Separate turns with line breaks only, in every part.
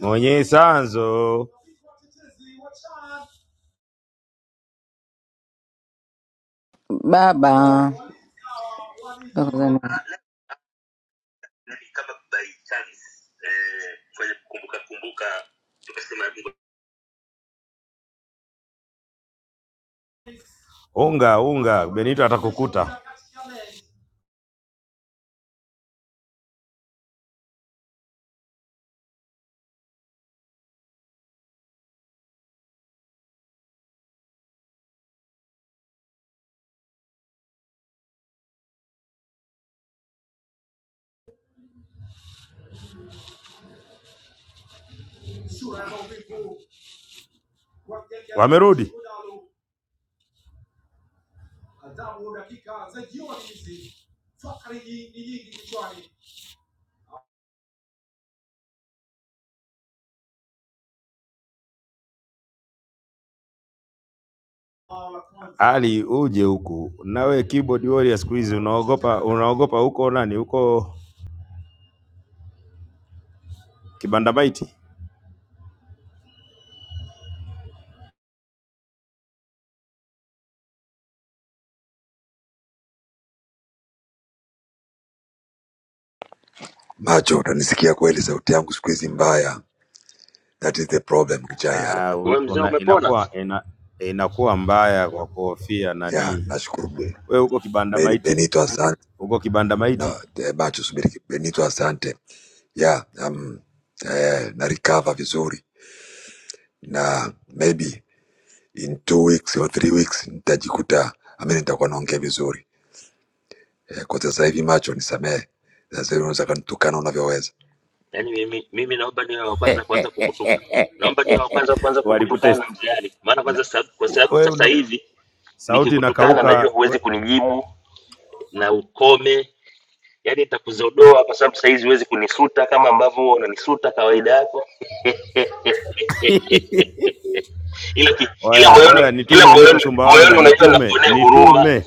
mwenye sanzo
baba Tanzania.
unga unga, Benito atakukuta. Wamerudi Ali, uje huku nawe, keyboard warrior siku hizi unaogopa, unaogopa huko nani huko kibanda maiti.
Macho, utanisikia kweli? Sauti yangu siku hizi mbaya, that is the problem. Kichai ya
Ah,
Wewe mzee
una,
umepona?
inakuwa ina, inakuwa mbaya kwa kuhofia
ya,
nani.
nashukuru Be-
We huko kibanda
Be-
maiti,
Benito, asante
huko kibanda maiti
na eh, macho, subiri ki- Benito, asante ya um, eh, na recover vizuri na maybe in two weeks or three weeks nitajikuta ami nitakuwa naongea vizuri eh, kwa sasa hivi macho, nisamehe sasa hivi unaweza kanitukana unavyoweza.
Yaani mimi, mimi naomba niwe wa kwanza kuanza kukutuka, naomba niwe wa kwanza kuanza
walikutest
kukutukana mzee Ali, maana
Na-
kwanza sababu, kwa sababu
we
sasa
una
hivi
sauti
nikikutukana najua
inakauka, we,
huwezi kunijibu na ukome, yaani nitakuzodoa kwa sababu sasa hizi huwezi kunisuta kama ambavyo huwa unanisuta kawaida yako, ila ki, ila
Oya,
moyoni
oya,
ila
nitume, niko
moyoni moyoni
Sumbawanga,
unajua
nitume,
nakuonea huruma,
nitume,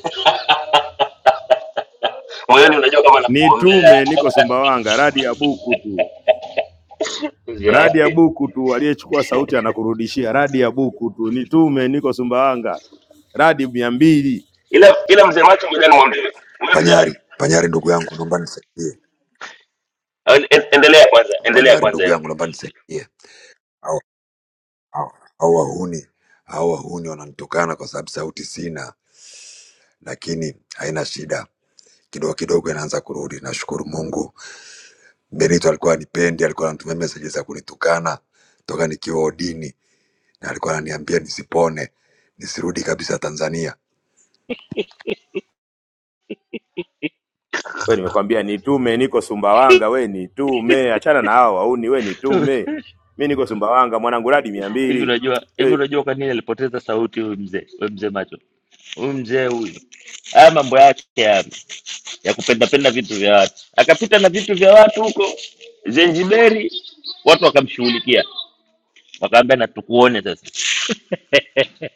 moyoni unajua kama nakuombea
nitume, niko Sumbawanga. Radi ya buku tu,
mzee
radi ya
Ali.
buku tu, aliyechukua sauti anakurudishia radi ya buku tu. Nitume, niko Sumbawanga, radi mia mbili.
Ila ila mzee macho, ngoja nimwambie wewe mzee
Panyari, Panyari ndugu yangu, naomba nisaidie.
Ali, en- en- endelea kwanza, endelea
Panyari
kwanza
ndugu
yule
yangu, naomba
mzee.
nisaidie. Hawa hawa wahuni hawa wahuni wananitukana kwa sababu sauti sina, lakini haina shida, kidogo kidogo inaanza kurudi. Nashukuru Mungu. Benito alikuwa anipendi, alikuwa anatumia meseji za kunitukana toka nikiwa odini, na alikuwa ananiambia nisipone, nisirudi kabisa Tanzania.
We nimekwambia nitume, niko Sumbawanga, we nitume, achana na hao wauni, we nitume, mi niko Sumbawanga mwanangu, radi mia
Hivi
mbili
unajua hivi
eh.
unajua kwa nini alipoteza sauti huyu mzee huyu mzee macho huyu mzee huyu, haya mambo yake ya, ya kupendapenda vitu vya watu, akapita na vitu vya watu huko Zanzibari, watu wakamshughulikia, wakaambia na tukuone sasa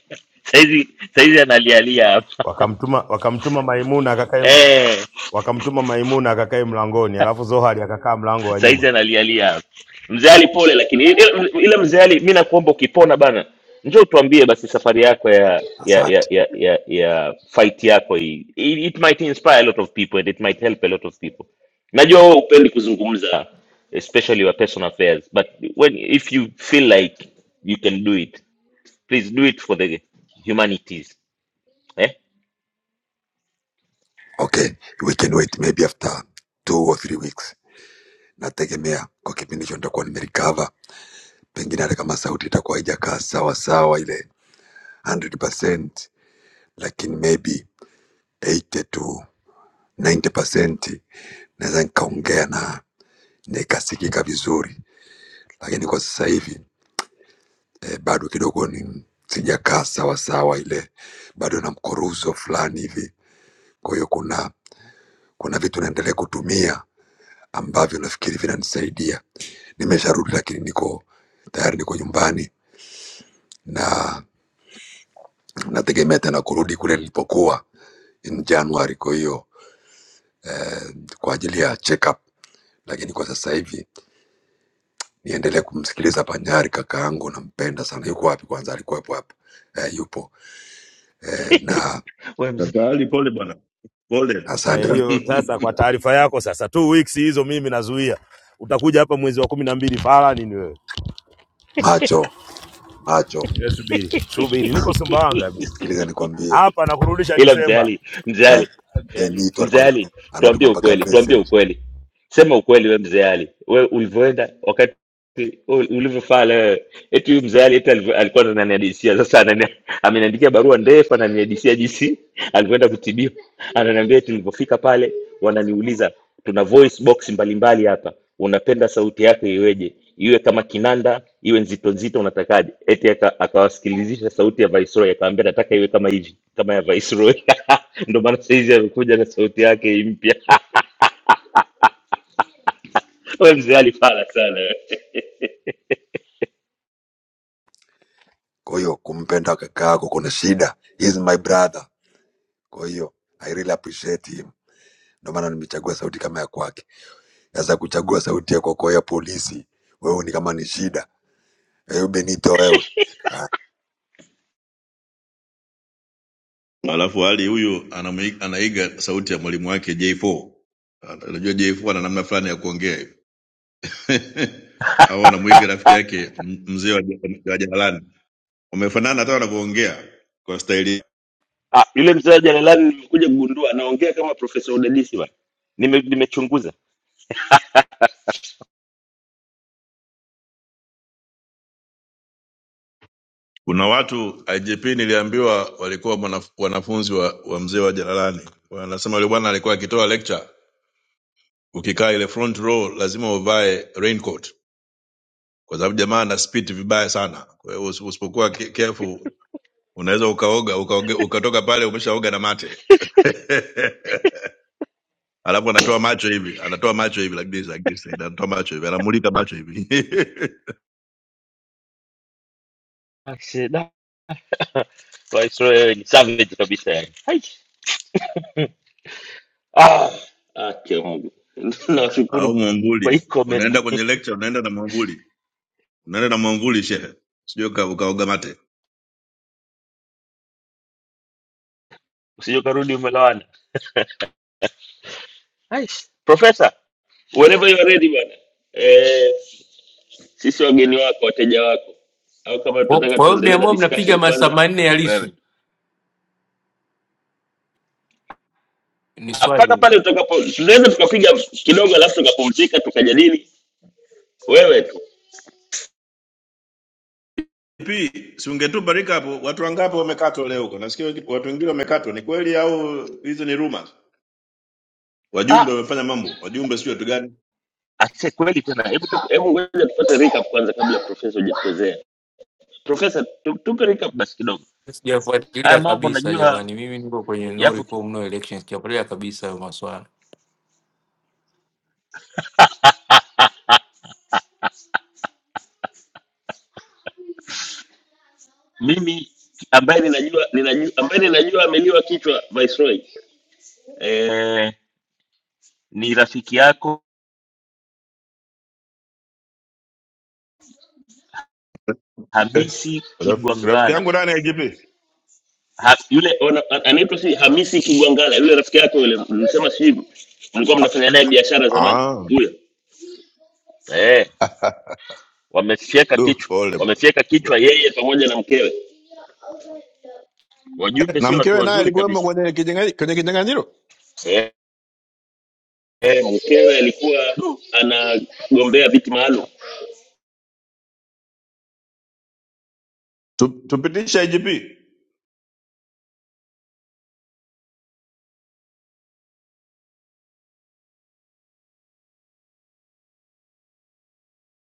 saizi saizi analialia hapa
Wakamtuma, wakamtuma Maimuna akakae,
Eh,
wakamtuma Maimuna akakae mlangoni, alafu Zohari akakaa mlango wa
saizi
nyuma.
analialia mzee ali pole lakini ile ile mzee ali mi nakuomba ukipona bana njoo tuambie basi safari yako ya ya ya
Asante.
ya ya, ya fight yako hii it, it might inspire a lot of people and it might help a lot of people najua wewe upendi kuzungumza especially your personal affairs but when if you feel like you can do it please do it for the humanities eh
Okay, we can wait maybe after two or three weeks, nategemea kwa kipindi hicho nitakuwa nimerecover, pengine hata kama sauti itakuwa haijakaa sawa sawa ile 100%, lakini maybe 80 tu 90% naweza nikaongea na nikasikika vizuri, lakini kwa sasa hivi eh, bado kidogo ni sijakaa sawa sawa, ile bado na mkoruzo fulani hivi. Kwa hiyo kuna kuna vitu naendelea kutumia ambavyo nafikiri vinanisaidia. Nimesharudi, lakini niko tayari, niko nyumbani na nategemea tena kurudi kule nilipokuwa in January. Kwa hiyo eh, kwa ajili ya check up, lakini kwa sasa hivi niendelee kumsikiliza Panyari, kaka yangu, nampenda sana. Yuko wapi kwanza? Alikuwepo hapo eh, yupo eh, na
We-
Kaka Ali, pole bwana, pole.
asante
Eh, hiyo sasa, kwa taarifa yako, sasa two weeks hizo mimi nazuia, utakuja hapa mwezi wa kumi na mbili fala nini wewe?
macho macho,
Wewe Subiri subiri, niko Sumbawanga mimi
nisikilize nikwambie,
hapa, nakurudisha
ila
Disemba.
mzee ali
like, Benito
Mzee
alikuwa
Ali,
anatuma
tuambie
anatuma mpaka
ukweli, tuambie
message
ukweli,
yeah.
sema ukweli. We mzee Ali, we ulivyoenda wakati ulivyofaa leo eti huyu mzee Ali eti aliv- alikuwa ananihadisia sasa, anani- ameniandikia barua ndefu, ananihadisia jinsi alivyoenda kutibiwa. Ananiambia eti nilipofika pale, wananiuliza tuna voice box mbalimbali hapa, unapenda sauti yako iweje, iwe kama kinanda, iwe nzito nzito, unatakaje? Eti aka- akawasikilizisha sauti ya Viceroy, akawaambia nataka iwe kama hivi, kama ya Viceroy. Ndio maana saizi amekuja na sauti yake mpya. Wewe mzee Ali fala sana wewe.
Kwa hiyo kumpenda kaka yako kuna shida, he is my brother. Kwa hiyo I really appreciate him, ndio maana nimechagua sauti kama ya kwake. Sasa kuchagua sauti ya kwako ya polisi, wewe ni kama ni shida. Eh, Benito wewe Ah,
Alafu Ali huyu anamui- anaiga sauti ya mwalimu wake J4. Ana- Unajua J4 ana namna fulani ya kuongea hivi. Au anamwiga rafiki yake m- mzee wa ja- wa jalalani. Wamefanana hata wanavyoongea kwa staili.
Ah, yule mzee wa jalalani nimekuja kugundua anaongea kama Profesa Udadisi bwana. Nime, nimechunguza.
Kuna watu IGP niliambiwa walikuwa mwanaf- wanafunzi wa, wa mzee wa jalalani. Wanasema yule bwana alikuwa akitoa lecture, ukikaa ile front row lazima uvae raincoat. kwa sababu jamaa ana spit vibaya sana. Kwa hiyo usi- usipokuwa ke- careful unaweza ukaoga ukaoge, ukatoka pale umeshaoga na mate alafu anatoa macho hivi, anatoa macho hivi like this, like this, anatoa macho hivi, anamulika macho hivi
Ah, shit, da. Waisrael wewe ni savage kabisa yani. Hai. Ah, ake Mungu. Nashukuru
au
kwa
mwamvuli.
hii comedy.
Unaenda kwenye lecture, unaenda na mwamvuli, unaenda na mwamvuli shehe, sijui uka- ukaoga mate
Usije ukarudi umelawana. Hai. Profesa, whenever you are ready bwana. Eh, sisi wageni wako, wateja wako. Au kama
Kwa
tutataka
kwa hiyo mia
tuendelee na
moja mnapiga
discussion
masaa
kwanza.
manne ya Lissu?
Wewe.
Ni
Ah, Mpaka
swali
pale utakapo tunaweza tukapiga kidogo alafu tukapumzika tukajadili wewe tu.
Pi, si ungetupa recap watu wangapi wamekatwa leo huko? Nasikia watu wengine wamekatwa, ni kweli au hizo ni rumors? Wajumbe wamefanya mambo, wajumbe sio watu gani?
Asante kweli tena. Hebu tu- hebu wewe tupate recap kwanza kabla profesa hujapozea. Profesa, tu- tupe recap basi kidogo. Haya
sijafuatilia
mambo
kabisa
najua
jamani, mimi niko kwenye no
yapo ki-
reform no elections, sijafuatilia kabisa hayo maswala.
mimi ambaye ninajua ninajua ambaye ninajua ameliwa kichwa Viceroy. Eh, ni rafiki yako
Eh,
Hamisi
raf, rafiki
Kigwangala.
yangu nani IGP?
Ha, yule ona- a- anaitwa si Hamisi Kigwangala, yule rafiki yako yule mlisema sijui mlikuwa mnafanya naye biashara zamani.
Ah.
Huyo. Eh, wamefyeka
Du,
kichwa.
pole bana.
Wamefyeka kichwa yeye pamoja na mkewe. wajumbe
Na
sio watu
mkewe naye
wazuri
alikuwemo
kabisa
kwenye kinyang'anyi- kwenye kinyang'anyiro?
Eh, eh, mkewe alikuwa
Du.
anagombea viti maalum.
Tu, tupitishe IGP.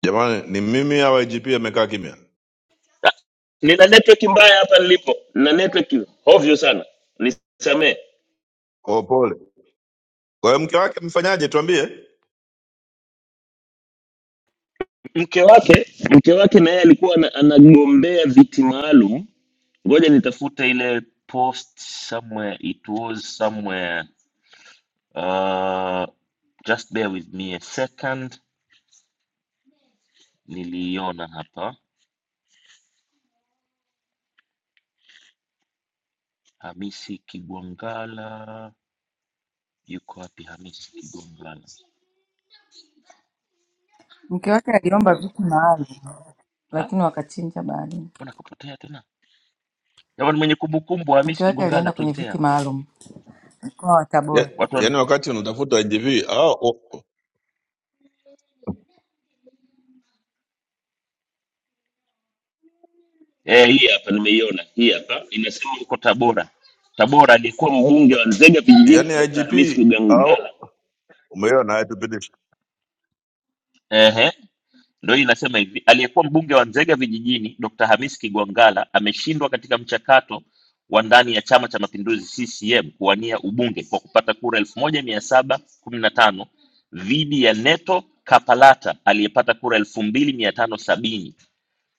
Jamani, ni mimi au IGP amekaa kimya?
Ah, Nina network mbaya hapa nilipo, nina network hovyo sana, nisamee.
Oh, pole. Kwa hiyo mke wake mfanyaje tuambie?
Mke wake mke wake na yeye alikuwa ana- anagombea viti maalum. Ngoja nitafute ile post somewhere, it was somewhere. Uh, just bear with me a second. Niliiona hapa, Hamisi Kigwangala. Yuko wapi Hamisi Kigwangala?
Mke wake aliomba viti maalum
Ha?
lakini wakachinja baadaye.
Mbona kapotea tena? Jamani mwenye kumbukumbu Hamisi
Mke wake
Kigongala
alienda kwenye
tuletee
viti
hapa.
maalum mkoa wa
Ya,
Tabora.
Watu wana...
yaani wakati unatafuta IGP au oh,
Eh, hii hapa nimeiona. Hii hapa inasema uko Tabora. Tabora aliyekuwa mbunge wa
ya,
Nzega vijijini
yaani
Dr.
IGP
Hamisi Kigongala.
au umeona naye tupitishe.
Ehe. Ndio hii inasema hivi, aliyekuwa mbunge wa Nzega vijijini Dr. Hamisi Kigwangalla ameshindwa katika mchakato wa ndani ya Chama cha Mapinduzi CCM kuwania ubunge kwa kupata kura 1715 dhidi ya Neto Kapalata aliyepata kura 2570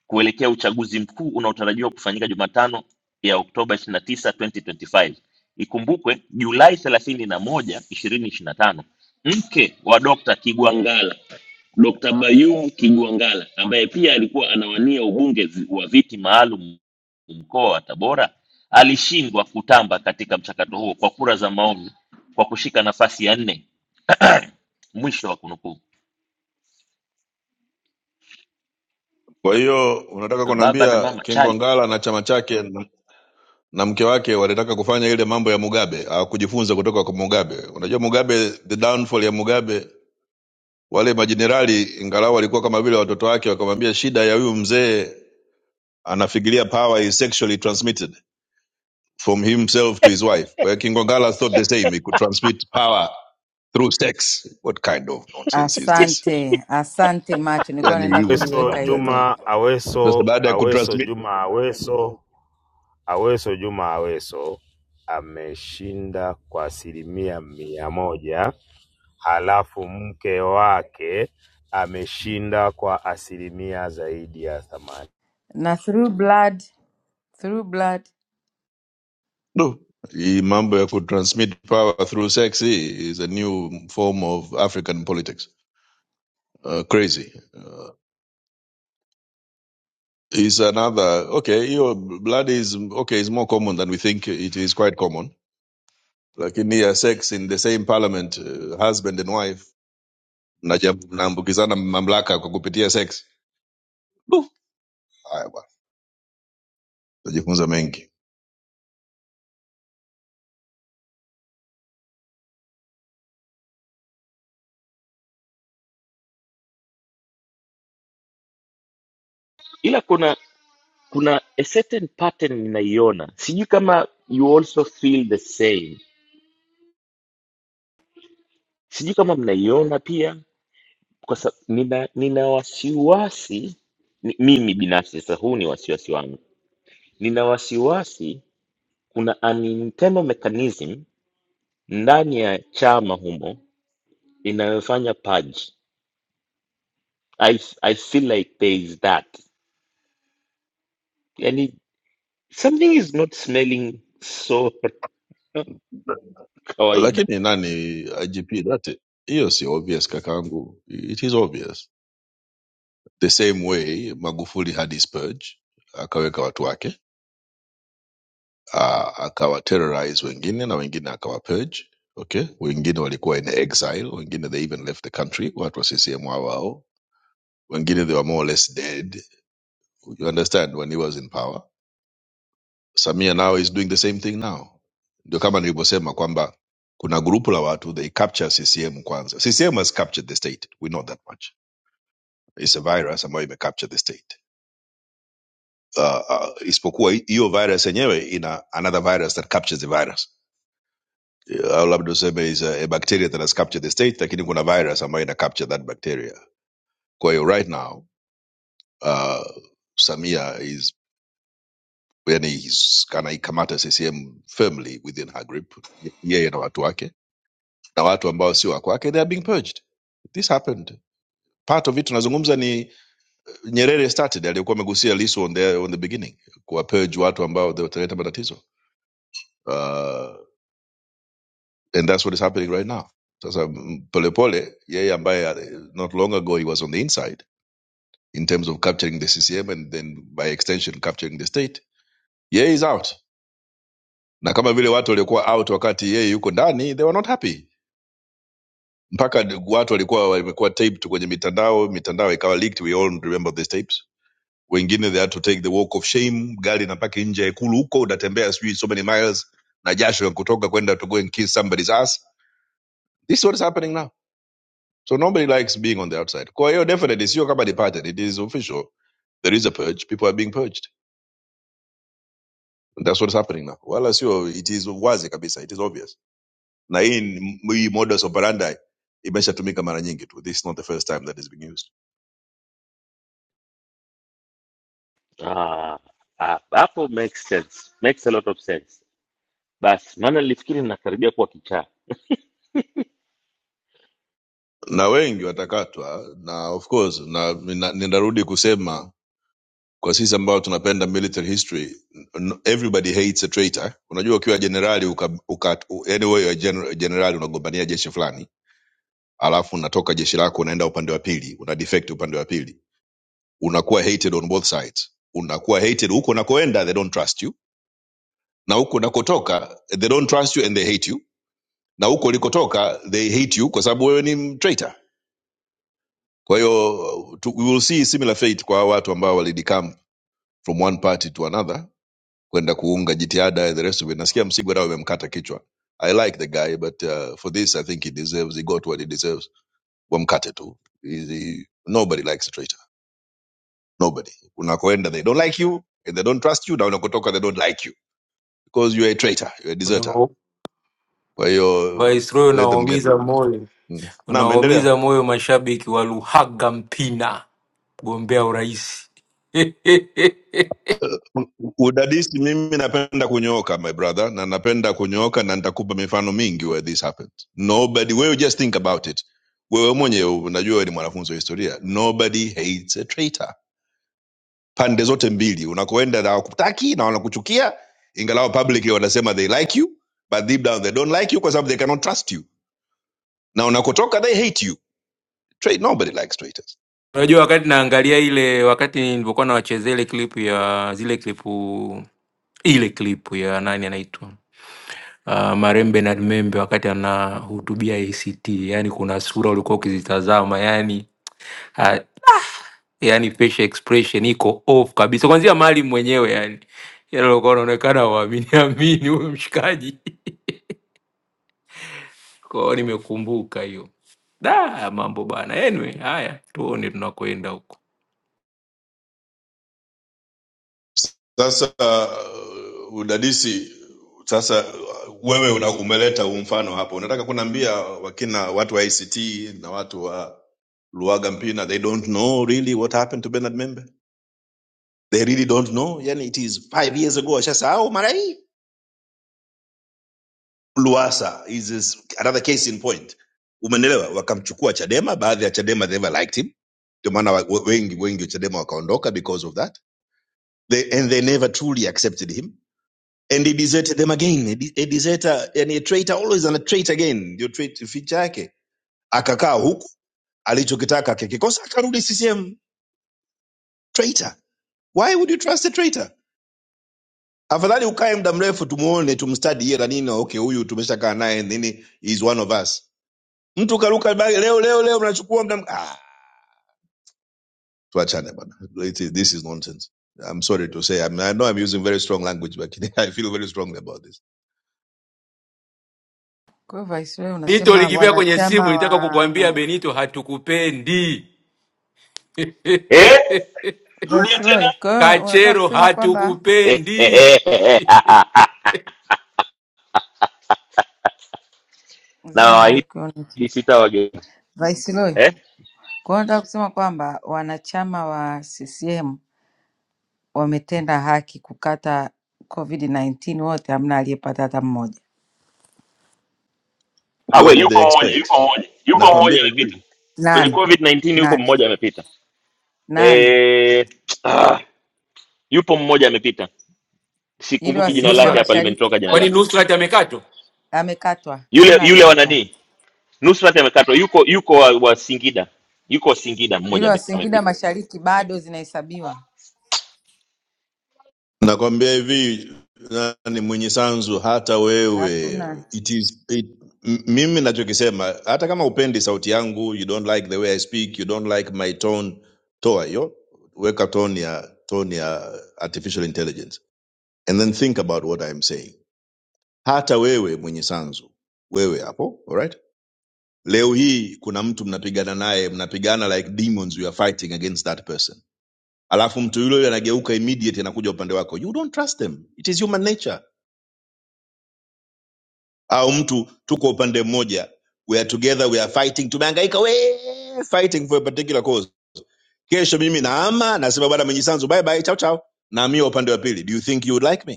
kuelekea uchaguzi mkuu unaotarajiwa kufanyika Jumatano ya Oktoba 29, 2025. Ikumbukwe Julai 31, 2025, mke wa Dr. Kigwangalla, Dr. Bayum Kigwangalla ambaye pia alikuwa anawania ubunge zi- wa viti maalum mkoa wa Tabora alishindwa kutamba katika mchakato huo kwa kura za maoni kwa kushika nafasi ya nne. Mwisho wa kunukuu.
Kwa hiyo unataka
Baba na
kuniambia
mama chali,
Kingwangala na chama chake na mke wake walitaka kufanya ile mambo ya Mugabe, hawakujifunza kutoka kwa Mugabe. Unajua Mugabe, the downfall ya Mugabe, wale majenerali ingalau walikuwa kama vile watoto wake, wakamwambia shida ya huyu mzee anafikiria power is sexually transmitted from himself to his wife. Kwa hiyo Kingongala thought the same, he could transmit power through sex. What kind of nonsense is this?
Asante, asante macho, nilikuwa
Yani
naenda
hiyo ni
Aweso
kuliweka
upumbavu gani
hilo
huu?
Juma,
Sasa
Aweso
baada ya
Aweso
kutransmit
Juma, Aweso Aweso Juma, Aweso ameshinda kwa asilimia mia moja, halafu mke wake ameshinda kwa asilimia zaidi ya themanini.
na through blood, through blood.
no. Hii mambo ya kutransmit power through sex hii is a new form of African politics. uh, crazy. Uh, is another okay? Your blood is okay. It's more common than we think. It is quite common. Like in here, sex in the same parliament, uh, husband and wife naja- naambukizana mamlaka kwa kupitia sex. Buh, Haya bwana, tajifunza mengi.
ila kuna kuna a certain pattern ninaiona sijui kama you also feel the same sijui kama mnaiona pia kwa sa, nina, nina wasiwasi ni, mimi binafsi sasa huu ni wasiwasi wangu nina wasiwasi kuna an internal mechanism ndani ya chama humo inayofanya purge I, i feel like there is that yani something is not smelling so kawaida
Lakini nani IGP that hiyo si obvious kakaangu. It is obvious. The same way Magufuli had his purge, akaweka watu wake uh, akawaterrorize wengine na wengine akawa purge okay wengine walikuwa in exile wengine they even left the country watu wa ccm hao hao wengine they were more or less dead you understand when he was in power samia now is doing the same thing now ndio kama nilivyosema kwamba kuna grupu la watu they capture ccm kwanza ccm has captured the state we know that much It's a virus ambayo imecapture the state uh, uh, isipokuwa hi- hiyo virus yenyewe ina another virus that captures the virus au labda useme is a, a bacteria that has captured the state lakini kuna virus ambayo ina capture that bacteria kwa hiyo right now uh, samia is yani he's- anaikamata ccm firmly within her grip yeye na watu wake na watu ambao si wa kwake they are being purged this happened part of it tunazungumza ni nyerere started aliyekuwa amegusia lisu on the, on the beginning kuwa purge watu ambao wataleta matatizo Uh, And that's what is happening right now. Sasa mm, Polepole, yeye ambaye uh, not long ago he was on the inside in terms of capturing the CCM and then by extension capturing the state, yeye is out. Na kama vile watu waliokuwa out wakati yeye yuko ndani, they were not happy. Mpaka watu walikuwa wamekuwa taped kwenye mitandao, mitandao ikawa leaked, we all remember these tapes. Wengine they had to take the walk of shame, gari na paki nje ya ikulu huko, unatembea sijui so many miles na jasho kutoka kwenda to go and kiss somebody's ass. This is what is happening now So nobody likes being on the outside. Kwayo definitely sio kama departed. It is official. There is a purge. People are being purged. And that's what's happening now. Wala sio it is wazi kabisa. It is obvious. Na hii ni- hii modus operandi imeshatumika mara nyingi tu. This is not the first time that is being used.
ah, ah, hapo makes sense makes a lot of sense basi maana nilifikiri ninakaribia kuwa kichaa
Na wengi watakatwa na of course na nina- ninarudi kusema kwa sisi ambao tunapenda military history n- everybody hates a traitor. Unajua ukiwa generali uka, uka, anyway general, generali unagombania jeshi fulani alafu unatoka jeshi lako unaenda upande wa pili una defect upande wa pili unakuwa hated on both sides unakuwa hated huko unakoenda they don't trust you na huko unakotoka they don't trust you and they hate you na huko ulikotoka they hate you kwa sababu wewe ni m- traitor kwa hiyo tu- we will see similar fate kwa watu ambao walidecamp from one party to another kwenda kuunga jitihada and the rest of it nasikia msigwa nao amemkata kichwa i like the guy but uh, for this i think he deserves he got what he deserves wamkate tu He- he- nobody likes a traitor nobody unakoenda they don't like you and they don't trust you na unakotoka they don't like you because you're a traitor you're a deserter
Unao-
kwa hiyo
Viceroy,
let them get
unawaumiza
rid.
moyo,
Mm. naam endelea
unawaumiza moyo mashabiki wa Luhaga Mpina, mgombea urais
Uh, udadisi mimi napenda kunyooka my brother na napenda kunyooka na nitakupa mifano mingi where this happened nobody wewe just think about it wewe mwenyewe unajua wewe ni mwanafunzi wa historia nobody hates a traitor pande zote mbili unakoenda na wakutaki na wanakuchukia ingalao publicly wanasema they like you but deep down they don't like you kwa sababu they cannot trust you na unakotoka they hate you Tra- nobody likes traitors
Unajua, wakati naangalia ile, wakati nilivyokuwa nawachezea ile clip ya zile klipu, ile klipu ya nani anaitwa ah, marehemu Bernard Membe wakati anahutubia ACT, yani kuna sura ulikuwa ukizitazama yani, ah, yani facial expression iko off kabisa, kwanzia Maalim mwenyewe yani yani alikuwa anaonekana waamini amini huyu mshikaji. Kwa hiyo nimekumbuka hiyo da mambo bana. Anyway, haya tuone tunakwenda huko.
Sasa uh, udadisi sasa uh, wewe una, umeleta huu mfano hapo, unataka kuniambia wakina watu wa ICT na watu wa Luaga Mpina they don't know really what happened to Bernard Membe, they really don't know. Yani it is five years ago, washasahau mara hii Luasa is, is another case in point. Umenelewa, wakamchukua Chadema, baadhi ya Chadema they never liked him, ndio maana wa- we- wengi wengi wa Chadema wakaondoka because of that they, and they never truly accepted him and he deserted them again. A de- a deserter, yani a traitor always and a traitor again, ndio trait feature yake. Akakaa huku alichokitaka akikikosa akarudi CCM traitor. Why would you trust a traitor? Afadhali ukae muda mrefu tumuone, tumstudy yeye na nini, okay, huyu tumeshakaa naye nini, is one of us mtu karuka ba- leo leo leo mnachukua mna ah, tuachane bwana It is- this is nonsense i'm sorry to say I, mean, I know i'm using very strong language but i feel very strongly about this
Kwa hiyo Viceroy
Benito,
unasema
ulikimbia kwenye
wanachama
simu, nitaka kukuambia
wa
Benito, hatukupendi
Eh? Rudia
Viceroy,
tena.
kwa hiyo unataka
Kachero,
kusema kwamba
Eh, eh,
hatukupendi.
eh, eh, eh, ah, ah, ah. na
zima
waahidi
mic on
sitawageuza
Viceroy,
eh?
kwa hiyo unataka kusema kwamba wanachama wa CCM wametenda haki kukata COVID-19 wote, hamna aliyepata hata mmoja.
Ah, we
what did
yupo
they
mmoja, yupo
expect
mmoja. Yupo mmoja
nakwambia
amepita.
hivi
kwenye
Nani
covid 19 yuko
nani
mmoja amepita
nani?
eh, ah, yupo mmoja amepita
Yule wa
sikumbuki
nani
jina
Singida
lake hapa
Nusrat.
Mashariki
limenitoka jina
Kwani
lake
Nusrat amekatwa?
amekatwa,
yule
hamna
yule wa
aliyepita.
nani nusrat amekatwa yuko yuko wa, wa singida yuko wa singida
Yule
mmoja
wa
ame-
Singida
amepita
Mashariki bado zinahesabiwa,
nakwambia hivi nani mwenye sanzu hata wewe
hakuna.
it is it, m- mimi nachokisema hata kama upendi sauti yangu you don't like the way i speak you don't like my tone toa hiyo weka tone ya tone ya artificial intelligence and then think about what i'm saying hata wewe mwenye sanzu wewe hapo alright leo hii kuna mtu mnapigana naye mnapigana like demons you are fighting against that person alafu mtu yule yule anageuka immediate anakuja upande wako you don't trust them it is human nature au mtu tuko upande mmoja we are together we are fighting tumehangaika we fighting for a particular cause kesho mimi naama nasema bwana mwenye sanzu bye bye chao chao naamia upande wa pili do you think you would like me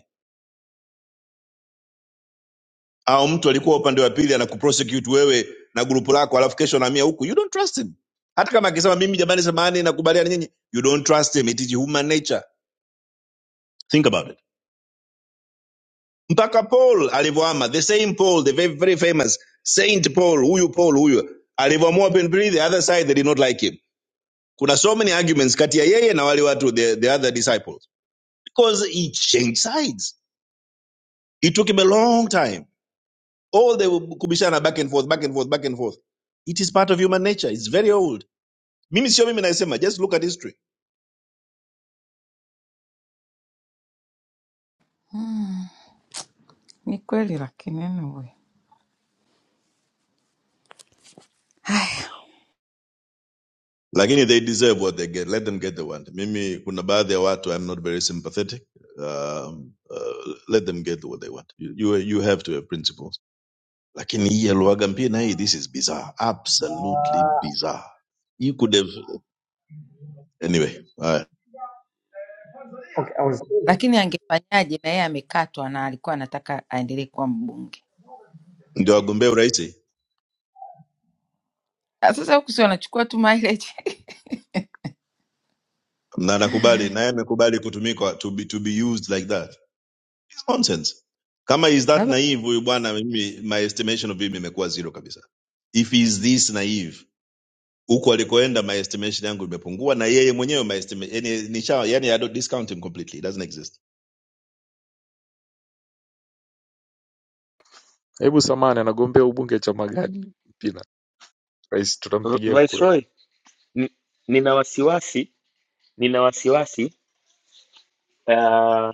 au mtu alikuwa upande wa pili anakuprosecute wewe na grupu lako alafu kesho anahamia huku you don't trust him hata kama akisema mimi jamani samahani nakubaliana nyinyi you don't trust him it is human nature think about it mpaka paul alivyoama the same paul the very, very famous saint paul huyu paul huyu alivyoamua penpili the other side they did not like him kuna so many arguments kati ya yeye na wale watu the, the other disciples because he changed sides it took him a long time all the kubishana back and forth back and forth back and forth it is part of human nature it's very old mimi sio mimi naisema just look at history
Ni kweli, lakini anyway. Haya,
lakini they deserve what they get let them get the want mimi kuna baadhi ya watu i'm not very sympathetic um, uh, let them get what they want you, you, you have to have principles lakini hii ya luaga mpina hii this is bizarre absolutely
Uh,
bizarre you could have anyway haya
Okay, I was
lakini angefanyaje? Na yeye amekatwa na alikuwa anataka aendelee kuwa mbunge.
ndio agombea uraisi
Ah, Sasa huku si wanachukua tu mileage
na nakubali naye amekubali kutumika to be, to be used like that It's nonsense kama is that
labda
naive huyu bwana mimi my estimation of him imekuwa zero kabisa if he is this naive huko alikoenda my estimation yangu imepungua na yeye mwenyewe my estimation yani, nisha, yani I don't discount him completely it doesn't exist
Hebu samahani anagombea ubunge chama gani Mpina? Rais
R-
tutampigia kura.
viceroy n- nina wasiwasi nina wasiwasi Uh,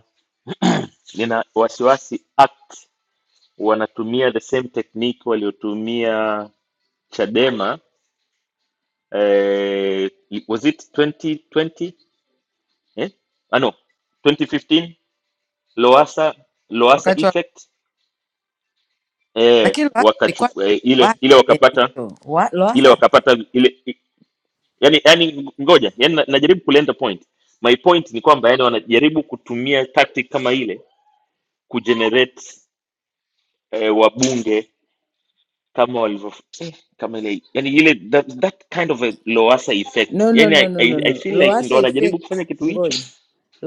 nina wasiwasi ACT wanatumia the same technique waliotumia Chadema eh, was it 2020 eh? Ah, no 2015 Loasa Loasa
wakati wa,
effect eh,
lakini Lowassa alikuwa na
wakachukua eh, ile
wasiwasi
ile wakapata
Benito. Wa-
ile
Lowassa
wakapata ile i- yani yani ngoja yani na- najaribu kulenda point my point ni kwamba yani wanajaribu kutumia tactic kama ile kugenerate eh, wabunge kama walivyo eh, kama ile yani ile that, that kind of a Lowassa effect
No, no,
yani
no,
I,
no, no,
I, I
no.
feel like ndo
Loasa
wanajaribu kufanya
effect,
kitu hicho
ngoja.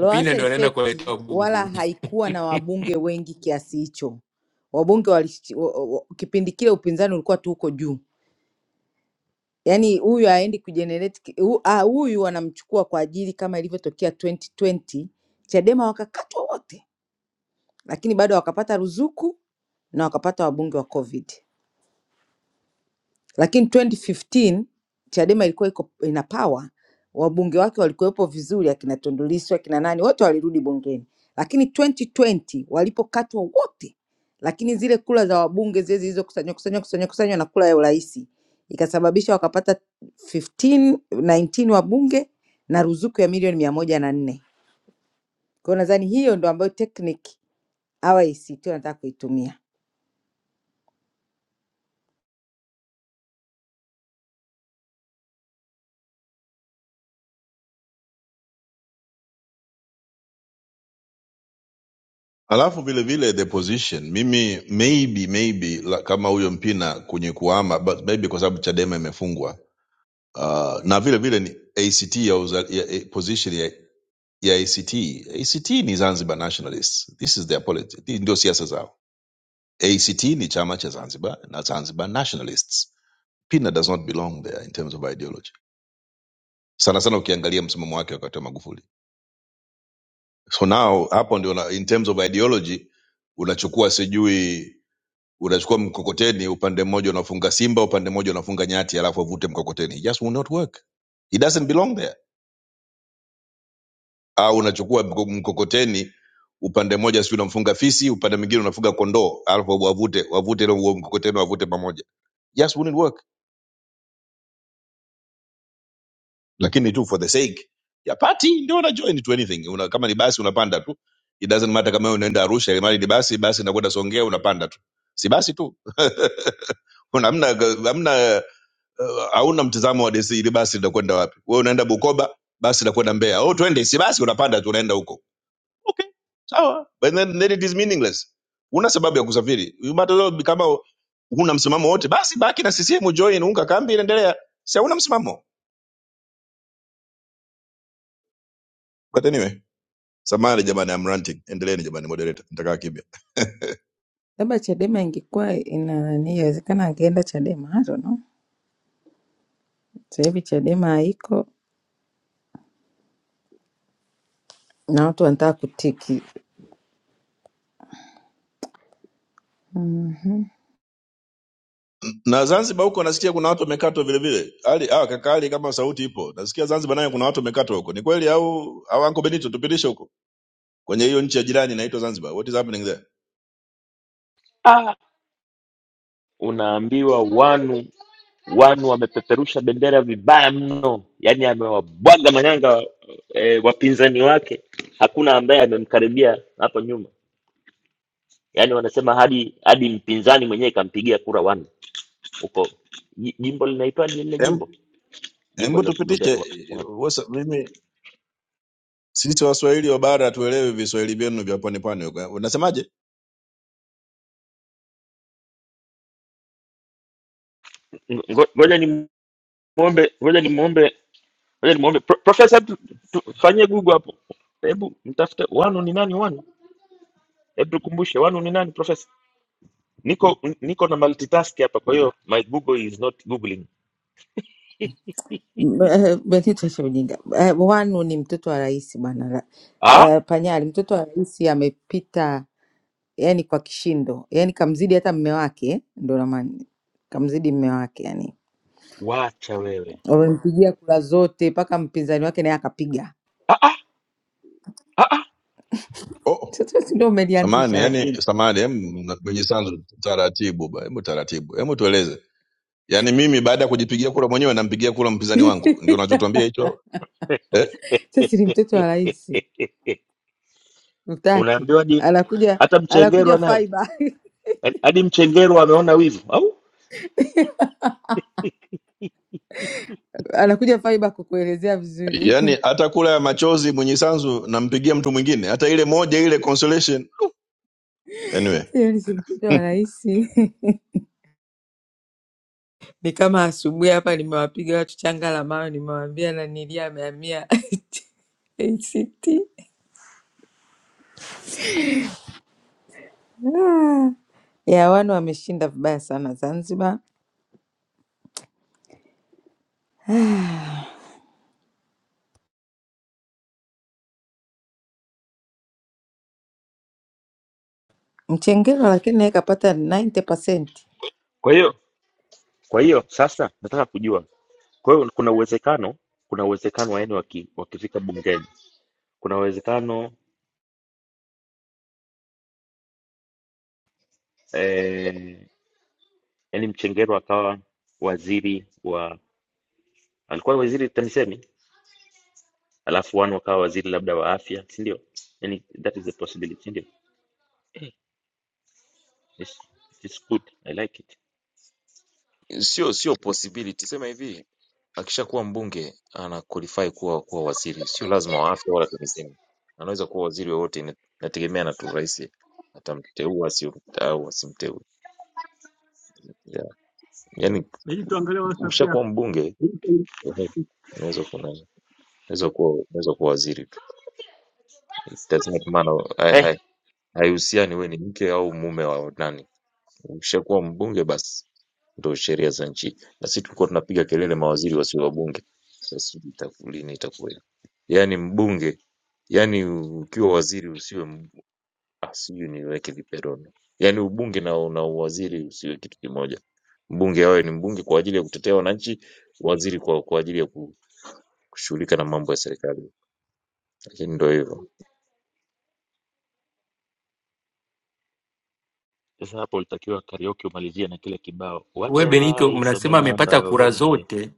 Mpina ndio anaenda
effect
kuwaletea
wala
bunge.
haikuwa na wabunge wengi kiasi hicho. Wabunge wali, kipindi kile upinzani ulikuwa tu huko juu. Yaani huyu haendi kujenerate ki- hu- ah, huyu wanamchukua kwa ajili kama ilivyotokea 2020 Chadema wakakatwa wote, lakini bado wakapata ruzuku na wakapata wabunge wa COVID. Lakini 2015 Chadema ilikuwa iko ina power, wabunge wake walikuwepo vizuri, akina Tundu Lissu akina nani wote walirudi bungeni, lakini 2020 walipokatwa wote, lakini zile kula za wabunge zile zilizokusanywa kusanywa kusanywa kusanywa na kula ya urais ikasababisha wakapata 15 19 wabunge na ruzuku ya milioni mia moja na nne. Kwa hiyo nadhani hiyo ndo ambayo technique hawa ACT wanataka kuitumia.
Alafu vile vile the position, mimi maybe maybe la, kama huyo Mpina kwenye kuama but maybe kwa sababu Chadema imefungwa uh, na vile vile ni ACT ya, uza, ya, ya position ya, ya ACT. ACT ni Zanzibar nationalists, this is their politics, hii ndio siasa zao. ACT ni chama cha Zanzibar na Zanzibar nationalists. Mpina does not belong there in terms of ideology, sana sana ukiangalia msimamo wake wakati wa Magufuli. so now hapo ndio na- in terms of ideology unachukua sijui unachukua mkokoteni upande mmoja unafunga simba upande mmoja unafunga nyati alafu avute mkokoteni It just will not work it doesn't belong there au unachukua mko- mkokoteni upande mmoja si unamfunga fisi upande mwingine unafunga kondoo alafu wavute wavute ile huo mkokoteni wavute pamoja It just wouldn't work lakini tu for the sake ya party ndio una join to anything una, kama ni basi unapanda tu it doesn't matter kama wewe unaenda Arusha ile mali ni basi basi inakwenda Songea unapanda tu si basi tu Una- hamna hamna uh, hauna mtazamo wa desi ile basi linakwenda wapi wewe unaenda Bukoba basi linakwenda Mbeya oh twende si basi unapanda tu unaenda huko okay sawa but then, then it is meaningless una sababu ya kusafiri You might as well kama huna msimamo wote basi baki na CCM join unga kambi inaendelea si hauna msimamo but anyway Samahani jamani, I'm ranting. Endeleeni jamani, moderator, nitakaa kimya.
Labda Chadema ingekuwa ina nani, inawezekana angeenda Chadema, I don't know. Sasa hivi Chadema haiko na watu wanataka kutiki Mhm.
Na Zanzibar huko nasikia kuna watu wamekatwa vile vile. Ali ah, kaka Ali, kama sauti ipo, nasikia Zanzibar nayo kuna watu wamekatwa huko. Ni kweli au au Uncle Benito, tupitishe huko kwenye hiyo nchi ya jirani inaitwa Zanzibar. What is happening there?
ah, unaambiwa wanu wanu wamepeperusha bendera vibaya mno yani amewabwaga manyanga eh, wapinzani wake hakuna ambaye amemkaribia hapo nyuma yani wanasema hadi hadi mpinzani mwenyewe ikampigia kura wanu huko ji- jimbo linaitwaje lile jimbo
Em,
jimbo
embo
lilogombea
tupitishe.
wa-
eh,
Wanu.
Wasa, mimi sisi Waswahili wa bara tuelewe viswahili vyenu vya pwani pwani huko. Unasemaje?
Ngo- ngoja ni muombe ngoja ni Ngoja nimwombe Pro- profesa, hebu tu- tufanyie google hapo, hebu mtafute wanu ni nani wanu, hebu tukumbushe wanu ni nani profesa. Niko n- niko na multitask hapa, kwa hiyo my google is not googling.
M- eh, Benito acha ujinga. Eh, Wanu ni mtoto wa rais bwana. la-
Ah,
eh, Panyali mtoto wa rais amepita yani kwa kishindo, yani kamzidi hata mme wake eh, ndo namani kamzidi mme wake yani,
wacha wewe.
wamempigia kura zote mpaka mpinzani wake naye akapiga.
Ah, ah, ah, ah.
Oh,
Sasa si ndo
samani
umelianzisha,
yani
lakini
samani, em mwenye sanzu taratibu ba, hebu taratibu. Hebu tueleze. yaani mimi baada ya kujipigia kura mwenyewe nampigia kura mpinzani wangu ndio unachotuambia hicho eh?
sasa ni mtoto wa rais utaki,
Unaambiwaje?
anakuja
Hata mchengerwa
anakuja
naye
faiba
Yaani, hadi mchengerwa ameona wivu au?
anakuja faiba kukuelezea vizuri
yaani hata kura ya machozi mwenye sanzu nampigia mtu mwingine hata ile moja ile consolation anyway
Hiyo nilikuta wanaishi ni kama asubuhi hapa, nimewapiga watu changa la mawe, nimewaambia nanilia amehamia ACT. Ah, ya wana wameshinda vibaya sana Zanzibar. Ah, Mchengero lakini naye kapata 90%.
Kwa hiyo kwa hiyo sasa nataka kujua, kwa hiyo kuna uwezekano kuna uwezekano waeni waki, wakifika bungeni kuna uwezekano eh, yani Mchengerwa akawa waziri wa alikuwa waziri TAMISEMI alafu Wanu akawa waziri labda wa afya, si ndio? Yani that is a possibility, si ndio? Eh, it's, it's good. I like it.
sio sio possibility. Sema hivi, akishakuwa mbunge ana qualify kuwa kuwa waziri, sio lazima wa afya wala TAMISEMI, anaweza kuwa waziri wowote, ina- inategemeana tu rais atamteua sio au asimteue. Yeah. Yani
Benito, angalia WhatsApp
ukishakuwa
yako.
mbunge ume- unaweza kuna unaweza kuwa unaweza kuwa waziri tu, It does not matter, hai-
Eh,
hai- haihusiani wewe ni mke au mume wa nani. Ukishakuwa mbunge basi Ndio sheria za nchi. Na sisi tulikuwa tunapiga kelele mawaziri wasiwe wabunge. Sasa sijui itaku- lini itakuwa hiyo. Yaani mbunge, yaani ukiwa waziri usiwe mb... ah, sijui niweke viperoni. Yaani ubunge na na uwaziri usiwe kitu kimoja. Mbunge awe ni mbunge kwa ajili ya kutetea wananchi, waziri kwa kwa ajili ya ku- kushughulika na mambo ya serikali. Lakini ndio hivyo.
sasa hapo ulitakiwa karaoke umalizie na kile kibao
We
wacha
Benito,
wai some
mnasema
namba
amepata kura
we.
zote,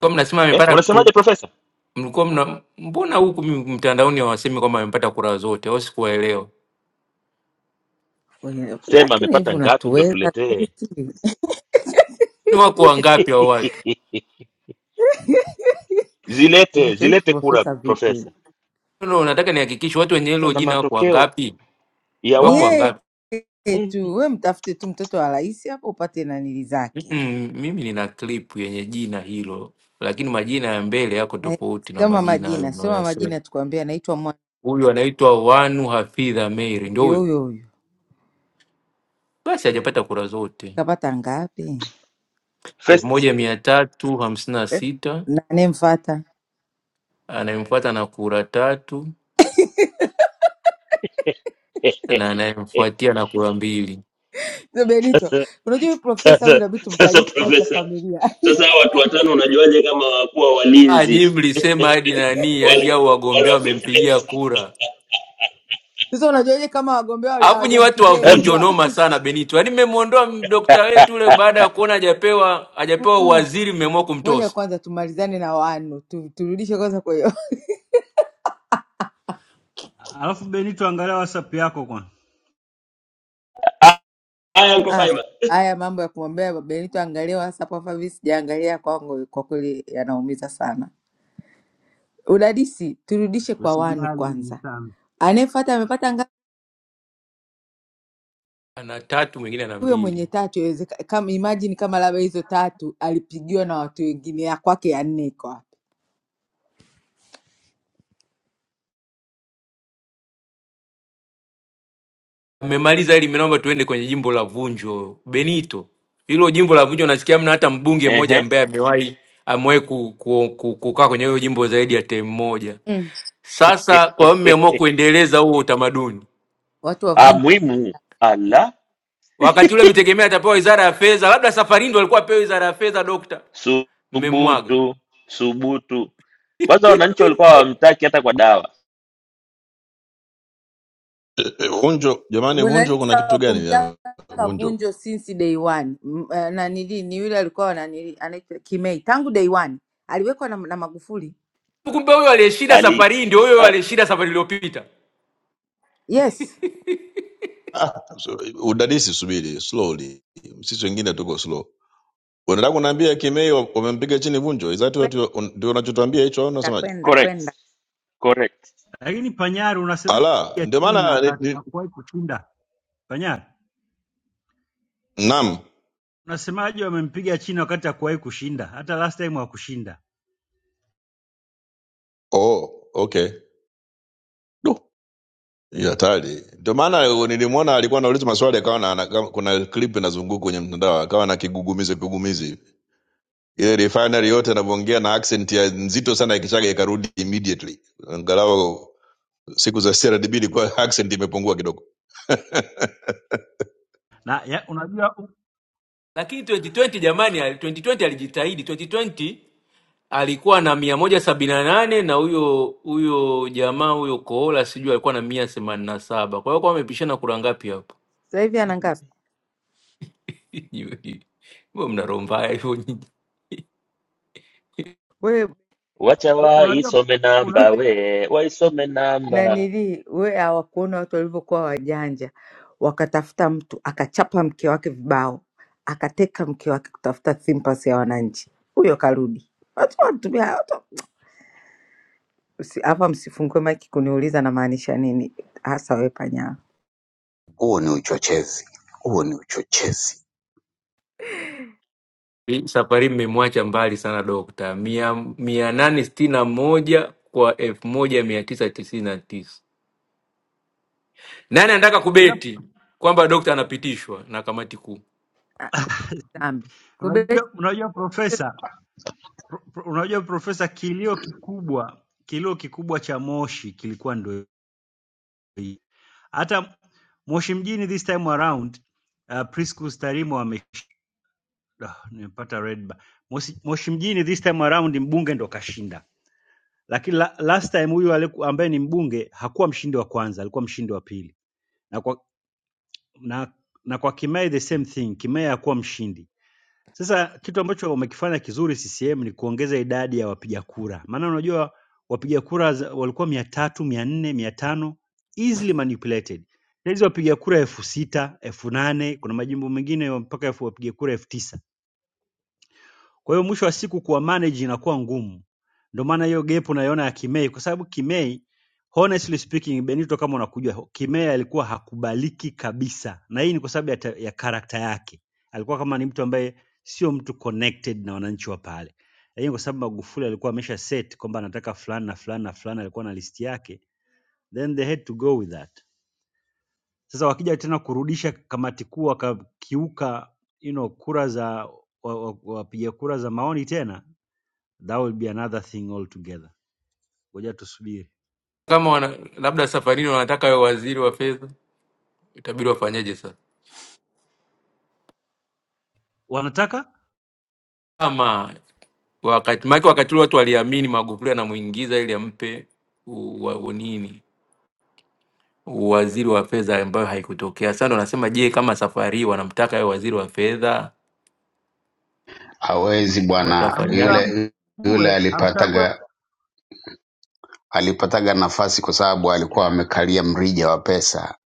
kwa mnasema
Eh,
amepata ku-
unasemaje profesa?
mlikuwa mna mbona huku m- mtandaoni hawasemi kwamba amepata kura zote au sikuwaelewa?
Wenye-
Sema
Lakini hivi
amepata ngapi ndo
unatuweza
tuletee.
sisi?
Ni wako wangapi hao watu?
Zilete,
Nitoe
zilete kura
profesa vipi?
profesa.
No, unataka nihakikishe watu wenye hilo
Na
jina wako
matokeo
wangapi?
ya
Ni
Wako
Wanu.
yeye
wangapi?
Eh,
tu, we mtafute tu mtoto wa rais hapo upate nanili zake.
Mm, mimi nina clip yenye jina hilo, lakini majina ya mbele yako
Eh,
tofauti na
Soma
majina hayo
majina, soma
mnayoyasema.
majina, tukwambia anaitwa
Huyu anaitwa Wanu Hafidh Ameir, ndio
Ndio
huyu.
huyo huyo.
basi hajapata kura zote
Kapata ngapi?
elfu moja
first
mia tatu hamsini na sita
Nani mfata?
anayemfuata na kura tatu na
eh,
anayemfuatia na kura mbili.
Mzee Benito, unajua huyu profesa huyu
Sasa
inabidi
sasa,
tumkalie kikao cha
profesa,
familia.
sasa hawa watu watano unajuaje kama wakuwa
Ah, nyinyi
walinzi
mlisema hadi nani hadi hao
wale wale
wagombea
wa kwenye
wamempigia
deski?
kura,
Sasa unajuaje kama wagombea wali-
alafu nyi watu
hawajampigia yeye
Sasa
wavunjo
kula?
noma sana. Benito, yaani mmemwondoa dokta wetu ule baada ya kuona hajapewa hajapewa
Mm-mm.
uwaziri, mmeamua
Ngoja
kumtosa
kwanza tumalizane na wanu tu, turudishe kwanza kwa hiyo
Alafu Benito, angalia WhatsApp yako kwanza,
ah, haya, Uncle
Ah,
Simon,
fa- haya mambo ya kumwambia baba Benito angaliwa hasa kwa favi sijaangalia kwangu, kwa kweli yanaumiza sana. udadisi, turudishe kwa wanu
usijali ni
kwanza.
sana.
Anayefuata amepata ngapi?
ana tatu, mwingine ana
huyo mwenye
mbili.
tatu yawezeka- kama imagine kama labda hizo tatu alipigiwa na watu wengine ya kwake ya nne iko wapi
Mmemaliza hili, mimi naomba tuende kwenye jimbo la Vunjo. Benito, hilo jimbo la Vunjo nasikia hamna hata mbunge mmoja
ehe,
ambaye amewahi amewahi ku, ku, ku, kukaa kwenye hiyo jimbo zaidi ya term moja.
mm.
Sasa kwa hiyo mmeamua kuendeleza huo utamaduni.
watu
Ah,
wavunje
muhimu ala,
Wakati ule mtegemea atapewa wizara ya fedha, labda safari ndio alikuwa apewe wizara ya fedha, dokta, mmemwaga.
subutu subutu. Kwanza wananchi walikuwa hawamtaki hata kwa dawa
eh, eh, vunjo jamani vunjo
wananchi
kuna kitu gani ya-
hawakumtaka
vunjo
vunjo since day one M- eh, nanili ni yule alikuwa nanili anaitwa kimei tangu day one aliwekwa na, na magufuli
Kumbe huyo aliyeshinda
ali
safari hii ndio huyo
ah,
aliyeshinda safari iliyopita.
yes
ah, so- udadisi subiri slowly sisi wengine tuko slow unataka kunaambia kimei wa- wamempiga chini vunjo izati
kwenda
ndio unachotuambia hicho au unasemaje
kwenda
correct
kwenda
correct,
Lakini Panyari, unasemaje
ala
ya
ndio
China
maana ni-
wakati
ni-
hakuwahi kushinda? Panyari,
naam
unasemaje wamempiga China wakati hakuwahi kushinda? Hata last time hakushinda.
Oh, okay. Du, hii hatari. Ndio maana nilimwona alikuwa anauliza maswali akawa na, na kama- kuna clip inazunguka kwenye mtandao akawa na kigugumizi kigugumizi. hivi. Ile refinery yote anavyoongea na accent ya nzito sana ya Kichaga ikarudi immediately. Angalau siku za CRDB ilikuwa accent imepungua kidogo.
Na ya, unajua u-
Lakini 2020 jamani, 2020 alijitahidi. 2020 alikuwa na mia moja sabini na nane na huyo huyo jamaa huyo Kohola sijui alikuwa na mia themanini na saba kwa hiyo kwa wamepishana kura ngapi hapo?
sasa hivi ana ngapi
Mbona mna roho mbaya hivyo nyinyi?
wewe
wacha
u- unajua
waisome namba,
una,
we waisome namba
nanilii we hawakuona watu walivyokuwa wajanja, wakatafuta mtu akachapa mke wake vibao, akateka mke wake kutafuta simpasi ya wananchi, huyo karudi. Watu wanatumia watu Usi- hapa, msifungue maiki kuniuliza namaanisha nini hasa, we panya.
Huo ni uchochezi, huo ni uchochezi.
Hii Safari mmemwacha mbali sana dokta, mia mia nane sitini na moja kwa elfu moja mia tisa tisini na tisa. Nani anataka
ila
kubeti kwamba dokta anapitishwa na kamati kuu?
Ah, kubeti Dhambi kubeti,
unajua unajua
sio
profesa pro, pro- unajua profesa, kilio kikubwa kilio kikubwa cha Moshi kilikuwa ndio hii. Hata Moshi mjini this time around uh, Priscus Tarimo wame Ah, nimepata red bar. Mosi, Moshi mjini this time around mbunge ndo kashinda, lakini la, last time huyu aliku- ambaye ni mbunge hakuwa mshindi wa kwanza, alikuwa mshindi wa pili na kwa, na, na kwa Kimai the same thing, Kimai hakuwa mshindi. Sasa kitu ambacho wamekifanya kizuri CCM ni kuongeza idadi ya wapiga kura, maana unajua wapiga kura za- walikuwa mia tatu mia nne mia tano easily manipulated. Saa hizi wapiga kura elfu sita elfu nane kuna majimbo mengine mpaka elfu wapiga kura elfu tisa Kwa hiyo mwisho wa siku kuwa manage inakuwa ngumu. Ndio maana hiyo gap unaiona ya Kimei kwa sababu Kimei honestly speaking Benito kama unakujua Kimei alikuwa hakubaliki kabisa. Na hii ni kwa sababu ya, ta- ya karakta yake. Alikuwa kama ni mtu ambaye sio mtu connected na wananchi wa pale. Lakini kwa sababu Magufuli alikuwa amesha set kwamba anataka fulani na fulani na fulani alikuwa na listi yake, then they had to go with that. Sasa wakija tena kurudisha kamati kuu wakakiuka you know, kura za wapiga wa, wa wapiga kura za maoni tena that will be another thing altogether ngoja tusubiri
Kama wana, labda safarini wanataka wawe waziri wa fedha, itabidi wafanyaje sasa?
wanataka
Kama wakati maake, wakati ule watu waliamini Magufuli anamuingiza ili ampe u- wa- unini uwaziri wa fedha ambayo haikutokea. Sasa ndo nasema, je, kama safari hii wanamtaka awe waziri wa fedha
hawezi
i-
bwana
amgue
watafanyaje?
yule yule alipataga alipataga nafasi kwa sababu alikuwa amekalia mrija wa pesa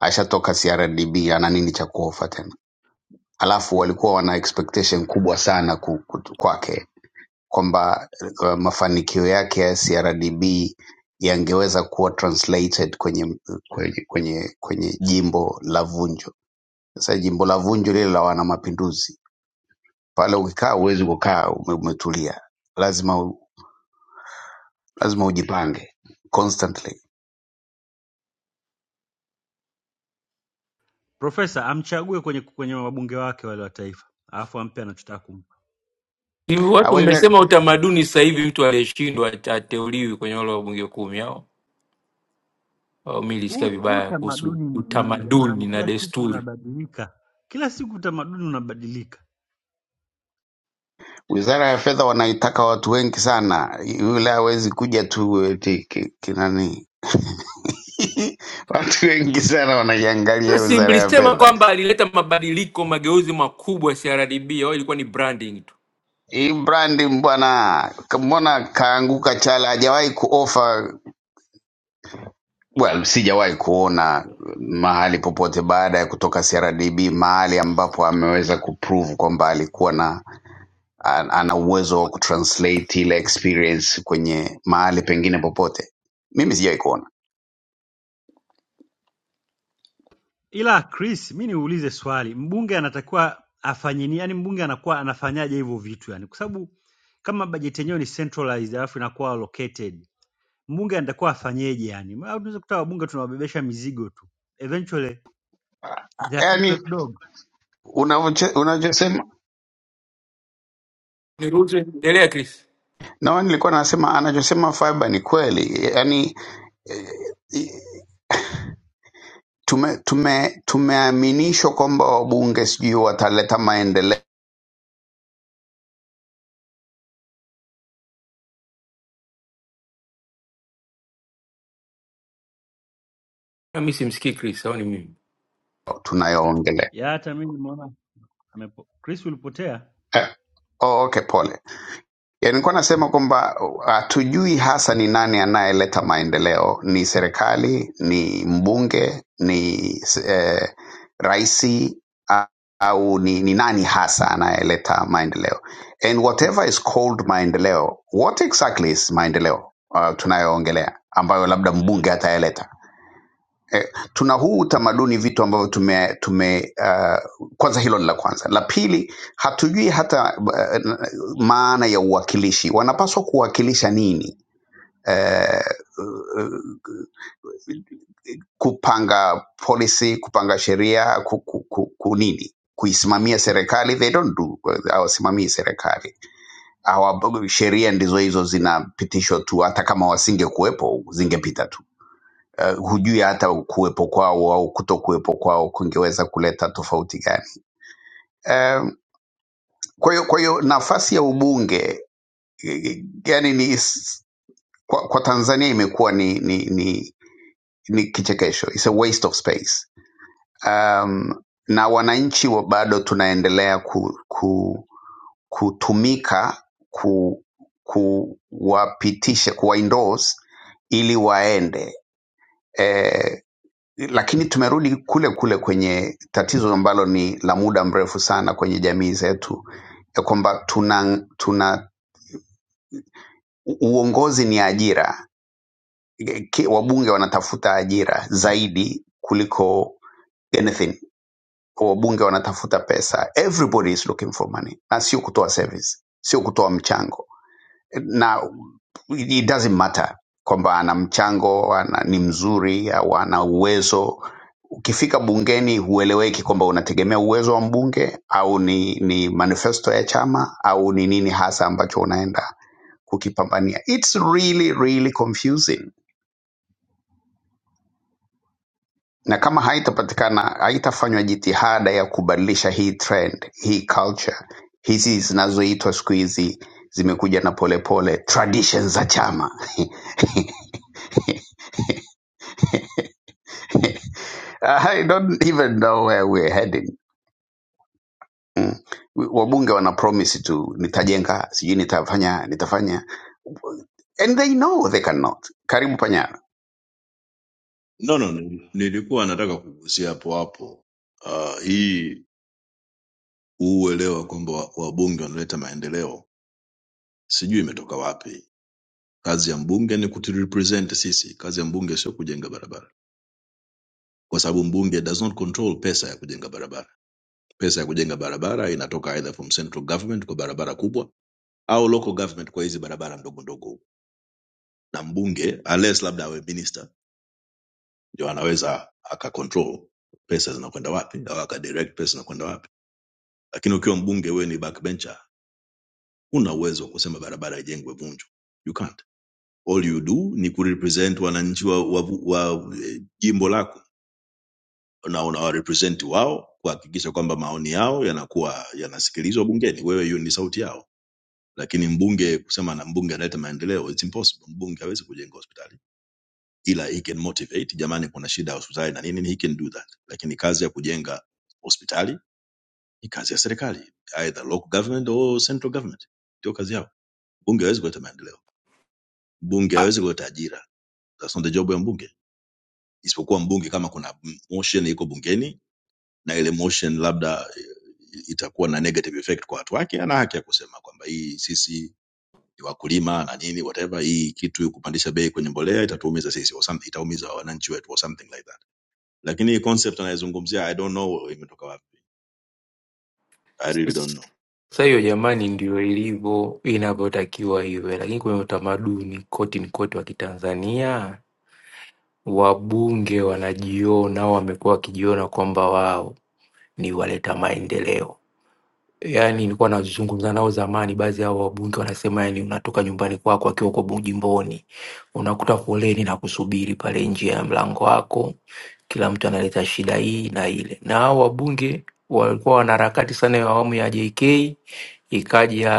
ashatoka crdb ana nini cha kuofa tena alafu walikuwa wana expectation kubwa sana ku- ku- kwake kwamba uh, mafanikio yake ya crdb yangeweza kuwa translated kwenye kwenye kwenye, kwenye jimbo la vunjo sasa jimbo la vunjo lile la wana mapinduzi pale ukikaa huwezi kukaa ume- umetulia lazima u- lazima ujipange constantly
profesa amchague kwenye kwenye wabunge wake wale wa taifa alafu ampe anachotaka kumpa
Hivi watu
Hawezi-
mmesema utamaduni sasa hivi mtu aliyeshindwa ate- ateuliwi kwenye wale wabunge kumi au au mi
huu
ilisikia
huu
vibaya kuhusu
tamaduni ni nini jamani
utamaduni na
kila siku
desturi.
unabadilika kila siku utamaduni unabadilika
wizara ya fedha wanaitaka watu wengi sana yule hawezi kuja tu eti ki- kinani watu wengi sana wanaiangalia
Si
wizara ya
mlisema
fedha
kwamba alileta mabadiliko mageuzi makubwa CRDB au ilikuwa ni branding tu?
hii brandi mbwana mbona kaanguka chala hajawahi kuofa well sijawahi kuona mahali popote baada ya kutoka crdb mahali ambapo ameweza kuprove kwamba alikuwa na An- ana uwezo wa kutranslate ile experience kwenye mahali pengine popote mimi sijai kuona
ila chris mi niulize swali mbunge anatakiwa afanye nini yani mbunge anakuwa anafanyaje hivyo vitu yani kwa sababu kama bajeti yenyewe ni centralized alafu inakuwa allocated mbunge anatakuwa afanyeje yani Ma- tunaweza kuta wabunge tunawabebesha mizigo tu eventually ya two
yani
plate dog
unavoche- unachosema
Niruhusu endelea Chris.
nawa nilikuwa nasema anachosema fiber ni kweli yani eh, tume tume tumeaminishwa kwamba wabunge sijui wataleta maendeleo
Na mi simsikii Chris, au ni mimi?
tunayoongelea
ya hata mimi nimeona amepo- Chris ulipotea
eh, oh, okay pole Ya, nilikuwa nasema kwamba uh, hatujui hasa ni nani anayeleta maendeleo. Ni serikali, ni mbunge, ni eh, raisi a- au ni, ni nani hasa anayeleta maendeleo? And whatever is called maendeleo, what exactly is maendeleo uh, tunayoongelea ambayo labda mbunge atayaleta? eh, tuna huu utamaduni vitu ambavyo tume, tume uh, kwanza hilo ni la kwanza la pili hatujui hata uh, maana ya uwakilishi wanapaswa kuwakilisha nini eh, uh, kupanga policy kupanga sheria ku, ku, ku, ku nini kuisimamia serikali they don't do hawasimamii serikali hawa sheria ndizo hizo zinapitishwa tu hata kama wasingekuwepo zingepita tu uh, hujui hata kuwepo kwao au kuto kuwepo kwao kungeweza kuleta tofauti gani. Um, kwa hiyo kwa hiyo nafasi ya ubunge eh, yani ni is- kwa, kwa Tanzania imekuwa ni, ni, ni, ni kichekesho, it's a waste of space. Um, na wananchi wa bado tunaendelea ku, ku, kutumika ku, kuwapitisha kuwa endorse ili waende Eh, lakini tumerudi kule kule kwenye tatizo ambalo ni la muda mrefu sana kwenye jamii zetu ya kwamba tuna, tuna uongozi ni ajira Ki- wabunge wanatafuta ajira zaidi kuliko anything wabunge wanatafuta pesa everybody is looking for money na sio kutoa service sio kutoa mchango na it doesn't matter kwamba ana mchango ana, ni mzuri au ana uwezo ukifika bungeni hueleweki kwamba unategemea uwezo wa mbunge au ni, ni manifesto ya chama au ni nini hasa ambacho unaenda kukipambania. It's really, really confusing, na kama haitapatikana, haitafanywa jitihada ya kubadilisha hii trend, hii culture, hizi zinazoitwa siku hizi zimekuja na polepole traditions za chama I don't even know where we're heading. Mm. Wabunge wana promise tu nitajenga, sijui nitafanya, nitafanya and they know they cannot. Karibu panyara.
No, no, ni- nilikuwa nataka kugusia hapo hapo uh, hii uelewa kwamba wa- wabunge wanaleta maendeleo sijui imetoka wapi. Kazi ya mbunge ni kuturepresent sisi. Kazi ya mbunge sio kujenga barabara, kwa sababu mbunge does not control pesa ya kujenga barabara. Pesa ya kujenga barabara inatoka either from central government kwa barabara kubwa au local government kwa hizi barabara ndogo ndogo, na mbunge unless labda awe minister ndio anaweza akacontrol pesa zinakwenda wapi au akadirect pesa zinakwenda wapi. Lakini ukiwa mbunge, wewe ni backbencher, huna uwezo wa kusema barabara ijengwe Vunjo, you can't. All you do ni kurepresent wananchi wa, wa, wa eh, jimbo lako na unawarepresent wao kuhakikisha kwamba maoni yao yanakuwa yanasikilizwa bungeni. Wewe hiyo ni sauti yao, lakini mbunge kusema na mbunge analeta maendeleo, it's impossible. Mbunge hawezi kujenga hospitali, ila he can motivate, jamani, kuna shida ya hospitali na nini, he can do that, lakini kazi ya kujenga hospitali ni kazi ya serikali, either local government or central government, ndio kazi yao. Mbunge hawezi kuleta maendeleo, mbunge
Ah,
hawezi kuleta ajira, that's not the job ya mbunge, isipokuwa mbunge kama kuna motion iko bungeni na ile motion labda eh, itakuwa na negative effect kwa watu wake ana haki ya kusema kwamba hii sisi ni wakulima na nini whatever hii kitu kupandisha bei kwenye mbolea itatuumiza sisi or something, itaumiza wananchi wetu or something like that lakini hii concept anayezungumzia i don't know imetoka wapi i really don't
s-
know
Sasa hiyo jamani, ndio ilivyo inavyotakiwa iwe, lakini kwenye utamaduni koti ni koti wa Kitanzania, wabunge wanajiona au wamekuwa wakijiona kwamba wao ni waleta maendeleo. yani nilikuwa nazungumza nao zamani, baadhi ya hao wabunge wanasema yani, unatoka nyumbani kwako akiwa uko bu- jimboni, unakuta foleni na kusubiri pale nje ya mlango wako, kila mtu analeta shida hii na ile. Na hao wabunge walikuwa wana harakati sana ya awamu ya JK ikaja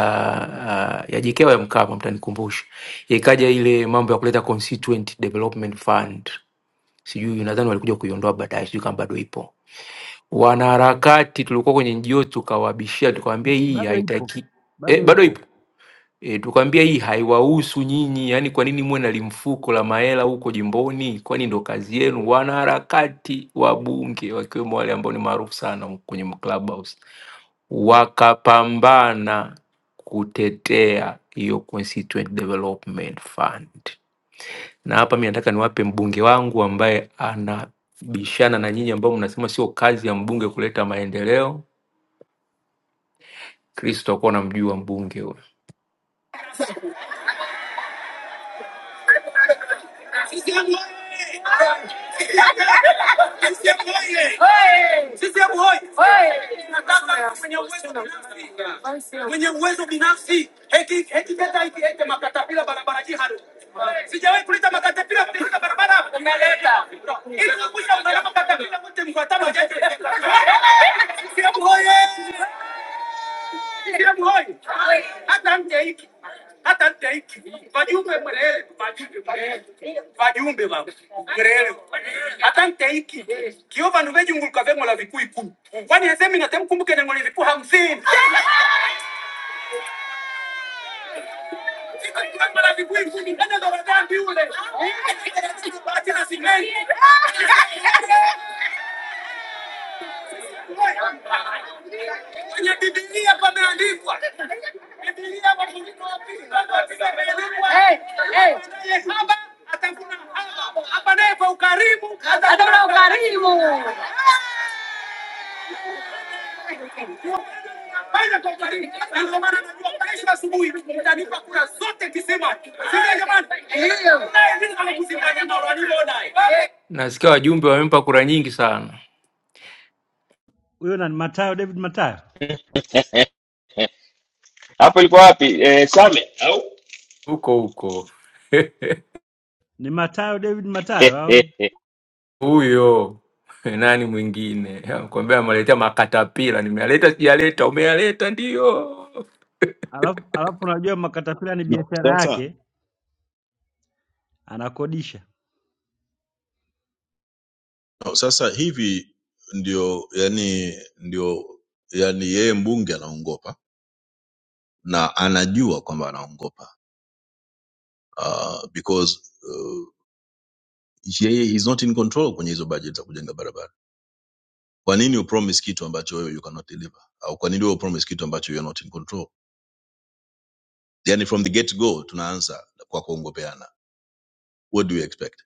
ah, ya JK au ya Mkapa, mtanikumbusha, ikaja ile mambo ya kuleta Constituent Development Fund, sijui nadhani walikuja kuiondoa baadaye, sijui kama bado ipo wanaharakati tulikuwa kwenye NGO tukawabishia,
ba,
tukawaambia hii
bado ipo
haitaki eh,
bado
bado
ipo
ipo eh, tukawaambia hii haiwahusu nyinyi, yani kwa nini muwe na limfuko la mahela huko jimboni? Kwani ndo kazi yenu? Wanaharakati wabunge wakiwemo wale ambao ni maarufu sana huko kwenye Clubhouse wakapambana kutetea hiyo Constituent Development Fund na hapa mi nataka niwape mbunge wangu ambaye anabishana na nyinyi ambao mnasema sio kazi ya mbunge kuleta maendeleo. Kristo akuwa namjua mbunge huyo. CCM oye! CCM oye! CCM oye! Tunataka mwenye uwezo binafsi. Mwenye uwezo binafsi eti eti leta hiki eti makatapila barabara jihadu. Sijawahi kuleta makatapila kuleta barabara. Umeleta. Ili kuepusha usalama katapila wote mfuatano jaji. vajumbe vagrele atanteiki kio vandu vejunguluka vengola vikuu ikumi kwani hesemi natemkumbuke nengole vikuu hamsini vengola vikuu ikumi enezovadambi ule bati na simeni Kwenye Biblia pameandikwa. Biblia Wakorintho wa pili mlango wa tisa imeandikwa, Hey, hey. Apanaye haba atavuna haba, apanaye kwa ukarimu atavuna ukarimu. Fanya kwa ukarimu. Na ndio maana najua kesho asubuhi mtanipa kura zote kisima. Sio jamani? Ndio. Naye ndiye anakuzima jambo alilodai. Nasikia wajumbe wamempa kura nyingi sana
huyo, na ni Matayo David Matayo,
hapo ilikuwa wapi? Eh, Same au
huko huko.
ni Matayo David Matayo au
huyo nani mwingine? Kwambia ameletea makatapila, nimealeta sijaleta, umealeta ndio
alafu, alafu unajua makatapila ni
no,
biashara
sasa
yake, anakodisha
no, sasa hivi ndio yani ndio yani yeye mbunge anaongopa na anajua kwamba anaongopa uh, because uh, yeye is not in control kwenye hizo budget za kujenga barabara Kwa nini upromise kitu ambacho wewe you cannot deliver? Au kwa nini wewe upromise kitu ambacho you are not in control? Yani from the get go tunaanza kwa kuongopeana. What do you expect?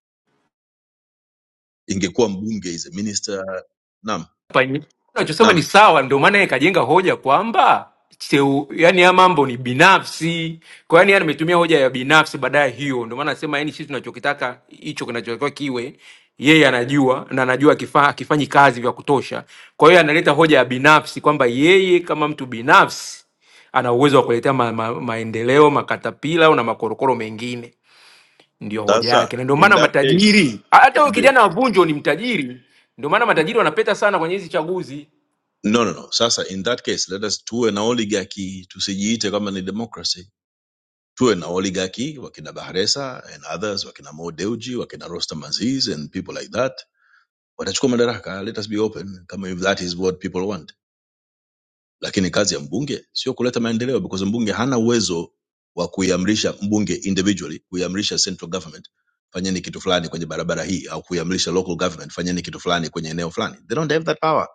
Ingekuwa mbunge is a minister. Naam,
hapa nyi- unachosema
naam.
ni sawa, ndio maana yeye kajenga hoja kwamba cheu, yani ya mambo ni binafsi. Kwa yani yeye ametumia hoja ya binafsi baadaye hiyo, ndio maana anasema yani sisi tunachokitaka hicho kinachotakiwa kiwe yeye anajua na anajua akifa- akifanyi kazi vya kutosha. Kwa hiyo analeta hoja ya binafsi kwamba yeye kama mtu binafsi ana uwezo wa kuletea ma, ma, maendeleo makatapila na makorokoro mengine ndio hoja
Sasa
yake, na ndio
in
maana
that case
matajiri, hata huyo
subiri.
kijana wa Vunjo ni mtajiri. Ndio maana matajiri wanapeta sana kwenye hizi chaguzi.
No, no, no. Sasa in that case let us tuwe na oligarchy, tusijiite kama ni democracy. Tuwe na oligarchy wakina Bahresa and others, wakina Mo Dewji, wakina Rostam Aziz and people like that. Watachukua madaraka, let us be open kama if that is what people want. lakini kazi ya mbunge sio kuleta maendeleo because mbunge hana uwezo wa kuiamrisha mbunge individually kuiamrisha central government fanyeni kitu fulani kwenye barabara hii au kuiamrisha local government fanyeni kitu fulani kwenye eneo fulani they don't have that power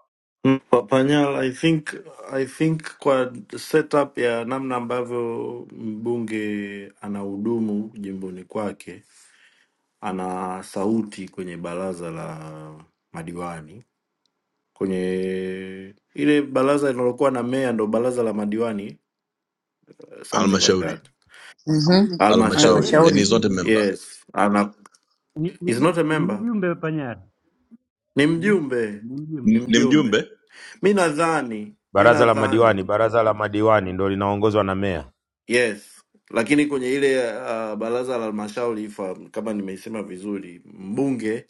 Mm, Papanyala, I think, I think kwa setup ya namna ambavyo mbunge anahudumu jimboni kwake, ana sauti kwenye baraza la madiwani. Kwenye ile baraza linalokuwa na meya ndo baraza la madiwani, uh, something like
halmashauri
that.
ye
Mhm.
ni
halmashauri
ye
Halmashauri,
ni
and
Halmashauri.
he's
yes.
not a
mjumbe
member
Yes, ana
ni,
is
ni,
not a
ni
member,
mjumbe Panyari,
ni
Mm,
mjumbe,
ni mjumbe
ni
N- ni
mjumbe.
mjumbe
Mi nadhani, mi
Baraza la
nadhani
madiwani, baraza la madiwani ndo linaongozwa na meya.
Yes, lakini kwenye ile uh, baraza la halmashauri ifa, kama nimeisema vizuri, mbunge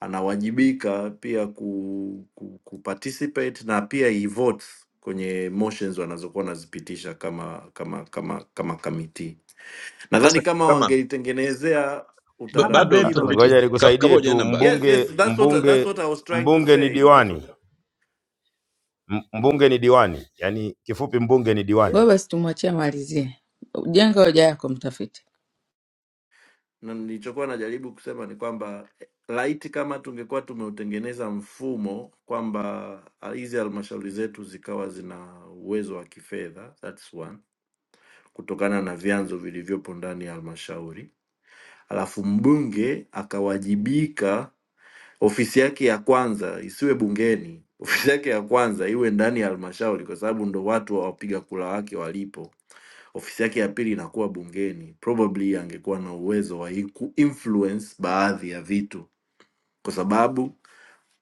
anawajibika pia ku, ku, ku participate na pia he votes kwenye motions wanazokuwa wanazipitisha kama kama kama kama kamiti. Nadhani
sasa
kama
kama
wangeitengenezea
b-
hana
bado
Ah,
veto,
utaratibu.
mtafiti
Ngoja
lakini
ka- kama
nikusaidie
hujaenda
tu,
mbali
Yes,
mbunge
yes, that's what that's
mbunge
what I was trying to
mbunge ni
say. That's
diwani, M- mbunge ni diwani, yaani kifupi mbunge ni
Ngoja
diwani.
basi tumwachie amalizie. Jenga hoja yako mtafiti.
na nilichokuwa najaribu kusema ni kwamba eh, laiti kama tungekuwa tumeutengeneza mfumo kwamba ah, hizi halmashauri zetu zikawa zina uwezo wa kifedha that's one, kutokana na vyanzo vilivyopo ndani ya halmashauri, alafu mbunge akawajibika, ofisi yake ya kwanza isiwe bungeni, ofisi yake ya kwanza iwe ndani ya halmashauri, kwa sababu ndo watu wa wapiga kura wake walipo ofisi yake ya pili inakuwa bungeni, probably angekuwa na uwezo wa hii kuinfluence baadhi ya vitu, kwa sababu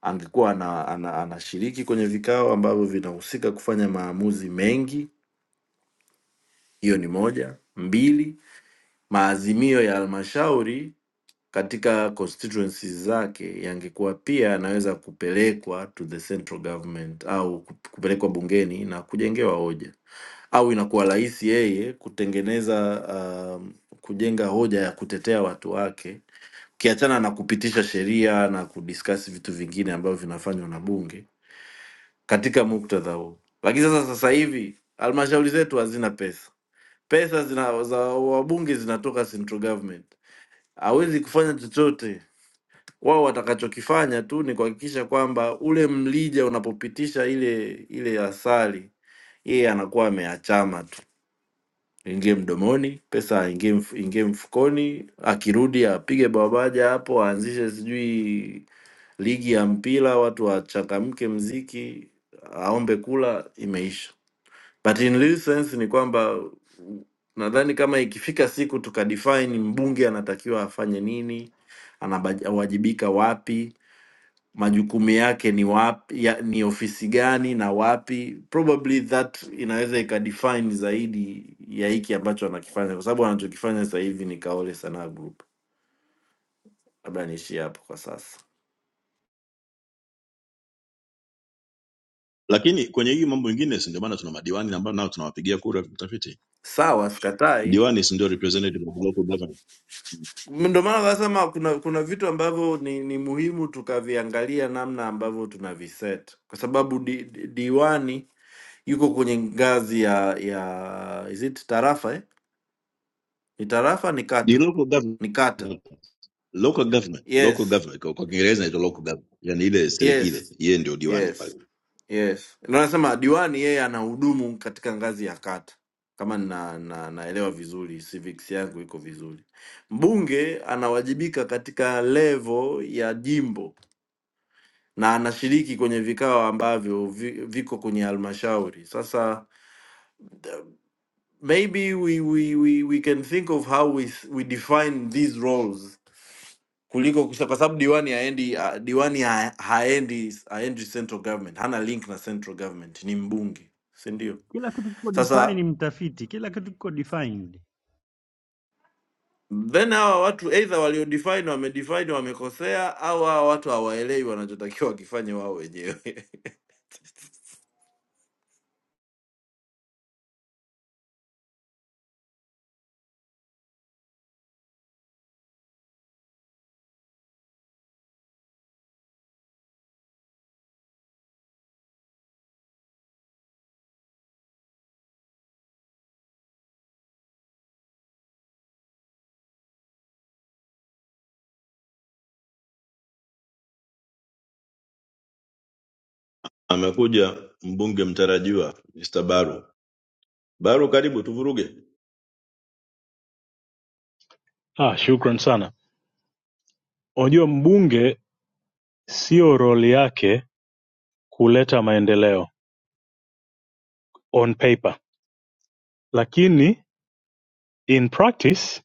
angekuwa ana, ana, anashiriki kwenye vikao ambavyo vinahusika kufanya maamuzi mengi. Hiyo ni moja. Mbili, maazimio ya halmashauri katika constituencies zake yangekuwa pia yanaweza kupelekwa to the central government au kupelekwa bungeni na kujengewa hoja au inakuwa rahisi yeye kutengeneza um, kujenga hoja ya kutetea watu wake, ukiachana na kupitisha sheria na kudiskasi vitu vingine ambavyo vinafanywa na bunge katika muktadha huu. Lakini sasa sasa hivi halmashauri zetu hazina pesa, pesa zina, za wabunge zinatoka central government, hawezi kufanya chochote. Wao watakachokifanya tu ni kuhakikisha kwamba ule mlija unapopitisha ile ile asali, yeye anakuwa ameachama tu ingie mdomoni, pesa ingie mf, ingie mfukoni, akirudi apige babaja hapo, aanzishe sijui ligi ya mpira, watu wachangamke, mziki, aombe kula, imeisha. But in real sense ni kwamba nadhani kama ikifika siku tukadefine mbunge anatakiwa afanye nini, anawajibika wapi, majukumu yake ni wapi, ya, ni ofisi gani na wapi. Probably that inaweza ikadefine zaidi ya hiki ambacho anakifanya, kwa sababu anachokifanya sasa hivi ni Kaole Sanaa Group. Labda niishie hapo kwa sasa.
lakini kwenye hii mambo mengine si ndio maana tuna madiwani na ambao nao tunawapigia kura mtafiti
Sawa, sikatai.
diwani si ndio representative of local government
M- Ndio maana nasema kuna kuna vitu ambavyo ni, ni muhimu tukaviangalia namna ambavyo tunaviset, kwa sababu di, di, diwani yuko kwenye ngazi ya ya is it tarafa eh? Ni tarafa ni
ni
kata,
local
ni kata.
government local government local
Yes,
government kwa kwa kiingereza inaitwa local government yani ile serikali
yes
ile yeye ndio diwani pale
Yes, yes. Ndio nasema diwani yeye anahudumu katika ngazi ya kata, kama na, na, naelewa vizuri, civics yangu iko vizuri. Mbunge anawajibika katika levo ya jimbo na anashiriki kwenye vikao ambavyo vi, viko kwenye halmashauri. Sasa maybe we, we, we, we can think of how we, we define these roles kuliko kusha, kwa sababu diwani haendi ah, diwani ha- haendi haendi central government, hana link na central government, ni mbunge, si ndio?
kila kitu kiko
Sasa
defined, mtafiti, kila kitu kiko defined.
then hawa watu either waliodefine wamedefine wamekosea, au hawa watu hawaelewi wanachotakiwa wakifanye wao wenyewe.
amekuja mbunge mtarajiwa Mr. Baru Baru karibu tuvuruge
aa shukran sana unajua mbunge sio roli yake kuleta maendeleo on paper lakini in practice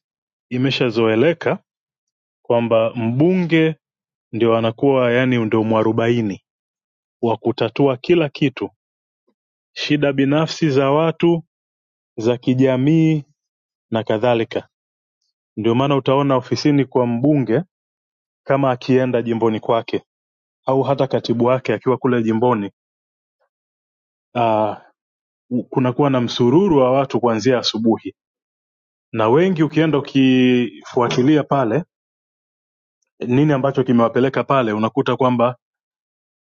imeshazoeleka kwamba mbunge ndio anakuwa yani ndio mwarobaini wa kutatua kila kitu shida binafsi za watu za kijamii na kadhalika ndio maana utaona ofisini kwa mbunge kama akienda jimboni kwake au hata katibu wake akiwa kule jimboni uh, kunakuwa na msururu wa watu kuanzia asubuhi, na wengi ukienda ukifuatilia pale nini ambacho kimewapeleka pale, unakuta kwamba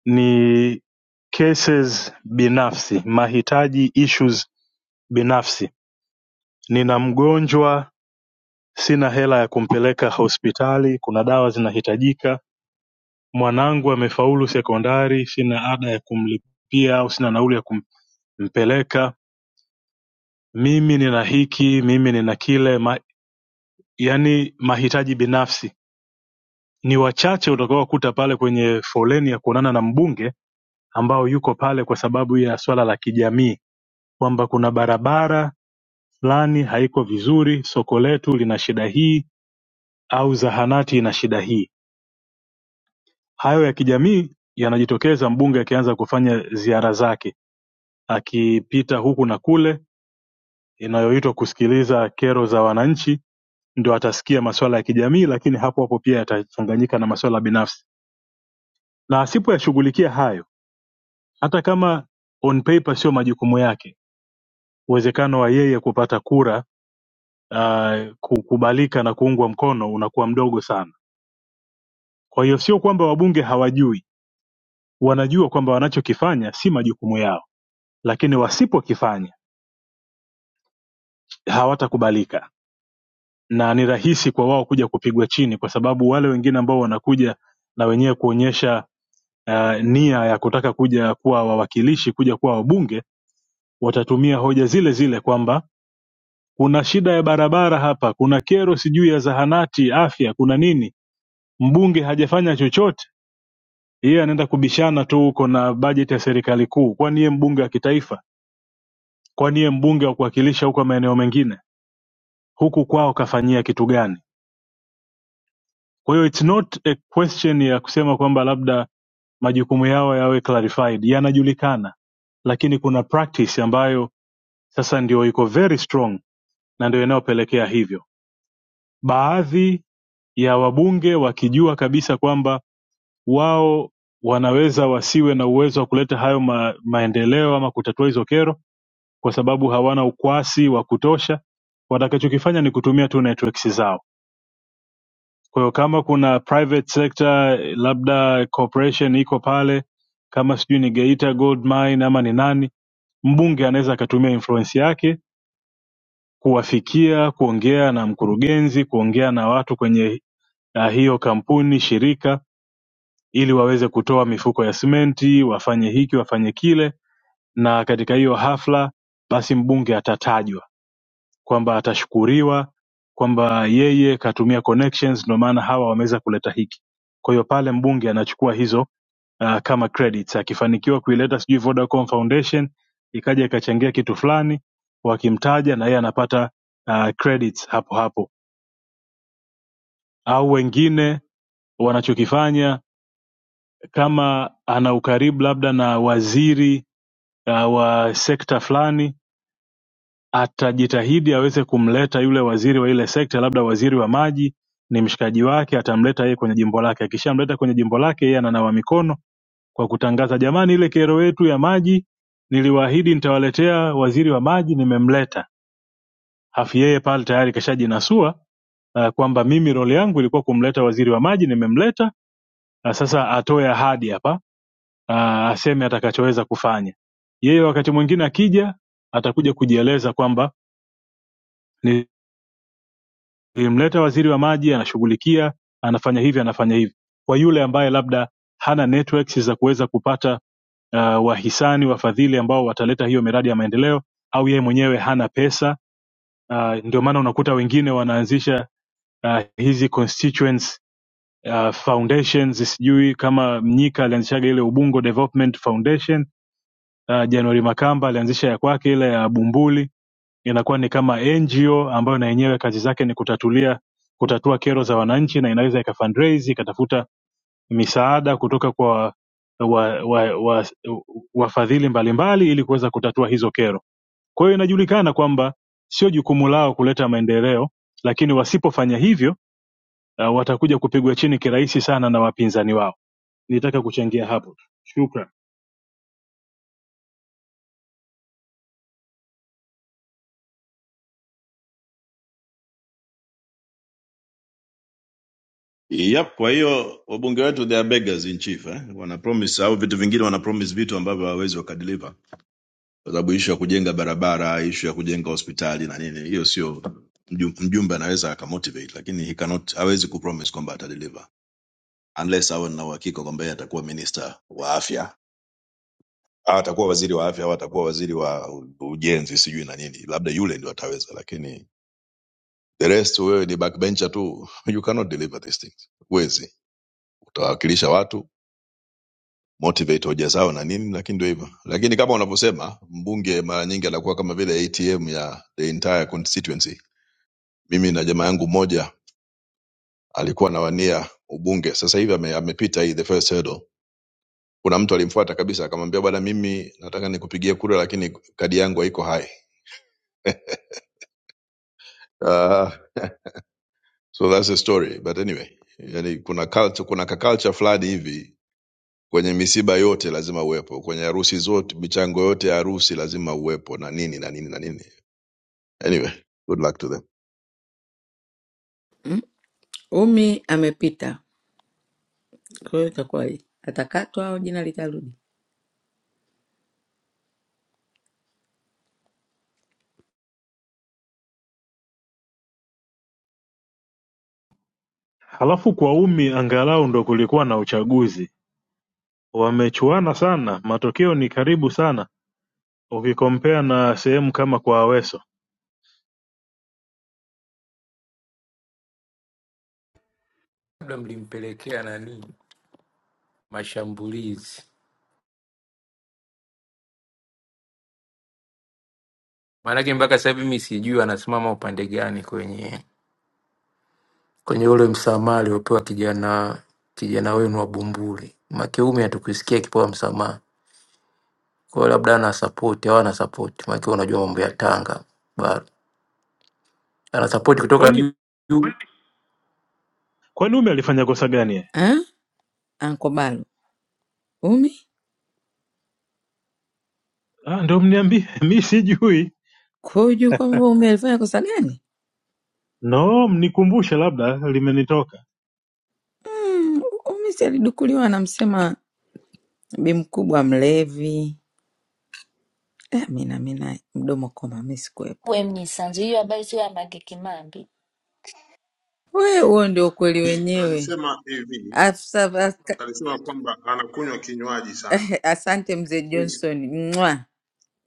ni cases binafsi, mahitaji issues binafsi. Nina mgonjwa, sina hela ya kumpeleka hospitali, kuna dawa zinahitajika. Mwanangu amefaulu sekondari, sina ada ya kumlipia au sina nauli ya kumpeleka. Mimi nina hiki, mimi nina kile, yaani mahitaji binafsi ni wachache utakaowakuta pale kwenye foleni ya kuonana na mbunge ambao yuko pale kwa sababu ya swala la kijamii kwamba kuna barabara fulani haiko vizuri soko letu lina shida hii au zahanati ina shida hii hayo ya kijamii yanajitokeza mbunge akianza kufanya ziara zake akipita huku na kule inayoitwa kusikiliza kero za wananchi ndio atasikia maswala ya kijamii lakini hapo hapo pia yatachanganyika na maswala binafsi na asipoyashughulikia hayo hata kama on paper sio majukumu yake uwezekano wa yeye kupata kura uh, kukubalika na kuungwa mkono unakuwa mdogo sana kwa hiyo sio kwamba wabunge hawajui wanajua kwamba wanachokifanya si majukumu yao lakini wasipokifanya hawatakubalika na ni rahisi kwa wao kuja kupigwa chini kwa sababu wale wengine ambao wanakuja na wenyewe kuonyesha uh, nia ya kutaka kuja kuwa wawakilishi kuja kuwa wabunge watatumia hoja zile zile kwamba kuna shida ya barabara hapa kuna kero sijui ya zahanati afya kuna nini mbunge hajafanya chochote yeye anaenda kubishana tu huko na bajeti ya serikali kuu kwani yeye mbunge wa kitaifa kwani yeye mbunge wa kuwakilisha huko maeneo mengine huku kwao kafanyia kitu gani kwa hiyo it's not a question ya kusema kwamba labda majukumu yao yawe clarified yanajulikana lakini kuna practice ambayo sasa ndio iko very strong na ndio inayopelekea hivyo baadhi ya wabunge wakijua kabisa kwamba wao wanaweza wasiwe na uwezo wa kuleta hayo ma, maendeleo ama kutatua hizo kero kwa sababu hawana ukwasi wa kutosha watakachokifanya ni kutumia tu networks zao kwa hiyo kama kuna private sector labda corporation iko pale kama sijui ni geita gold mine ama ni nani mbunge anaweza akatumia influence yake kuwafikia kuongea na mkurugenzi kuongea na watu kwenye na hiyo kampuni shirika ili waweze kutoa mifuko ya simenti wafanye hiki wafanye kile na katika hiyo hafla basi mbunge atatajwa kwamba atashukuriwa kwamba yeye katumia connections ndio maana hawa wameweza kuleta hiki kwa hiyo pale mbunge anachukua hizo uh, kama credits akifanikiwa kuileta sijui vodacom foundation ikaja ikachangia kitu fulani wakimtaja na yeye anapata uh, credits hapo hapo au wengine wanachokifanya kama ana ukaribu labda na waziri uh, wa sekta fulani atajitahidi aweze kumleta yule waziri wa ile sekta labda waziri wa maji ni mshikaji wake atamleta yeye kwenye jimbo lake akishamleta kwenye jimbo lake yeye ananawa mikono kwa kutangaza jamani ile kero yetu ya maji niliwaahidi nitawaletea waziri wa maji nimemleta hafu yeye pale tayari kashajinasua uh, kwamba mimi role yangu ilikuwa kumleta waziri wa maji nimemleta na sasa atoe ahadi hapa ah, aseme atakachoweza kufanya. Yeye wakati mwingine akija atakuja kujieleza kwamba nilimleta waziri wa maji, anashughulikia, anafanya hivi, anafanya hivi. Kwa yule ambaye labda hana networks za kuweza kupata uh, wahisani, wafadhili ambao wataleta hiyo miradi ya maendeleo, au yeye mwenyewe hana pesa uh, ndio maana unakuta wengine wanaanzisha uh, hizi constituents uh, foundations, sijui kama Mnyika alianzishaga ile Ubungo Development Foundation uh, January Makamba alianzisha ya kwake ile ya Bumbuli, inakuwa ni kama NGO ambayo na yenyewe kazi zake ni kutatulia kutatua kero za wananchi, na inaweza ika fundraise ikatafuta misaada kutoka kwa wafadhili wa, wa, wa, wafadhili mbalimbali ili kuweza kutatua hizo kero. Kwa hiyo inajulikana kwamba sio jukumu lao kuleta maendeleo, lakini wasipofanya hivyo uh, watakuja kupigwa chini kirahisi sana na wapinzani wao. Nitaka kuchangia hapo, shukran.
yep kwa hiyo wabunge wetu they are beggars in chief eh? wana promise au vitu vingine wana promise vitu ambavyo hawawezi wakadeliver kwa sababu issue ya kujenga barabara issue ya kujenga hospitali na nini hiyo sio mju- mjumbe anaweza akamotivate lakini he cannot hawezi kupromise kwamba atadeliver unless awe na uhakika kwamba yeye atakuwa minister wa afya Ah, atakuwa waziri wa afya au atakuwa waziri wa ujenzi sijui na nini labda yule ndio ataweza lakini the rest wewe ni backbencher tu you cannot deliver these things huwezi utawakilisha watu motivate hoja zao na nini lakini ndio hivyo lakini kama unavyosema mbunge mara nyingi anakuwa kama vile atm ya the entire constituency mimi na jamaa yangu mmoja alikuwa anawania ubunge sasa hivi ame, amepita hii the first hurdle kuna mtu alimfuata kabisa akamwambia bwana mimi nataka nikupigie kura lakini kadi yangu haiko hai so that's the story but anyway yani kuna culture, kuna ka culture fulani hivi kwenye misiba yote lazima uwepo kwenye harusi zote michango yote ya harusi lazima uwepo na nini na nini na nini anyway good luck to them
Umi amepita. Kwa hiyo itakuwa hii. Atakatwa au jina litarudi?
Halafu kwa umi, angalau ndo kulikuwa na uchaguzi wamechuana sana matokeo ni karibu sana ukikompea na sehemu kama kwa aweso
Labda mlimpelekea nani mashambulizi, maanake mpaka sasa hivi mi sijui anasimama upande gani kwenye kwenye ule msamaha aliopewa kijana kijana wenu wa Bumbuli. Makeume hatukusikia akipewa msamaha, kwa hiyo labda ana support au ana support, maana unajua mambo ya Tanga bado ana support kutoka
kwani
juu, juu.
kwani ume alifanya kosa gani yeye?
Ah? Ankobalo. Umi,
ah, ndo mniambie mi sijui
kwa hiyo hujui kwamba Umi alifanya kosa gani?
no mnikumbushe labda limenitoka
Mm, Umi si alidukuliwa anamsema bi mkubwa mlevi. Eh, mina mina mdomo koma, mi sikuwepo.
we mnyisanzu, hiyo habari sio ya Mange Kimambi.
We, huo ndio ukweli
Ni-
wenyewe.
Alisema hivi,
Afsa, aska-
alisema kwamba anakunywa kinywaji sana.
asante mzee Johnson. Mwa.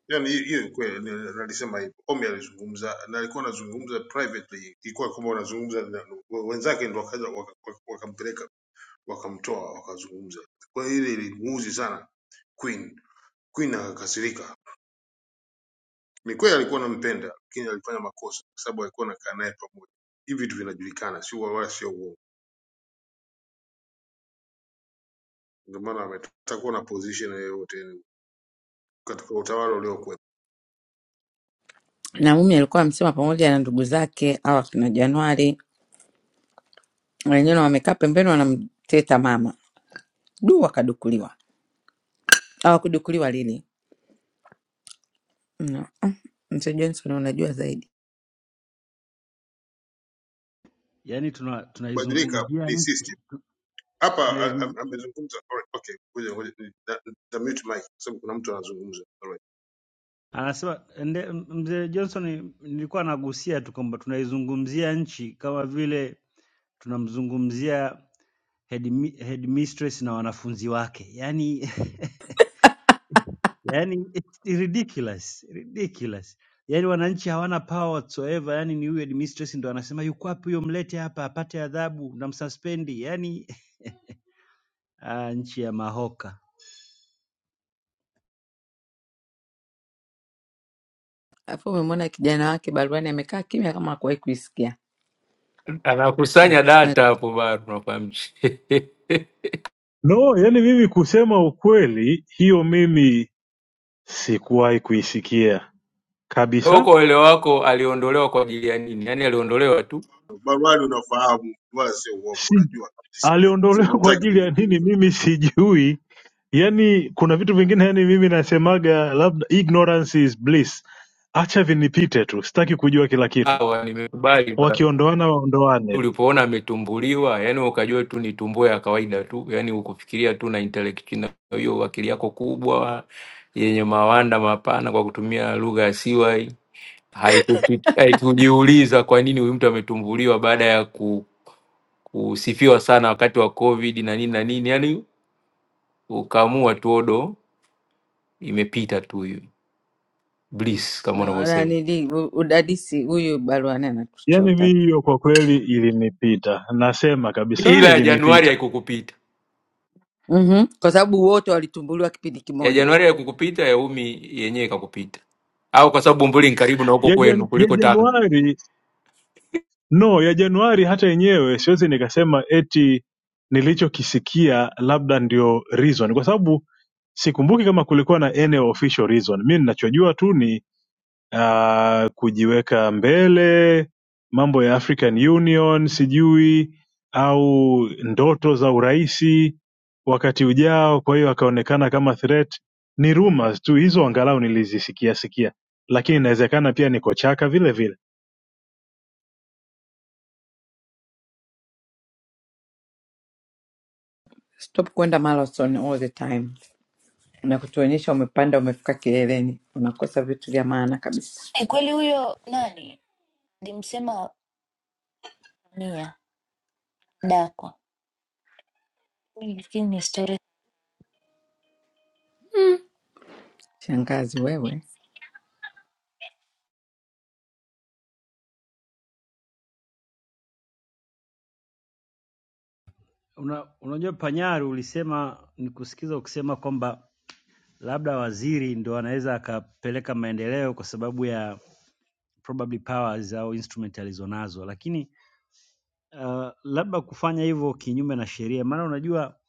Yaani hiyo hiyo ni kweli ni- alisema hivyo. Omi alizungumza na alikuwa anazungumza privately, ilikuwa kwamba wanazungumza na wenzake ndio wakaja waka- waka- wakampeleka wakamtoa wakazungumza. Kwa hiyo ile ilimuuzi sana Queen. Queen akakasirika. Ni kweli alikuwa anampenda, lakini alifanya makosa kwa sababu alikuwa anakaa naye pamoja. Hivi vitu vinajulikana, sio wala sio uongo. Ndio maana ametakuwa na position yoyote katika utawala uliokuwa
Na Umi alikuwa amsema pamoja na ndugu zake au akina Januari wenyewe wamekaa pembeni wanamteta mama du, wakadukuliwa. Hawakudukuliwa lili no. Ah, Mzee Johnson unajua zaidi.
Yani
kubadilika
tunaizungumzia
ni
tuna
system. Hapa
tunaizungumzia
a-
nchi
a- amezungumza alright, okay, ngoja ngoja ni- na- na mute mic kwa sababu kuna mtu anazungumza. Alright.
Anasema nde- m- mzee Johnson, nilikuwa nagusia tu kwamba tunaizungumzia nchi kama vile tunamzungumzia headmi- headmistress na wanafunzi wake, yaani yaani it's ridiculous ridiculous. Yaani wananchi hawana power whatsoever, yaani ni huyu headmistress ndo anasema yuko wapi huyo, mlete hapa apate adhabu, namsuspendi. Yaani ah, nchi ya mahoka.
Alafu umemwona kijana wake baruani amekaa kimya kama hakuwahi kuisikia.
anakusanya
Usifanye-
data hapo bado, unafahamu
no yani mimi kusema ukweli hiyo mimi sikuwahi kuisikia
Wewe
kabisa
kwa uelewa wako aliondolewa kwa ajili ya nini? Yaani aliondolewa tu,
Barwani unafahamu wala sio uongo,
si
unajua kabisa.
aliondolewa
Sema
kwa
hutaki
ajili ya nini?
kuzungumza.
Mimi sijui. Yani kuna vitu vingine, yani mimi nasemaga labda ignorance is bliss, acha vinipite tu, sitaki kujua kila kitu.
sawa, nimekubali basi.
Wakiondoana waondoane tu.
Ulipoona ametumbuliwa, yaani wewe ukajua tu ni tumbo ya kawaida tu, yaani ukufikiria tu na intellect na hiyo akili yako kubwa yenye mawanda mapana, kwa kutumia lugha ya siwai, haikufi- haikujiuliza kwa nini huyu mtu ametumbuliwa baada ya ku, kusifiwa sana wakati wa COVID na nini na nini, yaani ukaamua tu odo imepita tu hiyo bliss kama
na-
unavyosema,
nanili u- udadisi huyu baruani
Yani
anatuchota
mimi
tu.
hiyo kwa kweli ilinipita, nasema kabisa
ila ya Januari
ilinipita
haikukupita.
Mhm. Kwa sababu wote walitumbuliwa kipindi
ya
kimoja.
Januari ya kukupita ya umi yenyewe ikakupita, au kwa sababu Bumbuli ni karibu na huko
ya,
kwenu
jan, ya
kuliko Tanga.
Januari no ya januari hata yenyewe siwezi nikasema eti nilichokisikia labda ndio reason kwa sababu sikumbuki kama kulikuwa na any official reason mi ninachojua tu ni uh, kujiweka mbele mambo ya african union sijui au ndoto za uraisi wakati ujao kwa hiyo akaonekana kama threat ni rumors tu hizo angalau nilizisikia sikia lakini inawezekana pia niko chaka vile vile
Stop kwenda marathon all the time na kutuonyesha umepanda umefika kileleni, unakosa vitu vya maana kabisa.
E, kweli huyo nani nilimsema Mia Dakwa, Huyu lakini ni story
Shangazi wewe,
Una, unajua Panyari ulisema nikusikiza ukisema kwamba labda waziri ndo anaweza akapeleka maendeleo kwa sababu ya probably powers au instrument alizonazo, lakini uh, labda kufanya hivyo kinyume na sheria, maana unajua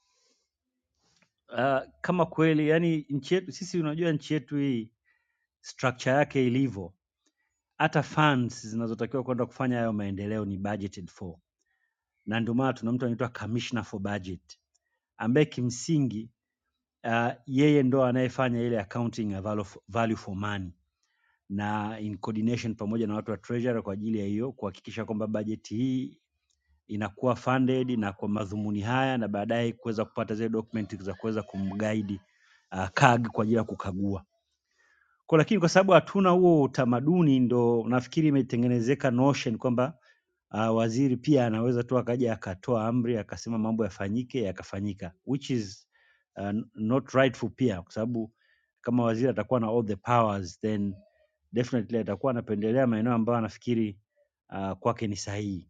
uh, kama kweli yani nchi yetu sisi, unajua nchi yetu hii structure yake ilivyo, hata funds zinazotakiwa kwenda kufanya hayo maendeleo ni budgeted for, na ndio maana tuna mtu anaitwa commissioner for budget ambaye kimsingi uh, yeye ndo anayefanya ile accounting ya value for, value for money na in coordination pamoja na watu wa treasury kwa ajili ya hiyo kuhakikisha kwamba bajeti hii inakuwa funded na kwa madhumuni haya, na baadaye kuweza kupata zile document za kuweza kumguide uh, CAG kwa ajili ya kukagua kwa, lakini kwa sababu hatuna huo utamaduni, ndo nafikiri imetengenezeka notion kwamba Uh, waziri pia anaweza tu akaja akatoa amri akasema mambo yafanyike yakafanyika, which is uh, not rightful pia, kwa sababu kama waziri atakuwa na all the powers then definitely atakuwa anapendelea maeneo ambayo anafikiri uh, kwake ni sahihi.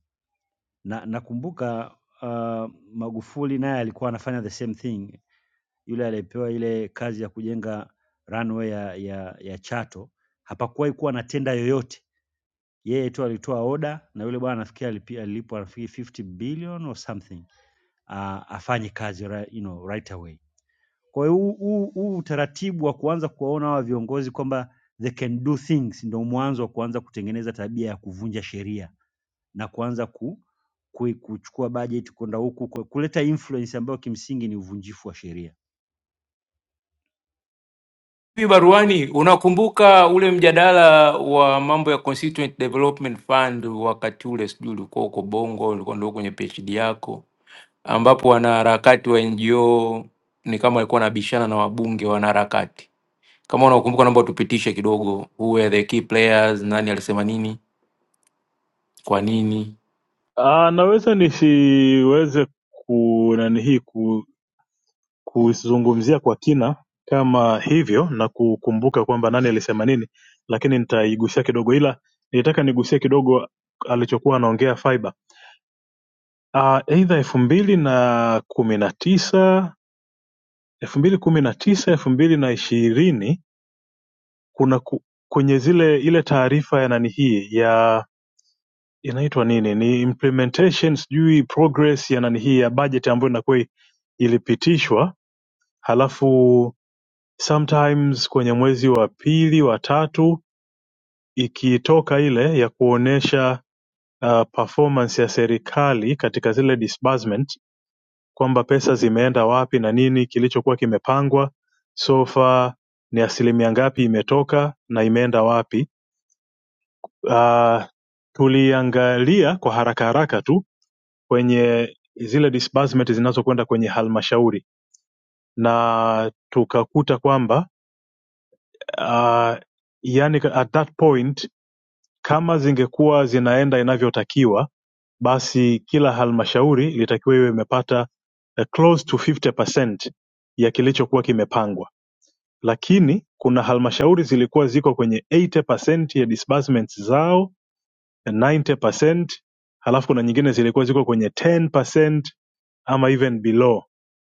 Na nakumbuka uh, Magufuli naye alikuwa anafanya the same thing, yule aliyepewa ile kazi ya kujenga runway ya, ya, ya Chato hapakuwahi kuwa na tenda yoyote yeye tu alitoa oda na yule bwana nafikiri alipia- alilipwa nafikiri 50 billion or something uh, afanye kazi ra- you know, right away. Kwa hiyo huu huu- huu utaratibu wa kuanza kuwaona hawa viongozi kwamba they can do things ndio mwanzo wa kuanza kutengeneza tabia ya kuvunja sheria na kuanza ku, ku, kuchukua bajeti kwenda huku ku- kuleta influence ambayo kimsingi ni uvunjifu wa sheria.
Hivi baruani, unakumbuka ule mjadala wa mambo ya Constituent Development Fund wakati ule, sijui ulikuwa huko Bongo, ulikuwa ndio kwenye PhD yako, ambapo wanaharakati wa NGO ni kama walikuwa wanabishana na wabunge wanaharakati. Kama unakumbuka, naomba tupitishe kidogo, who were the key players, nani alisema nini, kwa nini
Ah, naweza nisiweze ku nani hii ku, kuzungumzia kwa kina kama hivyo na kukumbuka kwamba nani alisema nini, lakini nitaigusia kidogo, ila nilitaka nigusie kidogo alichokuwa anaongea Faiba. Ah, aidha elfu mbili na kumi na tisa elfu mbili kumi na tisa elfu mbili na ishirini kuna ku, kwenye zile ile taarifa ya nani hii ya inaitwa nini ni implementation sijui progress ya nani hii ya budget ambayo inakuwa ilipitishwa halafu sometimes kwenye mwezi wa pili wa tatu ikitoka ile ya kuonesha uh, performance ya serikali katika zile disbursement kwamba pesa zimeenda wapi na nini kilichokuwa kimepangwa so far ni asilimia ngapi imetoka na imeenda wapi uh, tuliangalia kwa haraka haraka tu kwenye zile disbursement zinazokwenda kwenye halmashauri na tukakuta kwamba uh, yani at that point kama zingekuwa zinaenda inavyotakiwa basi kila halmashauri ilitakiwa iwe imepata eh, close to 50% ya kilichokuwa kimepangwa lakini kuna halmashauri zilikuwa ziko kwenye 80% ya disbursements zao 90 percent halafu kuna nyingine zilikuwa ziko kwenye 10 percent ama even below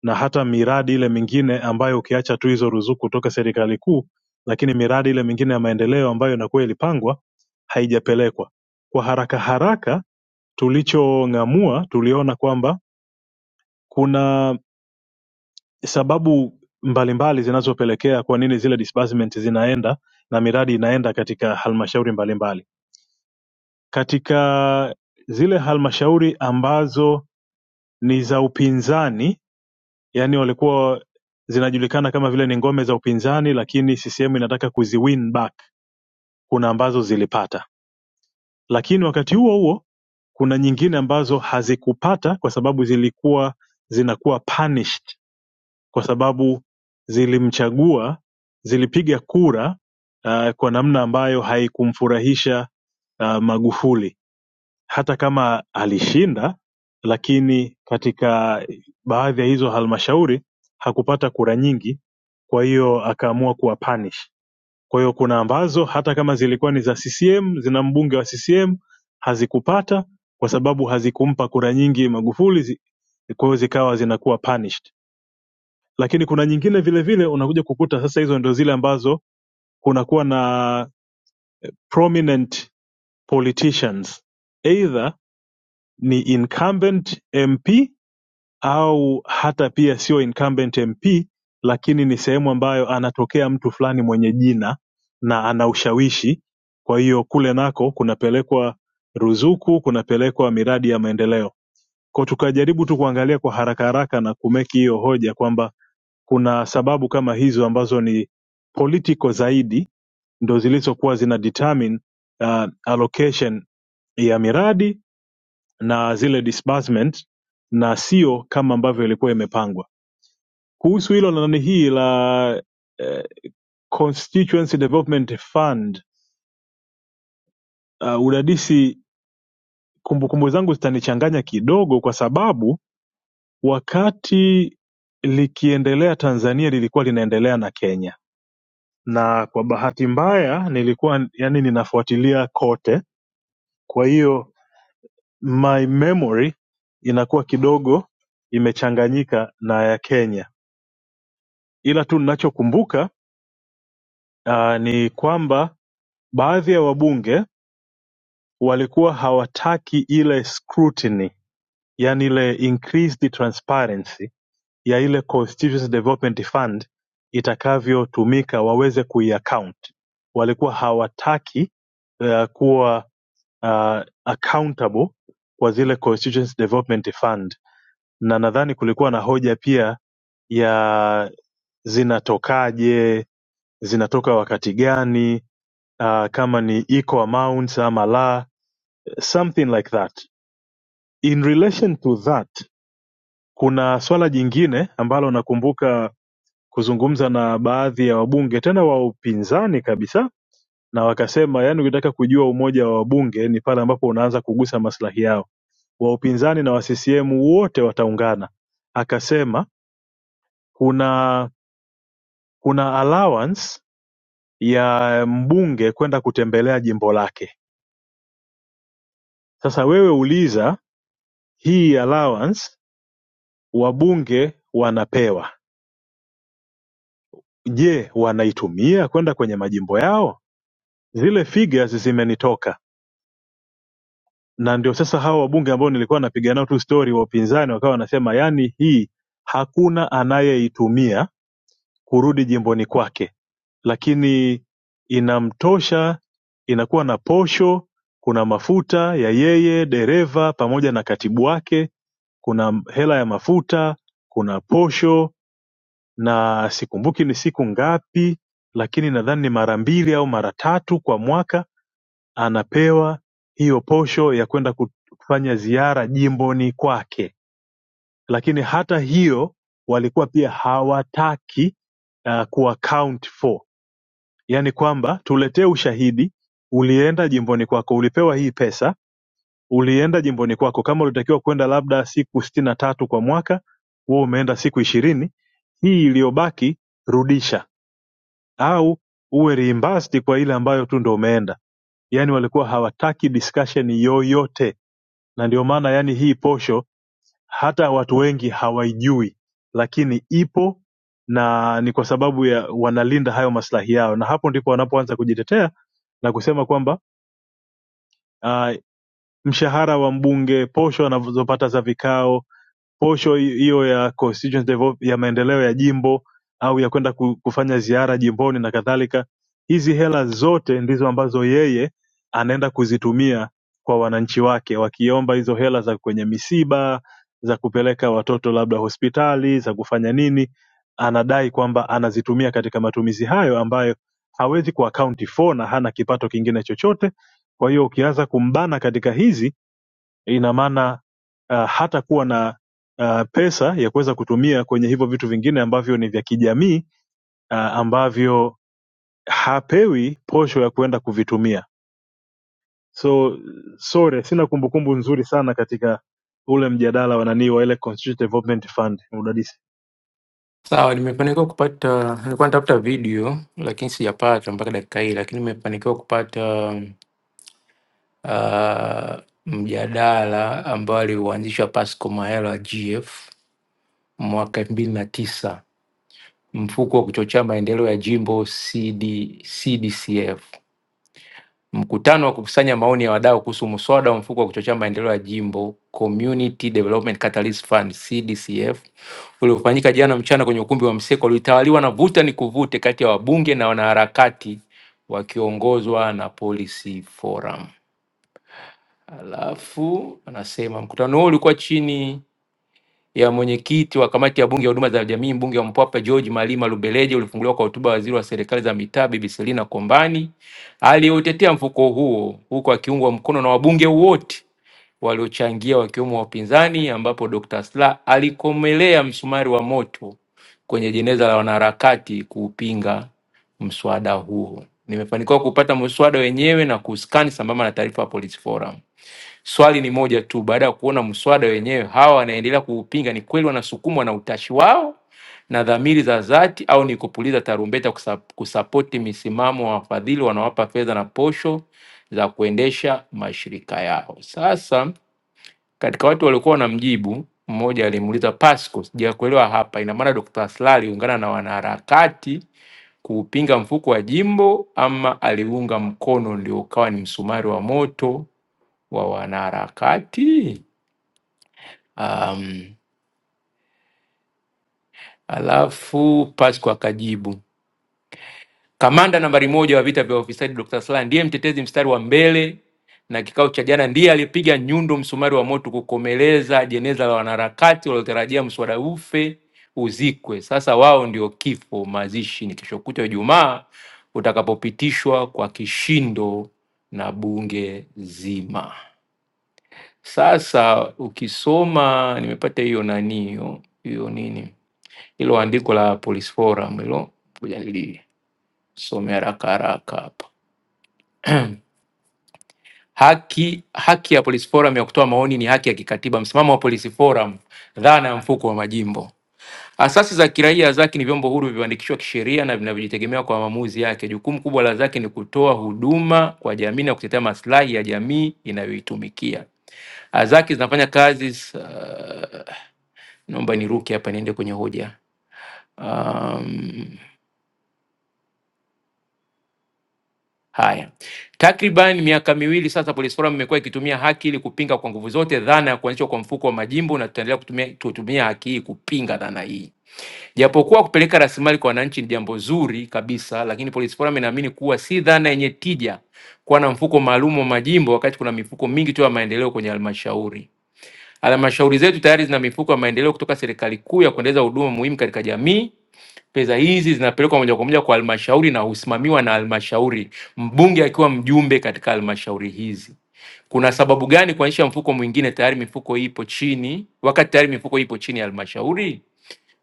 na hata miradi ile mingine ambayo ukiacha tu hizo ruzuku kutoka serikali kuu lakini miradi ile mingine ya maendeleo ambayo inakuwa ilipangwa haijapelekwa kwa haraka haraka tulichong'amua tuliona kwamba kuna sababu mbalimbali zinazopelekea kwa nini zile disbursement zinaenda na miradi inaenda katika halmashauri mbalimbali katika zile halmashauri ambazo ni za upinzani, yani walikuwa zinajulikana kama vile ni ngome za upinzani, lakini CCM inataka kuziwin back. Kuna ambazo zilipata, lakini wakati huo huo kuna nyingine ambazo hazikupata kwa sababu zilikuwa zinakuwa punished kwa sababu zilimchagua, zilipiga kura uh, kwa namna ambayo haikumfurahisha uh, Magufuli. hata kama alishinda lakini katika baadhi ya hizo halmashauri hakupata kura nyingi kwa hiyo akaamua kuwa punish kwa hiyo kuna ambazo hata kama zilikuwa ni za ccm zina mbunge wa ccm hazikupata kwa sababu hazikumpa kura nyingi magufuli zi- kwa hiyo zikawa zinakuwa punished lakini kuna nyingine vile vile unakuja kukuta sasa hizo ndio zile ambazo kunakuwa na prominent politicians either ni incumbent mp au hata pia sio incumbent MP lakini ni sehemu ambayo anatokea mtu fulani mwenye jina na ana ushawishi. Kwa hiyo kule nako kunapelekwa ruzuku, kunapelekwa miradi ya maendeleo. Kwa tukajaribu tu kuangalia kwa haraka haraka na kumeki hiyo hoja kwamba kuna sababu kama hizo ambazo ni political zaidi ndo zilizokuwa zina determine uh, allocation ya miradi na zile disbursement na sio kama ambavyo ilikuwa imepangwa kuhusu hilo na nani hii la eh, constituency development fund uh, udadisi kumbukumbu zangu zitanichanganya kidogo kwa sababu wakati likiendelea tanzania lilikuwa linaendelea na kenya na kwa bahati mbaya nilikuwa yani ninafuatilia kote kwa hiyo my memory inakuwa kidogo imechanganyika na ya kenya ila tu ninachokumbuka uh, ni kwamba baadhi ya wabunge walikuwa hawataki ile scrutiny yaani ile increased transparency ya ile constituency development fund itakavyotumika waweze kuiaccount walikuwa hawataki uh, kuwa uh, accountable kwa zile constituency development fund na nadhani kulikuwa na hoja pia ya zinatokaje zinatoka wakati gani uh, kama ni equal amounts ama la something like that In relation to that kuna swala jingine ambalo nakumbuka kuzungumza na baadhi ya wabunge tena wa upinzani kabisa na wakasema yani ukitaka kujua umoja wa wabunge ni pale ambapo unaanza kugusa maslahi yao wa upinzani na wa CCM wote wataungana. Akasema kuna kuna allowance ya mbunge kwenda kutembelea jimbo lake. Sasa wewe uliza hii allowance wabunge wanapewa Je wanaitumia kwenda kwenye majimbo yao Zile figures zimenitoka na ndio sasa hawa wabunge ambao nilikuwa napiga nao tu story wa upinzani wakawa wanasema yani hii hakuna anayeitumia kurudi jimboni kwake lakini inamtosha inakuwa na posho kuna mafuta ya yeye dereva pamoja na katibu wake kuna hela ya mafuta kuna posho na sikumbuki ni siku ngapi lakini nadhani ni mara mbili au mara tatu kwa mwaka anapewa hiyo posho ya kwenda kufanya ziara jimboni kwake lakini hata hiyo walikuwa pia hawataki uh, kuwa count for yaani kwamba tuletee ushahidi ulienda jimboni kwako ulipewa hii pesa ulienda jimboni kwako kama ulitakiwa kwenda labda siku sitini na tatu kwa mwaka wewe umeenda siku ishirini hii iliyobaki rudisha au uwe reimbursed kwa ile ambayo tu ndo umeenda yani walikuwa hawataki discussion yoyote na ndio maana yani hii posho hata watu wengi hawaijui lakini ipo na ni kwa sababu ya wanalinda hayo maslahi yao na hapo ndipo wanapoanza kujitetea na kusema kwamba uh, mshahara wa mbunge posho anazopata za vikao posho hi- hiyo ya constituency develop, ya maendeleo ya jimbo au ya kwenda ku- kufanya ziara jimboni na kadhalika. Hizi hela zote ndizo ambazo yeye anaenda kuzitumia kwa wananchi wake, wakiomba hizo hela za kwenye misiba, za kupeleka watoto labda hospitali, za kufanya nini. Anadai kwamba anazitumia katika matumizi hayo ambayo hawezi ku account for na hana kipato kingine chochote. Kwa hiyo ukianza kumbana katika hizi ina maana uh, hatakuwa na uh, pesa ya kuweza kutumia kwenye hivyo vitu vingine ambavyo ni vya kijamii uh, ambavyo hapewi posho ya kuenda kuvitumia so sore sina kumbukumbu nzuri sana katika ule mjadala wa nanii wa ile Constituent Development Fund udadisi
Sawa, nimefanikiwa kupata, nilikuwa natafuta video lakini sijapata mpaka dakika hii, lakini nimefanikiwa kupata uh, mjadala ambao aliuanzisha Pascal Mahela GF mwaka elfu mbili na tisa, mfuko wa kuchochea maendeleo ya jimbo CD, CDCF. Mkutano wa kukusanya maoni ya wadau kuhusu muswada wa mfuko wa kuchochea maendeleo ya jimbo Community Development Catalyst Fund CDCF uliofanyika jana mchana kwenye ukumbi wa Mseko ulitawaliwa na vuta ni kuvute kati ya wabunge na wanaharakati wakiongozwa na Policy Forum. Alafu anasema mkutano huo ulikuwa chini ya mwenyekiti wa kamati ya bunge ya huduma za jamii mbunge wa Mpwapwa George Malima Lubeleje ulifunguliwa kwa hotuba ya waziri wa serikali za mitaa Bibi Selina Kombani aliyeutetea mfuko huo huku akiungwa mkono na wabunge wote waliochangia wakiwemo wapinzani, ambapo Dr. Slaa alikomelea msumari wa moto kwenye jeneza la wanaharakati kuupinga mswada huo. Nimefanikiwa kupata mswada wenyewe na kuuskani sambamba na taarifa ya Police Forum. Swali ni moja tu, baada ya kuona mswada wenyewe, hawa wanaendelea kuupinga, ni kweli wanasukumwa na utashi wao na dhamiri za dhati, au ni kupuliza tarumbeta kusa- kusapoti misimamo wa wafadhili wanaowapa fedha na posho za kuendesha mashirika yao? Sasa katika watu waliokuwa wanamjibu, mmoja alimuuliza Pasco, sijakuelewa hapa, ina maana Dr. Slaa aliungana na wanaharakati kuupinga mfuko wa jimbo ama aliunga mkono ndio ukawa ni msumari wa moto wa wanaharakati um, alafu Pasco akajibu kamanda nambari moja wa vita vya ufisadi Dr. Slaa ndiye mtetezi mstari wa mbele na kikao cha jana ndiye alipiga nyundo msumari wa moto kukomeleza jeneza la wanaharakati waliotarajia mswada ufe uzikwe. Sasa wao ndio kifo, mazishi ni kesho kutwa Ijumaa utakapopitishwa kwa kishindo na bunge zima. Sasa ukisoma nimepata hiyo nani hiyo hiyo nini hilo andiko la Police Forum hilo, ngoja nilisome haraka haraka hapa. Haki, haki ya Police Forum ya kutoa maoni ni haki ya kikatiba. Msimamo wa Police Forum, dhana ya mfuko wa majimbo Asasi za kiraia zake ni vyombo huru vilivyoandikishwa kisheria na vinavyojitegemea kwa maamuzi yake. Jukumu kubwa la zake ni kutoa huduma kwa jamii na kutetea maslahi ya jamii inayoitumikia. Azaki zinafanya kazi s- ah, naomba niruke hapa niende kwenye hoja. Um, Haya, takriban miaka miwili sasa Police Forum imekuwa ikitumia haki ili kupinga kwa nguvu zote dhana ya kuanzishwa kwa mfuko wa majimbo, na tutaendelea kutumia, kutumia haki hii kupinga dhana hii. Japokuwa kupeleka rasilimali kwa wananchi ni jambo zuri kabisa, lakini Police Forum inaamini kuwa si dhana yenye tija kuwa na mfuko maalum wa majimbo wakati kuna mifuko mingi tu ya maendeleo kwenye halmashauri. Halmashauri zetu tayari zina mifuko ya maendeleo kutoka serikali kuu ya kuendeleza huduma muhimu katika jamii Pesa hizi zinapelekwa moja kwa moja kwa halmashauri na husimamiwa na halmashauri, mbunge akiwa mjumbe katika halmashauri hizi. Kuna sababu gani kuanzisha mfuko mwingine? Tayari mifuko ipo chini, wakati tayari mifuko ipo chini ya halmashauri.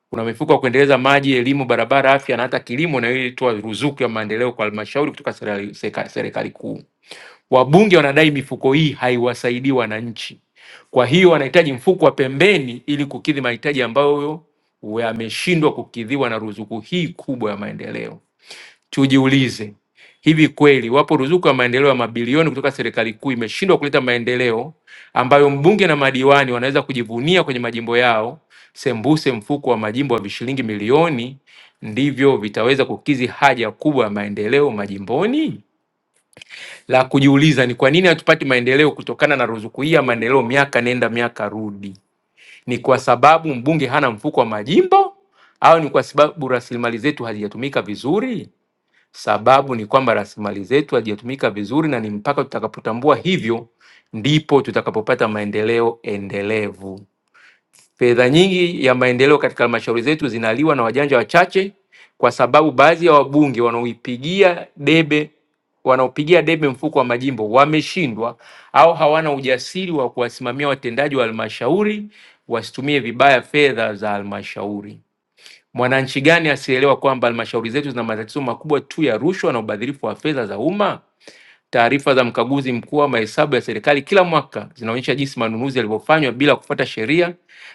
Kuna mifuko ya kuendeleza maji, elimu, barabara, afya na hata kilimo, na hiyo ilitoa ruzuku ya maendeleo kwa halmashauri kutoka serikali serikali kuu. Wabunge wanadai mifuko hii haiwasaidii wananchi, kwa hiyo wanahitaji mfuko wa pembeni ili kukidhi mahitaji ambayo yameshindwa kukidhiwa na ruzuku hii kubwa ya maendeleo. Tujiulize, hivi kweli wapo ruzuku ya maendeleo ya mabilioni kutoka serikali kuu imeshindwa kuleta maendeleo ambayo mbunge na madiwani wanaweza kujivunia kwenye majimbo yao, sembuse mfuko wa majimbo wa vishilingi milioni ndivyo vitaweza kukidhi haja kubwa ya maendeleo majimboni? la kujiuliza ni kwa nini hatupati maendeleo kutokana na ruzuku hii ya maendeleo miaka nenda miaka rudi. Ni kwa sababu mbunge hana mfuko wa majimbo au ni kwa sababu rasilimali zetu hazijatumika vizuri? Sababu ni kwamba rasilimali zetu hazijatumika vizuri, na ni mpaka tutakapotambua hivyo ndipo tutakapopata maendeleo endelevu. Fedha nyingi ya maendeleo katika halmashauri zetu zinaliwa na wajanja wachache, kwa sababu baadhi ya wabunge wanaoipigia debe wanaopigia debe mfuko wa majimbo wameshindwa au hawana ujasiri wa kuwasimamia watendaji wa halmashauri wasitumie vibaya fedha za halmashauri. Mwananchi gani asielewa kwamba halmashauri zetu zina matatizo makubwa tu ya rushwa na ubadhirifu wa fedha za umma? Taarifa za mkaguzi mkuu wa mahesabu ya serikali kila mwaka zinaonyesha jinsi manunuzi yalivyofanywa bila kufuata sheria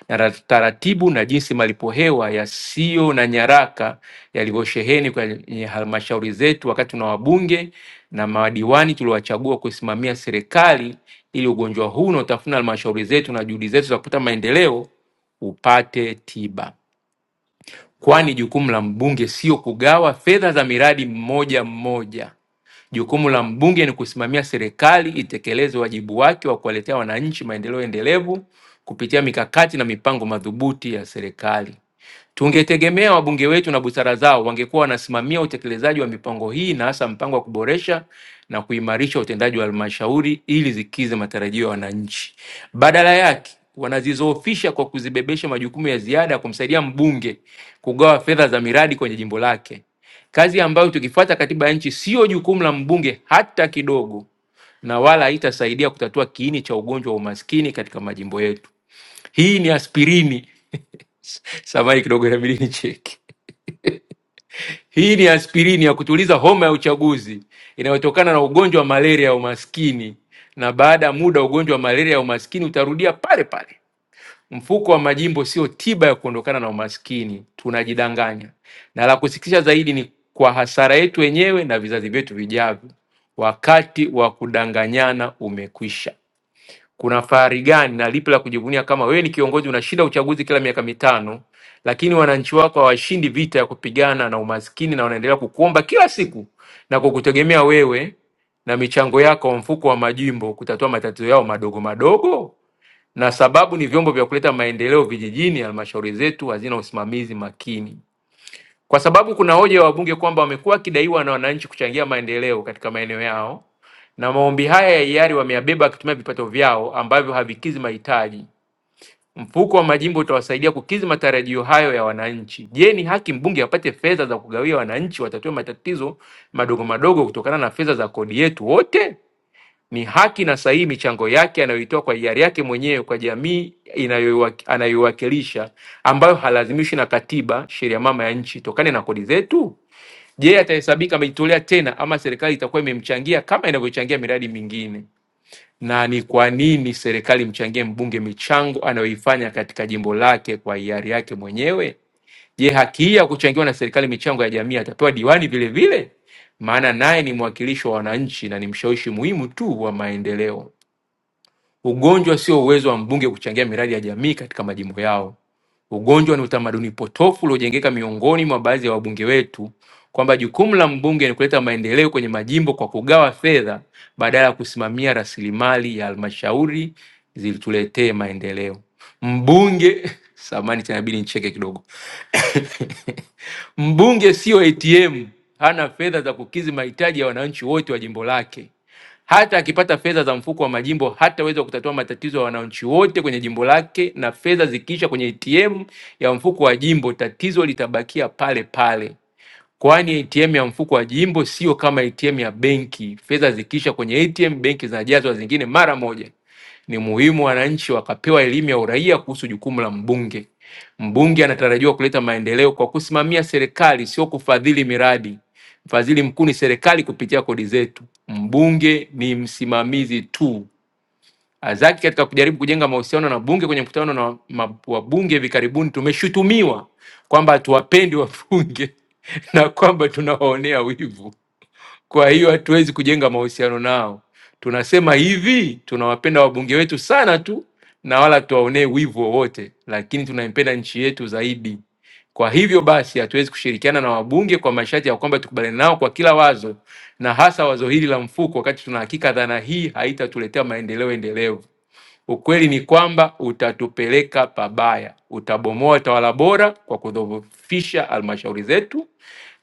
na ra- taratibu na jinsi malipo hewa yasiyo na nyaraka yalivyosheheni kwenye halmashauri zetu wakati tuna wabunge na madiwani tuliowachagua kuisimamia serikali ili ugonjwa huu unaotafuna halmashauri zetu na juhudi zetu za kupata maendeleo upate tiba kwani jukumu la mbunge sio kugawa fedha za miradi mmoja mmoja. Jukumu la mbunge ni kusimamia serikali itekeleze wajibu wake wa kuwaletea wananchi maendeleo endelevu kupitia mikakati na mipango madhubuti ya serikali. Tungetegemea wabunge wetu na busara zao wangekuwa wanasimamia utekelezaji wa mipango hii na hasa mpango wa kuboresha na kuimarisha utendaji wa halmashauri ili zikize matarajio ya wananchi. Badala yake wanazizoofisha kwa kuzibebesha majukumu ya ziada ya kumsaidia mbunge kugawa fedha za miradi kwenye jimbo lake, kazi ambayo tukifuata katiba ya nchi siyo jukumu la mbunge hata kidogo, na wala haitasaidia kutatua kiini cha ugonjwa wa umaskini katika majimbo yetu hii ni aspirini samai kidogo inabidi nicheki hii ni aspirini ya kutuliza homa ya uchaguzi inayotokana na ugonjwa wa malaria ya umaskini na baada ya muda ugonjwa wa malaria ya umaskini utarudia pale pale mfuko wa majimbo sio tiba ya kuondokana na umaskini tunajidanganya na la kusikitisha zaidi ni kwa hasara yetu wenyewe na vizazi vyetu vijavyo wakati wa kudanganyana umekwisha kuna fahari gani na lipi la kujivunia kama wewe ni kiongozi unashinda uchaguzi kila miaka mitano, lakini wananchi wako hawashindi vita ya kupigana na umaskini na wanaendelea kukuomba kila siku na kukutegemea wewe na michango yako wa mfuko wa majimbo kutatua matatizo yao madogo madogo? Na sababu ni vyombo vya kuleta maendeleo vijijini, halmashauri zetu hazina usimamizi makini. Kwa sababu kuna hoja ya wabunge kwamba wamekuwa wakidaiwa na wananchi kuchangia maendeleo katika maeneo yao, na maombi haya ya hiari wameyabeba wakitumia vipato vyao ambavyo havikidhi mahitaji. Mfuko wa majimbo utawasaidia kukidhi matarajio hayo ya wananchi. Je, ni haki mbunge apate fedha za kugawia wananchi watatue matatizo madogo madogo kutokana na fedha za kodi yetu wote? Ni haki na sahihi michango yake anayoitoa kwa hiari yake mwenyewe kwa jamii inayoiwak- anayoiwakilisha ambayo halazimishwi na katiba, sheria mama ya nchi, tokane na kodi zetu? Je, atahesabika amejitolea tena ama serikali itakuwa imemchangia kama inavyochangia miradi mingine? Na ni kwa nini serikali mchangie mbunge michango anayoifanya katika jimbo lake kwa hiari yake mwenyewe? Je, haki hii ya kuchangiwa na serikali michango ya jamii atapewa diwani vile vile? Maana naye ni mwakilishi wa wananchi na ni mshawishi muhimu tu wa maendeleo. Ugonjwa sio uwezo wa mbunge kuchangia miradi ya jamii katika majimbo yao. Ugonjwa ni utamaduni potofu uliojengeka miongoni mwa baadhi ya wabunge wetu kwamba jukumu la mbunge ni kuleta maendeleo kwenye majimbo kwa kugawa fedha badala ya kusimamia rasilimali ya halmashauri zilituletee maendeleo. Mbunge samani tena inabidi nicheke kidogo. Mbunge sio ATM, hana fedha za kukidhi mahitaji ya wananchi wote wa jimbo lake. Hata akipata fedha za mfuko wa majimbo hataweza kutatua matatizo ya wananchi wote kwenye jimbo lake, na fedha zikiisha kwenye ATM ya mfuko wa jimbo, tatizo litabakia pale pale kwani ATM ya mfuko wa jimbo sio kama ATM ya benki. Fedha zikiisha kwenye ATM, benki zinajazwa zingine mara moja. Ni muhimu wananchi wakapewa elimu ya uraia kuhusu jukumu la mbunge. Mbunge anatarajiwa kuleta maendeleo kwa kusimamia serikali, sio kufadhili miradi. Mfadhili mkuu ni serikali kupitia kodi zetu. Mbunge ni msimamizi tu. Ah, Zaki katika kujaribu kujenga mahusiano na bunge kwenye mkutano na ma- wabunge hivi karibuni, tumeshutumiwa kwamba hatuwapendi wabunge na kwamba tunawaonea wivu, kwa hiyo hatuwezi kujenga mahusiano nao. Tunasema hivi, tunawapenda wabunge wetu sana tu na wala tuwaonee wivu wowote, lakini tunaipenda nchi yetu zaidi. Kwa hivyo basi, hatuwezi kushirikiana na wabunge kwa masharti ya kwamba tukubaliane nao kwa kila wazo, na hasa wazo hili la mfuko, wakati tuna hakika dhana hii haitatuletea maendeleo endelevu. Ukweli ni kwamba utatupeleka pabaya, utabomoa tawala bora kwa kudhoofisha halmashauri zetu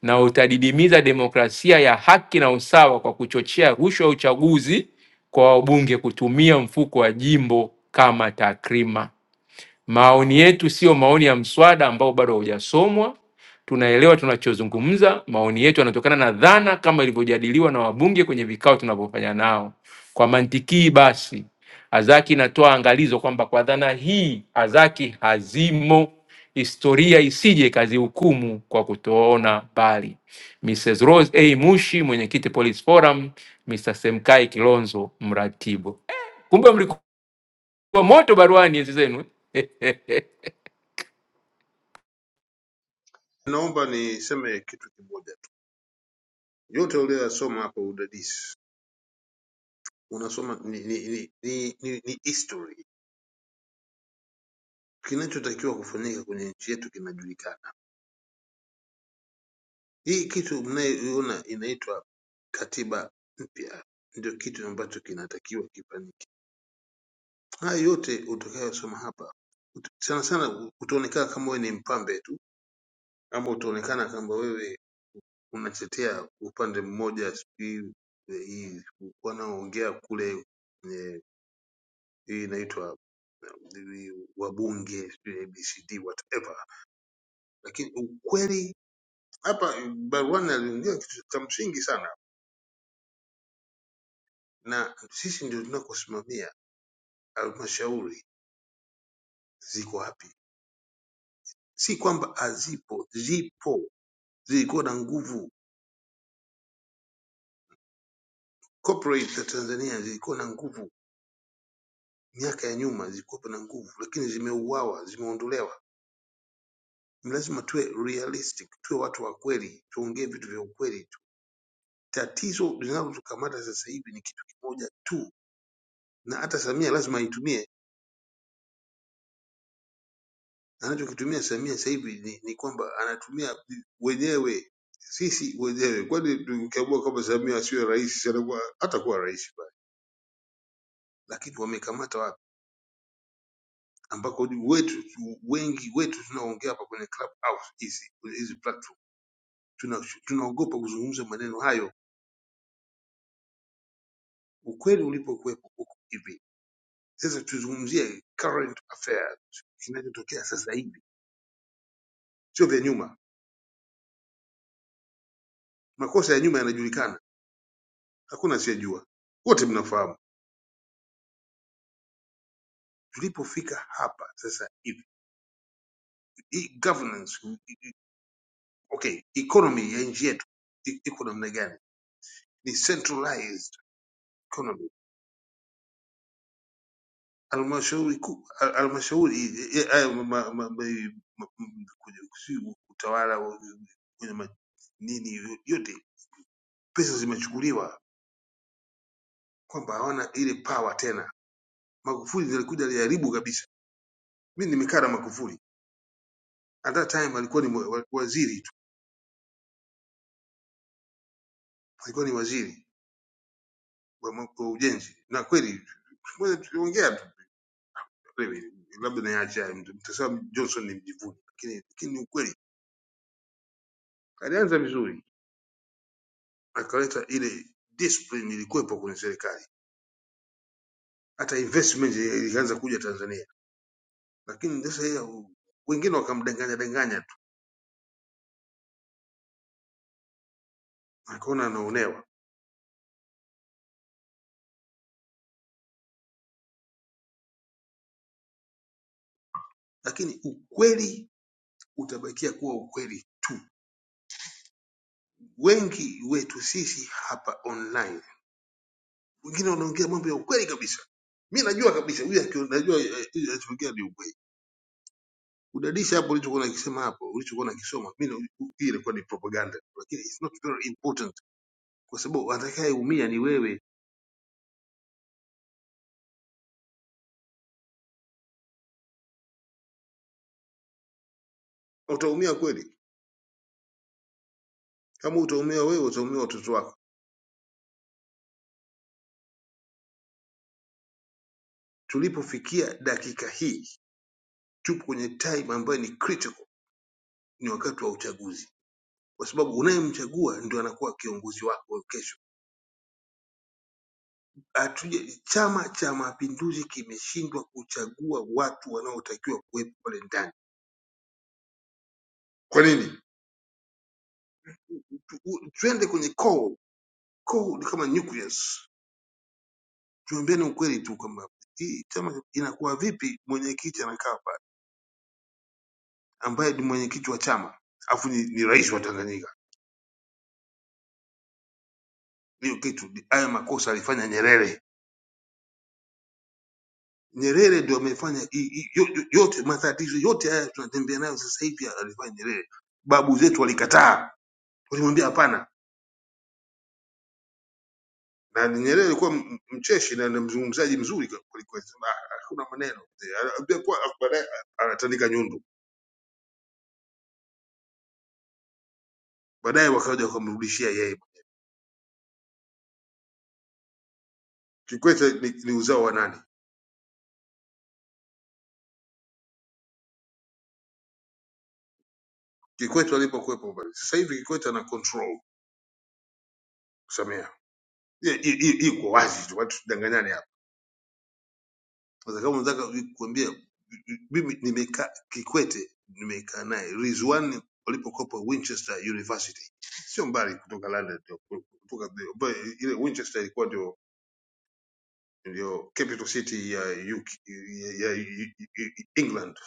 na utadidimiza demokrasia ya haki na usawa kwa kuchochea rushwa ya uchaguzi kwa wabunge kutumia mfuko wa jimbo kama takrima. Maoni yetu sio maoni ya mswada ambao bado haujasomwa, tunaelewa tunachozungumza. Maoni yetu yanatokana na dhana kama ilivyojadiliwa na wabunge kwenye vikao tunavyofanya nao. Kwa mantiki hii basi, Azaki inatoa angalizo kwamba kwa dhana hii Azaki hazimo, historia isije ikazihukumu kwa kutoona mbali. Mrs. Rose A. Mushi, mwenyekiti Police Forum, Mr. Semkai Kilonzo, mratibu. Eh, Kumbe mlikuwa moto baruani enzi zenu.
Naomba niseme kitu kimoja tu. Yote uliyosoma hapa udadisi unasoma ni, ni, ni, ni, ni, ni history. Kinachotakiwa kufanyika kwenye nchi yetu kinajulikana. Hii kitu mnayoiona inaitwa katiba mpya ndio kitu ambacho kinatakiwa kifanyike. Haya yote utakayosoma hapa ut- sana sana utaonekana kama wewe ni mpambe tu, ama utaonekana kama wewe unatetea upande mmoja, sijui eh, hii wanaongea kule eh, hii inaitwa eh, wabunge sijui ABCD whatever, lakini ukweli hapa baruani aliongea kitu cha msingi sana, na sisi ndio tunakosimamia halmashauri ziko wapi. Si kwamba hazipo, zipo, zilikuwa na nguvu Corporate za Tanzania zilikuwa na nguvu miaka ya nyuma, zilikuwa na nguvu, lakini zimeuawa, zimeondolewa. Ni lazima tuwe realistic, tuwe watu wa kweli, tuongee vitu vya ukweli tu. Tatizo linalotukamata sasa hivi ni kitu kimoja tu, na hata Samia lazima aitumie. Anachokitumia Samia sasa hivi ni, ni kwamba anatumia wenyewe sisi wenyewe. Kwani tukiamua kwamba Samia asiwe rais, atakuwa hatakuwa rais bali, lakini wamekamata ambako wetu wengi wetu tunaongea hapa kwenye clubhouse hizi hizi platform tuna, tunaogopa kuzungumza maneno hayo ukweli ulipokuwepo huko hivi sasa tuzungumzie current affairs kinachotokea sasa hivi sio vya nyuma makosa ya nyuma yanajulikana hakuna asiyejua wote mnafahamu tulipofika hapa sasa hivi hii governance i- i- okay economy ya nchi yetu i- iko namna gani ni centralized economy halmashauri kuu hal- halmashauri eh, eh, hayo ma- ma- ma- eh, ma- m- kwenye sijui utawala wa- kwenye ma- nini yote pesa zimechukuliwa kwamba hawana ile power tena magufuli ndiye alikuja aliharibu kabisa mi nimekaa na magufuli at that time alikuwa ni wa- wa- waziri tu alikuwa ni waziri wa, ma- wa ujenzi na kweli tuliongea tu tuliongea tu, wewe, labda niache haya, mtu- mtasema johnson ni mjivuni lakini lakini ni ukweli alianza vizuri akaleta ile discipline ilikuwepo kwenye serikali hata investment ilianza kuja Tanzania, lakini sasa yeye hu- wengine wakamdanganya danganya tu, akaona anaonewa, lakini ukweli utabakia kuwa ukweli. Wengi wetu sisi hapa online, wengine wanaongea mambo ya ukweli kabisa. Mi najua kabisa huyu akio- najua eh, eh, anachoongea ni ukweli. Udadisi hapo ulichokuwa nakisema hapo, ulichokuwa nakisoma, mi na- hii ilikuwa ni propaganda, lakini it's not very important, kwa sabayeumia ni wewe. Na Utaumia kweli, kama utaumia wewe, utaumia watoto wako Tulipofikia dakika hii tupo kwenye time ambayo ni critical, ni wakati wa uchaguzi, kwa sababu unayemchagua ndio anakuwa kiongozi wako wa kesho. Hatuje, Chama cha Mapinduzi kimeshindwa kuchagua watu wanaotakiwa kuwepo pale ndani. Kwa nini? Tu- u- Tuende kwenye core. Core ni kama nucleus. Tuambiane ukweli tu kwamba hii chama inakuwa vipi, mwenyekiti anakaa pale ambaye ni mwenyekiti wa chama alafu ni, ni rais wa Tanganyika. Hiyo kitu ni- haya makosa alifanya Nyerere Nyerere ndio amefanya i- i- yo- yo- yote matatizo yote haya tunatembea nayo sasa hivi alifanya Nyerere. Babu zetu walikataa, walimwambia hapana, na Nyerere alikuwa m- mcheshi na ni mzungumzaji mzuri kwa- kweli kweli, sema, "Ah, hakuna maneno. Anaambia kwa baadaye anatandika nyundo, baadaye wakaja wakamrudishia yeye. Kikwete ni, ni uzao wa nani? Kikwete alipokuwepo pale, sasa hivi Kikwete ana control kusamea, Ye- i- i- iko wazi tu, watu tudanganyane hapa. Sasa kama unataka kuambia mimi nimekaa Kikwete, nimekaa naye Rizwan walipokopa Winchester University, sio mbali kutoka London, ndio- kutoka ambayo ile Winchester ilikuwa ndio ndio capital city ya, UK, ya, ya England,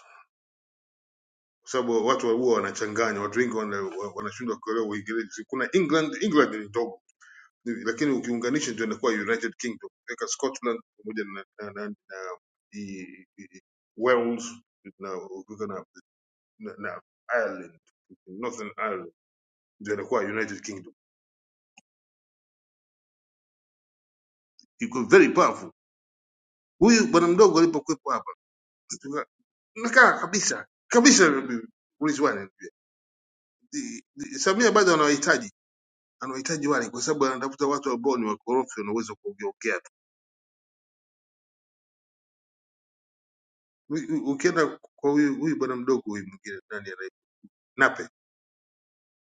kwa sababu watu huwa wanachanganya, watu wengi wana- wanashindwa kuelewa Uingereza. Kuna England, England ni ndogo Ni- lakini ukiunganisha ndio inakuwa united kingdom ukiweka scotland pamoja na, na, na, na i, i, wales na ukiweka na, na, na ireland northern ireland ndio inakuwa united kingdom iko very powerful huyu bwana mdogo alipokuwepo hapa tuka- nakaa kabisa kabisa polisi wale I- i- samia bado anawahitaji anawahitaji wale kwa sababu anatafuta watu ambao ni wakorofi wanaweza kuongeaongea tu U- u- ukienda kwa huyu huyu bwana mdogo huyu mwingine nani anaitwa? nape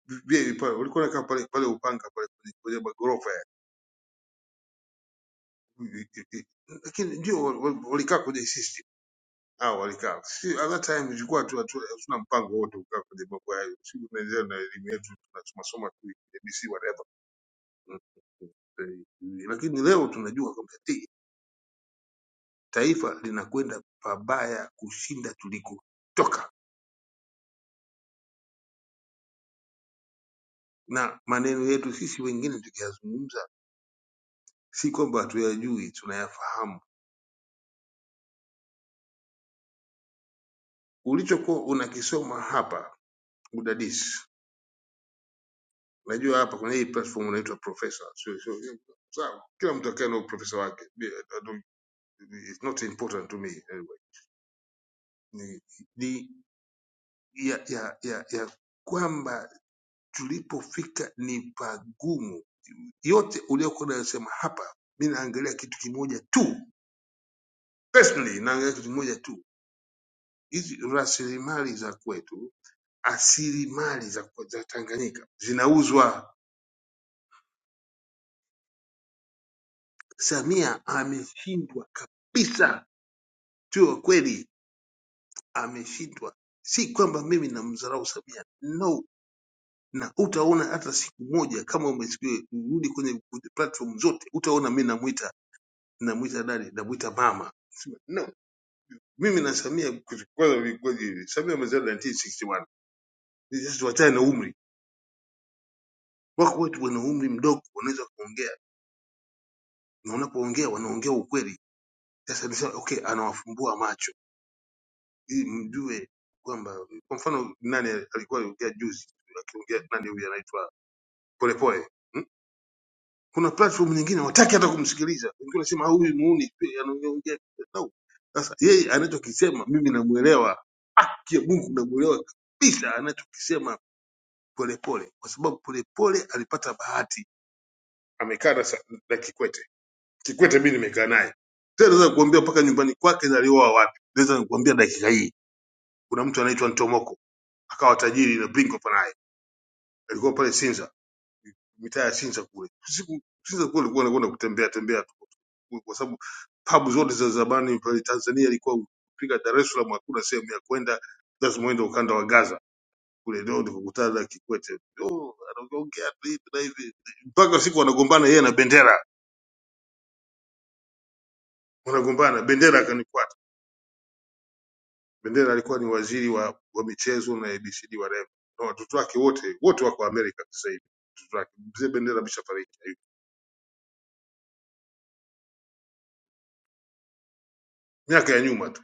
vile pale walikuwa wanakaa pale pale Upanga pale kwenye kwenye magorofa ya lakini ndio wal- wal- walikaa kwenye system hao walikaa si at that time ilikuwa tu tu- hatuna mpango wote kukaa kwenye mambo hayo si tunaendelea na elimu yetu tunasoma soma tu ABC whatever Mm, mm, mm. lakini leo tunajua kwamba ti- taifa linakwenda pabaya kushinda tulikotoka na maneno yetu sisi wengine tukiyazungumza si kwamba hatuyajui tunayafahamu ulichokuwa unakisoma hapa udadisi. Unajua hapa kuna hii platform inaitwa profesa, sio sio sawa. Kila mtu akae na uprofesa wake, Bi- I don't- it's not important to me anyway. Ni, ni ya, ya, ya, ya kwamba tulipofika ni pagumu. Yote uliokuwa unayosema hapa, mi naangalia kitu kimoja tu, personally naangalia kitu kimoja tu, hizi rasilimali za kwetu, asilimali za, za Tanganyika zinauzwa. Samia ameshindwa kabisa Chua kweli ameshindwa si kwamba mimi namdharau Samia no na utaona hata siku moja kama umesikia urudi kwenye kwenye platform zote utaona mimi namuita namuita dadi namuita mama no mimi na Samia kwanza kwanza hivi Samia amezaliwa 1961 sisi tuachane na umri wako watu wana umri mdogo wanaweza kuongea na unapoongea wanaongea ukweli sasa nisema okay anawafumbua macho ili mjue kwamba kwa mfano nani alikuwa aliongea juzi akiongea nani huyu anaitwa polepole hmm? kuna platform nyingine wataki hata kumsikiliza wengine wanasema "Ah, huyu muuni sijui anaongea no. sasa yeye anachokisema mimi namuelewa pia mungu namuelewa kabisa anachokisema polepole kwa sababu polepole alipata bahati amekaa na, sa- na kikwete kikwete mi nimekaa naye tena naweza kuambia mpaka nyumbani kwake na alioa wapi naweza kuambia dakika hii kuna mtu anaitwa ntomoko akawa tajiri na bingo panaye alikuwa pale sinza mitaa ya Sinza kule. Siku Sinza kule ulikuwa unakwenda kutembea tembea tu kule kwa sababu pub zote za zamani pale Tanzania ilikuwa ukipiga Dar es Salaam hakuna sehemu ya kwenda, lazima uende ukanda wa Gaza kule, ndio nikakutana na Kikwete. Oh, anaongea tu hivi na hivi mpaka siku wanagombana yeye na Bendera, wanagombana Bendera akanifuata. Bendera alikuwa ni waziri wa, wa michezo na ABCD wa Rema na watoto wake wote wote wako Amerika sasa hivi. Watoto wake mzee Bendera ameshafariki hivi. miaka ya nyuma tu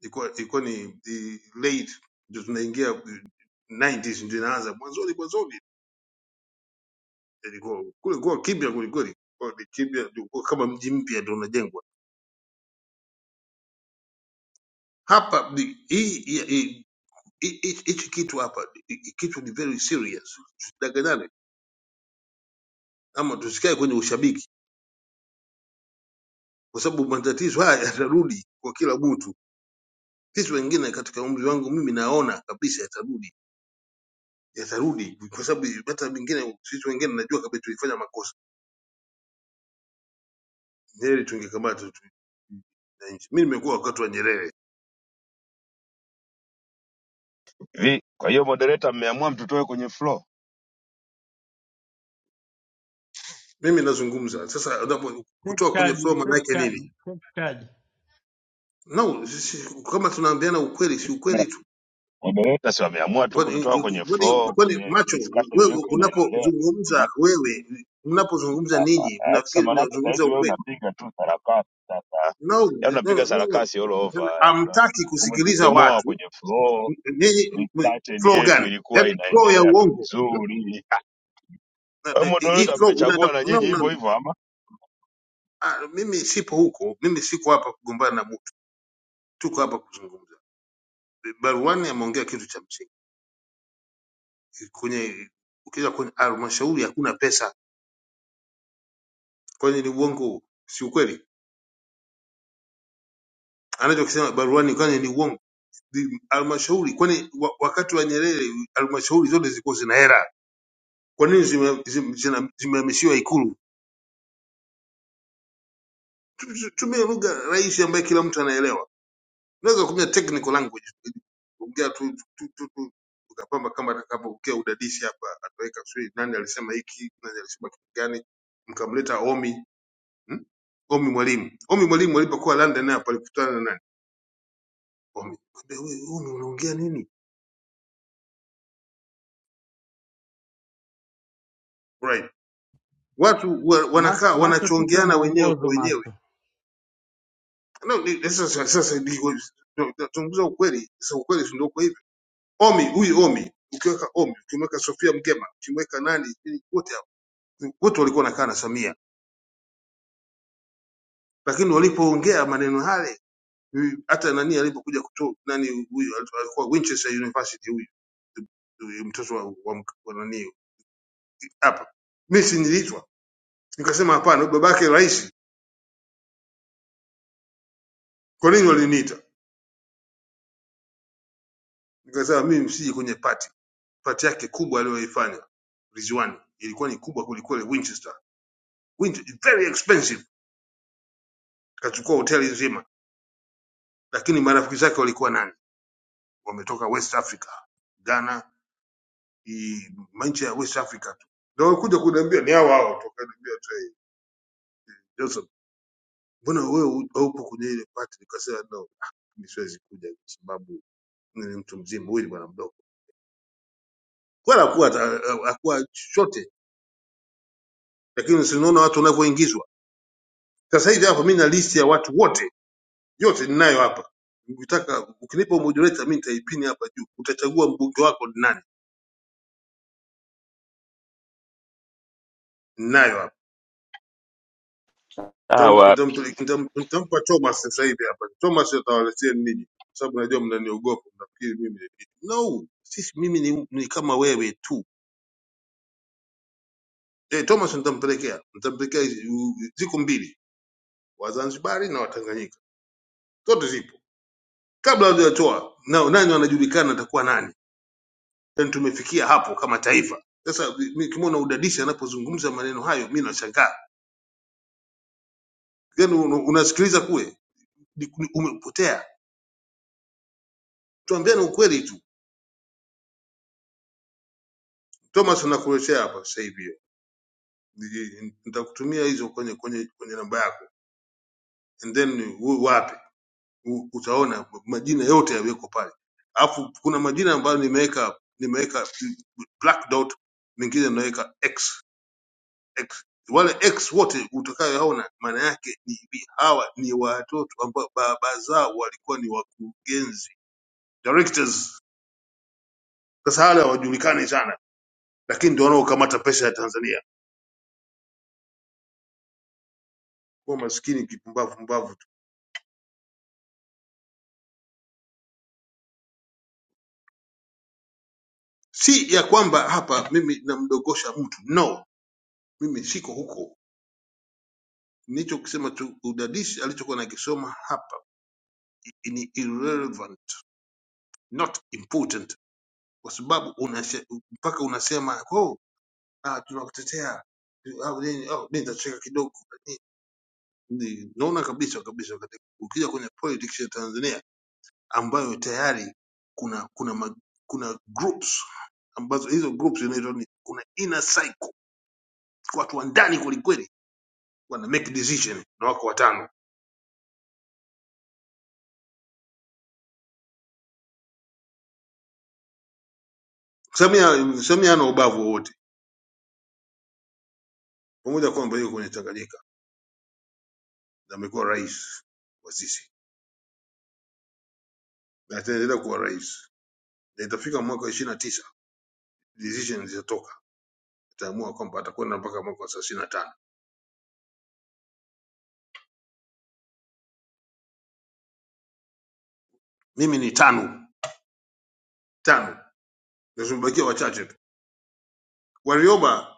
ilikuwa ilikuwa ni the late ndio tunaingia 90s ndio inaanza mwanzoni mwanzoni ilikuwa kule kwa kibia kulikweli kwa ni kibia ilikuwa kama mji mpya ndio unajengwa hapa ni- hii hii- hii- hii- hichi kitu hapa hi- hi- kitu ni very serious tusidanganyane ama tusikae kwenye ushabiki kwa sababu matatizo haya yatarudi kwa kila mtu sisi wengine katika umri wangu mimi naona kabisa yatarudi yatarudi kwa sababu hata mingine sisi wengine najua kabisa tulifanya makosa heri tungekamata tu- wananchi. Mimi nimekuwa wakati wa Nyerere,
Vi, kwa hiyo moderator mmeamua mtutoe kwenye floor?
mimi nazungumza sasa. unapo-
Take
Kutoa kwenye
charge,
flow maana
take
yake
charge,
nini?
take charge.
No, si, si, kama tunaambiana ukweli, si
Na
ukweli tu.
Moderator si wameamua tu
Kwani
kututoa kwenye
kwani-
floor
kwani
kwenye
macho
discussion
wewe
iliyokuwa inaendelea.
unapozungumza wewe mnapozungumza ninyi
Sasa
mnafikiri
maanake
mnazungumza
saizi wewe
ukweli?
unapiga tu sarakasi sasa.
No,
Yaani unapiga
no, no, no.
sarakasi all over. Una-
Hamtaki kusikiliza
Umetuchomoa
watu.
kwenye floor.
Ninyi m- m-
discussion
flow
yetu
gani?
ilikuwa
Yaani flow ya
inaendelea tu
uongo. Hmm?
vizuri. Ah,
Na-
Kwa
na-
hiyo
Hii
moderator
flow
mmechagua na nyinyi
unaenda
hivyo hivyo ama?
Ah, mimi sipo huko, mimi siko hapa kugombana na mtu, tuko hapa kuzungumza. Baruani ameongea kitu cha msingi kwenye ukija kwenye halmashauri hakuna pesa, kwani ni uongo? Si ukweli anachokisema baruani, kwani ni uongo? Ni Halmashauri kwani wa, wakati wa Nyerere halmashauri zote zilikuwa zina hera, kwa nini zimehamishiwa zime, zime, zime zimehamishiwa Ikulu? Tu- tu- Tumie lugha rahisi ambayo kila mtu anaelewa. unaweza kutumia technical language ongea tu tu tu tu ukapamba kama atakapoongea udadisi hapa ataweka sijui nani alisema hiki nani alisema kitu gani mkamleta Omi hmm? Omi mwalimu Omi mwalimu alipokuwa London hapa alikutana na nani Omi Kumbe wewe Omi unaongea nini right watu wa,
Macho,
wanakaa
macho tupe
wanachongeana wenyewe kwa
mwongozo macho.
wenyewe no, ni- sasa sasa ndiko tunazungumza ukweli sasa ukweli si ndio kwa hivyo Omi huyu Omi ukiweka Omi ukimweka Sofia Mgema ukimweka nani ili wote wote walikuwa wanakaa na Samia, lakini walipoongea maneno yale, mm, hata nani alipokuja kutoa nani, huyu alikuwa Winchester University, huyu huyu mtoto wa, wa, mk- wa nani hapa, mimi si niliitwa, nikasema hapana, babake rais, kwa nini waliniita? Nikasema mimi msiji kwenye pati pati yake kubwa aliyoifanya Rizwani ilikuwa ni kubwa kulikweli. Winchester, Winchester very expensive, kachukua hoteli nzima, lakini marafiki zake walikuwa nani? Wametoka West Africa, Ghana, i manchi ya West Africa tu. Na walikuja kuniambia ni hao hao tu, wakaniambia tu hey, Johnson, mbona wewe hu- haupo kwenye ile party? Nikasema no, ah, mimi siwezi kuja kwa sababu mimi ni mtu mzima, huyu ni bwana mdogo. Kwani hakuwa ata- hakuwa chochote, lakini sinaona watu wanavyoingizwa. Sasa hivi hapa mimi na list ya watu wote yote ninayo hapa. Ukitaka ukinipa moderator mimi nitaipini hapa juu. Utachagua mbunge wako ni nani? Ninayo hapa. Nitam-
hawa
nitampele- nitam- Nitampa Thomas sasa hivi hapa. Thomas atawaletea ninyi, kwa sababu najua mnaniogopa, mnafikiri mimi no, sisi mimi ni, ni kama wewe tu. Eh, Thomas nitampelekea, nitampelekea hizi- u- ziko mbili, Wazanzibari na Watanganyika, zote zipo kabla hajatoa na nani anajulikana atakuwa nani. Yani tumefikia hapo kama taifa. Sasa mi- kimwona udadisi anapozungumza maneno hayo, mi nashangaa. Yani un- unasikiliza kule, ni- ni- umepotea. Tuambiane ukweli tu. Thomas nakuletea hapa sasa hivi. Niki- nitakutumia hizo kwenye kwenye kwenye namba yako and then u- wape U- utaona majina yote yaliyoko pale alafu kuna majina ambayo nimeweka nimeweka black dot mengine naweka x x wale x wote utakayoona maana yake ni ni- hawa ni watoto ambao baba zao walikuwa ni wakurugenzi directors sasa hala hawajulikani sana lakini ndio wanaokamata pesa ya tanzania kuwa maskini kipumbavu mbavu. si ya kwamba hapa mimi namdogosha mtu no mimi siko huko nilichokisema tu udadisi alichokuwa nakisoma hapa i- ni irrelevant not important kwa sababu unashe- mpaka unasema oh, ah, tunakutetea au nini oh, mi nitacheka kidogo Ni- ni- naona kabisa kabisa wakati- ukija kwenye politics ya tanzania ambayo tayari kuna kuna ma, kuna groups ambazo hizo groups zinaitwa ni- kuna inner cycle watu wa ndani kwelikweli wana make decision na wako watano. Samia Samia hana ubavu wowote, pamoja kwamba yuko kwenye Tanganyika na amekuwa rais wa sisi na ataendelea kuwa rais, na itafika mwaka ishirini na tisa decision zitatoka, ataamua kwamba atakwenda mpaka mwaka wa thelathini na tano. Mimi ni tano tano, na tumebakia wachache tu. Warioba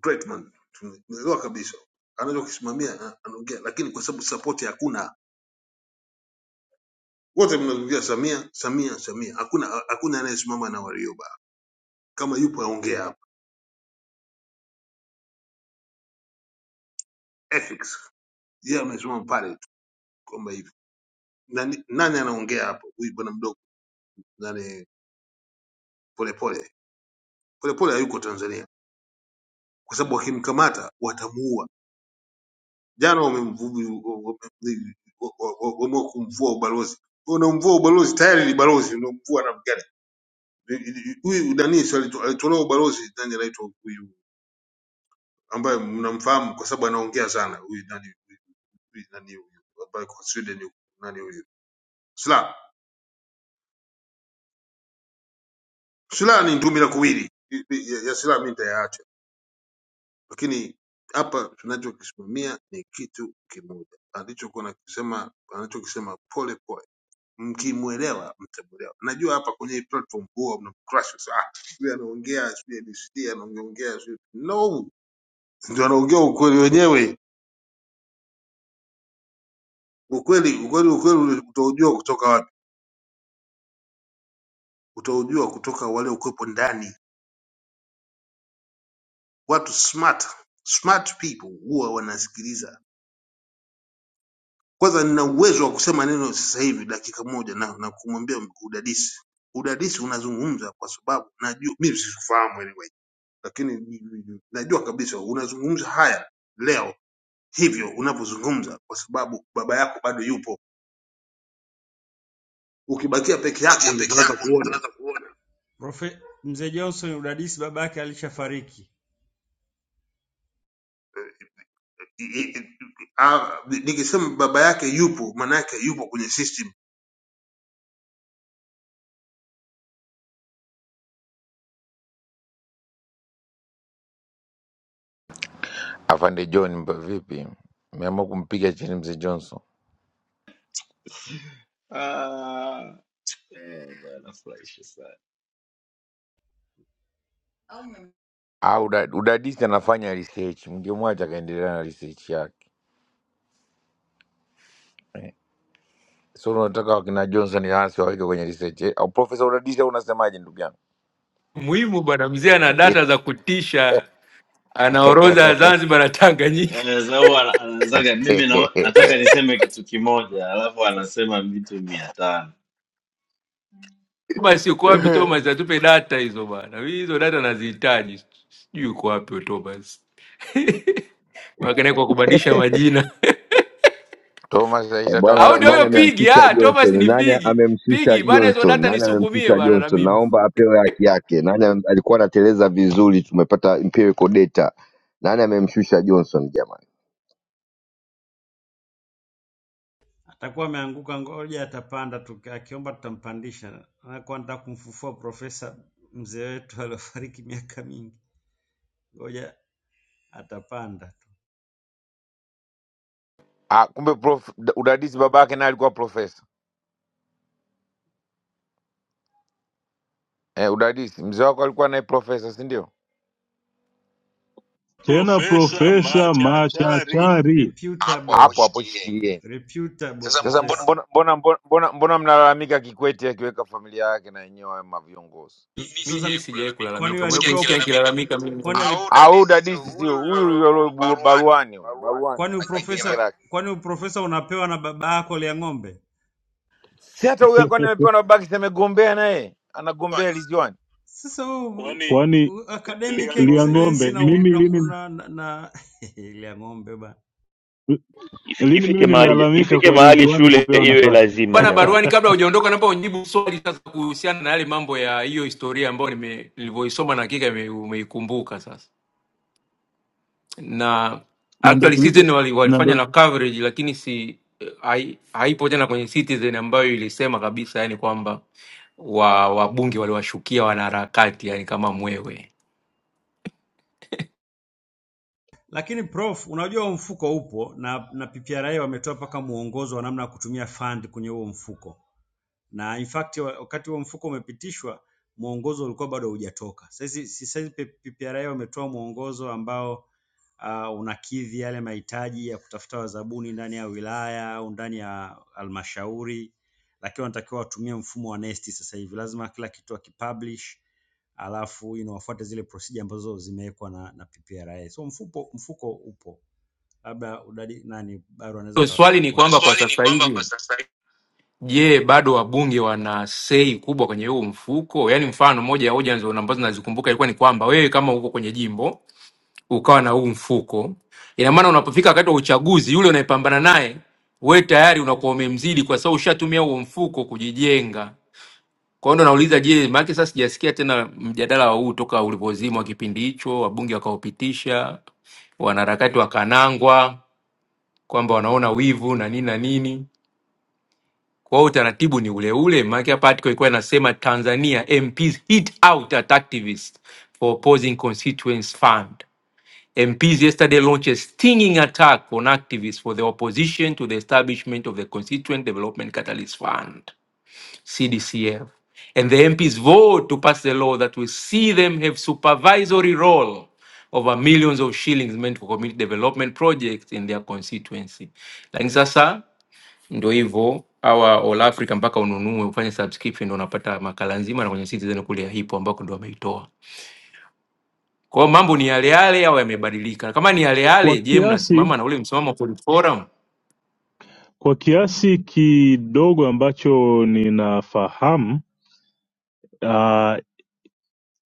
great man, tumeelewa kabisa, anaweza kusimamia, ana- anaongea, lakini kwa sababu support hakuna, wote mnazungumzia Samia Samia Samia, hakuna hakuna anayesimama na Warioba. Kama yupo aongea hapa Ethics yeye amesimama pale tu kwamba hivi nani, nani anaongea hapo? Huyu bwana mdogo nani, Polepole. Polepole hayuko Tanzania kwa sababu wakimkamata watamuua. Jana wamemvu- wame- wa- wa- wa- wameamua kumvua ubalozi, unamvua ubalozi tayari ni balozi, unamvua na gani huyu nani? Si alitu- alitolewa ubalozi, nani anaitwa huyu ambaye mnamfahamu kwa sababu anaongea sana, huyu nani, huyu nani, huyu ambaye kwa Sweden, huyu nani, huyu Slaa. Slaa ni ndumila kuwili ya, ya Slaa mi nitayaacha Lakini hapa tunachokisimamia ni kitu kimoja, alichokuwa nakisema anachokisema pole pole, mkimwelewa mtamuelewa. Najua hapa kwenye hii platform huwa mnamcrush sana, "Ah, sijui anaongea sijui ABCD anaongea sijui no, ndio anaongea ukweli wenyewe. Ukweli ukweli ukweli utaujua kutoka wapi? Utaujua kutoka wale ukwepo ndani. Watu smart smart people huwa wanasikiliza Kwanza nina uwezo wa kusema neno sasa hivi dakika moja na, na kumwambia udadisi. Udadisi unazungumza kwa sababu najua mimi sikufahamu anyway, lakini najua kabisa unazungumza haya leo hivyo unavyozungumza, kwa sababu baba yako bado yupo. Ukibakia peke
Ukibakia
yako ndio
peke
utaanza
yako ndio
kuona
utaanza kuona. Profe, mzee Johnson udadisi baba yake alishafariki,
I- i- i- ah, nikisema baba yake yupo, maana yake yupo kwenye system
Afande John, mba- vipi? Meamua kumpiga chini mzee Johnson
Ah, oh, bana, furahisha sana.
au uda- udadisi? Anafanya research, mngemwacha akaendelea na research yake. So unataka wakina Johnson hasi waweke kwenye research eh? Au profesa udadisi, au unasemaje ndugu yangu?
Muhimu bwana mzee ana data za kutisha, ana orodha ya Zanzibar na Tanganyika.
Eh, Zau ana- anaanzaga mimi na, nataka niseme kitu kimoja alafu anasema vitu mia tano
Thomas uko wapi Thomas? Atupe data hizo bwana, Mimi hizo data nazihitaji. Sijui uko wapi wewe Thomas makana kwa kubadilisha majina
Thomas
Eh, Bwana,
au
aishatuambia
ndio
nani
huyo
babu yake.
pigi?
amemshusha
Ah, Thomas
Johnson?
ni
Nani
pigi
amemshusha
pigi bwana, hizo
Johnson?
data
Nani
nisukumie
amemshusha
bwana. Na
Johnson?
mimi
Naomba apewe haki yake. Nani am- alikuwa anateleza vizuri? Tumepata empirical data. Nani amemshusha Johnson jamani?
atakuwa ameanguka, ngoja atapanda tu, akiomba tutampandisha. Anakuwa anataka kumfufua profesa mzee wetu aliofariki miaka mingi, ngoja atapanda tu.
Ah, kumbe prof, udadisi baba yake naye alikuwa profesa eh, udadisi mzee wako alikuwa naye profesa, si ndio?
tena
Profesa
profesa
Machachari. Hapo
machachari
Reputable, hapo hapo
Hapo hapo
shikilie.
shikilieni
reputable Sasa mbona
sasa. mbo-
profesa.
Mbona mbona mbona mbona mbona mnalalamika Kikwete akiweka familia yake na yenyewe wawe maviongozi?
mimi Sasa sijawahi
mimi sijawahi
kulalamika kwani
kulalamika,
umekuwa
umewahi
sikia walipewa
kunisikia
akilalamika
nikilalamika
mimi
mimi
kwani wali, au
au
dadisi sio
dadisi
huyu
sio
yule
huyu
yule
huyu alio
baruani
baruani huyu
baruani kwani
baruani
akingira
na genge
uprofesa
lake
kwani uprofesa unapewa na baba yako lia ng'ombe?
si hata huyu kwani amepewa na baki amegombea naye anagombea liziwani
Sasa wewe kwani
kwani
u- academic lia ng'ombe excellence
liang'ombe
na mimi u-
mimi
na mimi ku-
lini
na, na, na lia ng'ombe bana.
If-
lini mimi
ifike mahali
nimelalamika
ifike
kwa
mahali
ridhiwani
shule
kupewa
iwe
nafasi
lazima
bwana?
jamani.
Baruani, kabla hujaondoka, naomba unijibu swali sasa kuhusiana na yale mambo ya hiyo historia ambayo nime- nilivyoisoma na hakika ime- umeikumbuka sasa. na
na ndio
actually
kilicho
Citizen wali,
na
walifanya
ndio
na coverage lakini si hai, haipo tena kwenye Citizen ambayo ilisema kabisa yani kwamba wa wabunge waliwashukia wanaharakati yani kama mwewe.
Lakini prof, unajua huo mfuko upo na na PPRA wametoa mpaka mwongozo wa namna ya kutumia fund kwenye huo mfuko. na in fact wa- wakati huo mfuko umepitishwa mwongozo ulikuwa bado haujatoka. Sasa sasa PPRA wametoa mwongozo ambao uh, unakidhi yale mahitaji ya kutafuta wazabuni ndani ya wilaya au ndani ya halmashauri, lakini wanatakiwa watumie mfumo wa NeST sasa hivi. Lazima kila kitu wakipublish, alafu you know, wafuate zile procedure ambazo zimewekwa na, na PPRA. So mfuko, mfuko upo, labda udadi nani Baru anaweza
So,
akatupa
swali
Hilo
ni
content.
kwamba kwa
Swali ni
sasa
kwamba
hivi
kwa sasa
je, bado wabunge wana sei kubwa kwenye huu mfuko? Yani mfano moja ya hoja nzo- ambazo nazikumbuka ilikuwa ni kwamba wewe kama uko kwenye jimbo ukawa na huu mfuko. Ina maana unapofika wakati wa uchaguzi, yule unayepambana naye we tayari unakuwa umemzidi, kwa sababu ushatumia huo mfuko kujijenga. Kwa hiyo ndo nauliza, je, maanake sasa sijasikia tena mjadala wa huu toka ulipozimwa kipindi hicho, wabunge wakaupitisha, wanaharakati wakanangwa kwamba wanaona wivu na nini na nini. Kwa hiyo utaratibu ni ule ule, maanake hapa article ilikuwa inasema Tanzania MPs hit out at activists for opposing constituents fund. MPs yesterday launched a stinging attack on activists for the opposition to the establishment of the Constituent Development Catalyst Fund, CDCF. And the MPs vote to pass the law that will see them have supervisory role over millions of shillings meant for community development projects in their constituency. Lakini sasa ndo hivyo hawa All Africa mpaka ununue ufanye subscription ndo unapata makala nzima na kwenye Citizen kule ya hipo ambako ndo wameitoa. Kwa hiyo mambo ni yale yale au yamebadilika? Kama ni yale
kwa
yale, je,
kiasi
mnasimama na ule msimamo wa Police Forum?
Kwa kiasi kidogo ambacho ninafahamu uh,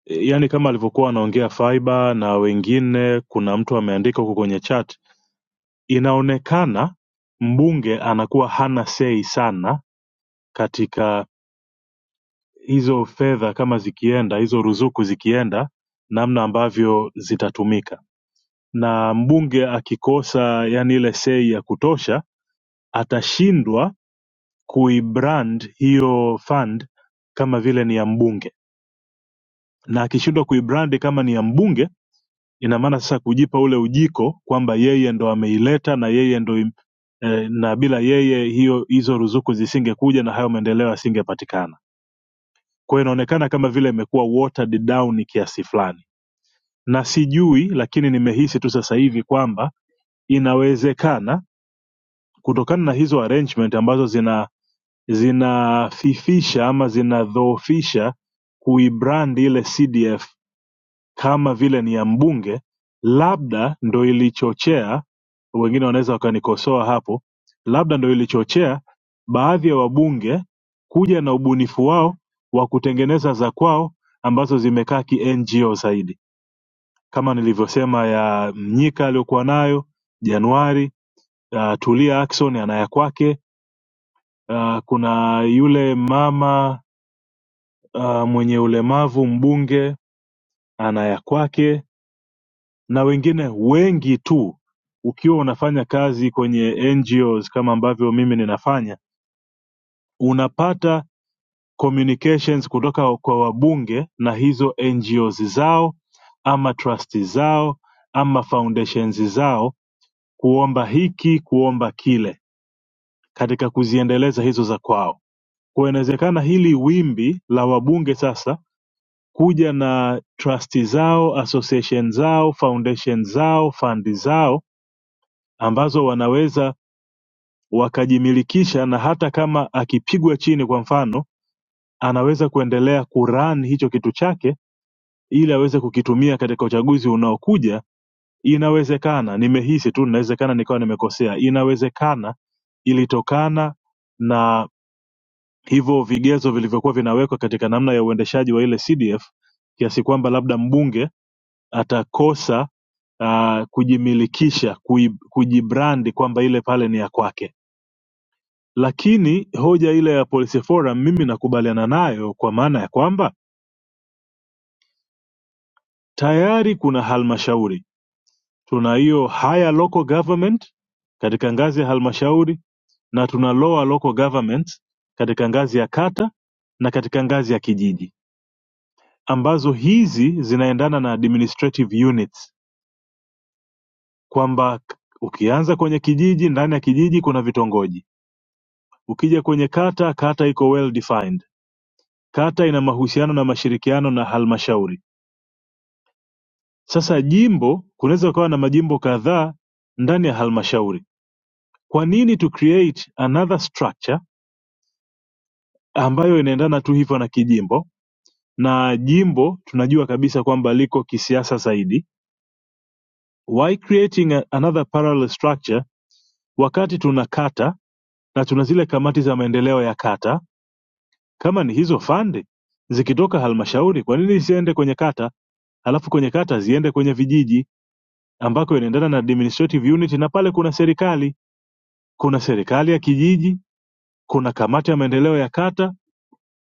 yani kama alivyokuwa anaongea Faiba na wengine, kuna mtu ameandika huko kwenye chat, inaonekana mbunge anakuwa hana sei sana katika hizo fedha, kama zikienda hizo ruzuku zikienda, namna ambavyo zitatumika, na mbunge akikosa yani ile sei ya kutosha atashindwa kuibrand hiyo fund kama vile ni ya mbunge na akishindwa kuibrandi kama ni ya mbunge ina maana sasa kujipa ule ujiko kwamba yeye ndo ameileta na yeye ndo im- eh, na bila yeye hiyo hizo ruzuku zisingekuja na hayo maendeleo yasingepatikana kwa hiyo inaonekana kama vile imekuwa watered down kiasi fulani na sijui lakini nimehisi tu sasa hivi kwamba inawezekana kutokana na hizo arrangement ambazo zinafifisha ama zinadhoofisha kuibrand ile cdf kama vile ni ya mbunge labda ndo ilichochea wengine wanaweza wakanikosoa hapo labda ndo ilichochea baadhi ya wabunge kuja na ubunifu wao wa kutengeneza za kwao ambazo zimekaa ki ngo zaidi kama nilivyosema ya mnyika aliyokuwa nayo januari uh, tulia akson anaya kwake uh, kuna yule mama uh, mwenye ulemavu mbunge ana ya kwake na wengine wengi tu ukiwa unafanya kazi kwenye ngos kama ambavyo mimi ninafanya unapata communications kutoka kwa wabunge na hizo ngos zao ama trust zao ama foundations zao kuomba hiki kuomba kile katika kuziendeleza hizo za kwao kwa inawezekana hili wimbi la wabunge sasa kuja na trust zao association zao foundation zao fund zao ambazo wanaweza wakajimilikisha na hata kama akipigwa chini kwa mfano anaweza kuendelea kuran hicho kitu chake ili aweze kukitumia katika uchaguzi unaokuja inawezekana nimehisi tu inawezekana nikawa nimekosea inawezekana ilitokana na hivyo vigezo vilivyokuwa vinawekwa katika namna ya uendeshaji wa ile cdf kiasi kwamba labda mbunge atakosa uh, kujimilikisha kui- kujibrandi kwamba ile pale ni ya kwake lakini hoja ile ya policy forum mimi nakubaliana nayo kwa maana ya kwamba tayari kuna halmashauri tuna hiyo higher local government katika ngazi ya halmashauri na tuna lower local government katika ngazi ya kata na katika ngazi ya kijiji ambazo hizi zinaendana na administrative units kwamba k- ukianza kwenye kijiji ndani ya kijiji kuna vitongoji Ukija kwenye kata kata iko well defined kata ina mahusiano na mashirikiano na halmashauri sasa jimbo kunaweza ukawa na majimbo kadhaa ndani ya halmashauri kwa nini to create another structure ambayo inaendana tu hivyo na kijimbo na jimbo tunajua kabisa kwamba liko kisiasa zaidi why creating a, another parallel structure wakati tuna kata na tuna zile kamati za maendeleo ya kata kama ni hizo fande zikitoka halmashauri kwa nini zisiende kwenye kata halafu kwenye kata ziende kwenye vijiji ambako inaendana na administrative unit na pale kuna serikali kuna serikali ya kijiji kuna kamati ya maendeleo ya kata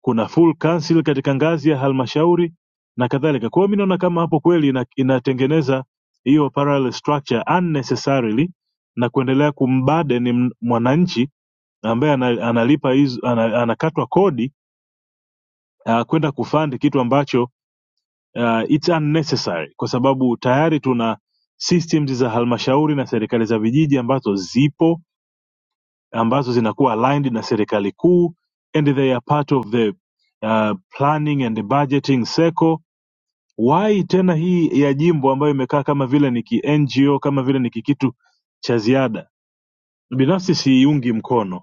kuna full council katika ngazi ya halmashauri na kadhalika kwa hiyo mi naona kama hapo kweli ina, inatengeneza hiyo parallel structure unnecessarily na kuendelea kumbaden m- mwananchi ambaye ana- analipa hizo ana- anakatwa kodi uh, kwenda kufandi kitu ambacho uh, it's unnecessary kwa sababu tayari tuna systems za halmashauri na serikali za vijiji ambazo zipo ambazo zinakuwa aligned na serikali kuu and they are part of the uh, planning and the budgeting circle why tena hii ya jimbo ambayo imekaa kama vile ni ki ngo kama vile ni kikitu cha ziada binafsi siiungi mkono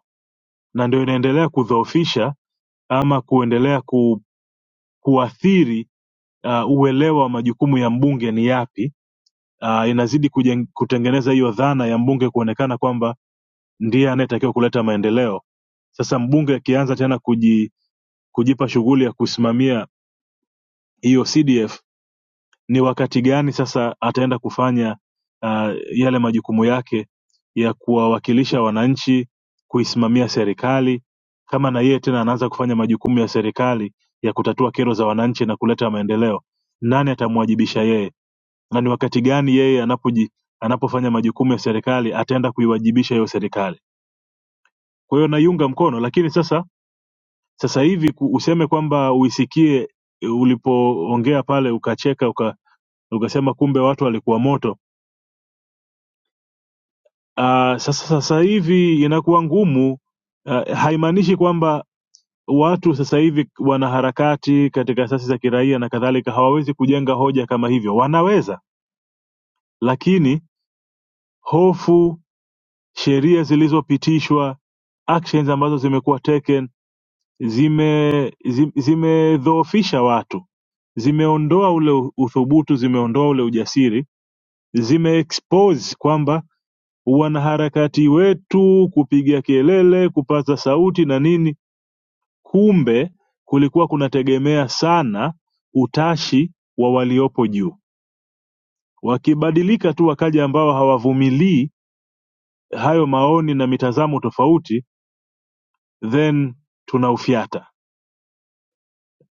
na ndio inaendelea kudhoofisha ama kuendelea ku, kuathiri uh, uelewa wa majukumu ya mbunge ni yapi uh, inazidi kujeng, kutengeneza hiyo dhana ya mbunge kuonekana kwamba ndiye anayetakiwa kuleta maendeleo. Sasa mbunge akianza tena kuji, kujipa shughuli ya kusimamia hiyo CDF ni wakati gani sasa ataenda kufanya uh, yale majukumu yake ya kuwawakilisha wananchi kuisimamia serikali kama na yeye tena anaanza kufanya majukumu ya serikali ya kutatua kero za wananchi na kuleta maendeleo nani atamwajibisha yeye na ni wakati gani yeye anapoji, anapofanya majukumu ya serikali ataenda kuiwajibisha hiyo serikali kwa hiyo naiunga mkono lakini sasa sasa hivi ku- useme kwamba uisikie eh, ulipoongea pale ukacheka uka, ukasema kumbe watu walikuwa moto uh, sasa sasa hivi inakuwa ngumu uh, haimaanishi kwamba watu sasa hivi wanaharakati katika asasi za kiraia na kadhalika hawawezi kujenga hoja kama hivyo wanaweza lakini hofu sheria zilizopitishwa actions ambazo zimekuwa taken zime zi- zimedhoofisha watu zimeondoa ule u- uthubutu zimeondoa ule ujasiri zimeexpose kwamba wanaharakati wetu kupiga kelele kupaza sauti na nini kumbe kulikuwa kunategemea sana utashi wa waliopo juu wakibadilika tu wakaja ambao hawavumilii hayo maoni na mitazamo tofauti then tunaufyata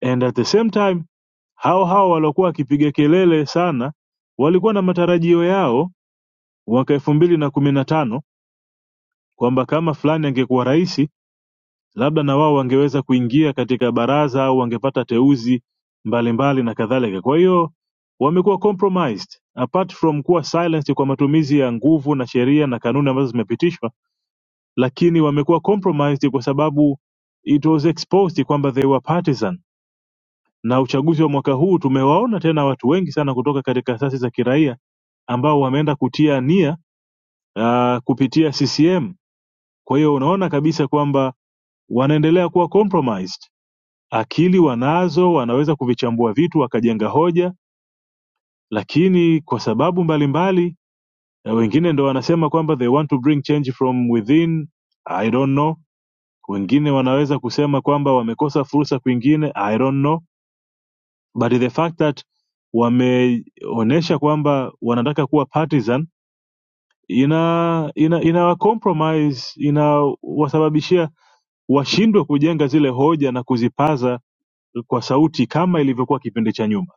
and at the same time hao hao waliokuwa wakipiga kelele sana walikuwa na matarajio yao mwaka elfu mbili na kumi na tano kwamba kama fulani angekuwa rais labda na wao wangeweza kuingia katika baraza au wangepata teuzi mbalimbali na kadhalika. Kwa hiyo wamekuwa compromised apart from kuwa silenced kwa matumizi ya nguvu na sheria na kanuni ambazo zimepitishwa, lakini wamekuwa compromised kwa sababu it was exposed kwamba they were partisan na uchaguzi wa mwaka huu tumewaona tena watu wengi sana kutoka katika asasi za kiraia ambao wameenda kutia nia uh, kupitia CCM. Kwa hiyo unaona kabisa kwamba wanaendelea kuwa compromised. Akili wanazo, wanaweza kuvichambua vitu wakajenga hoja, lakini kwa sababu mbalimbali na wengine ndo wanasema kwamba they want to bring change from within, I don't know. Wengine wanaweza kusema kwamba wamekosa fursa kwingine, I don't know but the fact that wameonyesha kwamba wanataka kuwa partisan ina ina ina compromise inawasababishia washindwe kujenga zile hoja na kuzipaza kwa sauti kama ilivyokuwa kipindi cha nyuma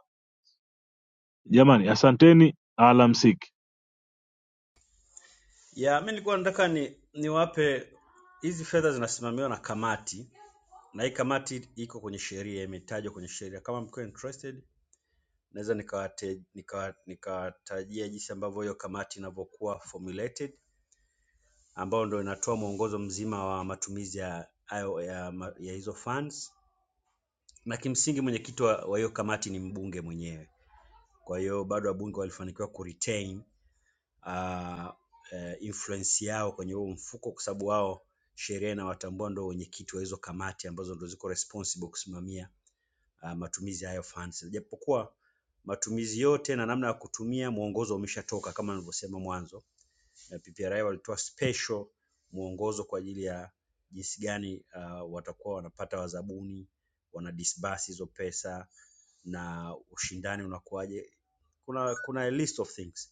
jamani asanteni alamsiki
Ya, mimi nilikuwa nataka ni niwape hizi fedha zinasimamiwa na kamati na hii kamati iko kwenye sheria, imetajwa kwenye sheria. Kama mko interested, naweza nikawate- nika- nikawatajia jinsi ambavyo hiyo kamati inavyokuwa formulated, ambayo ndio inatoa mwongozo mzima wa matumizi ya hayo- ya, ma- ya hizo funds, na kimsingi mwenyekiti wa wa hiyo kamati ni mbunge mwenyewe. Kwa hiyo bado wabunge walifanikiwa kuretain uh, eh, influence yao kwenye huo mfuko, kwa sababu wao sheria inawatambua ndio wenyekiti wa hizo kamati ambazo ndio ziko responsible kusimamia uh, matumizi ya hayo funds, japokuwa matumizi yote na namna ya kutumia mwongozo umeshatoka kama nilivyosema mwanzo. Eh, PPRA walitoa special mwongozo kwa ajili ya jinsi gani uh, watakuwa wanapata wazabuni, wana disburse hizo pesa na ushindani unakuwaje. Kuna kuna a list of things.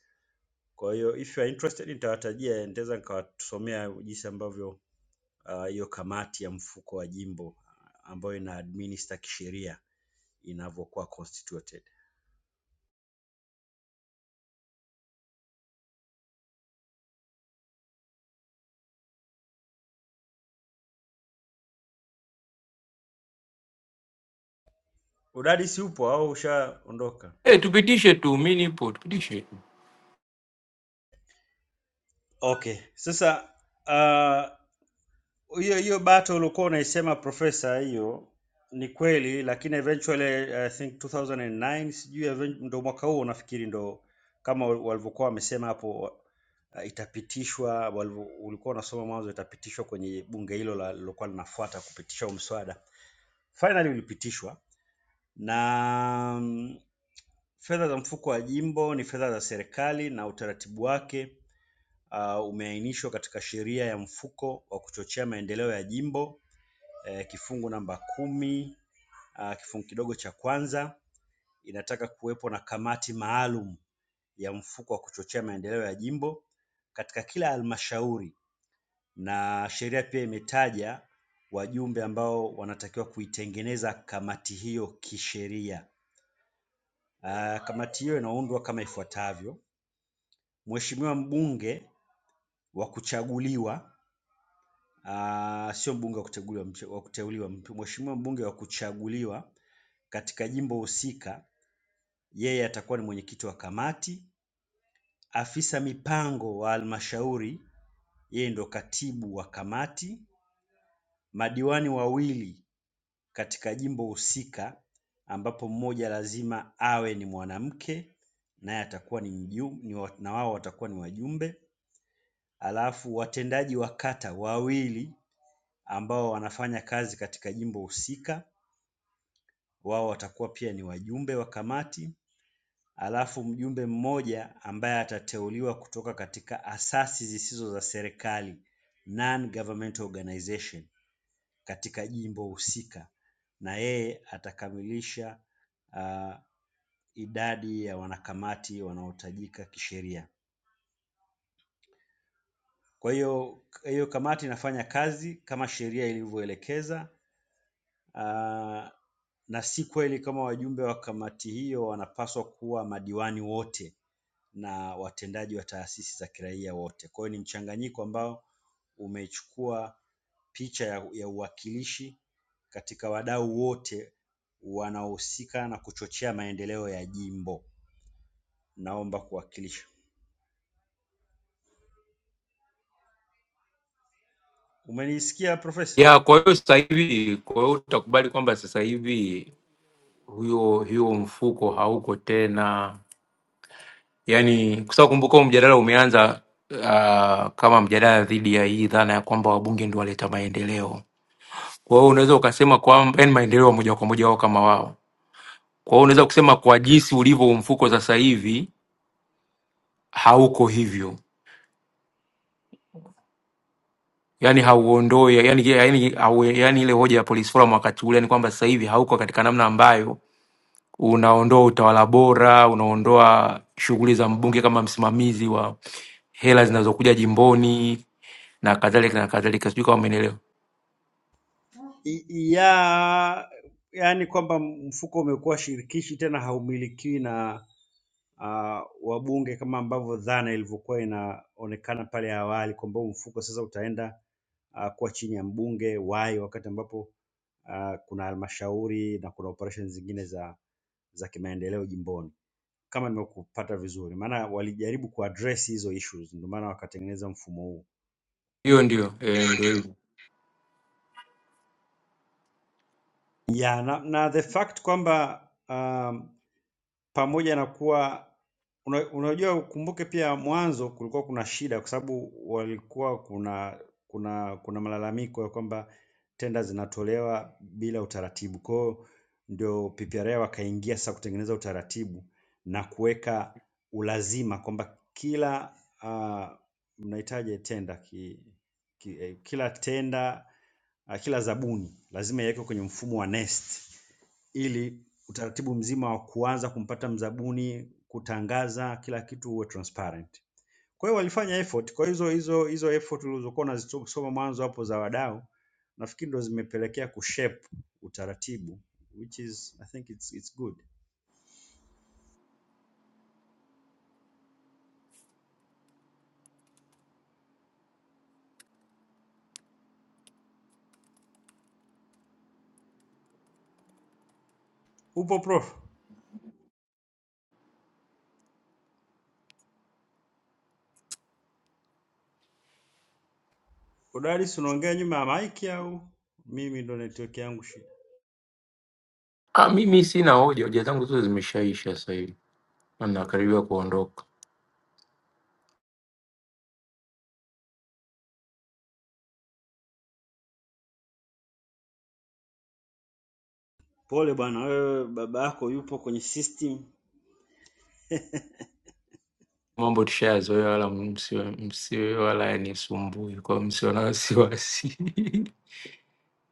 Kwa hiyo if you are interested nitawatajia, nitaweza nikawasomea jinsi ambavyo ah, hiyo uh, kamati ya mfuko wa jimbo ah, ambayo ina administer kisheria inavyokuwa constituted. Udadisi upo au ushaondoka?
Eh, tupitishe tu, mimi nipo, tupitishe tu.
Okay, sasa uh, hiyo hiyo battle ulikuwa unaisema profesa, hiyo ni kweli, lakini eventually I think 2009 sijui even- ndo mwaka huo nafikiri ndo kama walivyokuwa wamesema hapo uh, itapitishwa walivyo, ulikuwa unasoma mwanzo itapitishwa kwenye bunge hilo la- lilokuwa linafuata kupitisha huu mswada. Finally ulipitishwa na mm, fedha za mfuko wa jimbo ni fedha za serikali na utaratibu wake uh, umeainishwa katika sheria ya mfuko wa kuchochea maendeleo ya jimbo eh, kifungu namba kumi ah, kifungu kidogo cha kwanza inataka kuwepo na kamati maalum ya mfuko wa kuchochea maendeleo ya jimbo katika kila halmashauri, na sheria pia imetaja wajumbe ambao wanatakiwa kuitengeneza kamati hiyo kisheria. Ah, Kamati hiyo inaundwa kama ifuatavyo: Mheshimiwa mbunge wa kuchaguliwa, ah, sio mbunge wa kuchaguliwa, mche- wa kuteuliwa, mpe- Mheshimiwa mbunge wa kuchaguliwa katika jimbo husika, yeye atakuwa ni mwenyekiti wa kamati. Afisa mipango wa halmashauri, yeye ndo katibu wa kamati. Madiwani wawili katika jimbo husika, ambapo mmoja lazima awe ni mwanamke, naye atakuwa ni mjum- ni wa- na wao watakuwa ni wajumbe. Alafu watendaji wa kata wawili ambao wanafanya kazi katika jimbo husika, wao watakuwa pia ni wajumbe wa kamati. alafu mjumbe mmoja ambaye atateuliwa kutoka katika asasi zisizo za serikali non-governmental organization katika jimbo husika, na yeye atakamilisha uh, idadi ya wanakamati wanaohitajika kisheria. Kwa hiyo hiyo kamati inafanya kazi kama sheria ilivyoelekeza. Uh, na si kweli kama wajumbe wa kamati hiyo wanapaswa kuwa madiwani wote na watendaji wa taasisi za kiraia wote. Kwa hiyo ni mchanganyiko ambao umechukua picha ya, ya uwakilishi katika wadau wote wanaohusika na kuchochea maendeleo ya jimbo. Naomba kuwakilisha. Umenisikia Profesa?
Ya, kwa hiyo sasa hivi, kwa hiyo utakubali kwamba sasa hivi huyo hiyo mfuko hauko tena, yaani kwa sababu kumbuka huu mjadala umeanza uh, kama mjadala dhidi ya hii dhana ya kwamba wabunge ndio waleta maendeleo. Kwa hiyo unaweza ukasema kwamba yani maendeleo ya moja kwa moja wao kama wao. Kwa hiyo unaweza kusema kwa jinsi ulivyo huu mfuko sasa hivi hauko hivyo yani hauondoi yani, yani, hau, yani ile hoja ya police forum wakati ule ni kwamba sasa hivi hauko katika namna ambayo unaondoa utawala bora, unaondoa shughuli za mbunge kama msimamizi wa hela zinazokuja jimboni na kadhalika na kadhalika, sijui kama umenielewa.
I- Ya, yaani kwamba mfuko umekuwa shirikishi tena haumilikiwi na ah, wabunge kama ambavyo dhana ilivyokuwa inaonekana pale awali kwamba huu mfuko sasa utaenda ah, kuwa chini ya mbunge wai, wakati ambapo ah, kuna halmashauri na kuna operations zingine za za kimaendeleo jimboni, kama nimekupata vizuri, maana walijaribu kuaddress hizo issues, ndio maana wakatengeneza mfumo huu.
Hiyo ndio
Ndio,
eh, ndio
ndio.
hivyo.
Yeah, na, na the fact kwamba uh, pamoja na kuwa una- unajua ukumbuke pia mwanzo kulikuwa kuna shida kwa sababu walikuwa kuna kuna kuna malalamiko ya kwamba tenda zinatolewa bila utaratibu. Kwa hiyo ndio PPRA wakaingia sasa kutengeneza utaratibu na kuweka ulazima kwamba kila uh, mnahitaji tenda ki, ki, eh, kila tenda ah, kila zabuni lazima iwekwe kwenye mfumo wa NeST ili utaratibu mzima wa kuanza kumpata mzabuni, kutangaza kila kitu uwe transparent. Kwa hiyo walifanya effort. Kwa hizo hizo hizo effort ulizokuwa unazisoma mwanzo hapo za wadau, nafikiri ndo zimepelekea kushape utaratibu which is I think it's, it's good. Upo prof? Udadisi unaongea nyuma ya mic au mimi ndo network yangu shida?
Ah, mimi sina hoja, hoja zangu zote zimeshaisha sasa hivi na nakaribia kuondoka.
Pole bwana, wewe baba yako yupo kwenye system
Mambo tushayazoea, wala msiwe msiwe wala yanisumbui, kwa hiyo msiwe na wasiwasi.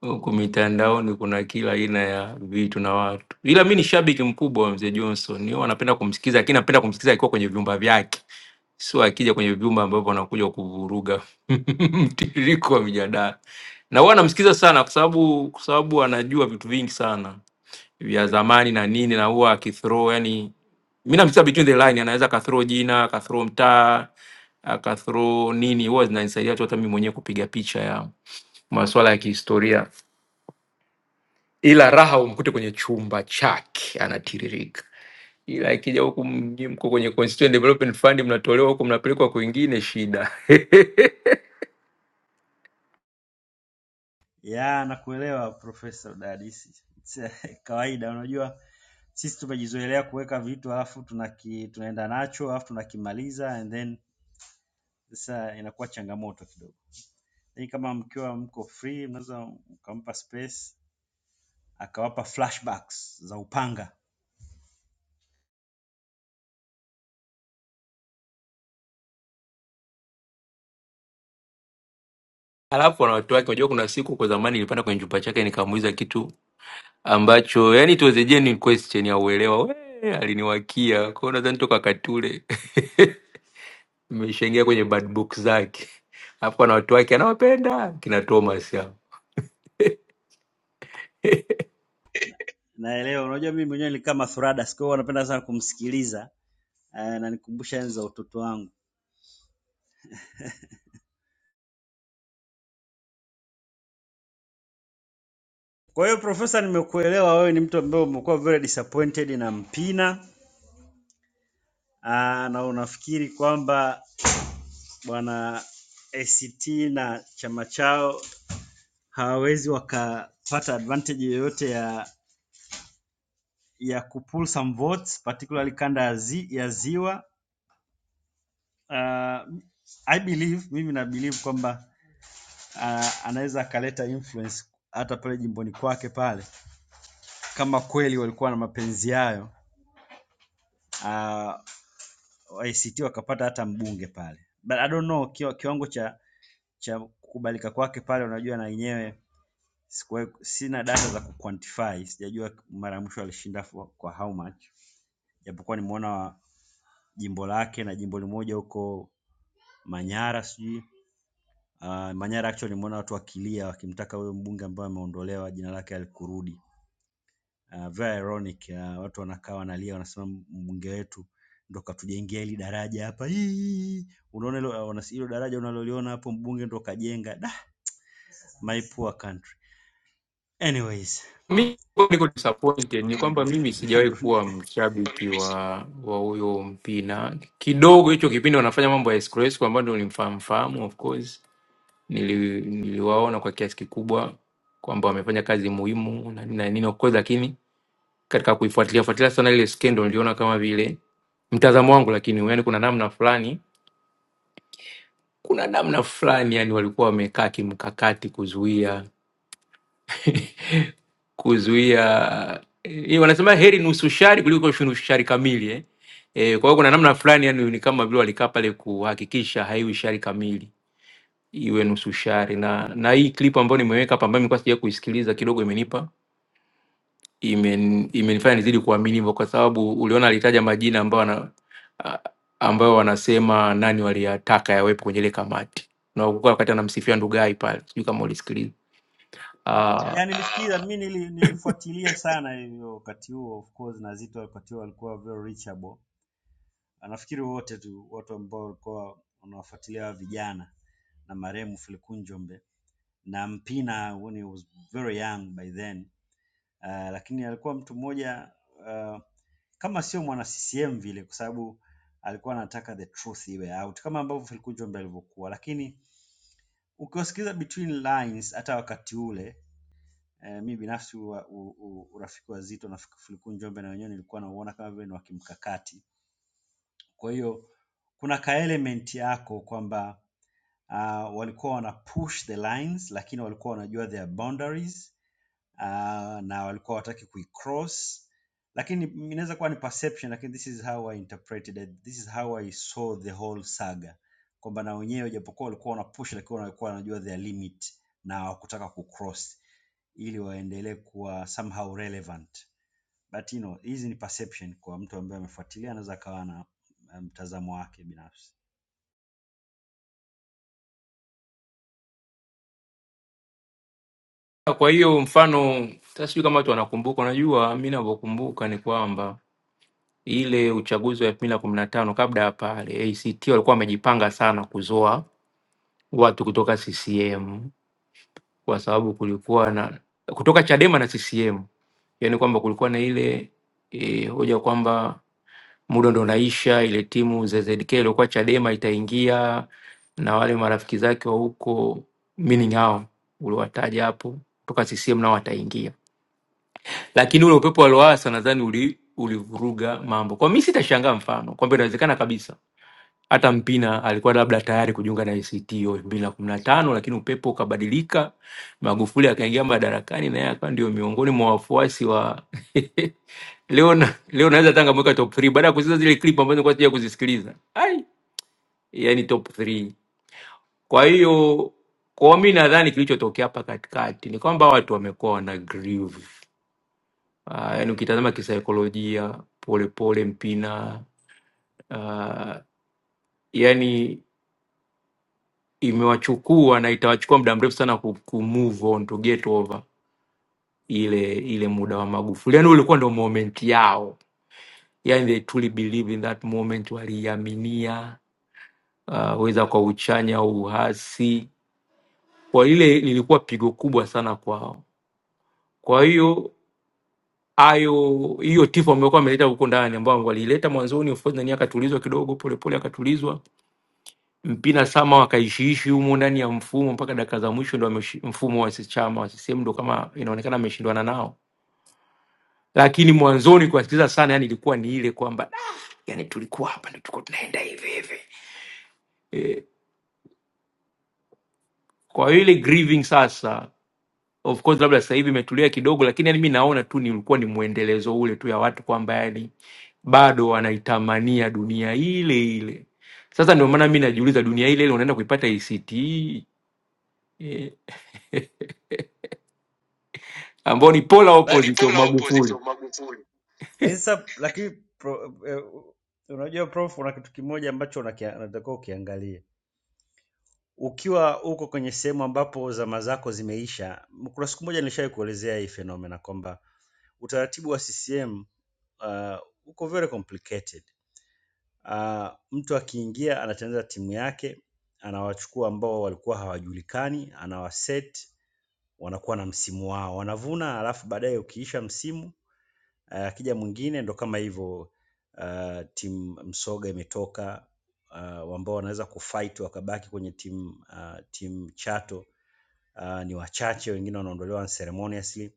Huku mitandaoni kuna kila aina ya vitu na watu, ila mi ni shabiki mkubwa wa mzee Johnson, Ni huwa napenda kumsikiza, lakini napenda kumsikiza akiwa kwenye vyumba vyake, sio akija kwenye vyumba ambavyo anakuja kuvuruga mtiririko wa mijadala. Na huwa namsikiza sana kwa sababu kwa sababu anajua vitu vingi sana vya zamani na nini, na huwa akithrow, yani mi namsikiza between the line, anaweza akathrow jina akathrow mtaa akathrow nini, huwa zinanisaidia tu hata mi mwenyewe kupiga picha ya masuala ya kihistoria ila raha umkute kwenye chumba chake anatiririka, ila ikija huku mji mko kwenye Constituent Development Fund, mnatolewa huku mnapelekwa kwingine, shida
Ya, nakuelewa Profesa Udadisi. Kawaida, unajua sisi tumejizoelea kuweka vitu alafu tunaki, tunaenda nacho alafu tunakimaliza and then sasa inakuwa changamoto kidogo. Lakini kama mkiwa mko free, mnaweza mkampa space akawapa flashbacks za upanga.
alafu na watu wake. Unajua, kuna siku kwa zamani nilipanda kwenye chumba chake nikamuuliza kitu ambacho yani it was a genuine question ya uelewa, we aliniwakia kwao, nadhani toka wakati ule nimeshaingia kwenye bad book zake, alafu na watu wake anawapenda kina Thomas hao.
Naelewa, unajua mimi mwenyewe nilikaa Mathuradas, kwa hiyo napenda sana kumsikiliza eh, na nikumbusha enzi za utoto wangu. Kwa hiyo Profesa, nimekuelewa wewe ni mtu ambaye umekuwa very disappointed na Mpina Aa, na unafikiri kwamba bwana ACT na chama chao hawawezi wakapata advantage yoyote ya ya kupull some votes particularly kanda ya, zi, ya ziwa uh, I believe mimi na believe kwamba uh, anaweza akaleta influence hata pale jimboni kwake pale, kama kweli walikuwa na mapenzi yayo uh, ACT wakapata hata mbunge pale, but I don't know kiwa, kiwango cha cha kukubalika kwake pale, unajua na yenyewe Sikuwahi, sina data za kuquantify, sijajua mara ya mwisho alishinda for- kwa how much, japokuwa nimeona wa- jimbo lake na jimbo limoja huko Manyara sijui uh, Manyara actually nimeona watu wakilia wakimtaka huyo mbunge ambaye ameondolewa jina lake alikurudi. Uh, very ironic uh, watu wanakaa wanalia wanasema mbunge wetu ndo katujengea hili daraja hapa. Hii, Unaona hilo wana- hilo daraja unaloliona hapo mbunge ndo kajenga. Da, my poor country. Anyways,
Mi niko disappointed ni
naona ndo
kwamba mimi sijawahi
ndo
kuwa
nika-
mshabiki wa wa huyo Mpina. Kidogo hicho kipindi wanafanya mambo ya escrow ambayo ndio nimfahamu fahamu, of course nili, niliwaona kwa kiasi kikubwa kwamba wamefanya kazi muhimu na nini na nini of course, lakini katika kuifuatilia fuatilia sana ile skendo niliona kama vile mtazamo wangu, lakini yani kuna namna fulani kuna namna fulani yani walikuwa wamekaa kimkakati kuzuia kuzuia eh, wanasema heri nusu shari kuliko shu- shari kamili eh. Eh, kwa hiyo kuna namna fulani yani ni kama vile walikaa pale kuhakikisha haiwi shari kamili iwe nusu shari na na hii clip ambayo nimeweka hapa ambayo nilikuwa sija kuisikiliza kidogo imenipa imen, imenifanya nizidi kuamini hivyo kwa sababu uliona alitaja majina ambayo ana, a- ambayo wanasema nani waliyataka yawepo kwenye ile kamati na ukikuwa wakati anamsifia Ndugai pale sijui kama ulisikiliza Ah,
yani nilisikiza mi nili, nilifuatilia sana hivyo wakati huo of course na Zito wakati huo alikuwa very reachable nafikiri wote tu watu ambao walikuwa wanawafuatilia hawa vijana na marehemu Filikun Njombe na Mpina when he was very young by then uh, lakini alikuwa mtu mmoja uh, kama sio mwana CCM vile kwa sababu alikuwa anataka the truth iwe out kama ambavyo Filikun Njombe alivyokuwa lakini ukiwasikiliza between lines hata wakati ule Eh, mi binafsi ua- u- u- urafiki wa Zito na Fuliku Njombe na wenyewe nilikuwa nauona kama vile ni wa kimkakati kwa hiyo kuna ka element yako kwamba uh, walikuwa wana push the lines lakini walikuwa wanajua their boundaries uh, na walikuwa wataki kuicross lakini inaweza kuwa ni perception lakini this is how I interpreted it. This is how I saw the whole saga kwamba na wenyewe japokuwa walikuwa wana push lakini walikuwa wanajua their limit na hawakutaka kucross ili waendelee kuwa somehow relevant but you know, hizi ni perception kwa mtu ambaye amefuatilia, anaweza akawa na eh, mtazamo wake binafsi.
Kwa hiyo mfano sasa, sijui kama watu wanakumbuka. Unajua, mi navyokumbuka ni kwamba ile uchaguzi wa elfu mbili na kumi na tano kabla ya pale, ACT walikuwa wamejipanga sana kuzoa watu kutoka CCM kwa sababu kulikuwa na kutoka Chadema na CCM, yani kwamba kulikuwa na ile e, hoja kwamba muda ndo unaisha, ile timu ZZK iliokuwa Chadema itaingia na wale marafiki zake wa huko, meaning hao uliwataja hapo kutoka CCM nao wataingia lakini ule upepo wa Lowassa nadhani uli, ulivuruga mambo. Kwa mimi sitashangaa mfano kwamba inawezekana kabisa hata Mpina alikuwa labda tayari kujiunga na ACT hiyo elfu mbili na kumi na tano lakini upepo ukabadilika, Magufuli akaingia madarakani na yeye akawa ndio miongoni mwa wafuasi wa leo na, leo naweza hata ngamweka top 3 baada ya kuziza zile clip ambazo nilikuwa sija kuzisikiliza. Ai, yani top 3. Kwa hiyo kwa mimi nadhani kilichotokea hapa katikati ni kwamba watu wamekuwa wana grieve Uh, yaani ukitazama kisaikolojia Polepole, Mpina uh, yani imewachukua na itawachukua muda mrefu sana ku, ku move on to get over ile ile muda wa Magufuli. Yani ulikuwa ndo moment yao, yani they truly believe in that moment, waliiaminia uh, weza kwa uchanya au uhasi, kwa ile lilikuwa pigo kubwa sana kwao. Kwa hiyo hayo hiyo tifu amekuwa ameleta huko ndani ambao walileta mwanzoni of course nani akatulizwa kidogo polepole akatulizwa mpina sama wakaishiishi humo ndani ya mfumo mpaka dakika za mwisho ndo ameshi- mfumo wa chama wa CCM ndo kama inaonekana ameshindwana nao lakini mwanzoni kuwasikiliza sana yani ilikuwa ni ile kwamba "Ah, yani tulikuwa hapa ndo tulikuwa tunaenda hivi hivi e, kwa hiyo ile grieving sasa Of course labda sasa hivi imetulia kidogo, lakini yani mi naona tu ni ulikuwa ni mwendelezo ule tu ya watu kwamba yani bado wanaitamania dunia ile ile. Sasa ndio maana mi najiuliza dunia ile ile unaenda kuipata ACT eh, ambao ni polar
Ambao ni
opposite of
polar opposite
Magufuli.
of Magufuli. Lakini sasa lakini pro, eh, unajua prof, una kitu kimoja ambacho unakia- unatakiwa ukiangalie ukiwa uko kwenye sehemu ambapo zama zako zimeisha. m- Kuna siku moja nilishawahi kuelezea hii fenomena kwamba utaratibu wa CCM uh, uko very complicated. Uh, mtu akiingia anatengeneza timu yake, anawachukua ambao walikuwa hawajulikani, anawaset wanakuwa na msimu wao, wanavuna alafu baadaye ukiisha msimu uh, akija uh, mwingine ndo kama hivyo uh, timu msoga imetoka uh, ambao wanaweza kufight wakabaki kwenye timu uh, timu chato uh, ni wachache, wengine wanaondolewa unceremoniously.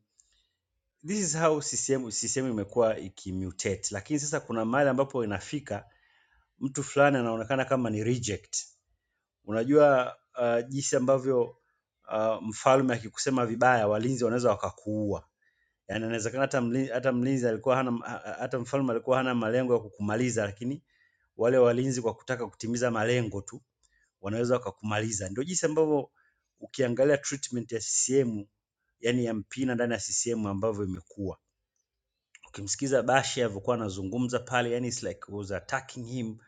This is how CCM, CCM imekuwa ikimutate, lakini sasa kuna mahali ambapo inafika mtu fulani anaonekana kama ni reject. Unajua uh, jinsi ambavyo uh, mfalme akikusema vibaya walinzi wanaweza wakakuua Yaani inawezekana hata mli, hata mlinzi alikuwa hana ha- ha- hata mfalme alikuwa hana malengo ya kukumaliza, lakini wale walinzi kwa kutaka kutimiza malengo tu wanaweza wakakumaliza. Ndio jinsi ambavyo ukiangalia treatment ya CCM yani ya Mpina ndani ya CCM ambavyo imekuwa. Ukimsikiza Bashe alivyokuwa anazungumza pale, yani it's like was attacking him,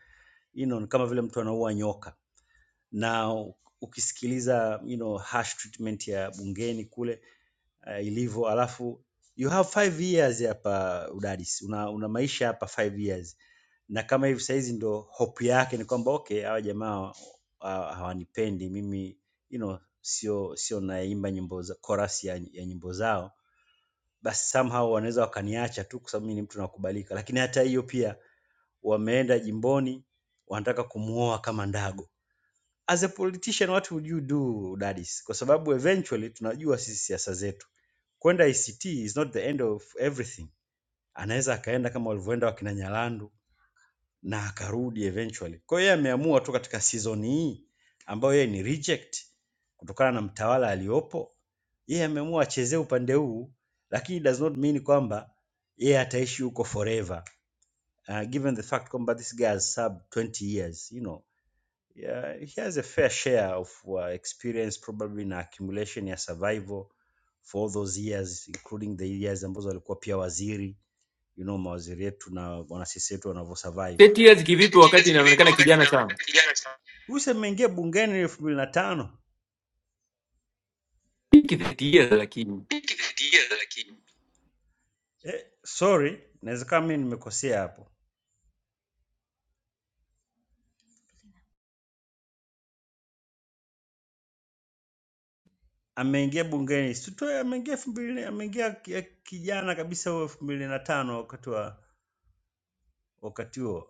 you know, ni kama vile mtu anaua nyoka. Na ukisikiliza you know, harsh treatment ya bungeni kule uh, ilivyo alafu you have five years hapa udadisi una, una maisha hapa five years na kama hivi sahizi ndo hope yake ni kwamba okay hawa jamaa wa- wa- hawanipendi mimi you know sio sio naimba nyimbo za chorus ya, ya nyimbo zao basi somehow wanaweza wakaniacha tu kwa sababu mimi ni mtu nakubalika lakini hata hiyo pia wameenda jimboni wanataka kumuoa kama ndago as a politician what would you do dadis kwa sababu eventually tunajua sisi siasa zetu kwenda ict is not the end of everything anaweza akaenda kama walivyoenda wakina nyalandu na akarudi eventually kwa hiyo yeye ameamua tu katika season hii ambayo yeye ni reject kutokana na mtawala aliyopo yeye ameamua achezee upande huu lakini it does not mean kwamba yeye ataishi huko forever uh, given the fact kwamba this guy has sub 20 years you know Yeah, he has a fair share of uh, experience probably na accumulation ya survival for all those years including the years ambazo alikuwa pia waziri, you know mawaziri yetu na wanasiasa wetu wanavyo survive.
30 years kivipi
Kila
wakati
zikiviko
inaonekana
wakati
kijana sana?
inaonekana kijana sana. Luse mmeingia bungeni elfu mbili na tano.
Hiki 30 years lakini.
Hiki kitia, lakini Eh, sorry, naweza kama mimi nimekosea hapo. Ameingia bungeni sitoe, ameingia elfu mbili, ameingia ki- kijana kabisa huo elfu mbili na tano wakati wa wakati huo.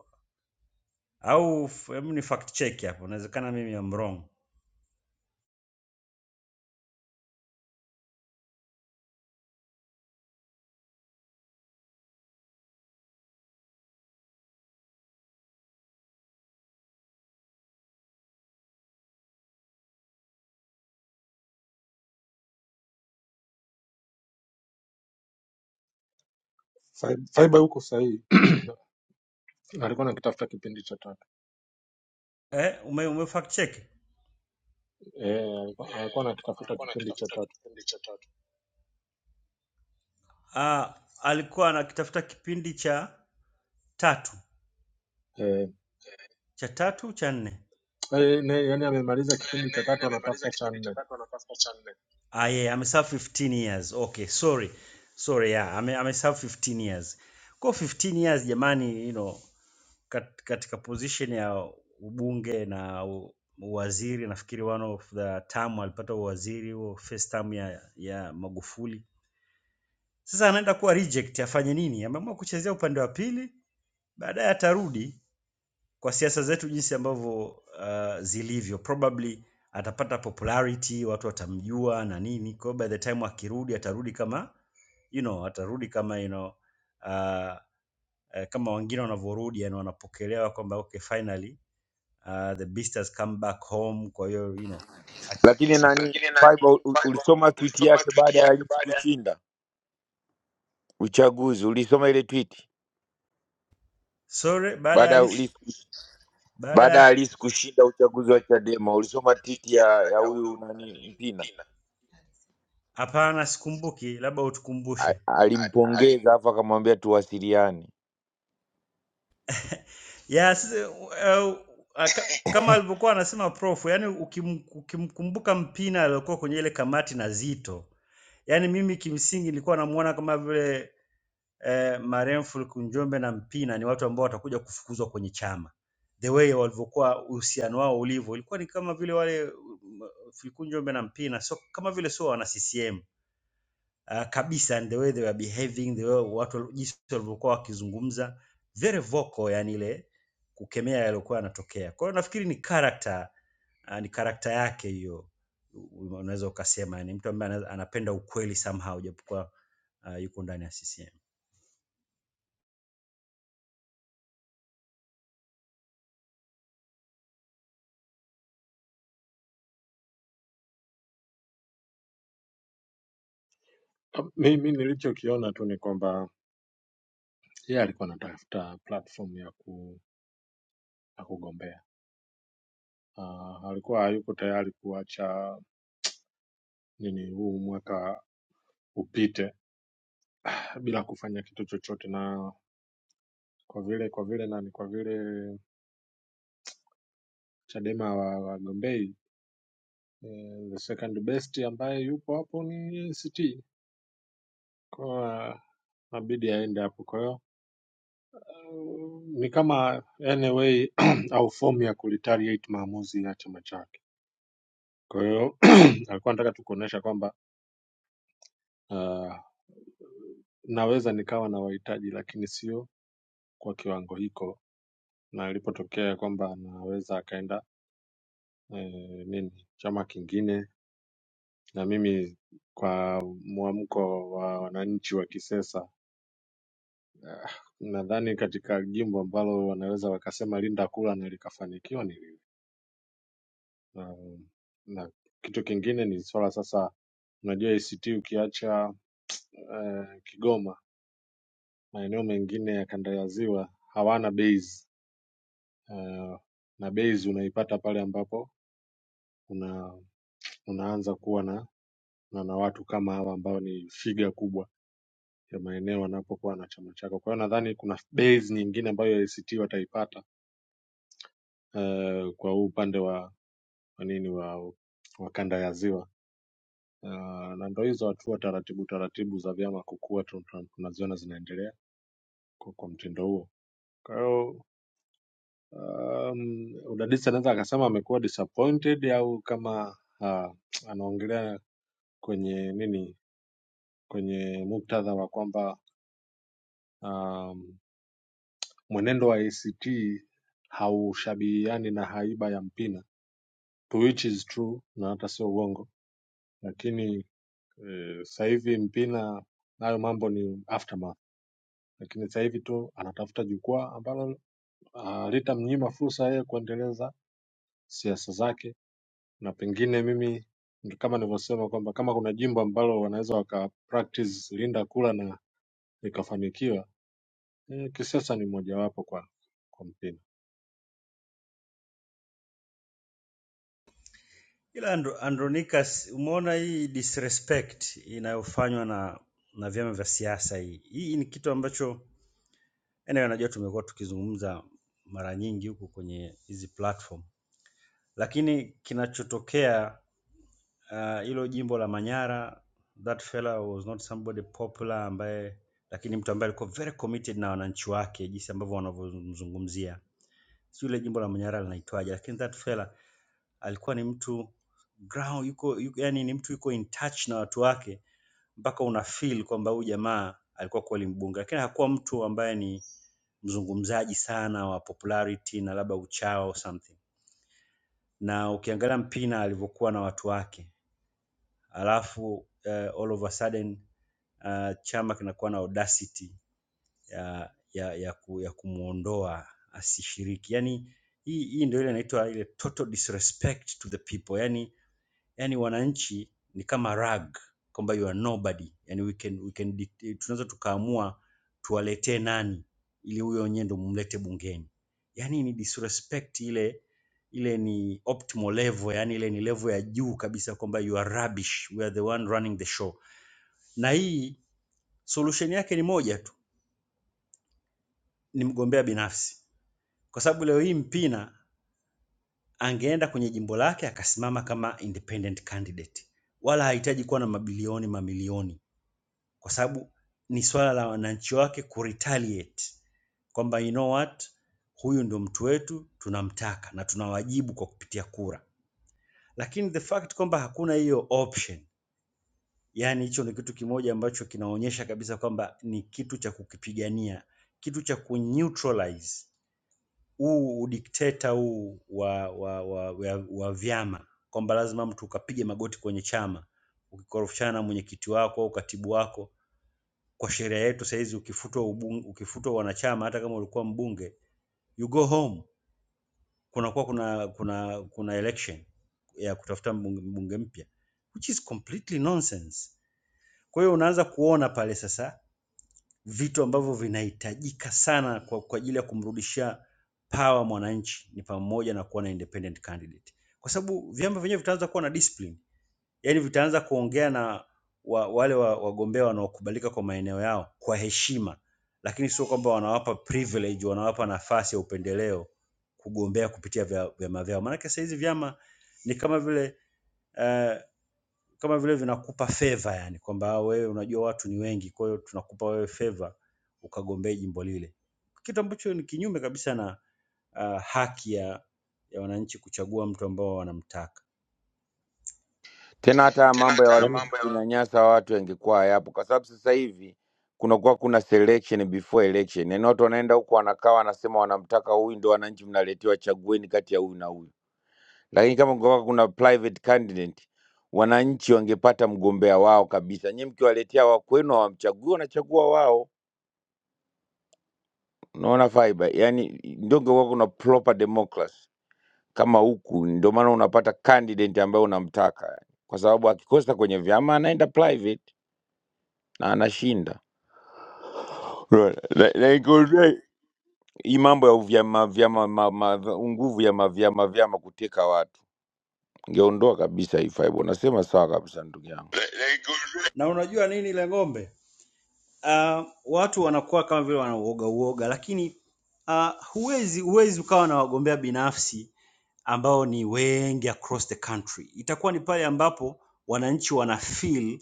au f- hebu ni fact check hapo, inawezekana mimi am wrong.
Fai- Faiba huko sahihi alikuwa anakitafuta kipindi cha tatu
Eh, ume, ume fact check?
eh, alikuwa alikuwa anakitafuta kipindi cha tatu
Ah, alikuwa anakitafuta kipindi cha tatu
eh,
cha tatu cha nne.
eh, ne, yani amemaliza kipindi cha
Yaani yaani
tatu
amemaliza
anatafuta
kipindi.
cha nne.
Ah, yeah, ameserve 15 years. Okay, sorry. Sorry, yeah, ame, ameserve 15 years. Kwa 15 years jamani, you know, kat, katika position ya ubunge na u, uwaziri nafikiri one of the term alipata uwaziri huo first term ya ya Magufuli Sasa anaenda kuwa reject, afanye nini? Ameamua kuchezea upande wa pili, baadaye atarudi kwa siasa zetu jinsi ambavyo uh, zilivyo, probably atapata popularity, watu watamjua na nini. Kwa hiyo by the time akirudi, atarudi kama you know, atarudi kama you know, uh, uh, kama wengine wanavyorudi, yani wanapokelewa kwamba okay, finally uh, the beast has come back home. Kwa hiyo you know, aki,
lakini
aki,
nani
lakini nani
Faiba u-
Figo,
ulisoma tweet
ulisoma
yake
tweet
baada ya
yake
Lissu
baada ya
kushinda uchaguzi ulisoma ile tweet
sorry, baada baada
baada
ya
ya
ya
Lissu kush-
Baada baada
baada
ya ya
ya Lissu
Lissu kushinda
kushinda uchaguzi
uchaguzi
wa
wa
Chadema
Chadema.
ulisoma
Ulisoma
tweet
titi
ya
ya
ya
ya
huyu
huyu
nani
nani
Mpina
Mpina hapana, sikumbuki, labda
A-
utukumbushe. A- alim-
alimpongeza afu akamwambia tuwasiliane
Ya sisi- eh, ah, ka- kama alivyokuwa anasema prof, yani ukim, ukimkumbuka Mpina aliyokuwa kwenye ile kamati na Zito, yani mimi kimsingi nilikuwa namuona kama vile eh, marehemu Kunjombe na Mpina ni watu ambao watakuja kufukuzwa kwenye chama. The way walivyokuwa uhusiano wao ulivyo ilikuwa ni kama vile wale mm, Kunjombe na Mpina so, kama vile sio wana CCM uh, kabisa, and the way they were behaving, the way watu wal- jinsi walivyokuwa wakizungumza very vocal, yani ile kukemea yaliokuwa yanatokea. Kwa hiyo nafikiri ni character Ah, ni karakta yake hiyo, u- unaweza ukasema ni mtu ambaye ana- anapenda ukweli somehow, japokuwa ah, yuko ndani ya CCM.
Mimi nilichokiona tu ni kwamba yeye alikuwa anatafuta platform ya, ku, ya kugombea uh, alikuwa hayuko tayari kuacha nini huu mwaka upite bila kufanya kitu chochote na kwa vile kwa vile nani kwa vile Chadema wa- wagombei Eh, the second best ambaye yupo hapo ni ACT, kwa nabidi aende hapo. Kwa hiyo eh, ni kama anyway au fomu ya kuretaliate maamuzi ya chama chake. Kwa hiyo alikuwa anataka tu kuonyesha kwamba ah, naweza nikawa na wahitaji lakini sio kwa kiwango hiko, na ilipotokea kwamba anaweza akaenda eh, nini chama kingine, na mimi kwa mwamko wa wananchi wa kisesa Ah, nadhani katika jimbo ambalo wanaweza wakasema linda kula na likafanikiwa ni lile. Na, na kitu kingine ni swala sasa, unajua ACT ukiacha eh, Kigoma, maeneo mengine ya kanda ya ziwa hawana base eh, na base unaipata pale ambapo una, unaanza kuwa na, na, na watu kama hawa ambao ni figa kubwa ya maeneo wanapokuwa na chama chako. Kwa hiyo nadhani kuna base nyingine ambayo ACT wataipata eh, kwa huu upande wa wanini wa, wa kanda ya ziwa Ah, na ndo hizo hatua taratibu taratibu za vyama kukua tu- tu- tunaziona zinaendelea kwa, kwa mtindo huo kwa hiyo um, udadisi anaweza akasema amekuwa disappointed au kama uh, anaongelea kwenye nini kwenye muktadha wa kwamba um, mwenendo wa act haushabihiani na haiba ya mpina to which is true na hata sio uongo lakini eh, sasa hivi mpina nayo mambo ni aftermath lakini sasa hivi tu anatafuta jukwaa ambalo ah, litamnyima fursa yeye kuendeleza siasa zake, na pengine mimi ndo kama nilivyosema kwamba kama kuna jimbo ambalo wanaweza waka practice linda kula na likafanikiwa, eh, kisiasa ni mojawapo kwa kwa mpina.
Ila Andro, Andronicus, umeona hii disrespect inayofanywa na na vyama vya siasa hii. Hii ni kitu ambacho yani, najua tumekuwa tukizungumza mara nyingi huku kwenye hizi platform, lakini kinachotokea ah, hilo uh, jimbo la Manyara, that fella was not somebody popular ambaye, lakini mtu ambaye alikuwa very committed na wananchi wake, jinsi ambavyo wanavyomzungumzia sijui ile jimbo la Manyara linaitwaje, lakini that fella alikuwa ni mtu ground, yuko, yuko yani ni mtu yuko in touch na watu wake mpaka una feel kwamba huyu jamaa alikuwa kweli mbunge, lakini hakuwa mtu ambaye ni mzungumzaji sana wa popularity na labda uchao or something. Na ukiangalia Mpina alivyokuwa na watu wake, alafu eh, all of a sudden uh, chama kinakuwa na audacity ya, ya, ya, ku, ya kumwondoa asishiriki. Yani hii, hii ndio ile inaitwa ile total disrespect to the people. Yani, yani wananchi ni kama rag kwamba you are nobody. Yani we can, we can, det- tunaweza tukaamua tuwaletee nani ili huyo wenyewe ndo mlete bungeni. Yani ni disrespect ile ile ni optimal level, yani ile ni level ya juu kabisa kwamba you are rubbish, we are the one running the show. Na hii solution yake ni moja tu, ni mgombea binafsi. kwa sababu leo hii Mpina angeenda kwenye jimbo lake akasimama kama independent candidate, wala hahitaji kuwa na mabilioni mamilioni, kwa sababu ni swala la wananchi wake kuretaliate kwamba you know what, huyu ndio mtu wetu, tunamtaka na tunawajibu kwa kupitia kura. Lakini the fact kwamba hakuna hiyo option, yani hicho ni kitu kimoja ambacho kinaonyesha kabisa kwamba ni kitu cha kukipigania, kitu cha kuneutralize huu udikteta huu wa wa, wa, wa wa vyama kwamba lazima mtu ukapige magoti kwenye chama ukikorofishana na mwenyekiti wako au katibu wako. Kwa sheria yetu sahizi ukifutwa ubunge, ukifutwa wanachama, hata kama ulikuwa mbunge, you go home. Kunakuwa kuna kuna kuna election ya kutafuta mbunge mbunge mpya which is completely nonsense. Kwa hiyo unaanza kuona pale sasa vitu ambavyo vinahitajika sana kwa, kwa ajili ya kumrudishia power mwananchi ni pamoja na kuwa na independent candidate, kwa sababu vyama vyenyewe vitaanza kuwa na discipline, yaani vitaanza kuongea na wa, wale wa- wagombea wa wanaokubalika kwa maeneo yao kwa heshima, lakini sio kwamba wanawapa privilege, wanawapa nafasi ya upendeleo kugombea kupitia vya- vyama vyao. Maanake saa hizi vyama ni kama vile uh, kama vile vinakupa favor yani kwamba "Ah, wewe unajua watu ni wengi, kwa hiyo tunakupa wewe favor ukagombee jimbo lile, kitu ambacho ni kinyume kabisa na uh, haki ya, ya wananchi kuchagua mtu ambao wanamtaka.
Tena hata haya
tena
mambo ya
hata
Yaani
wajumbe
mambo ya
kunyanyasa watu yangekuwa hayapo, kwa sababu sasa hivi kunakuwa kuna selection before election, yaani watu wanaenda huko wanakaa wanasema wanamtaka huyu, ndio wananchi mnaletewa, chagueni kati ya huyu na huyu. Lakini kama kungekuwa kuna private candidate, wananchi wangepata mgombea wao kabisa. Nyie mkiwaletea wa kwenu hawamchagui, wanachagua wao. Unaona fiber, yaani ndio kungekuwa kuna proper democracy kama huku. Ndio maana unapata candidate ambaye unamtaka, kwa sababu akikosa kwenye vyama anaenda private. na anashinda Right. Na- naikuambia hii mambo ya vyama vyama ma, ma, nguvu ya mavyama vyama kuteka watu ngeondoa kabisa hii fibe. Unasema sawa kabisa ndugu yangu.
Le- le- gu- Na unajua nini ile ng'ombe? Uh, watu wanakuwa kama vile wanauoga uoga, lakini uh, huwezi huwezi ukawa na wagombea binafsi ambao ni wengi across the country. Itakuwa ni pale ambapo wananchi wana feel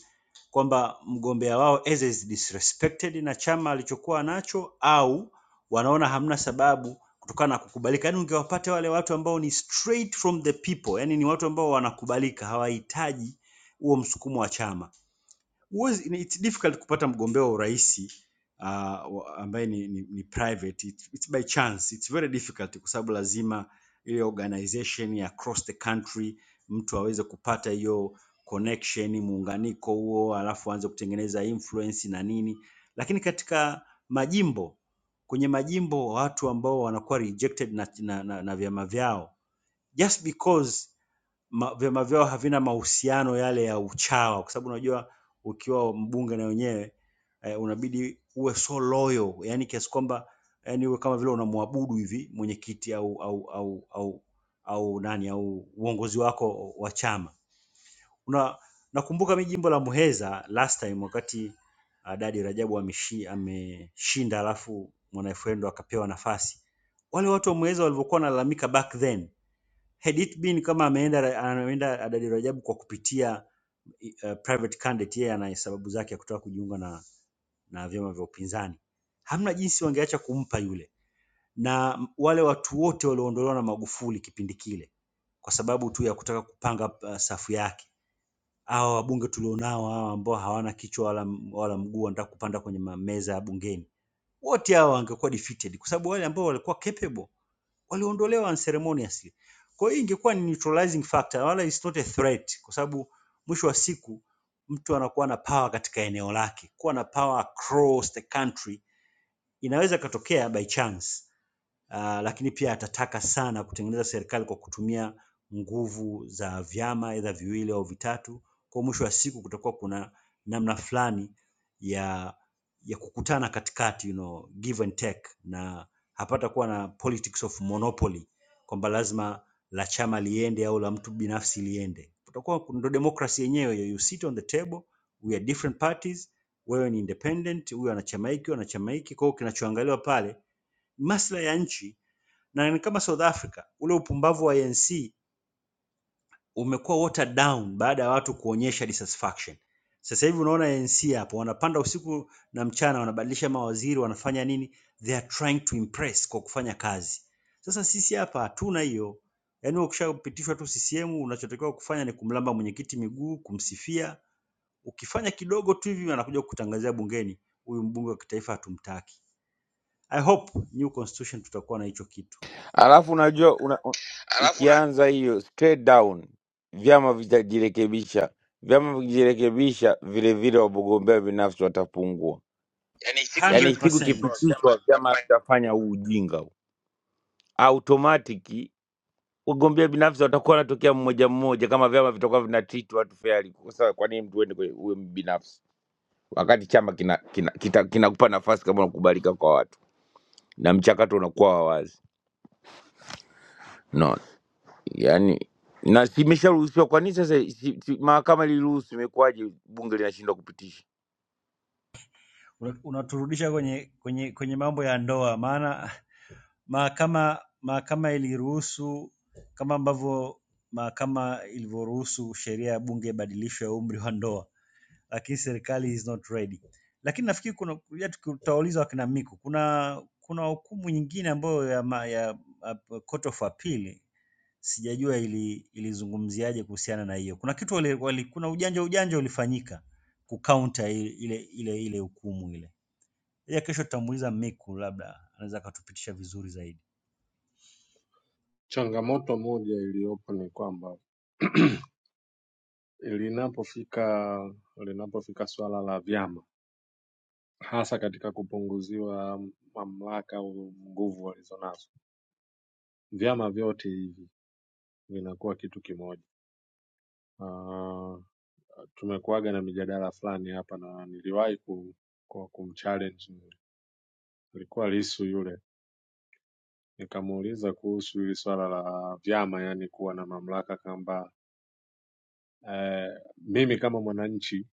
kwamba mgombea wao either is disrespected na chama alichokuwa nacho au wanaona hamna sababu kutokana na kukubalika. Yaani ungewapata wale watu ambao ni straight from the people, yaani ni watu ambao wanakubalika, hawahitaji huo msukumo wa chama huwezi, ni- it's difficult kupata mgombea wa urais uh, ambaye ni, ni, ni private it, it's by chance it's very difficult kwa sababu lazima ile organization ya across the country mtu aweze kupata hiyo connection muunganiko huo alafu aanze kutengeneza influence na nini lakini katika majimbo kwenye majimbo watu ambao wanakuwa rejected na, na, na, na vyama vyao just because ma, vyama vyao havina mahusiano yale ya uchawa, kwa sababu unajua ukiwa mbunge na wenyewe eh, unabidi uwe so loyal, yani kiasi kwamba yani uwe kama vile unamwabudu hivi mwenyekiti au au au au au nani au uongozi wako wa chama. Una nakumbuka mimi jimbo la Muheza last time wakati ah, Dadi Rajabu ameshi, ameshinda alafu Mwanaifrendo akapewa nafasi, wale watu wa Muheza walivyokuwa wanalalamika back then Had it been kama ameenda anaenda Adadi Rajabu kwa kupitia uh, private candidate, yeye ana sababu zake ya kutaka kujiunga na, na vyama vya upinzani, hamna jinsi wangeacha kumpa yule, na wale watu wote walioondolewa na Magufuli kipindi kile kwa sababu tu ya kutaka kupanga uh, safu yake. Hawa wabunge tulionao hawa ambao hawana kichwa wala, wala mguu wanataka kupanda kwenye meza ya bungeni, wote hawa wangekuwa defeated kwa sababu wale ambao walikuwa capable waliondolewa unceremoniously. Kwa hiyo ingekuwa ni neutralizing factor, wala it's not a threat, kwa sababu mwisho wa siku mtu anakuwa na power katika eneo lake. Kuwa na power across the country inaweza ikatokea by chance, uh, lakini pia atataka sana kutengeneza serikali kwa kutumia nguvu za vyama aidha viwili au vitatu. Kwa mwisho wa siku kutakuwa kuna namna fulani ya ya kukutana katikati, you know, give and take, na hapata kuwa na politics of monopoly kwamba lazima la chama liende au la mtu binafsi liende. Kutakuwa ndo demokrasi yenyewe, you sit on the table, we are different parties, wewe ni independent, huyu ana chama hiki, huyu ana chama hiki. Kwa hiyo kinachoangaliwa pale ni maslahi ya nchi na ni kama South Africa, ule upumbavu wa ANC umekuwa watered down baada ya watu kuonyesha dissatisfaction. Sasa hivi unaona ANC hapo wanapanda usiku na mchana, wanabadilisha mawaziri, wanafanya nini, they are trying to impress kwa kufanya kazi. Sasa sisi hapa hatuna hiyo, yaani ukishapitishwa tu CCM unachotakiwa kufanya ni kumlamba mwenyekiti miguu, kumsifia. Ukifanya kidogo tu hivi anakuja kutangazia bungeni, huyu mbunge wa kitaifa hatumtaki. I hope new constitution tutakuwa na hicho kitu.
Alafu unajua una, un-
Alafu na
ikianza hiyo straight down vyama vitajirekebisha, vyama vikijirekebisha, vile vile wagombea binafsi watapungua.
yani hiki kipitisho
Yaani siku
100%. chama
ikipitishwa vyama
kitafanya
vitafanya huu ujinga huu automatic wagombea binafsi watakuwa wanatokea mmoja mmoja, kama vyama vitakuwa vinatreat watu fairly. Kwa sababu kwa nini mtu uende kwe- uwe binafsi wakati chama kina kinakupa kina, kita- kinakupa nafasi kama unakubalika kwa watu na mchakato unakuwa wa wazi no, yani na simesharuhusiwa. Kwa nini sasa si, si, mahakama iliruhusu, imekuwaje bunge linashindwa kupitisha?
Una- Unaturudisha kwenye kwenye kwenye mambo ya ndoa, maana mahakama mahakama iliruhusu kama ambavyo mahakama ilivyoruhusu sheria ya bunge ibadilishwe ya umri wa ndoa, lakini serikali is not ready. Lakini nafikiri kuna ya tutauliza wakina Miku, kuna kuna hukumu nyingine ambayo ya, ma- ya, ya Court of Appeal Sijajua ili ilizungumziaje kuhusiana na hiyo. Kuna kitu wali, wali, kuna ujanja ujanja ulifanyika kukaunta ile ile ile ile hukumu ile. Ya kesho tutamuuliza Miku, labda anaweza akatupitisha vizuri zaidi.
changamoto moja iliyopo ni kwamba linapofika linapofika swala la vyama hasa katika kupunguziwa mamlaka au nguvu walizonazo vyama vyote hivi vinakuwa kitu kimoja. Ah, Tumekuwaga na mijadala fulani hapa na niliwahi ku- ku- kumchallenge alikuwa Lissu yule, nikamuuliza kuhusu hili swala la vyama, yani kuwa na mamlaka kwamba eh, mimi kama mwananchi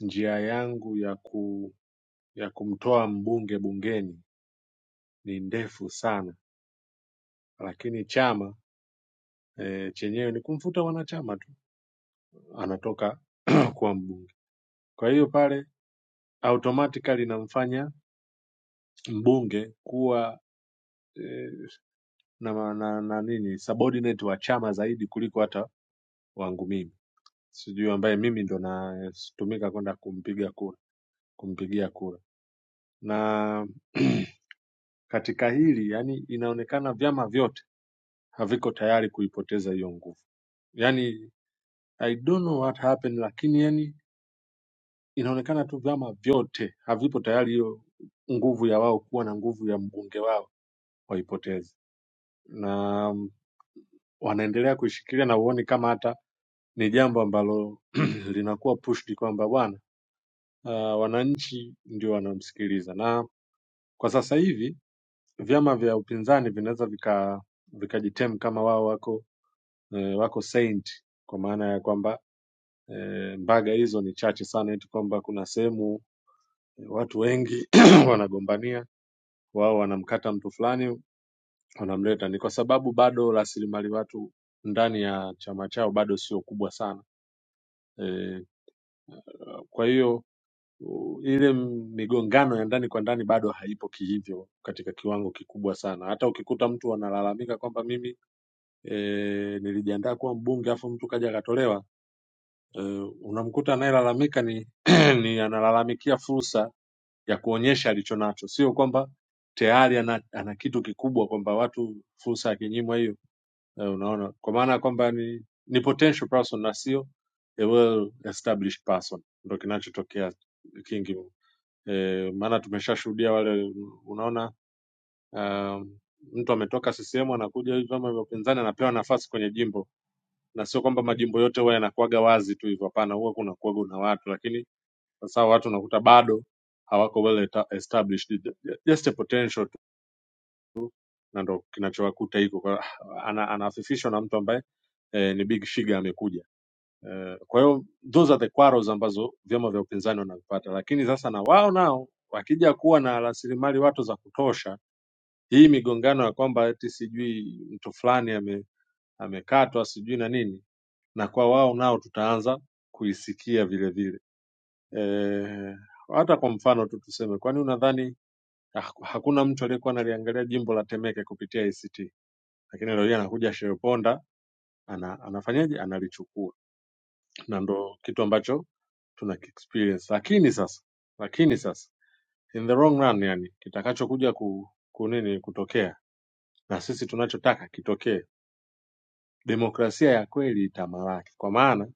njia yangu ya ku ya kumtoa mbunge bungeni ni ndefu sana, lakini chama eh, chenyewe ni kumfuta wanachama tu, anatoka kuwa mbunge. Kwa hiyo pale automatically inamfanya mbunge kuwa eh, na, ma- na, na nini subordinate wa chama zaidi kuliko hata wangu mimi sijui ambaye mimi ndo natumika kwenda kumpiga kura kumpigia kura na katika hili yani inaonekana vyama vyote haviko tayari kuipoteza hiyo nguvu yani i don't know what happened lakini yani inaonekana tu vyama vyote havipo tayari hiyo nguvu ya wao kuwa na nguvu ya mbunge wao waipoteze na mm, wanaendelea kuishikilia na huoni kama hata ni jambo ambalo linakuwa pushed kwamba bwana uh, wananchi ndio wanamsikiliza na kwa sasa hivi vyama vya upinzani vinaweza vika vikajitem kama wao wako eh, wako saint kwa maana ya kwamba eh, mbaga hizo ni chache sana eti kwamba kuna sehemu eh, watu wengi wanagombania wao wanamkata mtu fulani wanamleta ni kwa sababu bado rasilimali watu ndani ya chama chao bado sio kubwa sana eh, kwa hiyo u- ile migongano ya ndani kwa ndani bado haipo kihivyo katika kiwango kikubwa sana. Hata ukikuta mtu analalamika kwamba mimi e, nilijiandaa kuwa mbunge afu mtu kaja akatolewa, e, unamkuta anayelalamika ni, ni analalamikia fursa ya kuonyesha alichonacho, sio kwamba tayari ana, ana kitu kikubwa kwamba watu fursa akinyimwa hiyo Eh, unaona kwa maana ya kwamba ni, ni potential person na sio a well established person ndo kinachotokea kingi eh, maana tumeshashuhudia wale unaona um, mtu ametoka CCM anakuja hivi vyama vya upinzani anapewa nafasi kwenye jimbo, na sio kwamba majimbo yote huwa yanakuwaga wazi tu hivyo, hapana, huwa kuna kuwaga na watu, lakini sasa hao watu unakuta bado hawako well eta- established, just a potential tu, na ndo kinachowakuta hiko, kwa- ana, anafifishwa na mtu ambaye eh, ni big shiga amekuja Eh, Kwa hiyo those are the quarrels ambazo vyama vya upinzani wanavipata, lakini sasa na wao nao wakija kuwa na rasilimali watu za kutosha, hii migongano ya kwamba eti sijui mtu fulani ame, amekatwa sijui na nini, na kwa wao nao tutaanza kuisikia vile vile. Eh, hata kwa mfano tu tuseme, kwani unadhani ha- hakuna mtu aliyekuwa analiangalia jimbo la Temeke kupitia ACT, lakini leo hii anakuja Sheponda ana, anafanyaje analichukua na ndo kitu ambacho tuna experience lakini sasa lakini sasa in the wrong run yani kitakachokuja ku, ku nini kutokea na sisi tunachotaka kitokee demokrasia ya kweli itamalaki kwa maana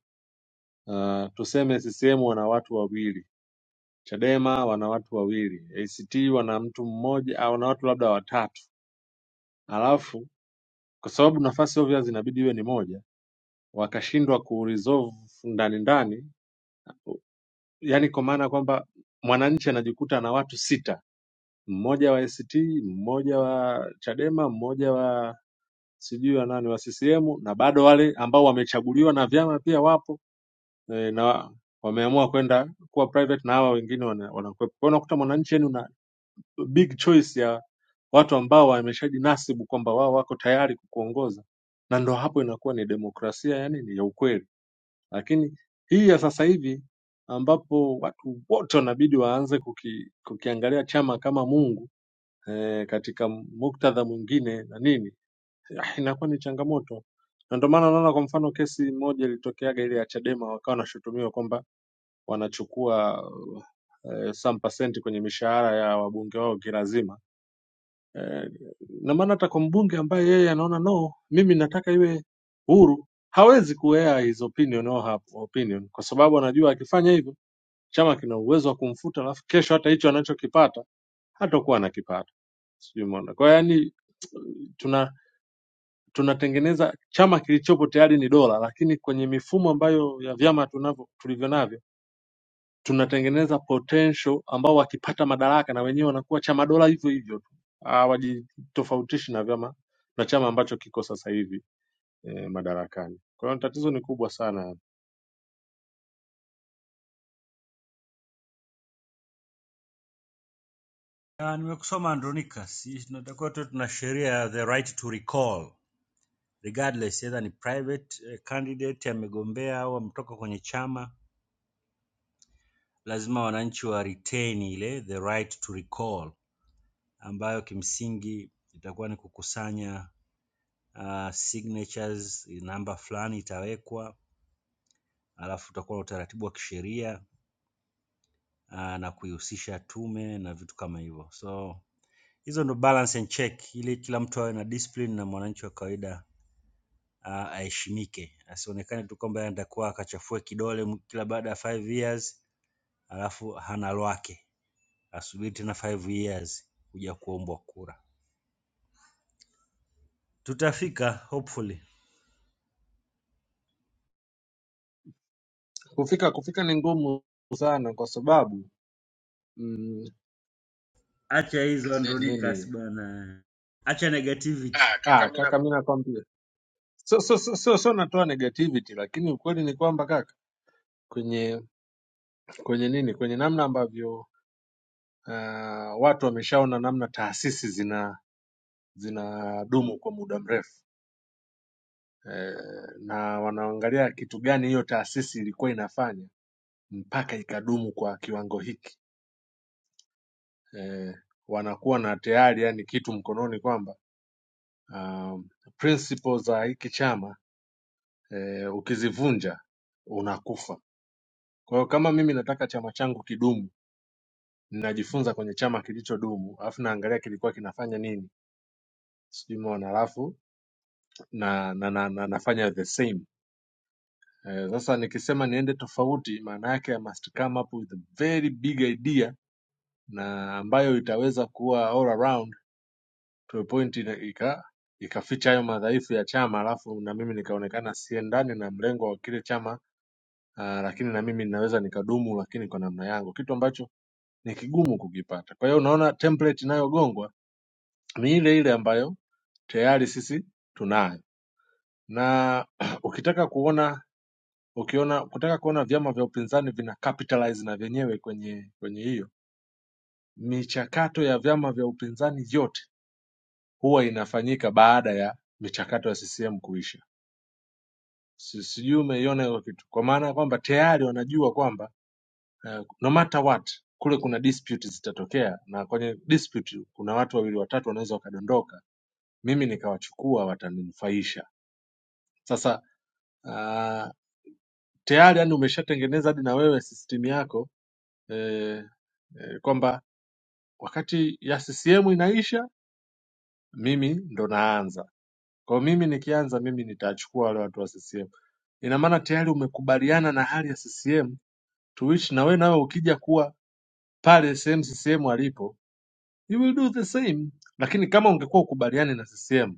uh, tuseme ccm wana watu wawili chadema wana watu wawili act wana mtu mmoja au wana watu labda watatu alafu kwa sababu nafasi obvious inabidi iwe ni moja wakashindwa kuresolve ndani ndani yani kwa maana kwamba mwananchi anajikuta na watu sita mmoja wa ACT, mmoja wa Chadema, mmoja wa sijui wa nani wa CCM, na bado wale ambao wamechaguliwa na vyama pia wapo e, na wameamua kwenda kuwa private na hawa wengine wana- wanakuwepo. Kwa hiyo unakuta mwananchi yani una big choice ya watu ambao wameshajinasibu kwamba wao wako tayari kukuongoza, na ndo hapo inakuwa ni demokrasia ya nini ya ukweli. Lakini hii ya sasa hivi ambapo watu wote wanabidi waanze kuki, kukiangalia chama kama Mungu eh, katika muktadha mwingine na nini ah, inakuwa ni changamoto na ndio maana unaona kwa mfano kesi moja ilitokeaga ile ya Chadema wakawa wanashutumiwa kwamba wanachukua eh, some percent kwenye mishahara ya wabunge wao kirazima eh, na maana hata kwa mbunge ambaye yeye anaona no mimi nataka iwe huru hawezi kuea his opinion or her opinion kwa sababu anajua akifanya hivyo chama kina uwezo wa kumfuta alafu kesho hata hicho anachokipata hatakuwa anakipata sijui umeona kwa hiyo yani tuna tunatengeneza chama kilichopo tayari ni dola, lakini kwenye mifumo ambayo ya vyama tunavyo tulivyo navyo tunatengeneza potential ambao wakipata madaraka na wenyewe wanakuwa chama dola hivyo hivyo tu, hawajitofautishi na vyama na chama ambacho kiko sasa hivi eh, madarakani. Kwa hiyo tatizo ni kubwa sana,
Ah, nimekusoma Andronica, si tunatakiwa tu tuna sheria ya the right to recall regardless either ni private eh, candidate amegombea au ametoka kwenye chama, lazima wananchi wa retain ile the right to recall, ambayo kimsingi itakuwa ni kukusanya uh, signatures namba fulani itawekwa, alafu utakuwa na utaratibu wa kisheria uh, na kuihusisha tume na vitu kama hivyo. So hizo ndo balance and check, ili kila mtu awe na discipline na mwananchi wa kawaida uh, aheshimike, asionekane tu kwamba yeye atakuwa akachafua kidole m- kila baada ya five years alafu hana lwake, asubiri tena five years kuja kuombwa kura. Tutafika hopefully.
kufika kufika ni ngumu sana kwa sababu mm,
Acha hizo Sasa ni andonikas
nini
bwana, acha negativity. ah, kaka
ah,
mimi
kaka, mi nakwambia sio sio sio sio- sio natoa negativity, lakini ukweli ni kwamba kaka kwenye kwenye nini, kwenye namna ambavyo uh, watu wameshaona namna taasisi zina zinadumu kwa muda mrefu eh, na wanaangalia kitu gani hiyo taasisi ilikuwa inafanya mpaka ikadumu kwa kiwango hiki eh, wanakuwa na tayari yani kitu mkononi kwamba um, principles za hiki chama eh, ukizivunja unakufa. Kwa hiyo kama mimi nataka chama changu kidumu, ninajifunza kwenye chama kilichodumu, alafu naangalia kilikuwa kinafanya nini sijui umeona alafu na, na, na, na nafanya the same Eh, sasa nikisema niende tofauti maana yake I must come up with a very big idea na ambayo itaweza kuwa all around to a point ina- ika ikaficha hayo madhaifu ya chama alafu na mimi nikaonekana siendani na mlengo wa kile chama uh, lakini na mimi ninaweza nikadumu lakini kwa namna yangu kitu ambacho ni kigumu kukipata kwa hiyo unaona template inayogongwa ni ile ile ambayo tayari sisi tunayo na ukitaka kuona ukiona kutaka kuona vyama vya upinzani vina capitalize na vyenyewe kwenye kwenye hiyo michakato ya vyama vya upinzani yote huwa inafanyika baada ya michakato ya CCM kuisha. Si- Sijui umeiona hiyo kitu, kwa maana ya kwamba tayari wanajua kwamba uh, no matter what kule kuna dispute zitatokea, na kwenye dispute kuna watu wawili watatu wanaweza wakadondoka, mimi nikawachukua, wataninufaisha. Sasa uh, tayari yani umeshatengeneza hadi na wewe system yako eh, eh, kwamba wakati ya CCM inaisha, mimi ndo naanza. Kwa hiyo mimi nikianza, mimi nitachukua wale watu wa CCM. Ina maana tayari umekubaliana na hali ya CCM, to which na wewe nawe ukija kuwa pale sehemu CCM alipo, you will do the same. Lakini kama ungekuwa ukubaliani na CCM,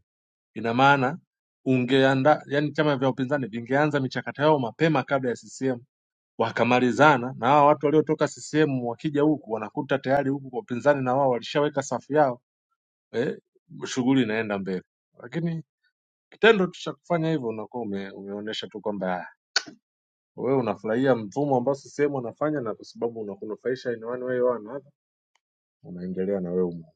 ina maana ungeanda, yani chama vya upinzani vingeanza michakato yao mapema kabla ya CCM wakamalizana na hawa watu waliotoka CCM wakija huku wanakuta tayari huku kwa upinzani na wao walishaweka safu yao eh, shughuli inaenda mbele, lakini kitendo tu cha kufanya hivyo unakuwa ume, umeonyesha tu kwamba ah, wewe unafurahia mfumo ambao CCM wanafanya na kwa sababu unakunufaisha in one way or another, unaendelea na wewe umo.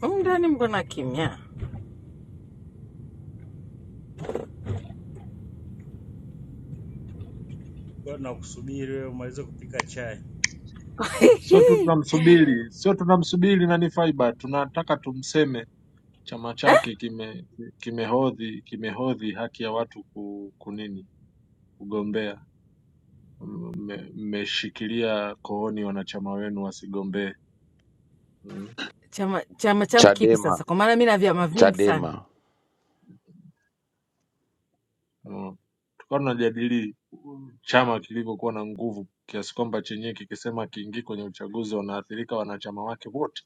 Humu ndani mko na kimya.
Kwa na kusubiri wewe umalize kupika chai,
Sio tu tunamsubiri, sio tunamsubiri nani Faiba, tunataka tumseme chama chake kime kimehodhi kimehodhi haki ya watu ku, kunini kugombea. Mmeshikilia kooni wanachama wenu wasigombee. Hmm?
Chama chama changu kipi
Chadema,
sasa? Kwa maana mi na vyama vingi sana.
Chadema
no. Tukawa tunajadili chama kilivyokuwa na nguvu kiasi kwamba chenyewe kikisema kiingii kwenye uchaguzi wanaathirika wanachama wake wote,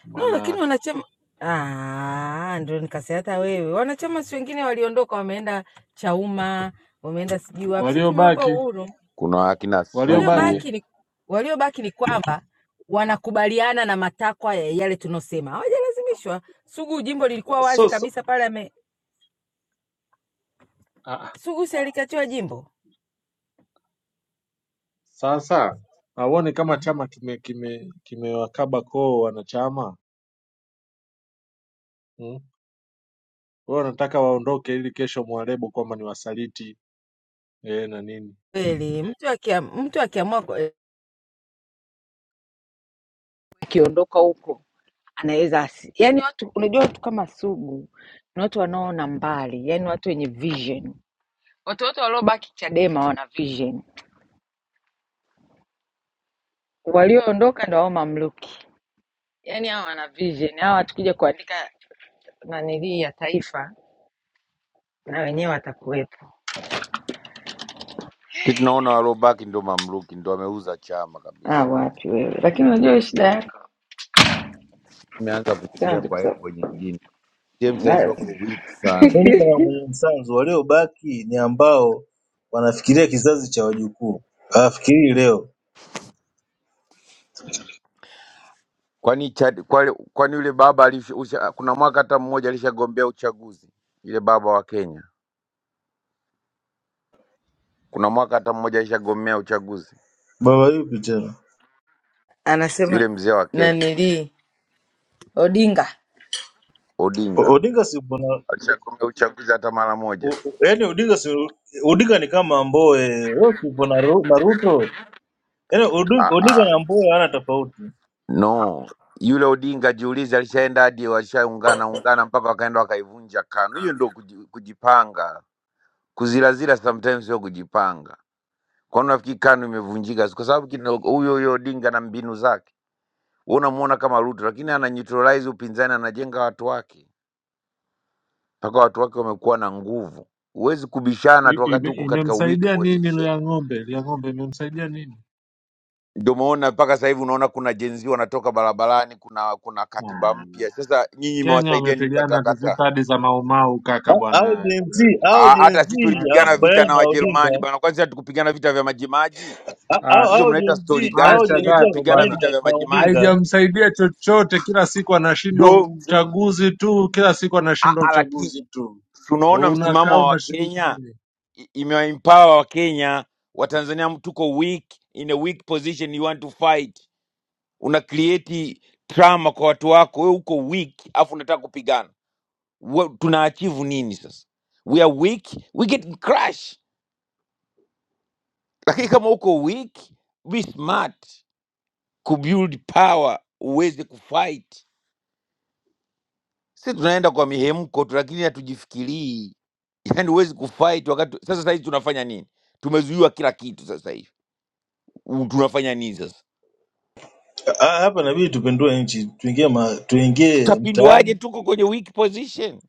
kwa
No, lakini
maana
wanachama ah, ndio nikasema hata wewe. Wanachama si wengine waliondoka, wameenda Chauma, wameenda sijui wapi. Sisi tumewapa
waliobaki
uhuru.
kuna akina Sugu,
waliobaki
Waliobaki ni waliobaki ni kwamba wanakubaliana na matakwa ya yale tunosema, hawajalazimishwa. Sugu jimbo lilikuwa wazi
so, so,
kabisa pale, ame
ah, ah,
Sugu si alikatiwa jimbo
sasa hauoni kama
Mhm.
chama kime kime kimewakaba koo wanachama mm? Wao wanataka waondoke ili kesho mwarebo kwamba ni wasaliti eh, na nini
kweli. Mtu akia, mtu akiamua kwa- akiondoka huko anaweza asi... yani watu unajua watu kama sugu ni watu wanaoona mbali yani watu wenye vision Watoto waliobaki Chadema wana vision, walioondoka ndo hao mamluki. Yaani hawa wana vision, hawa tukija kuandika nanilii ya taifa na wenyewe watakuwepo.
si tunaona waliobaki ndio mamluki, ndio wameuza chama
Ah,
kabisa.
wapi wewe, lakini unajua hiyo shida yako
Imeanza
Sema
kufikiria
tu kwa
kwa
sababu-
engo nyingine. CCM saizi
na-
wako weak sana.
Dhuluma ya mwenye msanzu waliobaki ni ambao wanafikiria kizazi cha wajukuu, hawafikirii leo.
Kwani Chad, kwani, kwani yule baba alisha, usha, kuna mwaka hata mmoja alishagombea uchaguzi, yule baba wa Kenya, kuna mwaka hata mmoja alishagombea uchaguzi,
Baba yupi tena?
yule
anasema
mzee wa Kenya
nanilii Odinga
O-
Odinga
Odinga si mbona
alishagombea uchaguzi hata mara
o-
moja?
o- yaani Odinga si Odinga ni kama Mbowe, wewe si mbona Ru- na Ruto? Yaani Odi-
Ah,
Odinga
ah,
na Mbowe hawana tofauti.
no yule Odinga jiulize, alishaenda hadi walishaungana ungana mpaka wakaenda wakaivunja KANU. Hiyo ndio kuji- kujipanga, kuzirazira sometimes sio kujipanga. Kwani unafikiri KANU imevunjika kwa sababu kina- huyo huyo Odinga na mbinu zake? Wewe unamuona kama Ruto, lakini ana neutralize upinzani, anajenga watu wake mpaka watu wake wamekuwa na nguvu. Huwezi kubishana tu
I-
wakati
ime-
huko katika weak
imemsaidia nini
position.
lia ng'ombe lia ng'ombe imemsaidia nini
Ndio maana mpaka sasa hivi unaona kuna jenzi wanatoka barabarani, kuna kuna katiba mpya. Sasa nyinyi
Kenya
mmewasaidia nini
wamepigana
kukatakata?
vita hadi za maumau kaka
Ha- Hao
bwana.
Gen Z, hao
Ah,
Gen Z
Hata sisi
Acha
tulipigana
bwana.
vita
hawakubaliani
na
na Odinga.
Wajerumani bana, kwanza hatukupigana vita vya majimaji.
Ha- Hao
Acha.
Hizo
hao
mnaita
Gen
stori
Z,
gani?
hao
Sisi
Acha
Gen
wenyewe
Z
zako
tulipigana
hawakubaliani
bwana.
vita vya
na na
majimaji.
Odinga.
Haijamsaidia chochote, kila siku anashindwa
Ndio msi-
uchaguzi tu, kila siku
ah,
anashindwa
ah, lakini
uchaguzi tu.
si unaona msimamo
Unakaa
wa
unashiriki
Wakenya
nini?
i- imewaempower wakenya watanzania mtuko weak in a weak position you want to fight una create trauma kwa watu wako wewe uko weak afu unataka kupigana Wa- tuna achieve nini sasa we are weak we get crash lakini kama uko weak be smart kubuild power uweze kufight si tunaenda kwa mihemko tu lakini hatujifikirii yani huwezi kufight wakati sasa sahizi tunafanya nini tumezuiwa kila kitu sasa hivi U- tunafanya nini sasa
Ha- Hapa inabidi tupindue nchi, tuingie ma, tuingie mtaani
tutapinduaje tuko kwenye weak position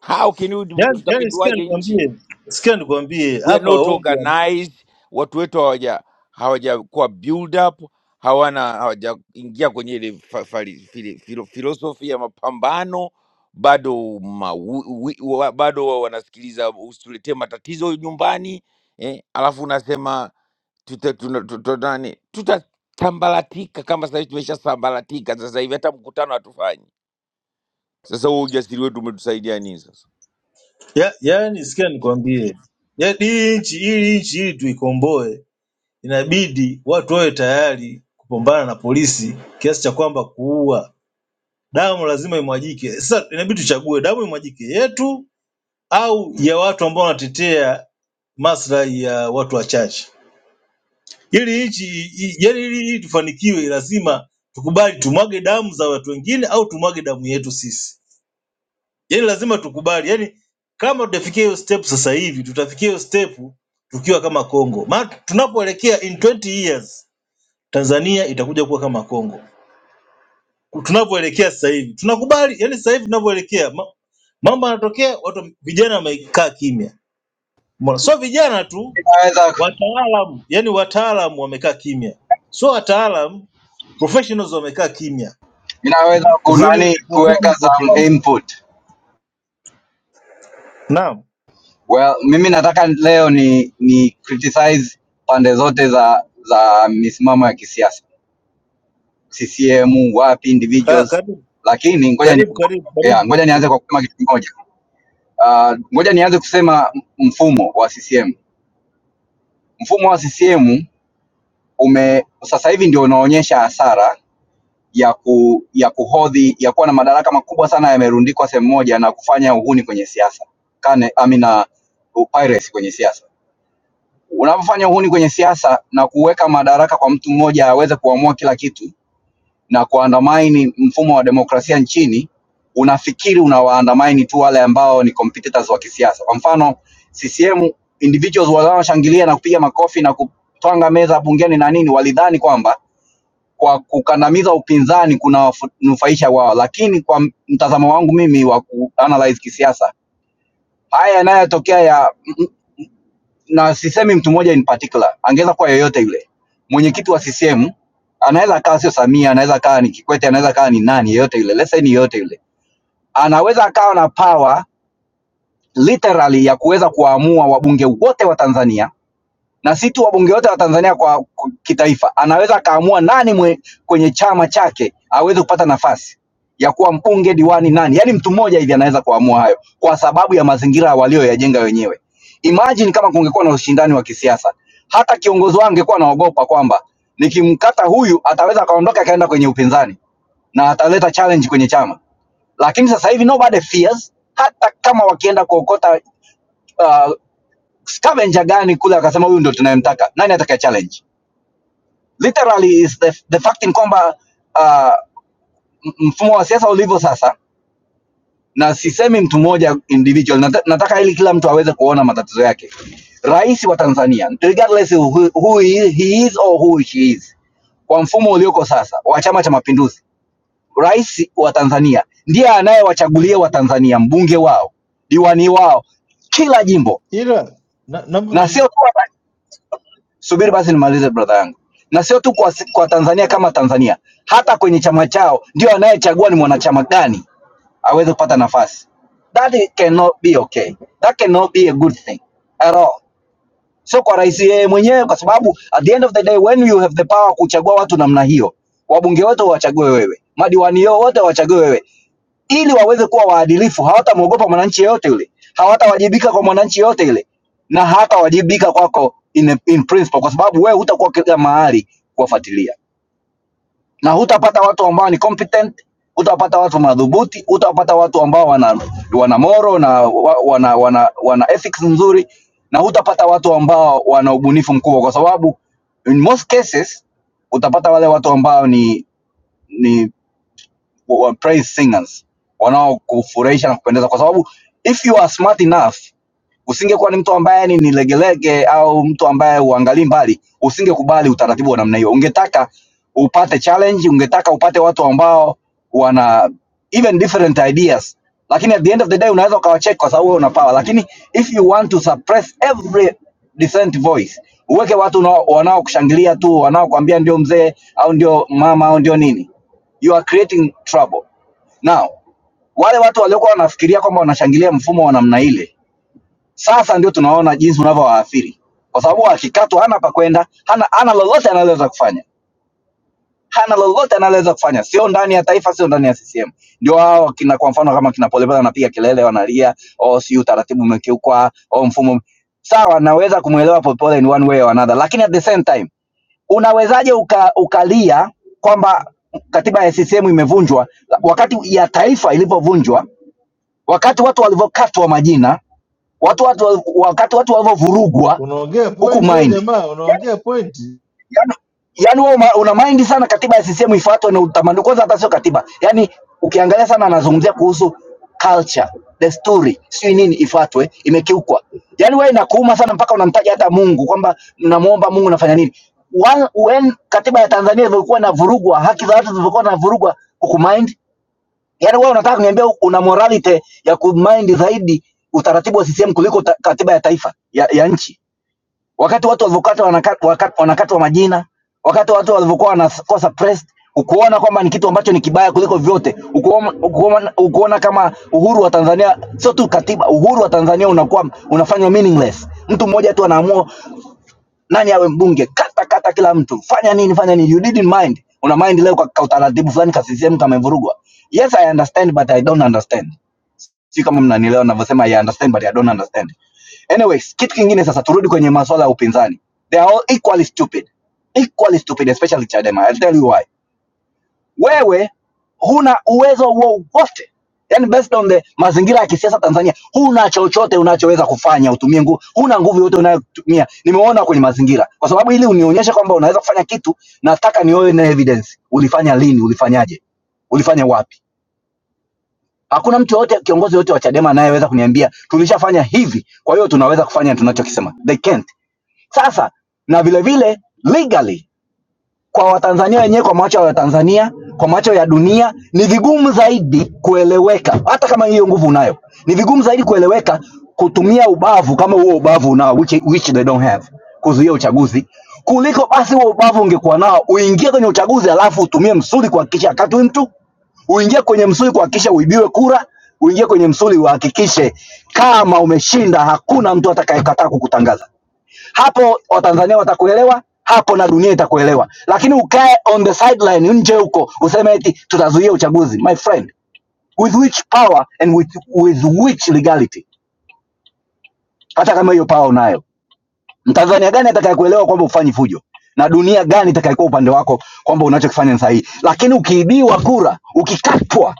how can we,
Yaani yaani sikia
tutapinduaje nchi
nikwambie, sikia nikwambie
we are
hapa
not
Ombwa,
organized watu wetu hawaja hawajakuwa build up hawana hawajaingia kwenye ile fa- fali- fili- filo- philosophy ya mapambano bado ma, wi, wi, wa, bado wa- wanasikiliza usituletee matatizo nyumbani eh, alafu unasema tuta- tuna- tuta- nani, tutatambaratika kama sasa hivi tumeshasambaratika sasa hivi hata mkutano hatufanyi Sasa huo ujasiri wetu umetusaidia nini sasa?
ya, yaani sikia nikwambie, yaani hii nchi hii nchi ili tuikomboe, inabidi watu wawe tayari kupambana na polisi kiasi cha kwamba kuua. Damu lazima imwagike. Sasa inabidi tuchague damu imwagike yetu au ya watu ambao wanatetea maslahi ya watu wachache. Ili nchi i- i- yaani ili ili tufanikiwe, lazima tukubali tumwage damu za watu wengine au tumwage damu yetu sisi. Yani lazima tukubali, yani kama tutafikia hiyo step sasa hivi, tutafikia hiyo step tukiwa kama Kongo, maana tunapoelekea in 20 years Tanzania itakuja kuwa kama Kongo. Tunapoelekea sasa hivi tunakubali, yani sasa hivi tunavyoelekea ma- mambo yanatokea, watu vijana wamekaa kimya, Mbona- sio vijana tu,
Ninaweza
wataalamu yani wataalamu wamekaa kimya, sio wataalamu, professionals wamekaa kimya
ninaweza
Mm, professional-
kunani kuweka
professionals wote.
some input.
Naam,
Well, mimi nataka leo ni ni criticize pande zote za za misimamo ya kisiasa. CCM wapi
Ah,
individuals.
karibu
Lakini ngoja ni
karibu karibu karibu.
yeah, ngoja nianze kwa kusema kitu kimoja. Uh, ngoja nianze kusema m- mfumo wa CCM. Mfumo wa CCM ume sasa hivi ndio unaonyesha hasara ya ku, ya kuhodhi ya kuwa na madaraka makubwa sana yamerundikwa sehemu moja na kufanya uhuni kwenye siasa kane amina piracy kwenye siasa. Unapofanya uhuni kwenye siasa na kuweka madaraka kwa mtu mmoja aweze kuamua kila kitu na kuandamaini mfumo wa demokrasia nchini, unafikiri unawaandamaini tu wale ambao ni competitors wa kisiasa. Kwa mfano CCM, individuals wanaoshangilia na kupiga makofi na kutwanga meza bungeni na nini, walidhani kwamba kwa kukandamiza upinzani kunawanufaisha wao lakini kwa mtazamo wangu mimi wa kuanalyze kisiasa haya yanayotokea ya na sisemi mtu mmoja in particular angeweza kuwa yoyote yule mwenyekiti wa CCM anaweza akawa sio Samia anaweza akawa ni Kikwete anaweza akawa ni nani yoyote yule let's say ni yoyote yule anaweza akawa na power literally ya kuweza kuwaamua wabunge wote wa Tanzania na si tu wabunge wote wa Tanzania kwa, kwa kitaifa, anaweza akaamua nani mwe, kwenye chama chake aweze kupata nafasi ya kuwa mbunge, diwani, nani, yaani mtu mmoja hivi anaweza kuamua hayo kwa sababu ya mazingira walioyajenga wenyewe. Imagine kama kungekuwa na ushindani wa kisiasa, hata kiongozi wao angekuwa anaogopa kwamba nikimkata huyu ataweza akaondoka akaenda kwenye upinzani na ataleta challenge kwenye chama, lakini sasa hivi nobody fears, hata kama wakienda kuokota uh, scavenger gani kule akasema huyu ndo tunayemtaka nani atakaye challenge literally is the, the fact in kwamba uh, m- mfumo wa siasa ulivyo sasa na sisemi mtu mmoja individual nata, nataka ili kila mtu aweze kuona matatizo yake rais wa tanzania regardless who, who he he is or who she is kwa mfumo ulioko sasa wa chama cha mapinduzi rais wa tanzania ndiye anayewachagulia watanzania mbunge wao diwani wao kila jimbo
ila na- naomba
na sio
na-
tu Subiri basi nimalize brother yangu, na sio tu kwa, si, kwa Tanzania kama Tanzania, hata kwenye chama chao ndio anayechagua ni mwanachama gani aweze kupata nafasi. That i- cannot be okay. That cannot be a good thing at all. Sio kwa rais yeye mwenyewe, kwa sababu at the end of the day when you have the power kuchagua watu namna hiyo, wabunge wote wachague wewe, madiwani yote wachague wewe, ili waweze kuwa waadilifu. Hawatamwogopa mwananchi yeyote yule, hawatawajibika kwa mwananchi yeyote yule, na hatawajibika kwako in, in principle, kwa sababu wewe hutakuwa kila mahali kuwafuatilia, na hutapata watu ambao ni competent, hutapata watu madhubuti, hutapata watu ambao wana wana moro na wa- wana, wana, wana ethics nzuri, na hutapata watu ambao wana ubunifu mkubwa, kwa sababu in most cases utapata wale watu ambao ni ni wa praise singers wanaokufurahisha na kupendeza kwa sababu if you are smart enough usingekuwa ni mtu ambaye ni, ni legelege au mtu ambaye uangalii mbali, usingekubali utaratibu wa namna hiyo. Ungetaka upate challenge, ungetaka upate watu ambao wana even different ideas, lakini at the end of the day unaweza ukawacheck kwa sababu wewe una power, lakini if you want to suppress every decent voice, uweke watu unao- wanaokushangilia tu, wanaokuambia ndio mzee au ndio mama au ndio nini, you are creating trouble now wale watu waliokuwa wanafikiria kwamba wanashangilia mfumo wa namna ile sasa ndio tunaona jinsi unavyowaathiri, kwa sababu akikatwa hana pa kwenda, hana, hana lolote analoweza kufanya, hana lolote analoweza kufanya, sio ndani ya taifa, sio ndani ya CCM. Ndio hao kina, kwa mfano kama kina Polepole anapiga kelele, wanalia oh, si utaratibu umekiukwa, oh, mfumo sawa. Naweza kumwelewa Polepole in one way or another, lakini at the same time unawezaje uka, ukalia kwamba katiba ya CCM imevunjwa wakati ya taifa ilivyovunjwa, wakati watu walivyokatwa majina watu, watu wakati watu walivyovurugwa
unaongea
huku
point wewe
mind
jamaa,
yani,
unaongea point.
yani yani wewe una una mind sana katiba ya CCM ifuatwe na utamaduni. Kwanza hata sio katiba, yani ukiangalia sana, anazungumzia kuhusu culture, desturi, sijui nini ifuatwe, imekiukwa. Yani wewe inakuuma sana mpaka unamtaja hata Mungu kwamba mnamuomba Mungu nafanya nini. Wa- When katiba ya Tanzania ilivyokuwa inavurugwa, haki za watu zilivyokuwa zinavurugwa huku mind Yaani wewe unataka kuniambia una morality ya kumind zaidi utaratibu wa CCM kuliko ta, katiba ya taifa ya, ya nchi, wakati watu walivyokatwa wanaka- waka- wanakatwa majina, wakati watu walivyokuwa wanakuwa suppressed, ukuona kwamba ni kitu ambacho ni kibaya kuliko vyote, ukuona, ukuona, ukuona kama uhuru wa Tanzania sio tu katiba, uhuru wa Tanzania unakuwa unafanywa meaningless. Mtu mmoja tu anaamua nani awe mbunge, kata kata kila mtu, fanya nini, fanya nini, you didn't mind. Una mind leo kwa kwa utaratibu fulani ka CCM kamevurugwa. Yes, I understand but I don't understand. Si kama mnanielewa ninavyosema I understand but I don't understand. Anyways, kitu kingine sasa, turudi kwenye masuala ya upinzani. They are all equally stupid. Equally stupid especially Chadema. I'll tell you why wewe huna uwezo wowote yani based on the mazingira ya kisiasa Tanzania, huna chochote unachoweza kufanya, utumie nguvu, huna nguvu yote unayotumia. Nimeona kwenye mazingira, kwa sababu ili unionyeshe kwamba unaweza kufanya kitu, nataka nione na evidence. Ulifanya lini? Ulifanyaje? Ulifanya wapi? Hakuna mtu yote, kiongozi yote wa Chadema anayeweza kuniambia tulishafanya hivi, kwa hiyo tunaweza kufanya tunachokisema. They can't. Sasa na vile vile legally kwa Watanzania wenyewe, kwa macho ya Watanzania, kwa macho ya dunia, ni vigumu zaidi kueleweka. Hata kama hiyo nguvu unayo, ni vigumu zaidi kueleweka kutumia ubavu kama huo ubavu unao, which, which they don't have, kuzuia uchaguzi kuliko basi huo ubavu ungekuwa nao uingie kwenye uchaguzi, alafu utumie msuli kuhakikisha akatwi mtu uingie kwenye msuli kuhakikisha uibiwe kura, uingie kwenye msuli uhakikishe kama umeshinda, hakuna mtu atakayekataa kukutangaza hapo Watanzania watakuelewa hapo na dunia itakuelewa, lakini ukae on the sideline nje huko useme eti tutazuia uchaguzi, my friend, with which power and with, with which legality? Hata kama hiyo power unayo Mtanzania gani atakayekuelewa kwamba ufanyi fujo na dunia gani itakayekuwa upande wako kwamba unachokifanya ni sahihi? Lakini ukiibiwa kura, ukikatwa,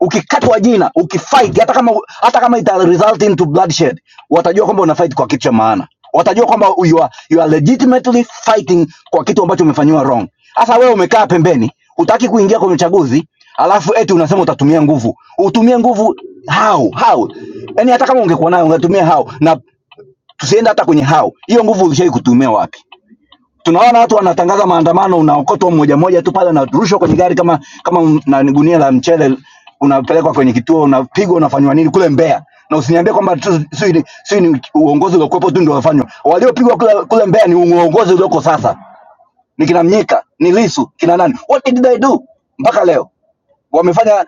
ukikatwa jina, ukifight, hata kama hata kama ita result into bloodshed, watajua kwamba una fight kwa kitu cha maana, watajua kwamba you are, you are legitimately fighting kwa kitu ambacho umefanyiwa wrong. Sasa wewe umekaa pembeni, hutaki kuingia kwenye uchaguzi, alafu eti unasema utatumia nguvu. Utumie nguvu how? How? Yaani hata kama ungekuwa nayo ungetumia how? Na Tusiende hata kwenye hao, hiyo nguvu ulishai kutumia wapi? Tunaona watu wanatangaza maandamano, unaokotwa mmoja mmoja tu pale, unarushwa kwenye gari kama kama m- na ni gunia la mchele, unapelekwa kwenye kituo, unapigwa, unafanywa nini kule Mbeya. Na usiniambie kwamba tu- sijui ni sijui ni uongozi uliokuwepo tu ndio wafanywa. Waliopigwa kule, kule Mbeya ni uongozi ulioko sasa, ni kina Mnyika, ni Lisu, kina nani? What did they do mpaka leo? Wamefanya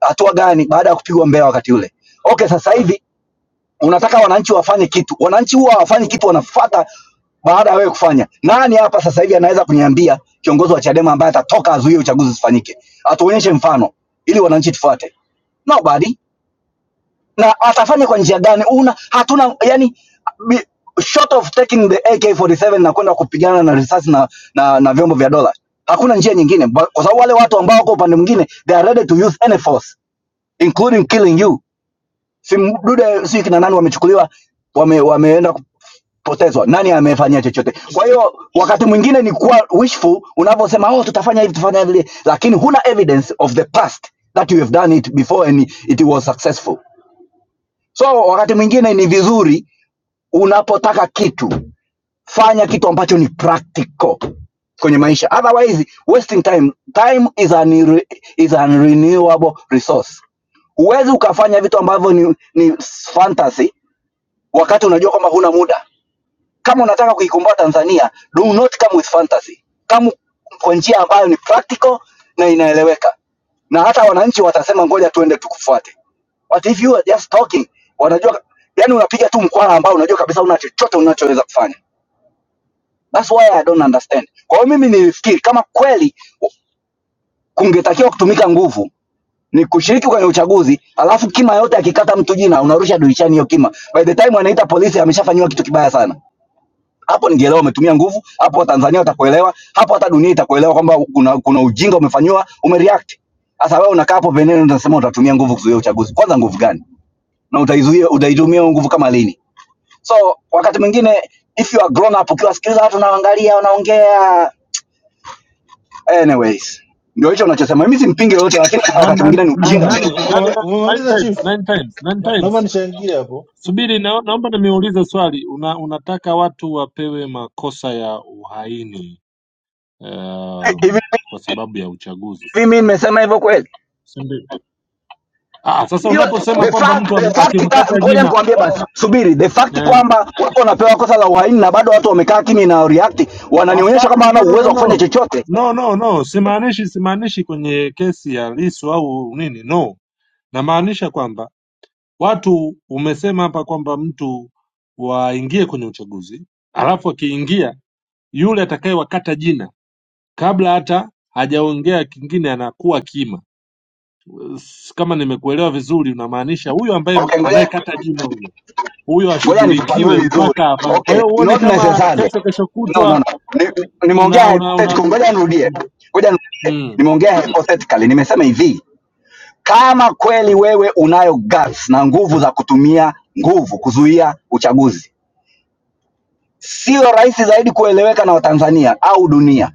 hatua gani baada ya kupigwa Mbeya wakati ule? Okay, sasa hivi unataka wananchi wafanye kitu. Wananchi huwa hawafanyi kitu, wanafuata baada ya wewe kufanya. Nani hapa sasa hivi anaweza kuniambia kiongozi wa Chadema ambaye atatoka azuie uchaguzi usifanyike? Atuonyeshe mfano ili wananchi tufuate. Nobody. Na atafanya kwa njia gani? Una hatuna yani bi- short of taking the AK47 na kwenda kupigana na risasi na, na, na vyombo vya dola. Hakuna njia nyingine Ba- kwa sababu wale watu ambao wako upande mwingine they are ready to use any force including killing you si Mdude si kina nani wamechukuliwa wame, wameenda kupotezwa, nani amefanyia chochote? Kwa hiyo wakati mwingine ni kuwa wishful unavyosema, oh, tutafanya hivi tutafanya vile, lakini huna evidence of the past that you have done it before and it was successful. So wakati mwingine ni vizuri unapotaka kitu, fanya kitu ambacho ni practical kwenye maisha, otherwise wasting time. Time is an, is an renewable resource. Huwezi ukafanya vitu ambavyo ni, ni fantasy wakati unajua kwamba huna muda. Kama unataka kuikomboa Tanzania, do not come with fantasy, come kwa njia ambayo ni practical na inaeleweka, na hata wananchi watasema ngoja tuende tukufuate. But if you are just talking, wanajua yani, unapiga tu mkwara ambao unajua kabisa una chochote unachoweza kufanya. That's why I don't understand. Kwa hiyo mimi nilifikiri kama kweli kungetakiwa kutumika nguvu ni kushiriki kwenye uchaguzi, alafu kima yote akikata mtu jina unarusha dirishani hiyo kima. By the time anaita polisi ameshafanyiwa kitu kibaya sana. hapo ningeelewa umetumia nguvu hapo, Watanzania watakuelewa hapo, hata dunia itakuelewa kwamba kuna, kuna ujinga umefanyiwa, umereact. Sasa wewe unakaa hapo veneno unasema utatumia nguvu kuzuia uchaguzi. Kwanza nguvu gani? Na utaizuia utaitumia hiyo nguvu kama lini? So wakati mwingine if you are grown up, ukiwasikiliza watu unaangalia wanaongea, anyways, ndio hicho unachosema. Mimi simpingi yoyote, lakini
Nani
wakati
nani
mwingine ni ujinga mtu.
Una-
nani
ume-
nani nine
Umemaliza
times,
chief?
nine times, nine
Na- Naomba
times.
nichangie hapo.
Subiri na, naomba nimeulize swali. Una, unataka watu wapewe makosa ya uhaini
Hivi
um,
hivi
kwa sababu ya uchaguzi.
mimi nimesema hivyo kweli?
Si ndio? Ah, sasa
hiyo
unaposema
the
kwamba
fact
mtu
the
ame-
fact ka,
akimkata
ngoja
jina
nikwambie basi, subiri the fact
eh,
kwamba wako wanapewa kosa la uhaini na bado watu wamekaa kimya na react, wananionyesha
hapana,
kama hana
no, no,
uwezo
no,
wa kufanya
no.
chochote.
No, no, no. Simaanishi simaanishi kwenye kesi ya Lissu au nini, no. Namaanisha kwamba watu umesema hapa kwamba mtu waingie kwenye uchaguzi, alafu akiingia yule atakayewakata jina kabla hata hajaongea kingine anakuwa kima. S- Kama nimekuelewa vizuri, unamaanisha huyo ambaye
Okay, ngoja
anayekata jina huyo huyo
ngoja nifafanue
ashughulikiwe
vizuri.
mpaka hapa. Kwa
Okay,
hiyo huoni
not
kama
necessarily.
kesho kesho
No, no,
kutwa
no. Ni- ni-
una
Nimeongea
una una,
hypothetical,
un...
ngoja nirudie, ngoja nirudie.
mm.
Nimeongea hypothetically, nimesema hivi kama kweli wewe unayo guts na nguvu za kutumia nguvu kuzuia uchaguzi, sio rahisi zaidi kueleweka na Watanzania au dunia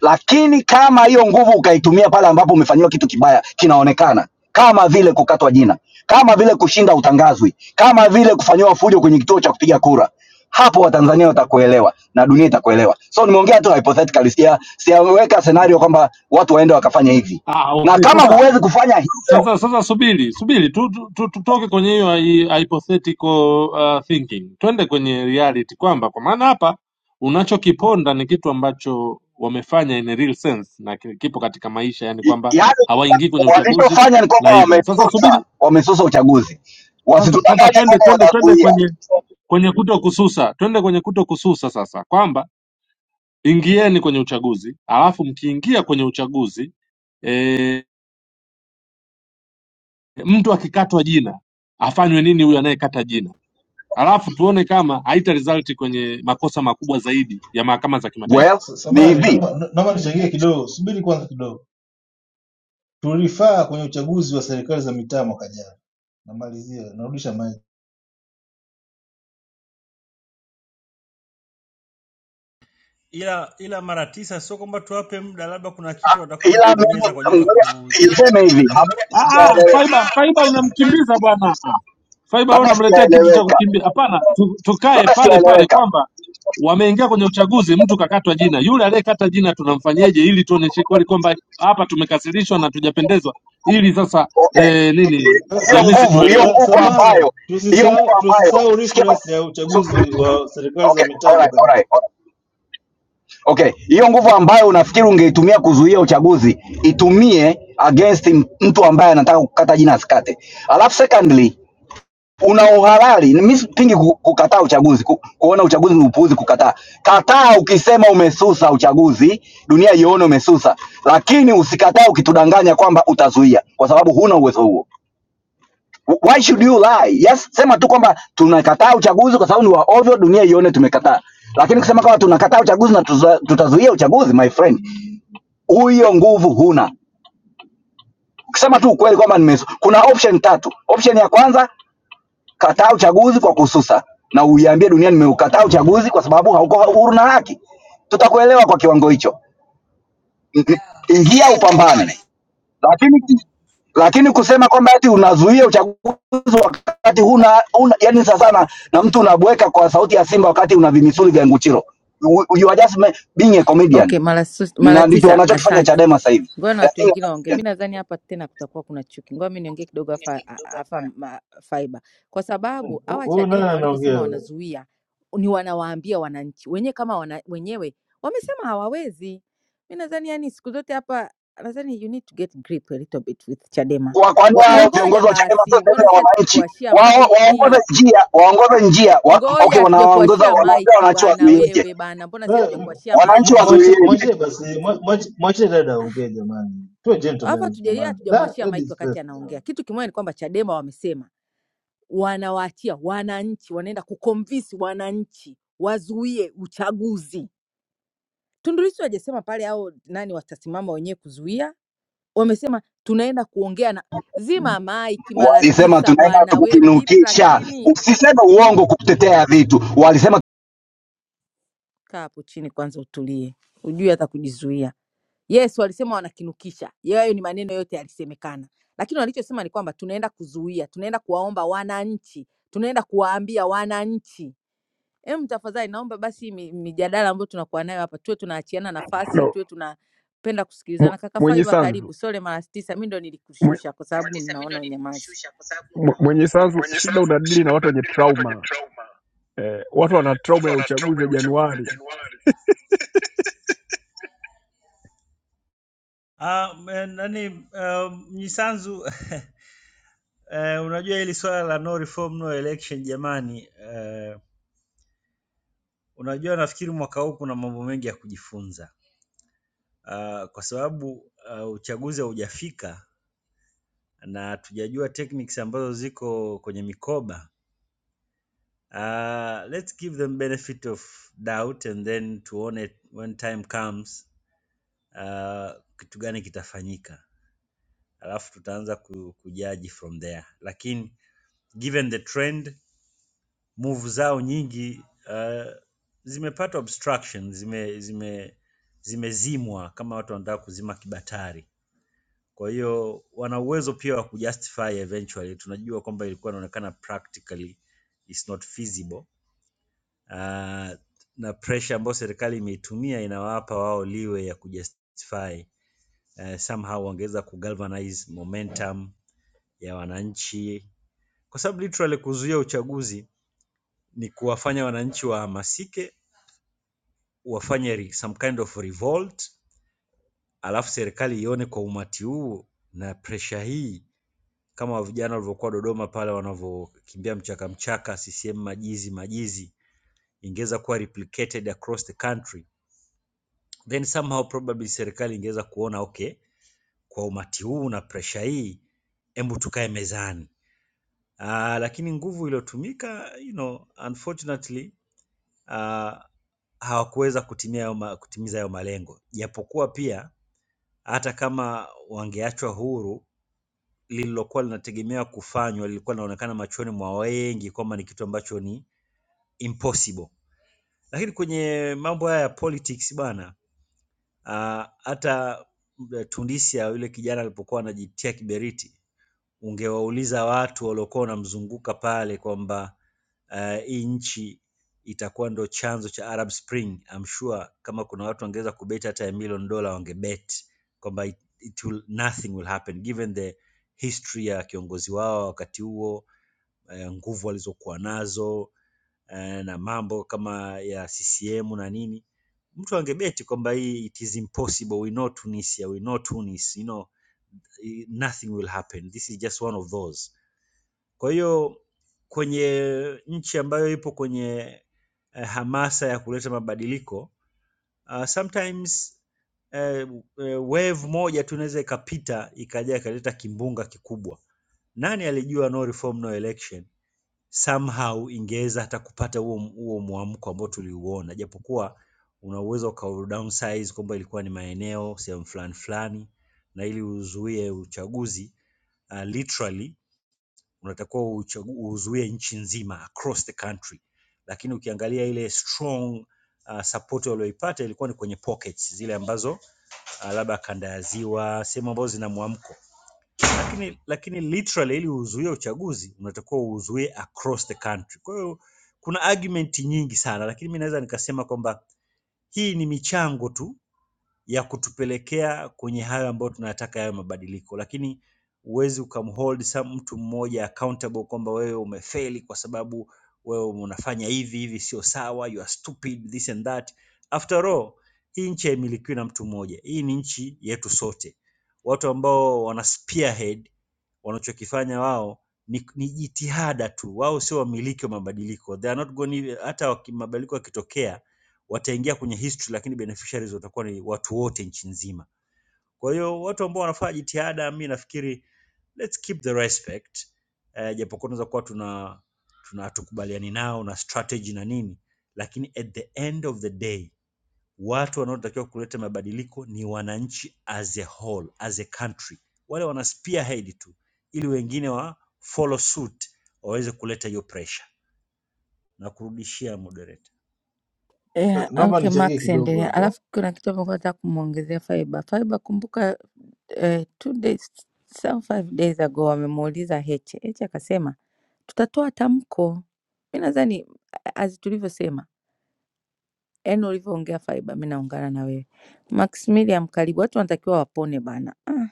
Lakini kama hiyo nguvu ukaitumia pale ambapo umefanyiwa kitu kibaya kinaonekana, kama vile kukatwa jina, kama vile kushinda utangazwi, kama vile kufanyiwa fujo kwenye kituo cha kupiga kura, hapo Watanzania watakuelewa na dunia itakuelewa. So nimeongea tu hypothetically, sia siaweka scenario kwamba watu waende wakafanya hivi,
ah,
na
okay.
kama
Sasa
huwezi kufanya hivyo,
sasa sasa subiri subiri tu, tu, tu, tutoke kwenye hiyo hi- hypothetical uh, thinking twende kwenye reality kwamba kwa maana hapa unachokiponda ni kitu ambacho wamefanya in a real sense na ki- kipo katika maisha, yani kwamba
i- yaani
hawaingii kwenye uchaguzi
walichofanya ni
na
kwamba
hivyo sasa.
wamesusa,
Subiri
wamesusa uchaguzi,
sasa, sasa
wasitudanganye
twende
kwamba
twende twende
watazuia.
kwenye kwenye kuto kususa, twende kwenye kuto kususa sasa kwamba ingieni kwenye uchaguzi alafu mkiingia kwenye uchaguzi e, mtu akikatwa jina afanywe nini huyu anayekata jina alafu tuone kama haita result kwenye makosa makubwa zaidi ya mahakama za kimataifa
Ah,
Well,
sa-
ni
Samahani,
hivi
naomba na- naomba nichangie kidogo, subiri kwanza kidogo. Tulifaa kwenye uchaguzi wa serikali za mitaa mwaka jana. Namalizia, narudisha maji.
ila ila mara tisa, sio kwamba tuwape muda, labda kuna kitu watakuja
ila
kubonyeza kwa ajili
mimi
ya ku
ngoja niseme hivi,
Ah, ah, faiba faiba unamkimbiza bwana Ah, faiba wewe
labda sijaeleweka, labda
unamletea kitu cha
sijaeleweka,
kukimbia hapana tu, tukae
labda
pale pale
sijaeleweka.
kwamba wameingia kwenye uchaguzi mtu kakatwa jina yule aliyekata jina tunamfanyeje ili tuoneshe kweli kwamba hapa tumekasirishwa na tujapendezwa ili sasa
Okay,
eh, nini
hiyo
jamii
nguvu, hiyo
zituelewe
Ah,
nguvu
samahani,
ambayo, hiyo nguvu
tusisahau
ambayo,
tusisahau
sikia
reference
basi.
ya
So,
uchaguzi wa serikali za
okay,
mitaa
alright,
mwaka.
alright, alright. Okay, hiyo nguvu ambayo unafikiri ungeitumia kuzuia uchaguzi itumie against m- mtu ambaye anataka kukata jina asikate. Alafu secondly una uhalali. Mimi sipingi ku- kukataa uchaguzi, ku- kuona uchaguzi ni upuuzi, kukataa. Kataa ukisema umesusa uchaguzi, dunia ione umesusa, lakini usikatae ukitudanganya kwamba utazuia, kwa sababu huna uwezo huo. Why should you lie? Yes, sema tu kwamba tunakataa uchaguzi kwa sababu ni wa ovyo, dunia ione tumekataa. Lakini kusema kama tunakataa uchaguzi na tuza, tutazuia uchaguzi, my friend, huyo nguvu huna. Ukisema tu ukweli kwamba nimesu, kuna option tatu. Option ya kwanza Kataa uchaguzi kwa kususa na uiambie dunia nimeukataa uchaguzi kwa sababu hauko huru na haki. Tutakuelewa kwa kiwango hicho. N- n-
Ingia
Ingia upambane,
upambane.
lakini lakini kusema kwamba ati unazuia uchaguzi wakati huna, huna yani sasa sana na mtu unabweka kwa sauti ya Simba wakati una vimisuli vya nguchiro. You you are just ma- being a comedian,
Okay, mara su- mara
na ndicho
tisa.
wanachokifanya
Asante.
Chadema sasa hivi.
Ngoja na
They are
watu
being a
wengine waongee.
comedian.
Mi nadhani hapa tena kutakuwa kuna chuki. Ngoja mi niongee kidogo afa, a- afa ma, fiber, kwa sababu hawa
Huyu nani
Chadema walivyosema
anaongea?
wanazuia ni wanawaambia wananchi wenyewe kama wana, wenyewe wamesema hawawezi. Mi nadhani yani siku zote hapa nadhani you need to get grip a little bit with Chadema.
Kwa- kwani
Wa, eh,
wao
ngoja
viongozi wa Chadema sio
basi,
sehemu
mbona si
ya wananchi?
hatukukuashia
Wao waongoze
maiki?
njia, waongoze njia wa,
Ngoja
okay, wanaongoza
hatujakuashia
wanaambia
maiki
wananchi
bwana,
wazuieje,
wewe bwana, mbona si
Eh, m-
hatujakuashia
wananchi
m-
maiki? Ah,
mwachi-
wazuieje?
Mwachie basi, mwa- mwachi- mwachie dada aongee jamani, tuwe
Alafu
gentlemen
hatujalia
jamani. Da,
hatujamwachia Mike
ladies
wakati
first
anaongea.
jamani.
Kitu kimoja ni kwamba Chadema wamesema wanawaachia wananchi, wanaenda kukomvisi wananchi wazuie uchaguzi. Tundu Lissu hajasema pale au nani watasimama wenyewe kuzuia, wamesema tunaenda kuongea na zima Mike mara
Walisema
tisa
tunaenda
bwana, we vipi?
tukukinukisha,
Lakini ah,
usiseme uongo kutetea vitu. Walisema
kaa hapo chini kwanza utulie, ujue hata kujizuia. Yes, walisema wanakinukisha. Yayo ni maneno yote yalisemekana, lakini walichosema ni kwamba tunaenda kuzuia, tunaenda kuwaomba wananchi, tunaenda kuwaambia wananchi. Em, tafadhali naomba basi hii mi- mijadala ambayo tunakuwa nayo hapa tuwe tunaachiana nafasi,
no,
tuwe tunapenda
mw-
kusikilizana. Kaka
mwenye
Faiba,
sanzu
karibu. Sole mara tisa, mi ndo
mwe-
nilikushusha kwa sababu ninaona unyamazi.
mwe- mwenye sanzu
Mwenye
shida
sanzu,
unadili na
shida
watu wenye
unadili na watu wenye
trauma
trauma.
eh, watu wana
Watu
trauma ya
wana
uchaguzi
trauma
ya
ya uchaguzi ya
januari
Januari. Ah, me- nani ah, Mnyisanzu eh, unajua hili swala la no reform no election jamani, uh, Unajua, nafikiri mwaka huu kuna mambo mengi ya kujifunza Ah, kwa sababu ah, uchaguzi haujafika na hatujajua techniques ambazo ziko kwenye mikoba. Ah, let's give them benefit of doubt and then tuone when time comes ah, kitu gani kitafanyika, alafu tutaanza ku- kujaji from there, lakini given the trend move zao nyingi uh, zimepata obstruction, zime zime zimezimwa kama watu wanataka kuzima kibatari. Kwa hiyo wana uwezo pia wa kujustify eventually. Tunajua kwamba ilikuwa inaonekana practically is not feasible. Uh, na pressure ambayo serikali imeitumia inawapa wao liwe ya kujustify. Uh, somehow wangeweza kugalvanize momentum ya wananchi, kwa sababu literally kuzuia uchaguzi ni kuwafanya wananchi wahamasike wafanye re- some kind of revolt, alafu serikali ione kwa umati huu na presha hii, kama vijana walivyokuwa Dodoma pale wanavyokimbia mchaka mchaka, CCM majizi majizi, ingeweza kuwa replicated across the country, then somehow probably serikali ingeweza kuona okay, kwa umati huu na presha hii, hebu tukae mezani. Ah, lakini nguvu iliyotumika you know, unfortunately ah, hawakuweza kutimia hayo ma- kutimiza hayo malengo, japokuwa pia hata kama wangeachwa huru, lililokuwa linategemea kufanywa lilikuwa linaonekana machoni mwa wengi kwamba ni kitu ambacho ni impossible. Lakini kwenye mambo haya ya politics bana, ah, hata Tunisia yule kijana alipokuwa anajitia kiberiti ungewauliza watu waliokuwa wanamzunguka pale kwamba eh, hii uh, nchi itakuwa ndo chanzo cha Arab Spring, I'm sure kama kuna watu wangeweza kubeti hata ya million dollar wangebet kwamba it, it will, nothing will happen given the history ya kiongozi wao wakati huo eh, nguvu walizokuwa nazo eh, na mambo kama ya CCM na nini, mtu angebeti kwamba hii it is impossible, we know Tunisia, we know Tunis, you know, eh, nothing will happen, this is just one of those kwa hiyo kwenye nchi ambayo ipo kwenye eh, hamasa ya kuleta mabadiliko uh, sometimes eh, eh, wave moja tu inaweza ikapita ikaja ikaleta kimbunga kikubwa. Nani alijua no reform no election somehow ingeweza hata kupata huo huo mwamko ambao tuliuona, japokuwa una uwezo uka downsize kwamba ilikuwa ni maeneo sehemu fulani fulani, na ili uzuie uchaguzi uh, literally unatakiwa uchagu- uzuie nchi nzima across the country, lakini ukiangalia ile strong uh, support walioipata ilikuwa ni kwenye pockets zile ambazo uh, labda kanda ya ziwa, sehemu ambazo zina mwamko, lakini lakini literally ili uzuie uchaguzi unatakiwa uzuie across the country. Kwa hiyo kuna argument nyingi sana, lakini mi naweza nikasema kwamba hii ni michango tu ya kutupelekea kwenye hayo ambayo tunayataka yawe mabadiliko, lakini huwezi ukamhold some mtu mmoja accountable kwamba wewe umefeli kwa sababu wewe unafanya hivi hivi, sio sawa, you are stupid this and that. After all, hii nchi haimilikiwi na mtu mmoja, hii ni nchi yetu sote. Watu ambao wana spearhead wanachokifanya wao ni, ni jitihada tu, wao sio wamiliki wa mabadiliko. They are not going, hata waki- mabadiliko yakitokea wataingia kwenye history, lakini beneficiaries watakuwa ni watu wote nchi nzima. Kwa hiyo watu ambao wanafanya jitihada, mi nafikiri let's keep the respect eh, japokuwa tunaweza kuwa tuna tuna hatukubaliani nao na strategy na nini, lakini at the end of the day watu wanaotakiwa kuleta mabadiliko ni wananchi as a whole, as a country. Wale wana spearhead tu ili wengine wa follow suit waweze kuleta hiyo pressure. Na kurudishia moderator.
Yeah,
Eh, Naomba
okay,
nichangie
Max
kidogo
endelea.
hapo.
Alafu kuna kitu ambacho nataka kumwongezea Faiba. Faiba, kumbuka eh, two days some five days ago wamemuuliza Heche. Heche akasema tutatoa tamko. Mi nadhani a- as tulivyosema, yani ulivyoongea Faiba, mi naungana na wewe. Maximilian Karibu, watu wanatakiwa wapone bana. Ah.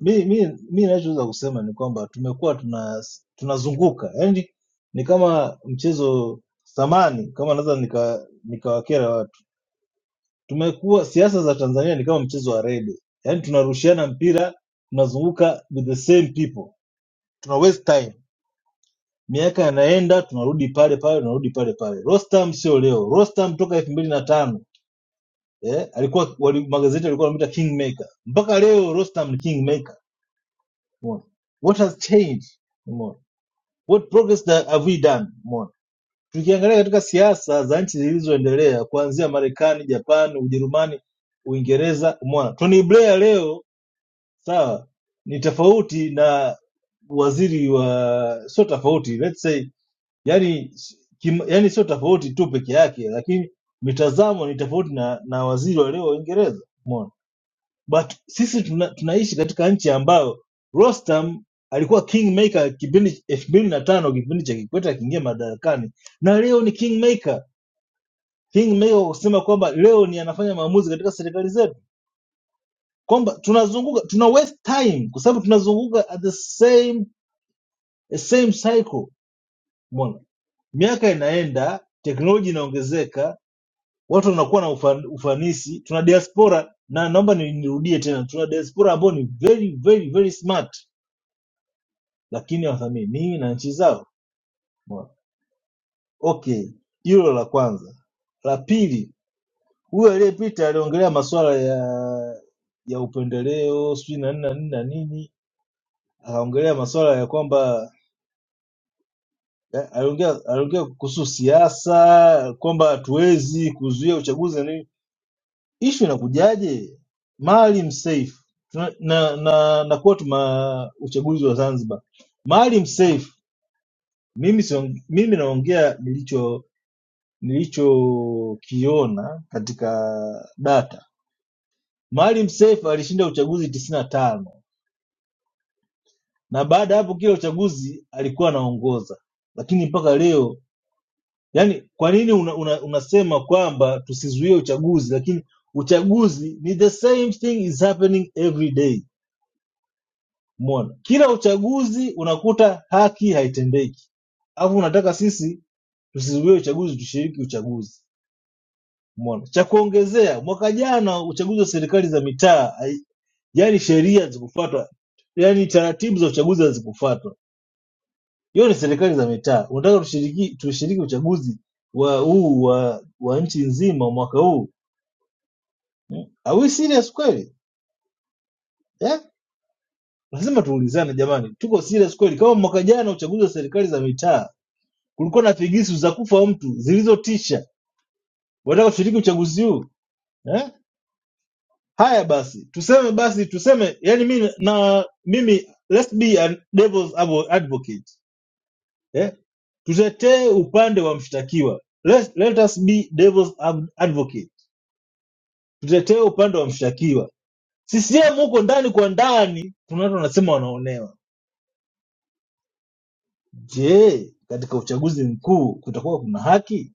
Mi mi mi ninachoweza kusema ni kwamba tumekuwa tuna tunazunguka, yaani ni kama mchezo samani, kama naweza nika nikawakera watu. Tumekuwa siasa za Tanzania ni kama mchezo wa rede, yaani tunarushiana mpira, tunazunguka with the same people, tuna waste time Miaka yanaenda tunarudi pale pale tunarudi pale pale. Rostam sio leo. Rostam toka elfu mbili na tano eh, alikuwa wali, magazeti alikuwa anamwita kingmaker mpaka leo Rostam ni kingmaker. Umeona? What has changed? Umeona? What progress that have we done? Umeona? Tukiangalia katika siasa za nchi zilizoendelea kuanzia Marekani, Japan, Ujerumani, Uingereza, umeona Tony Blair leo sawa ni tofauti na waziri wa sio tofauti let's say yani s- kim, yani sio tofauti tu peke yake, lakini mitazamo ni tofauti na, na waziri wa leo wa Uingereza. Umeona, but sisi tuna, tunaishi katika nchi ambayo Rostam alikuwa kingmaker kipindi elfu mbili na tano kipindi cha Kikwete akiingia madarakani, na leo ni kingmaker kingmaker kwa kusema kwamba leo ni anafanya maamuzi katika serikali zetu, kwamba tunazunguka tuna waste time kwa sababu tunazunguka at the same same cycle. Umeona, miaka inaenda, teknoloji inaongezeka, watu wanakuwa na ufa- ufanisi. Tuna diaspora na naomba ni- nirudie tena, tuna diaspora ambao ni very very very smart, lakini hawathaminiwi na nchi zao. Umeona? Okay, hilo la kwanza. La pili, huyo aliyepita aliongelea masuala ya ya upendeleo sijui na nini na nini na nini, akaongelea masuala ya kwamba eh, aliongea aliongea kuhusu siasa kwamba hatuwezi kuzuia uchaguzi na nini Ishu inakujaje Maalim Seif Tuna- na na nakuwa tuma uchaguzi wa Zanzibar. Maalim Seif, mimi siong, mimi naongea nilicho nilichokiona katika data. Maalim Seif alishinda uchaguzi tisini na tano na baada ya hapo kila uchaguzi alikuwa anaongoza, lakini mpaka leo yani, kwa nini una, una, unasema kwamba tusizuie uchaguzi, lakini uchaguzi ni the same thing is happening every day Umeona? Kila uchaguzi unakuta haki haitendeki alafu unataka sisi tusizuie uchaguzi tushiriki uchaguzi umeona cha kuongezea mwaka jana uchaguzi wa serikali za mitaa hai- yani sheria hazikufuatwa yani taratibu za uchaguzi hazikufuatwa hiyo ni serikali za mitaa unataka tushiriki tushiriki uchaguzi wa huu wa, wa nchi nzima mwaka huu are we serious kweli eh? lazima tuulizane jamani tuko serious kweli kama mwaka jana uchaguzi wa serikali za mitaa kulikuwa na figisu za kufa mtu zilizotisha. Wataka kushiriki uchaguzi huu eh? Haya basi, tuseme basi, tuseme yani mimi na mimi, let's be a devil's advocate eh? Tutetee upande wa mshtakiwa, let, let us be devil's ad- advocate, tutetee upande wa mshtakiwa. CCM huko ndani kwa ndani kuna watu wanasema wanaonewa. Je, katika uchaguzi mkuu kutakuwa kuna haki?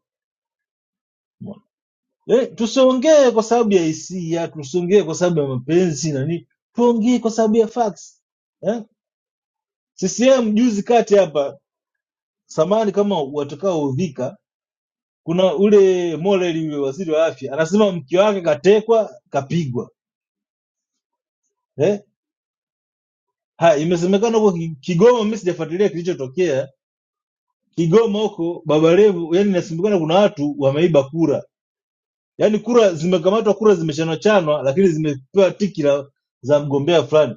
Eh, tusiongee kwa sababu ya hisia, tusiongee kwa sababu ya mapenzi na nini, tuongee kwa sababu ya facts eh? CCM juzi kati hapa, samani kama watakaoudhika, kuna ule Molel yule waziri wa afya anasema mke wake katekwa kapigwa eh? Ha, imesemekana huko Ki- Kigoma, mimi sijafuatilia kilichotokea Kigoma huko Baba Levu, yani inasemekana kuna watu wameiba kura, yaani kura zimekamatwa, kura zimechanwachanwa, lakini zimepewa tiki la, za mgombea fulani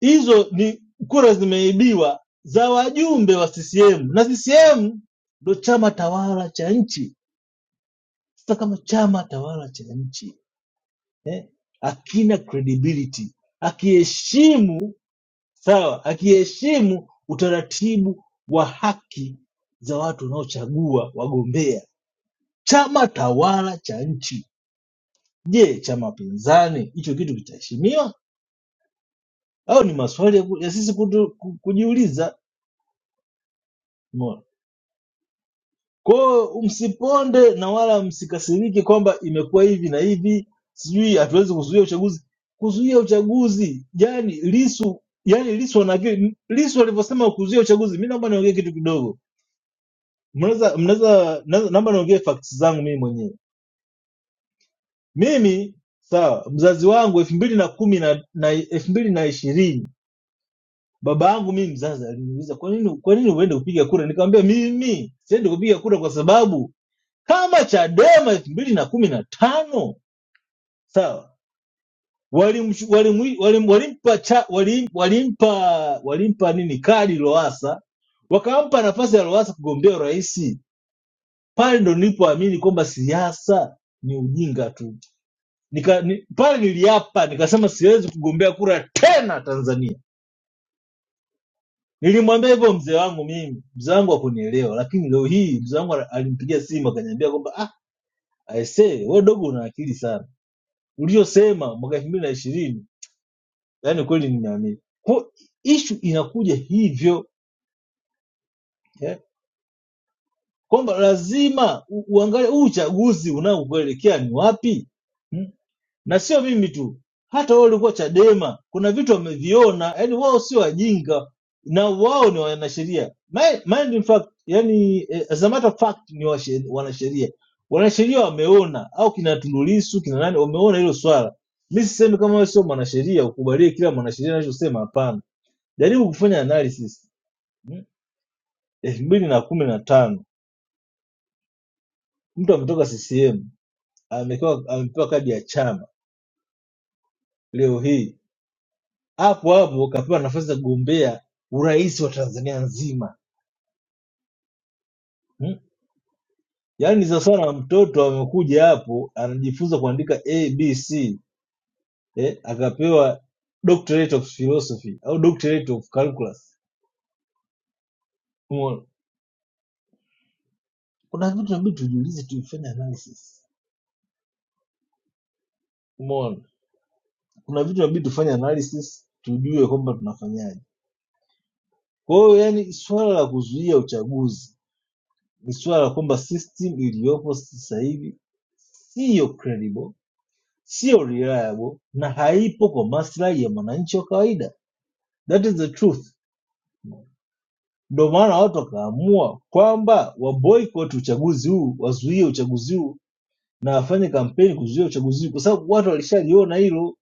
hizo ni kura zimeibiwa za wajumbe wa CCM na CCM ndo chama tawala cha nchi. Sasa kama chama tawala cha nchi eh, akina credibility, akiheshimu sawa, akiheshimu utaratibu wa haki za watu wanaochagua wagombea, chama tawala cha nchi, je, chama pinzani hicho kitu kitaheshimiwa? Au ni maswali ya, ku- ya sisi kutu, ku- kujiuliza? Kwa hiyo msiponde na wala msikasirike kwamba imekuwa hivi na hivi, sijui hatuwezi kuzuia uchaguzi. Kuzuia uchaguzi yani Lisu, yani Lisu ana akili. Lisu alivyosema kuzuia uchaguzi, mimi naomba niongee kitu kidogo. Mnaweza mnaweza na- naomba niongee facts zangu mimi mwenyewe. Mimi sawa, mzazi wangu elfu mbili na kumi na na elfu mbili na ishirini baba yangu mimi mzazi aliniuliza kwa nini kwa nini uende kupiga kura, nikamwambia mimi siendi kupiga kura kwa sababu kama Chadema elfu mbili na kumi na tano sawa, walimchu- walimu- walim- walimpa cha- walim- walimpa walimpa nini kadi Lowassa, wakampa nafasi ya Lowassa kugombea urais. Pale ndo nilipoamini kwamba siasa ni ujinga tu. Nika, ni, pale niliapa nikasema siwezi kugombea kura tena Tanzania. Nilimwambia hivyo mzee wangu mimi, mzee wangu hakunielewa, lakini leo hii mzee wangu alimpigia simu akaniambia kwamba ah, aisee, wewe dogo una akili sana uliyosema mwaka elfu mbili na ishirini yaani kweli nimeamini Kwa- ishu inakuja hivyo eh, kwamba lazima u- uangalie huu uchaguzi unaokuelekea ni wapi Hmm? na sio mimi tu, hata wao walikuwa Chadema kuna vitu wameviona, yani wao sio wajinga na wao ni wanasheria. Mi- Mind in fact, yani eh, as a matter of fact ni washe- wanasheria. Wanasheria wameona au kina Tundu Lissu kina nani wameona hilo swala. Mi sisemi kama wewe sio mwanasheria ukubalie kila mwanasheria anachosema, hapana. Jaribu kufanya analysis. Mm. elfu mbili na kumi na tano mtu ametoka CCM amepewa amepewa kadi ya chama leo hii hapo hapo kapewa nafasi ya kugombea urais wa Tanzania nzima hmm? Yaani ni sawa sawa na mtoto amekuja hapo anajifunza kuandika ABC eh, akapewa doctorate of philosophy au doctorate of calculus. Umeona, kuna vitu inabidi tujiulize, tufanye analysis. Umeona, kuna vitu inabidi tufanye analysis, tujue kwamba tunafanyaje. Kwa hiyo yani, swala la kuzuia uchaguzi ni swala la kwamba system iliyopo sasa hivi siyo credible siyo reliable na haipo kwa maslahi ya mwananchi wa kawaida that is the truth ndio maana watu wakaamua kwamba waboycott uchaguzi huu wazuie uchaguzi huu na wafanye kampeni kuzuia uchaguzi huu kwa sababu watu walishaliona hilo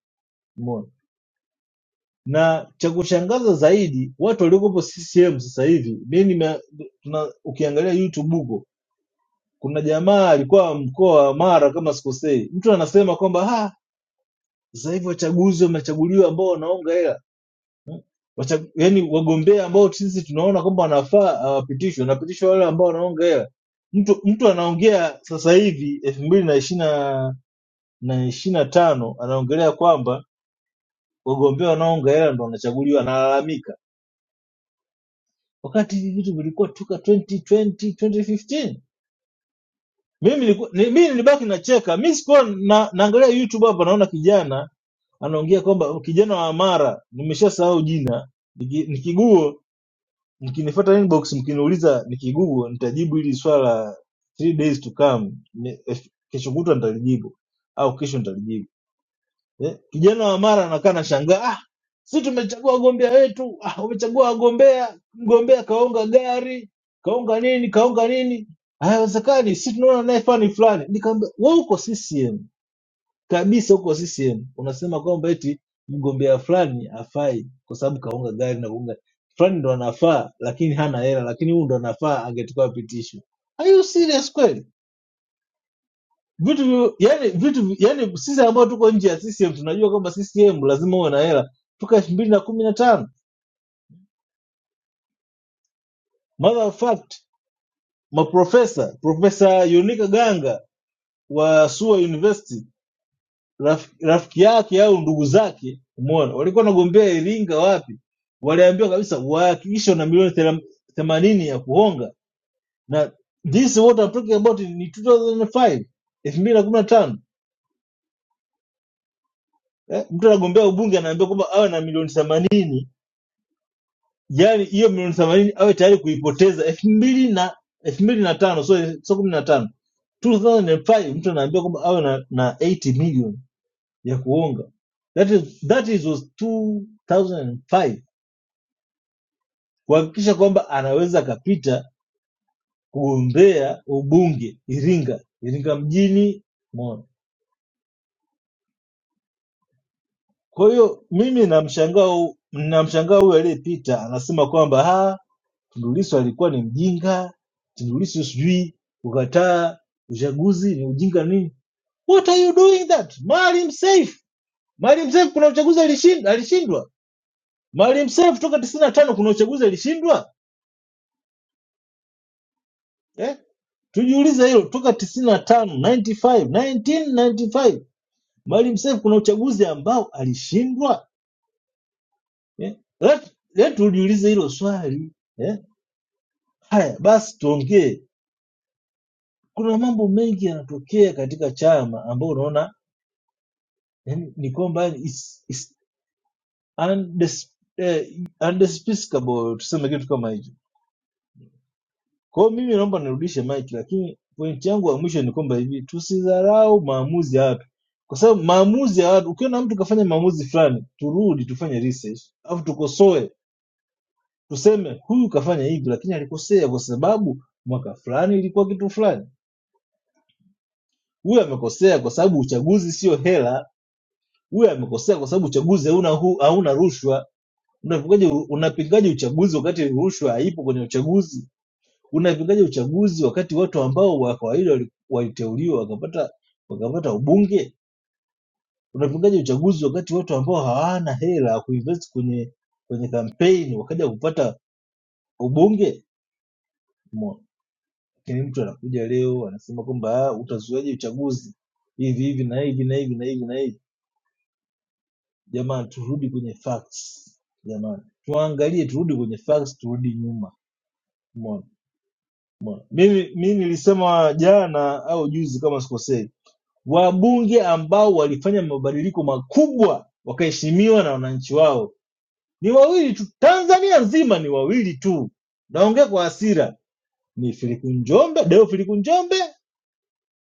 umeona na cha kushangaza zaidi watu waliokopo ccm sasa hivi mi nime- tuna- ukiangalia youtube huko kuna jamaa alikuwa mkoa wa mara kama sikosei mtu anasema kwamba "Ah, sasa hivi wachaguzi wamechaguliwa ambao wanaonga hela wacha- yaani wagombea ambao sisi tunaona kwamba wanafaa hawapitishwe, wanapitishwa wale ambao wanaonga hela. Mtu mtu anaongea sasa hivi elfu mbili na ishiri na na ishiri na tano anaongelea kwamba wagombea wanaoonga hela ndo wanachaguliwa, analalamika, wakati hivi vitu vilikuwa toka 2020 2015. Mimi nilikuwa ni- mimi nilibaki nacheka, mimi sikuwa na, naangalia YouTube hapa, naona kijana anaongea kwamba kijana wa Mara, nimeshasahau jina, ni ki- ni kiguo Mkinifuata inbox mkiniuliza nikigugu nitajibu hili swala la three days to come ni- eh, kesho kutwa nitalijibu au kesho nitalijibu eh? Kijana wa Mara anakaa anashangaa ah, si tumechagua wagombea wetu ah, umechagua wagombea, mgombea kaonga gari kaonga nini kaonga nini, "Ah, haiwezekani, si tunaona naye fani fulani. Nikamwambia wewe uko CCM kabisa huko CCM unasema kwamba eti mgombea fulani hafai kwa sababu kaunga gari na kuunga fulani ndo anafaa, lakini hana hela, lakini huyu ndo anafaa, angetakiwa apitishwe. Are you serious kweli? Vitu vi- yani, vitu vi- yani, sisi ambao tuko nje ya CCM tunajua kwamba CCM lazima uwe na hela toka elfu mbili na kumi na tano. Matter of fact, maprofesa profesa Yunika Ganga wa SUA University raf, rafiki yake au ndugu zake umeona walikuwa wanagombea Iringa wapi waliambiwa kabisa wahakikishe wana milioni thela- themanini ya kuhonga na this what I'm talking about ni 2005 elfu mbili na kumi na tano eh, mtu anagombea ubunge anaambiwa kwamba awe na milioni themanini yani hiyo milioni themanini awe tayari kuipoteza elfu mbili na elfu mbili na tano so so kumi na tano 2005 mtu anaambiwa kwamba awe na, na 80 million ya kuunga that is, that is was 2005 kuhakikisha kwamba anaweza akapita kugombea ubunge Iringa, Iringa mjini Mona. Kwa hiyo mimi namshangaa hu- namshangaa huyu aliyepita anasema kwamba "Ah, Tundu Lissu alikuwa ni mjinga, Tundu Lissu sijui kukataa uchaguzi ni ujinga nini. What are you doing that? Maalim Seif, Maalim Seif kuna uchaguzi alishinda, alishindwa. Maalim Seif toka 95 kuna uchaguzi alishindwa. Eh? Tujiulize hilo toka tisini na tano 95, 1995 Maalim Seif kuna uchaguzi ambao alishindwa eh? Let- let tujiulize hilo swali eh? Haya basi tuongee, kuna mambo mengi yanatokea katika chama ambao unaona yani, ni kwamba it's, it's undis, eh, undespicable, tuseme kitu kama hicho Kwa hiyo mimi naomba nirudishe mic, lakini pointi yangu ya mwisho ni kwamba hivi tusidharau maamuzi ya watu, kwa sababu maamuzi ya watu, ukiona mtu kafanya maamuzi fulani, turudi tufanye research au tukosoe, tuseme huyu kafanya hivi, lakini alikosea kwa sababu mwaka fulani ilikuwa kitu fulani. Huyu amekosea kwa sababu uchaguzi sio hela. Huyu amekosea kwa sababu uchaguzi hauna hu- hauna rushwa. Unapigaje unapingaje uchaguzi wakati rushwa haipo kwenye uchaguzi? unaepukaje uchaguzi wakati watu ambao wa kawaida waliteuliwa wakapata wakapata ubunge unaepukaje uchaguzi wakati watu ambao hawana hela ya kuinvest kwenye kwenye kampeni wakaja kupata ubunge Mo- lakini mtu anakuja leo anasema kwamba "Ah, utazuiaje uchaguzi hivi hivi na hivi na hivi na hivi na hivi jamani turudi kwenye facts jamani tuangalie turudi kwenye facts turudi nyuma Umeona? mimi mimi nilisema jana au juzi kama sikosei Wabunge ambao walifanya mabadiliko makubwa wakaheshimiwa na wananchi wao ni wawili tu, Tanzania nzima ni wawili tu. Naongea kwa hasira, ni Filipu Njombe, Deo Filipu Njombe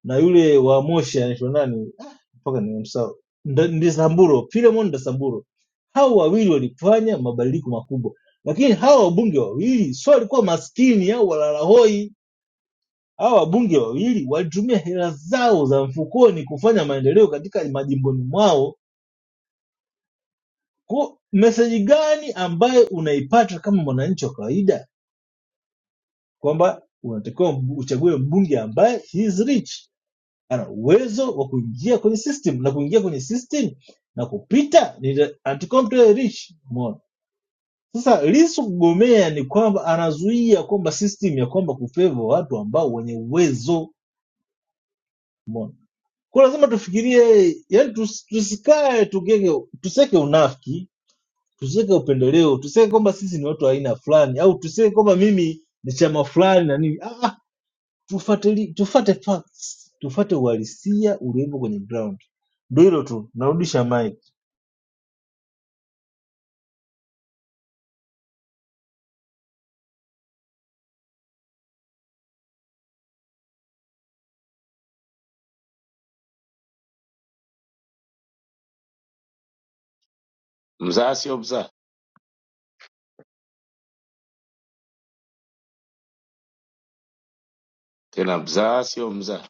na yule wa Moshi anaitwa nani? Ah, mpaka nimemsahau, Nda- Ndesamburo, Philemon Ndesamburo. Hao wawili walifanya mabadiliko makubwa, lakini hawa wabunge wawili sio walikuwa maskini au walalahoi Hawa wabunge wawili walitumia hela zao za mfukoni kufanya maendeleo katika majimboni mwao ku meseji gani ambayo unaipata kama mwananchi wa kawaida kwamba unatakiwa mb- uchague mbunge ambaye he is rich ana uwezo wa kuingia kwenye system na kuingia kwenye system na kupita ni the anti-competitive rich umeona sasa Lissu kugomea ni kwamba anazuia kwamba system ya kwamba kufavor watu ambao wenye uwezo Kwa lazima tufikirie, yani tus, tusikae tugege, tuseke unafiki, tuseke upendeleo, tuseke kwamba sisi ni watu wa aina fulani, au tuseke kwamba mimi ni chama fulani na nini. Ah, ah, tufuatili tufate facts, tufate uhalisia uliopo kwenye ground. Ndio hilo tu, narudisha mic.
Mzaa sio mzaa tena, mzaa sio mzaa.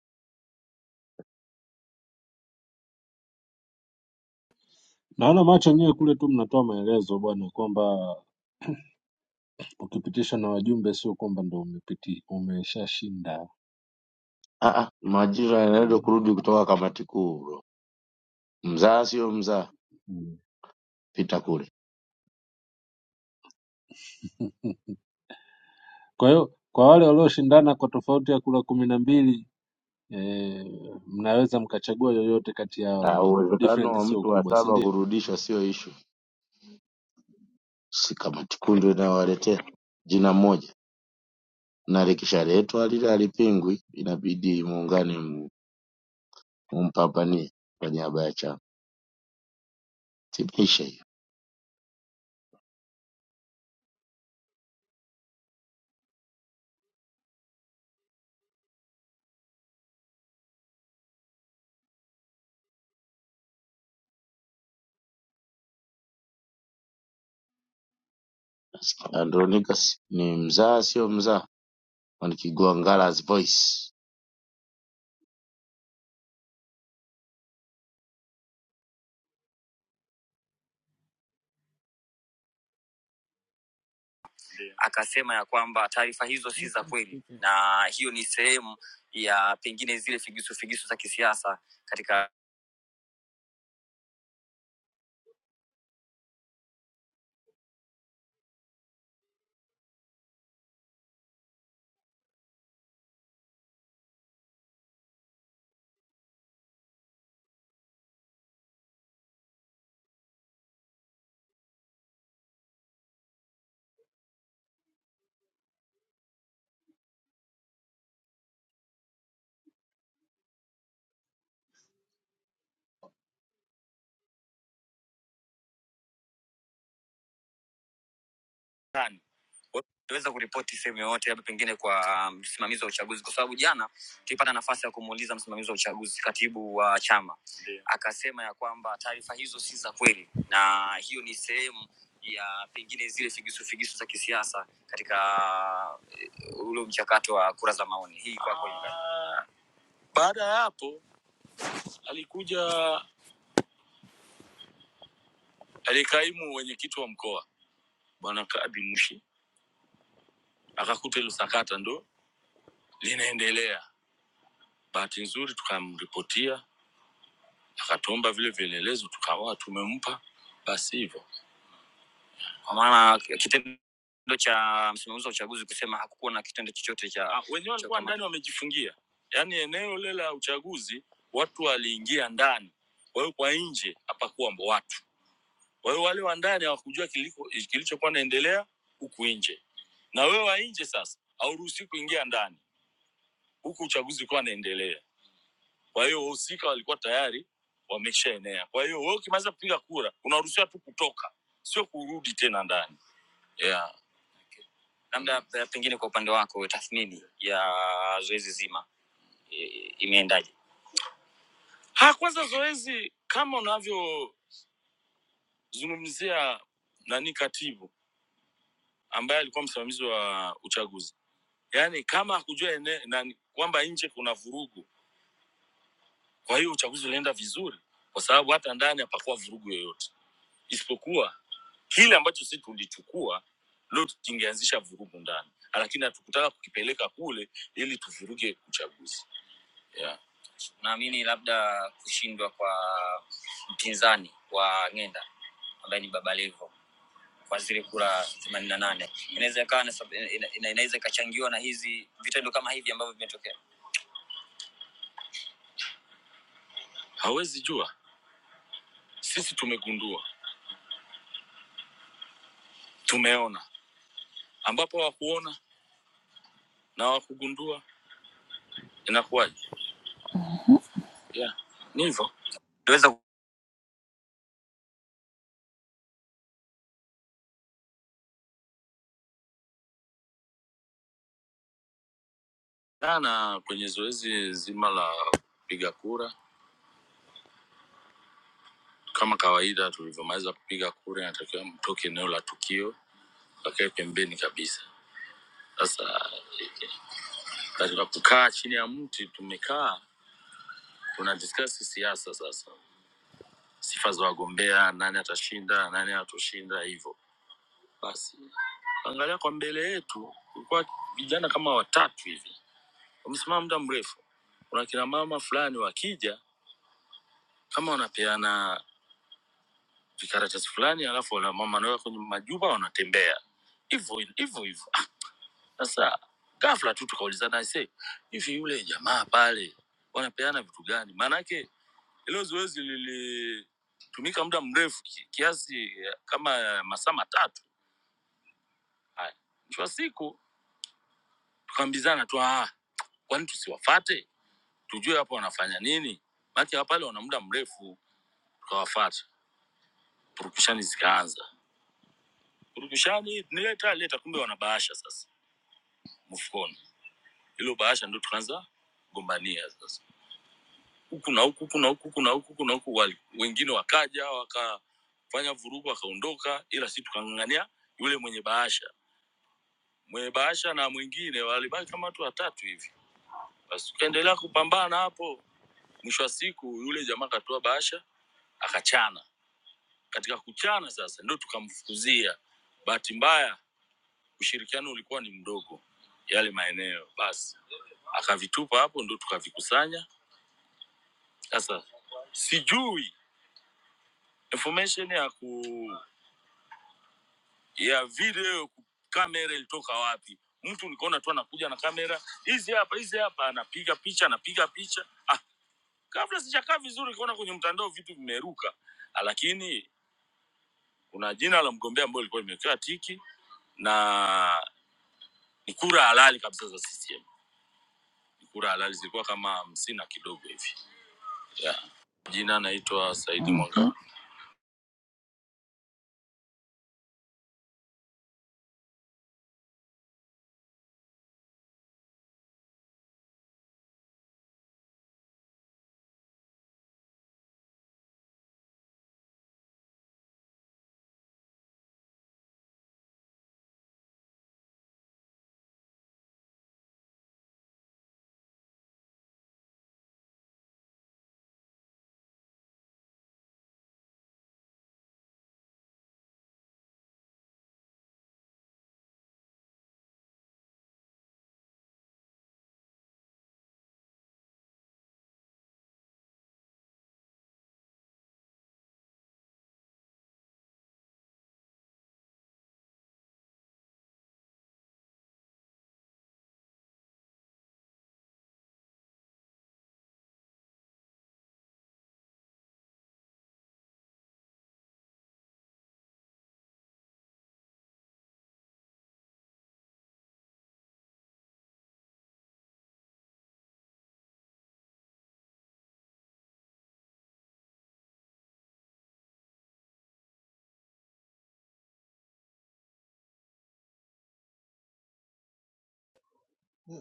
Naona macho yenyewe kule tu mnatoa maelezo bwana, kwamba ukipitisha na wajumbe sio kwamba ndo umepiti umeshashinda
Ah, ah, majira yanaenda
mm.
kurudi kutoka kamati kuu bro. Mzaa sio mzaa, pita kule.
Mm. Kwa hiyo kwa wale walioshindana kwa tofauti ya kura kumi na mbili eh, mnaweza mkachagua yoyote kati
Ah,
yao,
uwezekano
different
wa
sio
mtu wa
kubwa, si
saba
ndio?
kurudishwa sio ishu, si kamati kuu ndio inawaletea jina moja, na likishaletwa lile halipingwi, inabidi muungane, mu- mumpambanie kwa niaba ya chama. Timisha Andronicus ni mzaa sio mzaa wa Kigwangala's voice
Akasema ya kwamba taarifa hizo si za kweli, na hiyo ni sehemu ya pengine zile figisu figisu za kisiasa katika tani utaweza kuripoti sehemu yoyote labda pengine kwa um, msimamizi um, wa uchaguzi kwa sababu jana tulipata nafasi ya kumuuliza msimamizi wa uchaguzi katibu wa uh, chama Ndiyo. akasema ya kwamba taarifa hizo si za kweli na hiyo ni sehemu ya pengine zile figisu figisu za kisiasa katika uh, ule mchakato wa kura za maoni hii kwako Ah, baada ya hapo alikuja alikaimu wenyekiti wa mkoa bwana kabi mushi akakuta hilo sakata ndo linaendelea Bahati nzuri tukamripotia, akatuomba vile vielelezo, tukawa tumempa. Basi hivyo kwa maana kitendo cha msimamizi wa uchaguzi kusema hakukuwa na kitendo chochote cha Ah, wenyewe cha walikuwa ndani ukamata. wamejifungia, yaani eneo lile la uchaguzi watu waliingia ndani, kwa hiyo kwa nje hapakuwa mbo watu. Kwa hiyo wale wa ndani hawakujua kiliko- kilichokuwa naendelea huku nje, na wewe wa nje sasa hauruhusi kuingia ndani huku uchaguzi ukiwa naendelea. Kwa hiyo wahusika walikuwa tayari wameshaenea. Kwa hiyo wewe ukimaliza kupiga kura unaruhusiwa tu kutoka, sio kurudi tena ndani yeah. labda eh, pengine kwa upande wako tathmini ya zoezi zima eh, imeendaje Ha, kwanza zoezi kama unavyozungumzia nani katibu ambaye alikuwa msimamizi wa uchaguzi, yaani kama hakujua ene- nani- kwamba nje kuna vurugu, kwa hiyo uchaguzi ulienda vizuri, kwa sababu hata ndani hapakuwa vurugu yoyote. isipokuwa kile ambacho sisi tulichukua leo kingeanzisha vurugu ndani, lakini hatukutaka kukipeleka kule ili tuvuruge uchaguzi yeah. Naamini labda kushindwa kwa mpinzani wa Ng'enda ambaye ni Baba Levo kwa zile kura themanini na nane inaweza ikawa na sab- ina- ina- inaweza ikachangiwa na hizi vitendo kama hivi ambavyo vimetokea. Hawezi jua, sisi tumegundua, tumeona, ambapo hawakuona na hawakugundua inakuwaje? Yeah, ni hivyo Tuweza Jana kwenye zoezi zima la kupiga kura, kama kawaida, tulivyomaliza kupiga kura, inatakiwa mtoke eneo la tukio, kakae pembeni kabisa. Sasa eh, katika kukaa chini ya mti tumekaa, tuna diskasi siasa, sasa sifa za wagombea, nani atashinda, nani atoshinda, hivyo basi. Angalia kwa mbele yetu, kulikuwa vijana kama watatu hivi wamesimama muda mrefu. Kuna kina mama fulani wakija, kama wanapeana vikaratasi fulani, alafu wana- mama wanaweka kwenye majuba, wanatembea hivyo hivyo hivyo. Ah, Sasa ghafla tu tukaulizana se, hivi yule jamaa pale wanapeana vitu gani? Maanake ilo zoezi lilitumika muda mrefu ki- kiasi eh, kama masaa matatu. Haya, mwisho wa siku tukaambizana tu, ah, kwani tusiwafate tujue hapo wanafanya nini? Maanake hapa pale wana muda mrefu, tukawafata. Purukushani zikaanza, purukushani nileta leta, kumbe wanabahasha sasa move on. Hilo bahasha ndo tukaanza gombania sasa, huku na huku, huku na huku, huku na huku, huku na huku. wali- Wengine wakaja wakafanya vurugu wakaondoka, ila si tukang'ang'ania yule mwenye bahasha. Mwenye bahasha na mwingine walibaki kama watu watatu hivi, basi tukaendelea kupambana hapo. Mwisho wa siku yule jamaa akatoa bahasha akachana. Katika kuchana sasa ndo tukamfukuzia. Bahati mbaya ushirikiano ulikuwa ni mdogo yale maeneo, basi akavitupa hapo, ndo tukavikusanya Sasa sijui information ya ku ya video ku- kamera ilitoka wapi. Mtu nikaona tu anakuja na kamera hizi hapa hizi hapa, anapiga picha anapiga picha. Ah, kabla sijakaa vizuri, nikaona kwenye mtandao vitu vimeruka, Ah, lakini kuna jina la mgombea ambayo ilikuwa imewekewa tiki na ni kura halali kabisa za CCM. Ni kura halali zilikuwa kama hamsini na kidogo hivi yeah. Jina naitwa Saidi Mwanga. Mhm.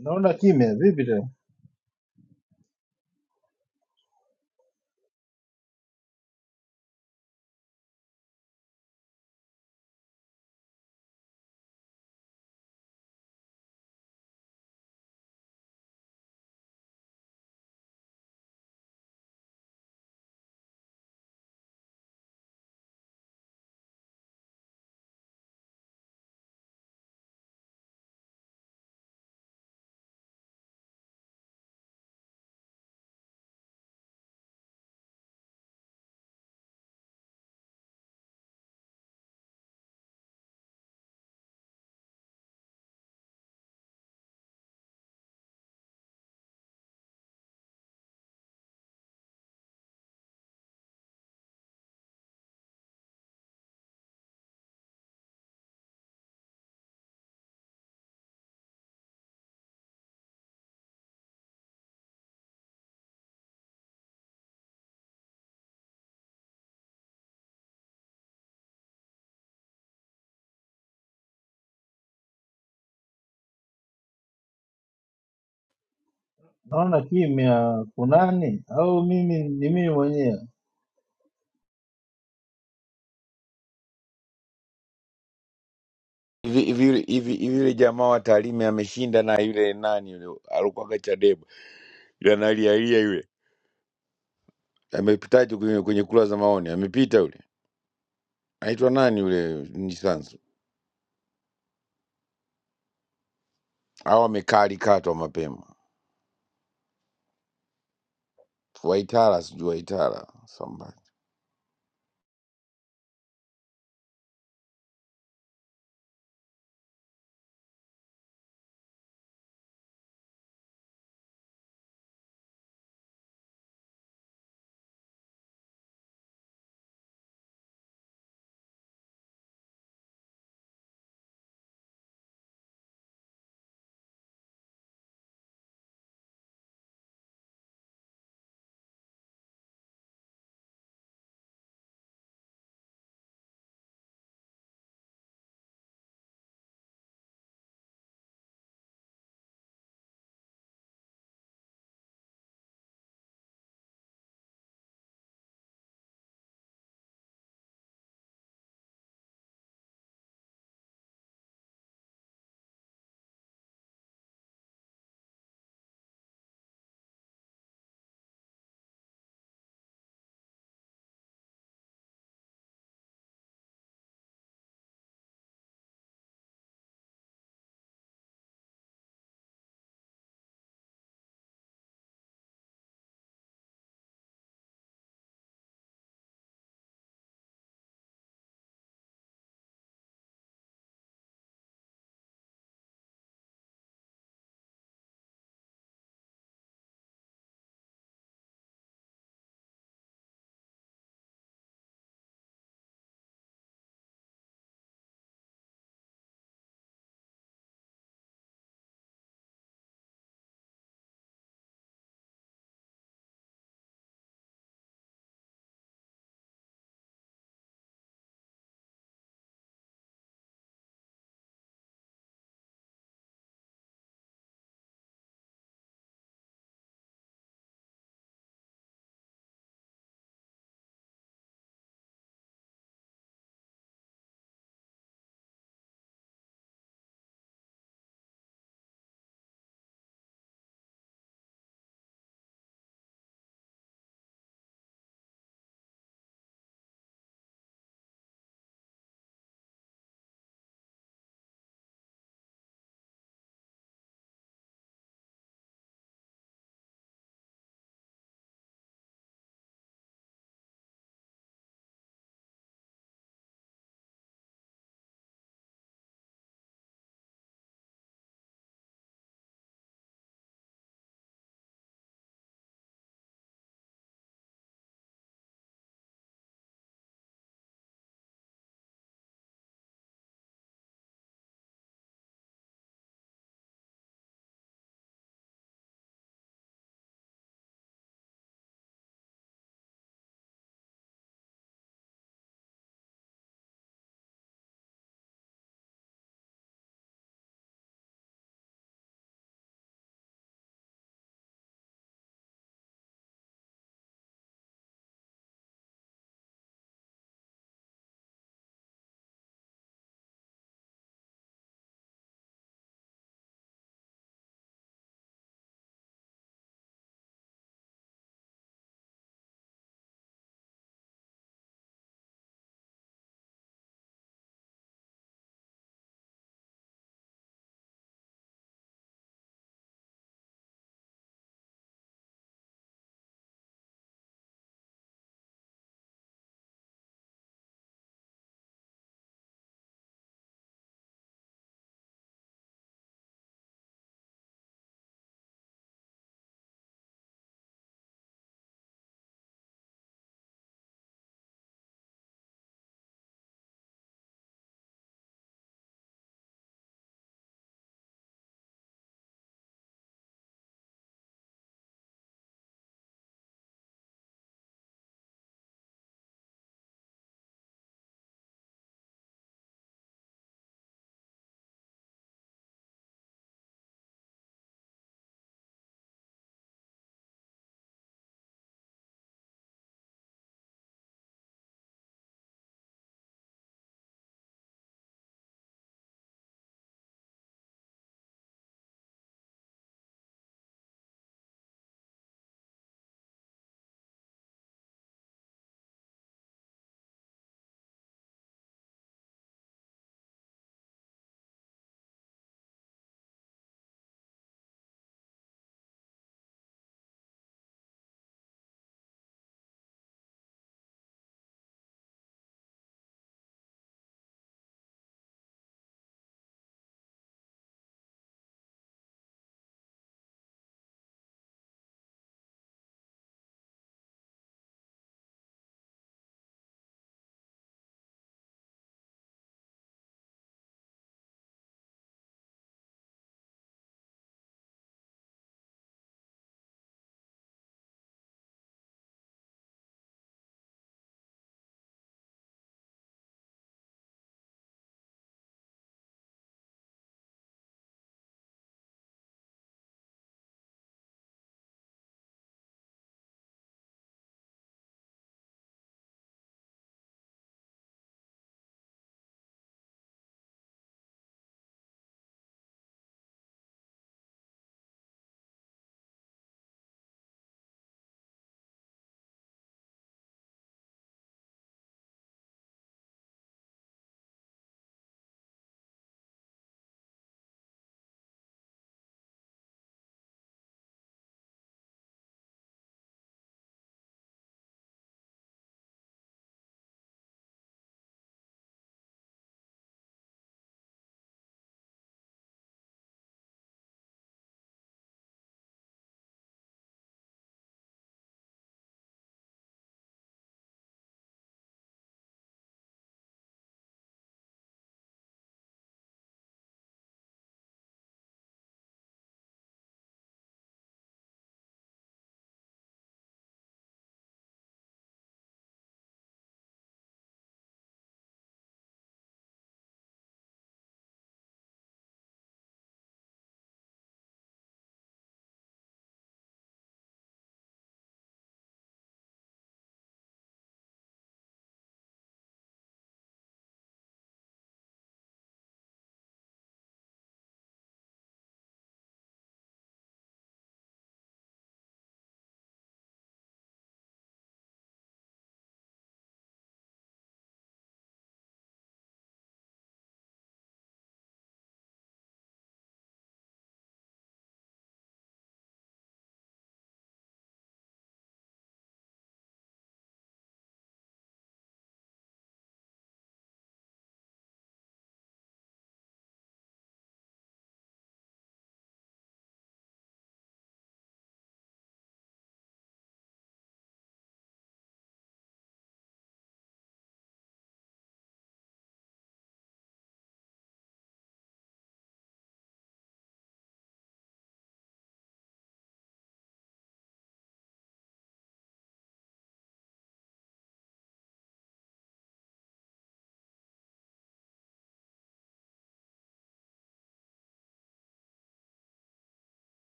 Naona kimya vipi tena? Naona kimya kunani? Au mimi ni mimi mwenyewe?
hivi hivi yule- hivi hivi yule jamaa wa Tarime ameshinda na yule nani yule alikuwaga Chadema yule analialia yule amepitaje kwenye, kwenye kura za maoni amepita yule anaitwa nani yule nisansu au amekalikatwa mapema Waitara sijui Waitara somebody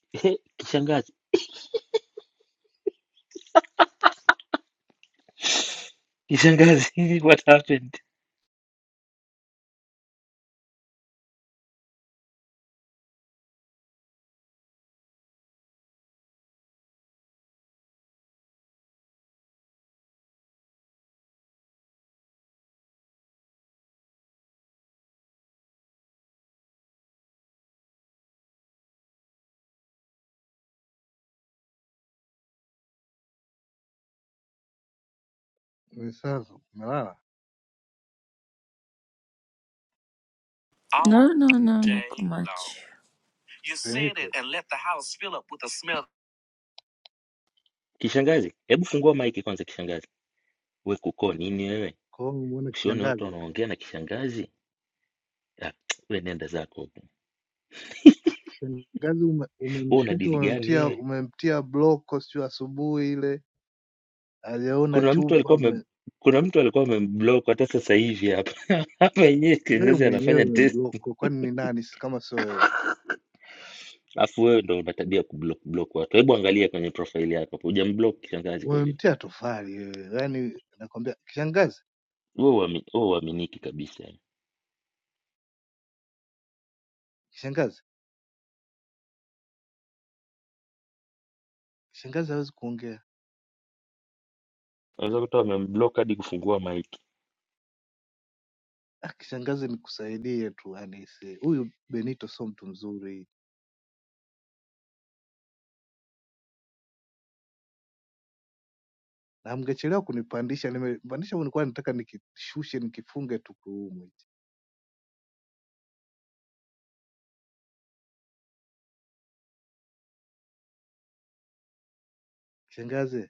Ehe, kishangazi
Sasa umelala
No, no, no, no, Day too much. long.
Benito
kishangazi, hebu fungua maiki kwanza kishangazi. We kuko nini wewe?
Kong muone
Usione watu
kishangazi.
wanaongea na kishangazi? Ah, we nenda zako huko.
Kishangazi ume,
Wewe una
umemshusha
dili gani
umemtia
wewe?
umemtia bloko sio asubuhi ile hajaona
Kuna mtu
chumba
alikuwa ame,
ume,
kuna mtu alikuwa amemblock hata sasa hivi hapa hapa yenyewe
wewe
kishangazi
mwenyewe
anafanya test.
umembloko kwani ni nani si- kama sio wewe?
Alafu wewe ndo una tabia ya kublock block watu. Hebu angalia kwenye profile yako hapo, hujamblock kishangazi kweli?
Umemtia tofali wewe. Yaani nakwambia kishangazi,
Wewe uami- wewe uaminiki kabisa.
kishangazi, kishangazi hawezi kuongea.
Unaweza kuta wamemblock hadi kufungua mic.
Ah, kishangazi nikusaidie tu anise. Huyu Benito sio mtu mzuri. Na mngechelewa kunipandisha, nimepandisha nilikuwa nataka nikishushe nikifunge tu kuumwe. Kishangazi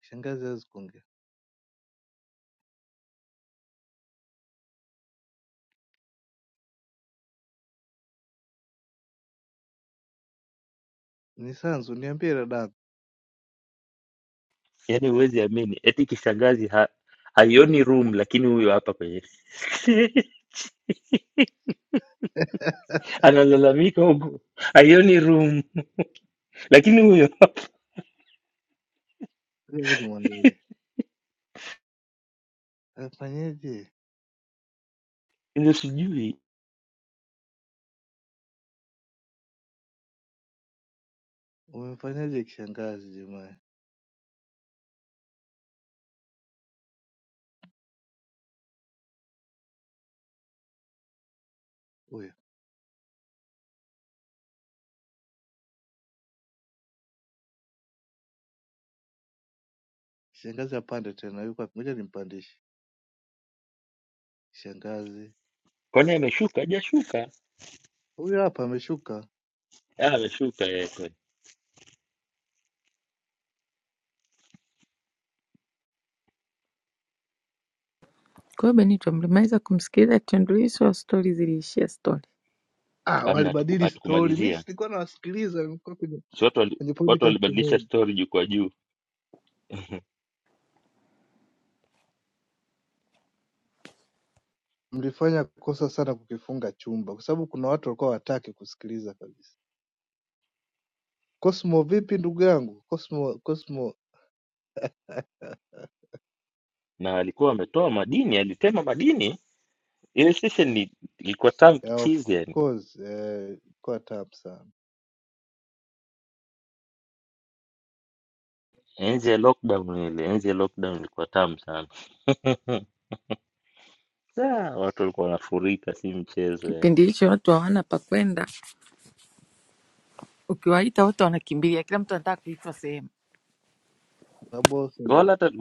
Shangazi hawezi kuongea. Ni Sanzu, niambie dada.
Yaani huwezi amini, eti kishangazi ha, haioni room, lakini huyo hapa kwenye analalamika huku haioni room, lakini huyo hapa
Hivi nimwangalie. Amefanyaje?
ndio sijui
Umemfanyaje kishangazi jamani? Huyo. Shangazi apande tena. Yuko wapi? Ngoja nimpandishe. Shangazi.
kwani ameshuka, hajashuka?
Huyo hapa ameshuka.
Ah, ameshuka yeye kweli.
Kwa hiyo Benito mlimaliza kumsikiliza Tundu Lissu au stori ziliishia stori?
Ah,
Amna, hatuku-
walibadili stori. Mimi
hatukumalizia
silikuwa nawasikiliza, nilikuwa kwenye
si watu wali,
kwenye
watu
podcast
walibadilisha
moja.
story juu kwa juu,
Mlifanya kosa sana kukifunga chumba kwa sababu kuna watu walikuwa wataki kusikiliza kabisa. Cosmo vipi ndugu yangu? Cosmo Cosmo
na alikuwa ametoa madini, alitema madini. Ile session ni- ilikuwa tamu
yeah, of
kichizi, yani
course eh, kwa tabu sana.
enzi ya lockdown, ile enzi ya lockdown ilikuwa tamu sana. Saa, watu walikuwa wanafurika, si mchezo. yani.
Kipindi hicho watu hawana pa kwenda, ukiwaita wote wanakimbilia, kila mtu anataka kuitwa sehemu.
Sababu
wala hata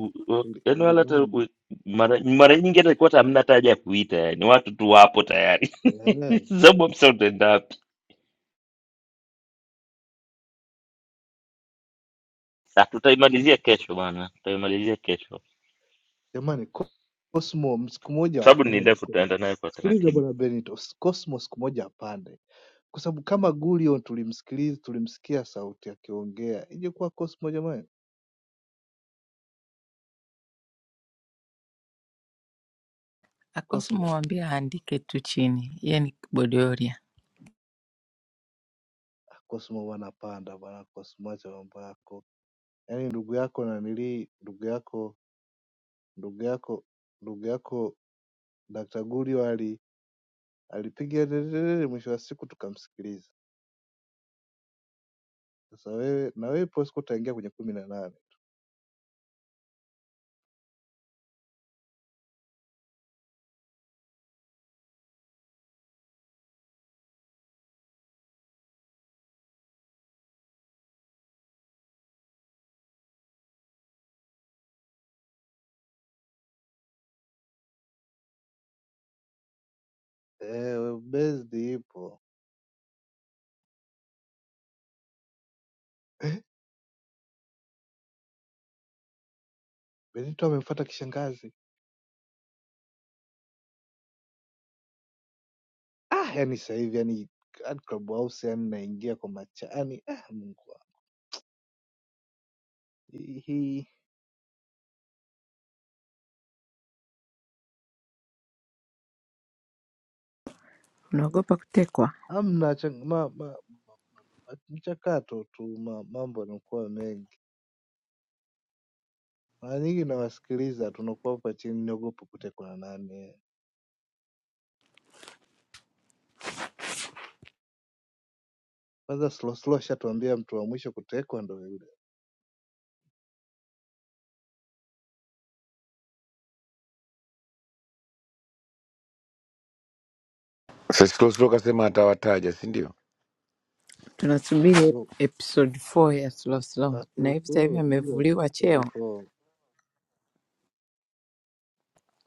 Li-
yani wala hata
Libamba.
ku- mara, mara nyingi hata kwa hamna hata haja ya kuita yani watu tu wapo tayari
Eh.
sababu hamsa utaenda wapi Ah, tutaimalizia kesho bwana tutaimalizia kesho
Jamani, Cosmo siku moja
sababu ni
apande.
ndefu
Ko-
tutaenda nayo kwa
Sikiliza
taratibu
bwana Benito, s- Cosmo siku moja apande, kwa sababu kama Gullion tulimsikiliza, tulimsikia sauti akiongea, ingekuwa Cosmo jamani.
Akosi
Cosmo
mwambie aandike tu chini, yeye ni Bodoria.
Ah, Cosmo wanapanda bwana Cosmo, acha mambo yako. Yaani ndugu yako nanilii, ndugu yako, ndugu yako, ndugu yako Dr. Gullion ali alipiga delelele, mwisho wa siku tukamsikiliza. Sasa wewe na wewe Bosco utaingia kwenye kumi na nane. Eh, Bezi ipo. Eh, Benito amemfuata kishangazi. Ah, yani sasa hivi yani hadi club house yani naingia kwa macha. Yani ah, Mungu wangu. Hii hii-
Unaogopa kutekwa?
hamna chang- ma, ma, ma, mchakato tu ma, mambo yanakuwa mengi. Mara nyingi nawasikiliza tunakuwa hapa chini niogopa kutekwa na nani. Kwanza slow slow shatuambia mtu wa mwisho kutekwa ndo yule.
sasa slow slow kasema atawataja si ndio
Tunasubiri
Oh,
ep- episode 4 ya slow slow,
ah,
na
slow
hivi sasa hivi
slow ngoja
amevuliwa
24.
cheo,
Na nne.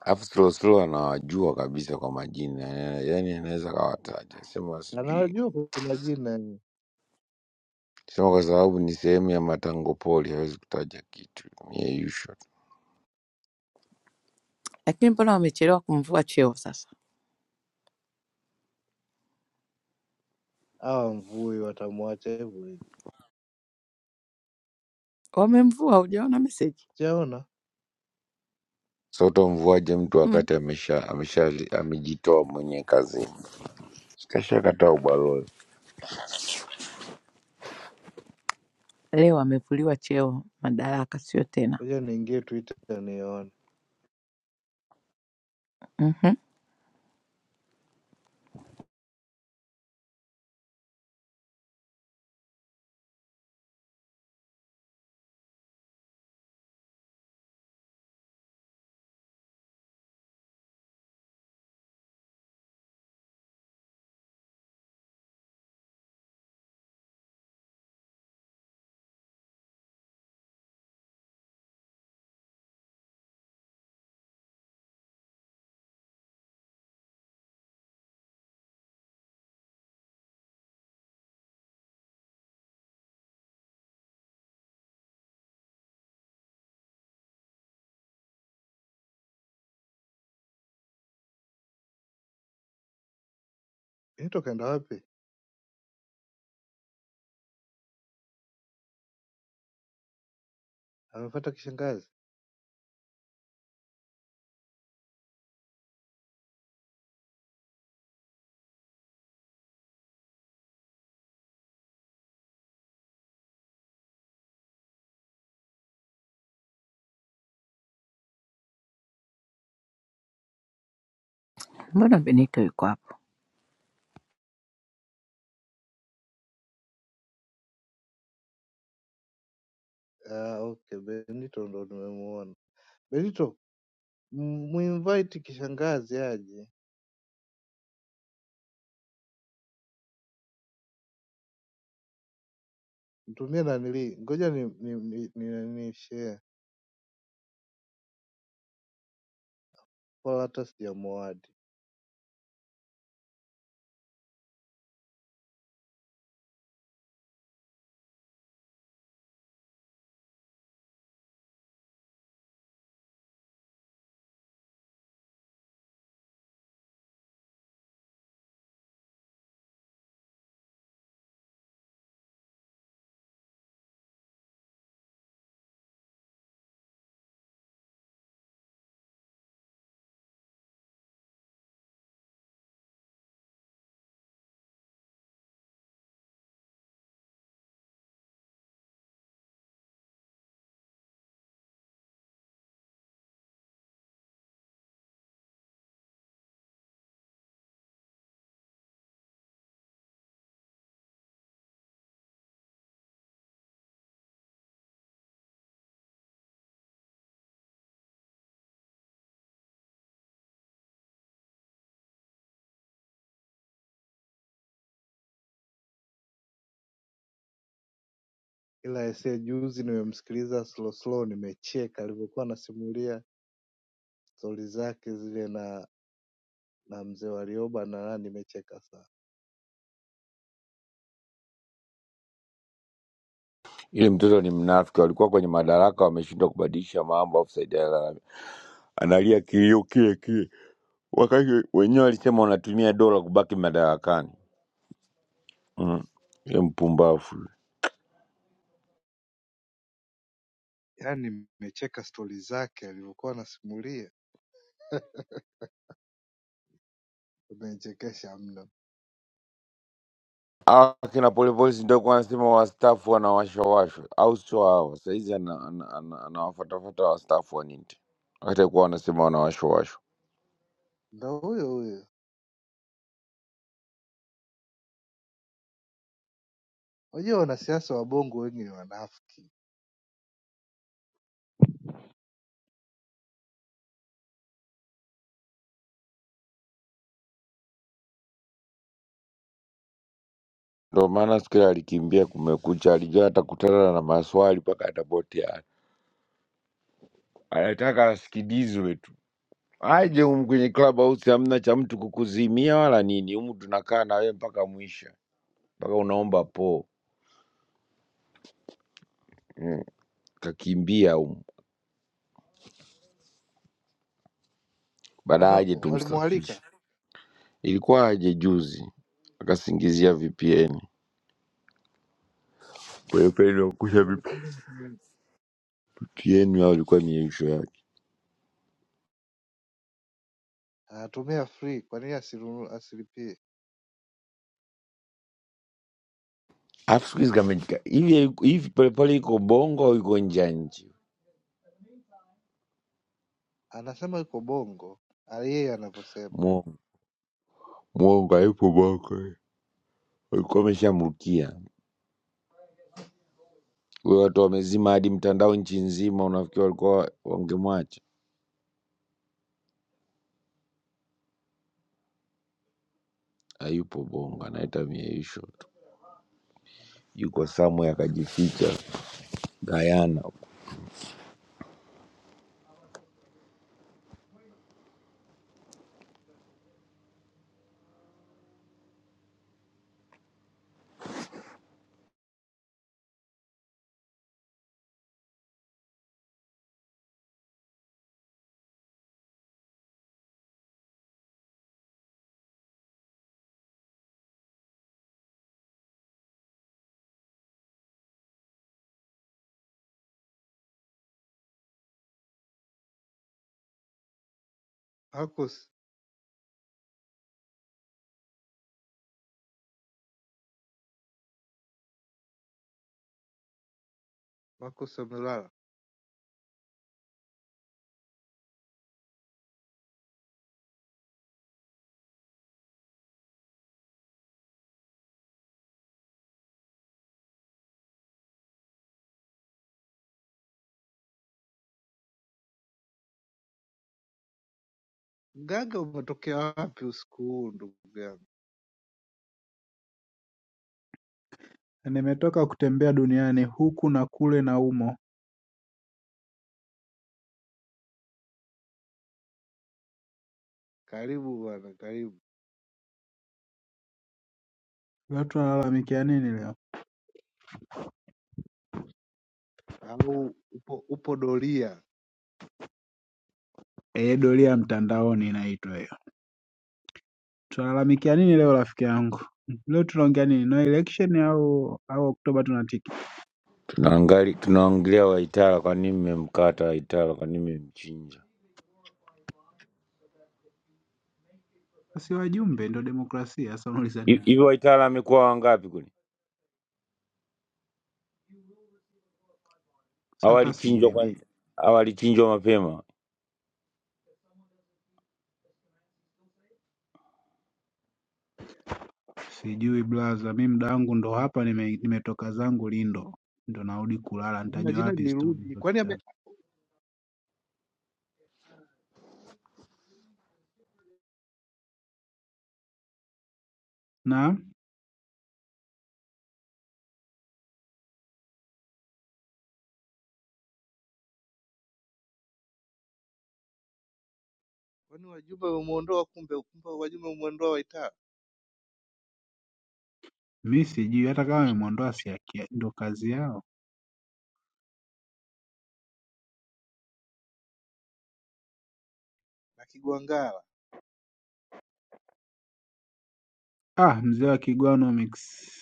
alafu slow slow anawajua kabisa kwa majina yani anaweza kawataja sema
Na
sijui
nawajua kwa majina
Sema kwa sababu ni sehemu ya matango pori hawezi kutaja kitu ni ya usual.
lakini mbona wamechelewa kumvua cheo? Sasa
hawa mvui watamwacha hivyo
wamemvua, hujaona meseji
Sijaona
So utamvuaje mtu
mm.
wakati amesha amesha amejitoa mwenyewe kazini? Sikasha kataa ubalozi.
Leo amevuliwa cheo, madaraka sio tena.
ngoja niingie Twitter nione
Mhm.
Benito kaenda wapi amepata kishangazi
Mbona Benito yuko hapo?
ah okay Benito ndo nimemuona Benito m- muinvite kishangazi aje mtumie nanili ngoja ni ni, ni, ni, ni share kwa hata sijamuadi ila ese juzi nimemsikiliza slow slow nimecheka alivyokuwa anasimulia stori zake zile na na mzee Warioba na nani nimecheka sana
Ile mtoto ni mnafiki, walikuwa kwenye madaraka wameshindwa kubadilisha mambo, afu Said Jalala analia kilio kile kile, wakati wenyewe walisema wanatumia dola kubaki madarakani. Mm. Ile mpumbavu.
yaani nimecheka stori zake alivyokuwa anasimulia umenichekesha mno
Hawa kina Polepole si ndio kuwa anasema wastaafu wanawashawashwa, au sio? Hawa saizi ana- ana- ana- anawafatafata wastaafu wa nini, wakati alikuwa wanasema wanawashawashwa.
Ndo huyo huyo. Unajua wanasiasa wa Bongo wengi ni wanafiki.
Ndio maana siku ile alikimbia Kumekucha, alijua atakutana na maswali mpaka atapotea. Anataka asikilizwe tu, aje humu kwenye club house, hamna cha mtu kukuzimia wala nini. Humu tunakaa na wewe mpaka mwisho, mpaka unaomba po. Kakimbia humu, baadaye
Kwani
aje tumsafishe.
walimwalika
Ilikuwa aje juzi akasingizia VPN. Polepole iliyokusha vipitieni au ilikuwa ni ishu yake?
anatumia free, kwa nini asinunu- asilipie?
Alafu siku hizi kama nika- hivi aliku- hivi Polepole iko bongo au iko nje ya nchi?
Anasema yuko Bongo ali- yeye anavyosema.
Mwongo mwongo, haipo bongo, eh. walikuwa wameshamrukia huyo, watu wamezima hadi mtandao nchi nzima, unafikiri walikuwa wangemwacha? Hayupo bongo, anaita mieisho tu, yuko somewhere akajificha Gayana.
Marcus, Marcus Amelala, mganga umetokea wapi usiku huu ndugu yangu?
Nimetoka kutembea duniani huku na kule na humo
Karibu bwana, karibu.
leo tunalalamikia nini leo
Au upo upo doria?
eh doria ya mtandaoni inaitwa hiyo tunalalamikia nini leo rafiki yangu leo tunaongea nini no election au au oktoba tunatiki
Tunaangali- Tunaongelea Waitara, kwa nini mmemkata Waitara? Kwa nini mmemchinja
si wajumbe ndo demokrasia sasa unauliza
Hi-
nini
hivi? Waitara amekuwa wangapi kule?
sasa hata
hawalichinjwa
sijui mimi
kwanza, hawalichinjwa mapema.
sijui blaza mi muda wangu ndo hapa nime- nimetoka zangu lindo ndo narudi kulala
Mbona
nitajua
jina
wapi stori
lirudi?
hizo
Kwani ame,
kita na
kwani wajumbe wamemuondoa? Kumbe kumbe wajumbe wamemuondoa Waitara
mi sijui hata kama wamemwondoa si haki ya- ndo kazi yao
na Kigwangala.
ah mzee wa kigwano mix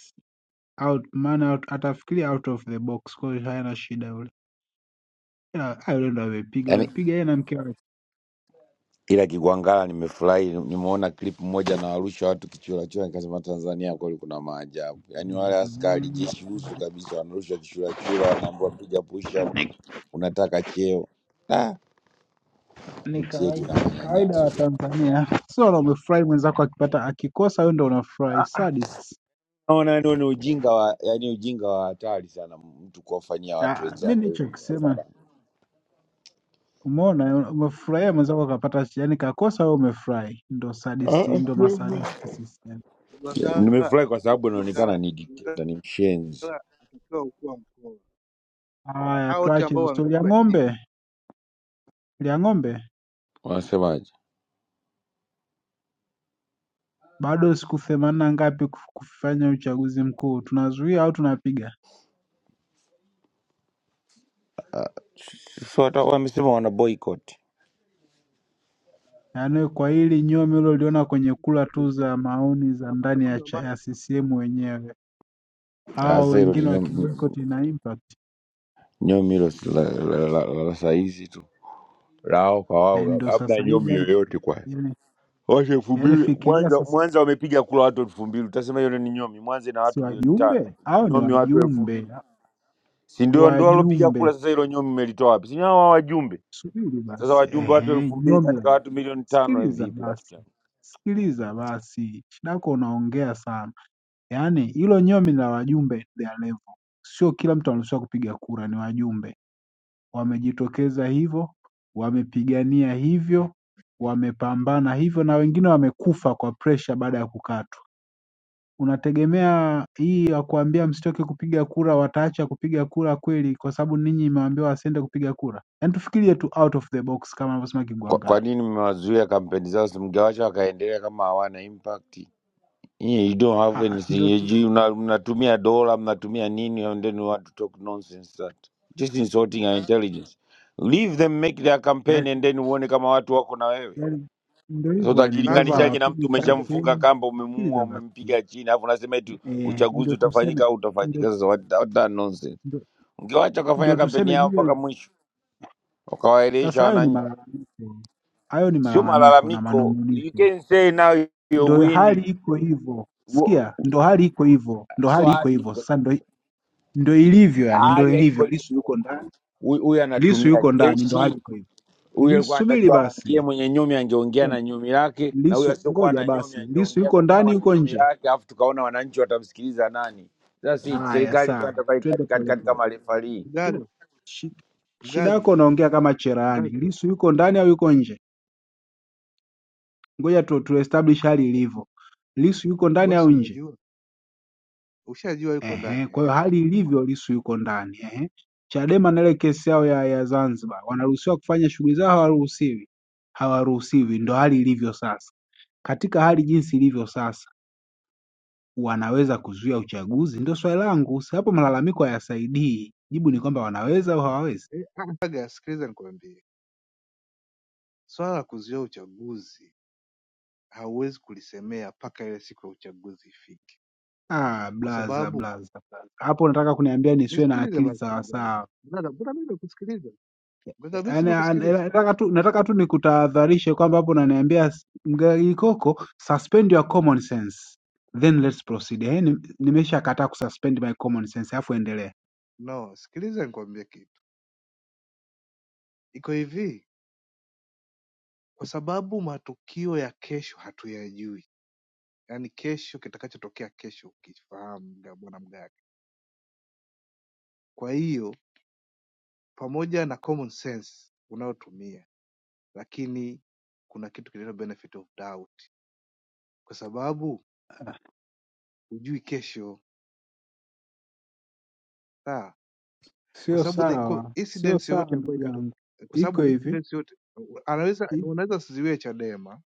out maana atafikiria out of the box kwa hiyo hayana shida yule Ya, hayo ndio amepiga
Yaani
amepiga yeye na mke wake
ila Kigwangala nimefurahi, nimeona clip moja na warusha watu kichurachura, nikasema Tanzania kweli kuna maajabu. Yaani wale askari
Mhm.
jeshi usu kabisa wanarusha kichurachura, wanaambiwa piga push up, unataka cheo. Ah,
ni
nchi yetu ina
kawaida kawaida
manyanyaso
wa
jamani.
Tanzania sio na umefurahi mwenzako akipata akikosa wewe ndio unafurahi sadists
Naona ni ni ujinga wa yaani ujinga wa hatari sana, mtu kuwafanyia watu
ah mimi
wenzako
nicho
hivyo
kisema
mjadala.
umeona umefurahia mwenzako akapata yani kakosa wewe umefurahi ndio
Ah,
sadisti ndio
ah,
masadisti sisi yani
Mgwangala
nimefurahi kwa sababu
Joseph
inaonekana
Mgwangala
ni dikteta,
Mgwangala
ni mshenzi.
atakiwa kuwa mkoa
haya
hao wote
tuache
ambao
hizo story ya
wamepigwa chini
ng'ombe ya ng'ombe
Wanasemaje?
Bado siku themanini na ngapi kufanya uchaguzi mkuu, tunazuia au tunapiga?
so hata wamesema wana boycott.
yaani kwa hili nyomi uliloliona kwenye
siku
kura
moja
tu za
zipo
maoni za
kuna
ndani ya,
maandamano ya
cha-
maji
ya CCM wenyewe, hao
Sasa hilo ni
wengine
nyomi
wakiboycott ina impact
nyomi hilo si la, la, la, la, la saizi tu lao kwa
Eh,
wao,
ndio
hamna
sasa hivi
nyomi
yani,
yoyote kwa
yani,
watu elfu
yani
mbili
fikiria
Mwanza,
sasa,
Mwanza wamepiga kula watu elfu mbili utasema hilo ni nyomi? Mwanza ina
si
watu milioni tano
wajumbe au ni
nyomi watu elfu
wajumbe
mbili si ndio? Ndio walopiga kula
wajumbe,
sasa, hilo nyomi umelitoa wapi? Si hao wajumbe
subiri
sasa,
basi,
wajumbe watu
ehe,
elfu mbili
nyomi la
katika watu
wajumbe.
milioni tano eh,
Sikiliza
vipi rafiki
basi,
yangu?
sikiliza basi, shidako unaongea sana. Yaani hilo nyomi la wajumbe their level sio kila mtu anaruhusiwa kupiga kura, ni wajumbe wamejitokeza hivyo, wamepigania hivyo, wamepambana hivyo, na wengine wamekufa kwa presha baada ya kukatwa. Unategemea hii ya kuambia msitoke kupiga kura, wataacha kupiga kura kweli kwa sababu ninyi imewaambiwa wasiende kupiga kura? Yaani tufikirie tu out of the box kama anavyosema
Kwa, kwa
Kigwangalla.
nini mmewazuia kampeni zao? Si mngewacha wakaendelea kama hawana impact? Yeah, you don't
Ah,
have
ah,
anything.
Ndo
You
tu
you- mna- mnatumia dola, mnatumia nini and then you want to talk nonsense that. Just insulting our intelligence. Leave them make their campaign
yaani-
and then uone kama watu wako na wewe.
yaani ndo
Sasa
hivyo, yaani ndo hivyo,
sasa
utajilinganishaje na mtu
hawapigi
gaga
umeshamfunga
kampeni.
kamba, umemuua,
Sikiliza basi.
umempiga chini, alafu unasema eti
eh,
uchaguzi
ndio
utafanyika
tuseme
au
ndio,
utafanyika. Sasa what, what that nonsense.
ndio,
Ungewacha wakafanya
ndio
kampeni
tuseme
yao mpaka
Gideon.
mwisho,
Sasa
wakawaelewesha
hayo ni
wananchi.
malalamiko, hayo ni
Sio
malalamiko na
malalamiko. You
manunguniko,
can say now you're
ndio hali
winning.
iko hivyo.
Wo-
Sikia, ndo hali iko hivyo, ndo
So
hali iko
hali
hivyo.
iko
Sasa ndo, ndo ilivyo, yani ndo
hali haiko
ilivyo. Lisu
hivyo.
yuko ndani,
Huyu huyu
Lisu
anatumia
yuko ndani, ndo
jeshi,
hali iko hivyo.
huyu
Lisu,
alikuwa
subiri
anatakiwa aongee,
basi,
mwenye nyumi angeongea na nyumi lake, na huyu
Lisu
asiokuwa
ngoja
na nyumi
basi, Lisu
angeongea
yuko ndani,
kutokuwa na
yuko
nyumi
nje.
lake, alafu tukaona wananchi watamsikiliza nani? Sasa si
Haya,
serikali iko
sawa,
inatoka
twende
katikati
polepole.
kama refarii.
Twende.
mgaga
Shi- Shida
mgaga
yako unaongea kama cherahani.
mgaga
Lisu yuko ndani au yuko nje? ngoja tu, tu establish hali ilivyo. Lissu yuko ndani
wewe si
au nje?
unajua ushajua yuko
Ehe,
ndani
kwa hiyo
eh
hali ilivyo Lissu yuko ndani. Ehe. Chadema na ile kesi yao ya, ya Zanzibar wanaruhusiwa kufanya shughuli zao, hawaruhusiwi? Hawaruhusiwi, ndo hali ilivyo sasa. Katika hali jinsi ilivyo sasa, wanaweza kuzuia uchaguzi? Ndio swali langu. Si hapo malalamiko hayasaidii. Jibu ni kwamba wanaweza au hawawezi?
Eh, ah, mgaga sikiliza nikwambie swala la kuzuia uchaguzi hauwezi kulisemea mpaka ile siku ya uchaguzi ifike
Ah,
kwa
blaza
sababu
blaza blaza, hapo nataka kuniambia nisiwe na
nisikilize
akili
basi
sawasawa.
mgaga mgaga mbona mimi nimekusikiliza mgaga mimi si
Yani, an-
nimekusikiliza
nataka tu nataka tu nikutahadharishe kwamba hapo unaniambia s- mgagikoko suspend your common sense then let's proceed. Eh, nim- nimeshakataa kususpend my common sense, alafu endelea.
no sikiliza nikwambie kitu iko hivi kwa sababu matukio ya kesho hatuyajui yaani kesho kitakachotokea kesho ukifahamu mga- bwana mgani kwa hiyo pamoja na common sense unayotumia lakini kuna kitu kinaitwa benefit of doubt kwa sababu hujui kesho sawa kwa
Sio
sababu the kwa
sawa, sio
incidents
sawa
yoyote ambayo
ndugu
itatokea
yangu,
kwa
iko
sababu
hivi
incidents yote anaweza
i-
wanaweza wasiziwe chadema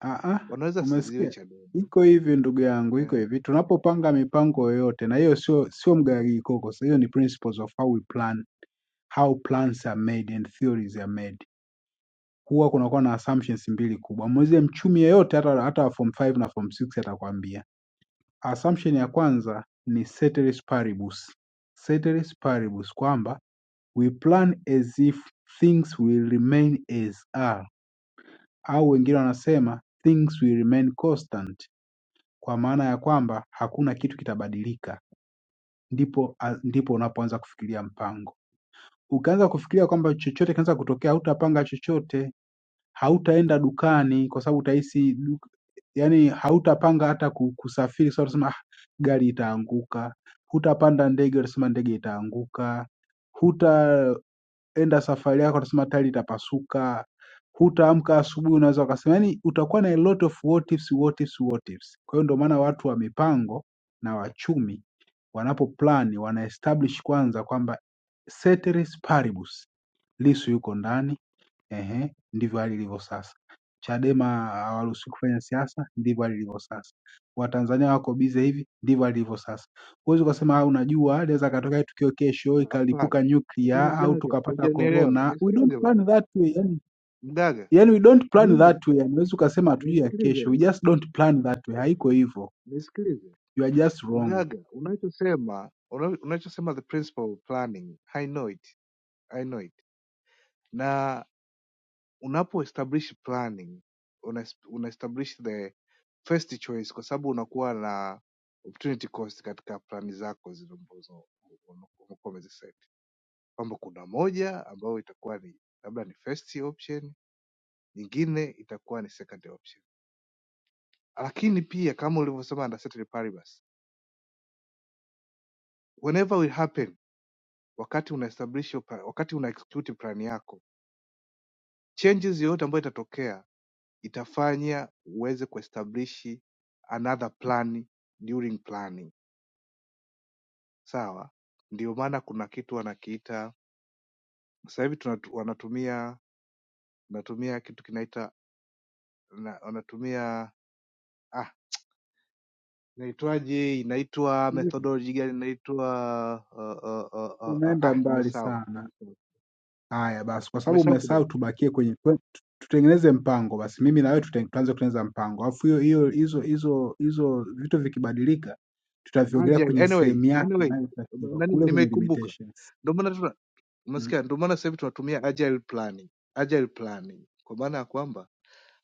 ah, ah,
wanaweza wasiziwe
umesikia?
chadema
Iko hivi ndugu yangu, iko
eh?
hivi, tunapopanga mipango yoyote, na hiyo sio sio mgagikoko, sasa hiyo ni principles of how we plan, how plans are made and theories are made. huwa kunakuwa na assumptions mbili kubwa. Muulize mchumi yeyote hata hata wa form 5 na form 6 atakwambia. Assumption ya kwanza ni ceteris paribus. Ceteris paribus kwamba we plan as if things will remain as are au wengine wanasema things will remain constant kwa maana ya kwamba hakuna kitu kitabadilika, ndipo a- ndipo unapoanza kufikiria mpango. Ukianza kufikiria kwamba chochote kinaweza kutokea, hutapanga chochote, hautaenda dukani kwa sababu utahisi yani hautapanga hata ku- kusafiri sasa utasema ah, gari itaanguka hutapanda ndege utasema ndege itaanguka hutaenda safari yako utasema tayari itapasuka hutaamka asubuhi unaweza ukasema yani utakuwa na a lot of what ifs, what ifs, what ifs. kwa hiyo ndio maana watu wa mipango na wachumi wanapoplani wana establish kwanza kwamba ceteris paribus lisu yuko ndani Ehe, ndivyo hali ilivyo sasa. Chadema hawaruhusiwi kufanya siasa, ndivyo hali ilivyo sasa. Watanzania wako bize hivi, ndivyo hali ilivyo sasa. Huwezi ukasema "Ah, unajua linaweza katokea tukio kesho ikalipuka
hapana hapana
nuclear au
mgaga
tukapata
hujanielewa
corona. We don't
nisikilize bwana
plan that way. Yani,
mgaga
yani we don't plan
Mimi
that way. Yani, huwezi ukasema hatujui ya
nisikilize
kesho. We
basi,
just don't plan that way. Haiko hivyo.
nisikilize
You are just wrong.
mgaga, unachosema una- unachosema the principle of planning, I know it, I know it. Na unapo establish planning una, una establish the first choice, kwa sababu unakuwa na opportunity cost katika plani zako zile ambazo umekuwa umeziset, kwamba kuna moja ambayo itakuwa ni labda ni first option, nyingine itakuwa ni second option, lakini pia kama ulivyosema under certain paribus, whenever will happen wakati una establish your plan- wakati una execute plan yako changes yoyote ambayo itatokea itafanya uweze kuestablish another plan during planning sawa ndio maana kuna kitu wanakiita sasa hivi tunatu- wanatumia wanatumia kitu kinaita na- wanatumia ah inaitwaje inaitwa methodology gani inaitwa uh, uh, uh, uh, uh,
Unaenda
ah
mbali
nimesahau
sana.
nimesahau
Haya basi, kwa sababu
nimesahau
umesahau,
kidogo
tubakie kwenye kwe- tu- tutengeneze mpango basi, mimi na wewe tuten- tuanze kutengeneza mpango, alafu hiyo hiyo hizo hizo hizo vitu vikibadilika, tutaviongelea
Agile,
kwenye
anyway
sehemu yake
anyway
inayotakiwa
nani
kule kwenye
nimeikumbuka
limitations.
ndio maana tuna-
Mm.
Umesikia? Ndio maana sasa hivi tunatumia agile planning, agile planning kwa maana ya kwamba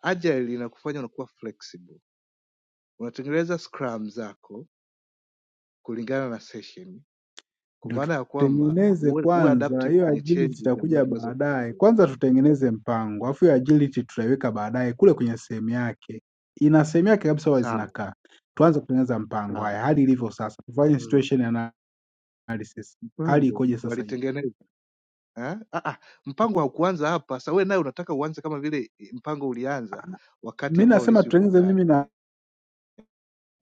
agile inakufanya unakuwa flexible, unatengeneza scrum zako kulingana na session, kwa
Ndio
maana ya kwamba
tutengeneze
uwe uwe
kwanza,
adaptive
hiyo
kwenye
agility
changes ambazo
itakuja
zinaweza
baadaye.
kutokea.
Kwanza tutengeneze mpango, alafu hiyo agility tutaiweka baadaye kule kwenye sehemu yake, ina sehemu yake kabisa, huwa
Sawa
zinakaa. Tuanze kutengeneza mpango.
sawa.
Haya, hali ilivyo sasa, tufanye
Haya,
situation analysis, hali
Mpango
ikoje sasa hivi?
walitengeneza eh? Ah, ah, mpango haukuanza hapa. Sasa wewe naye unataka uanze kama vile eh, mpango ulianza wakati
mi
ambao
nasema
Lissu yuko
tutengeneze mimi na
ndani.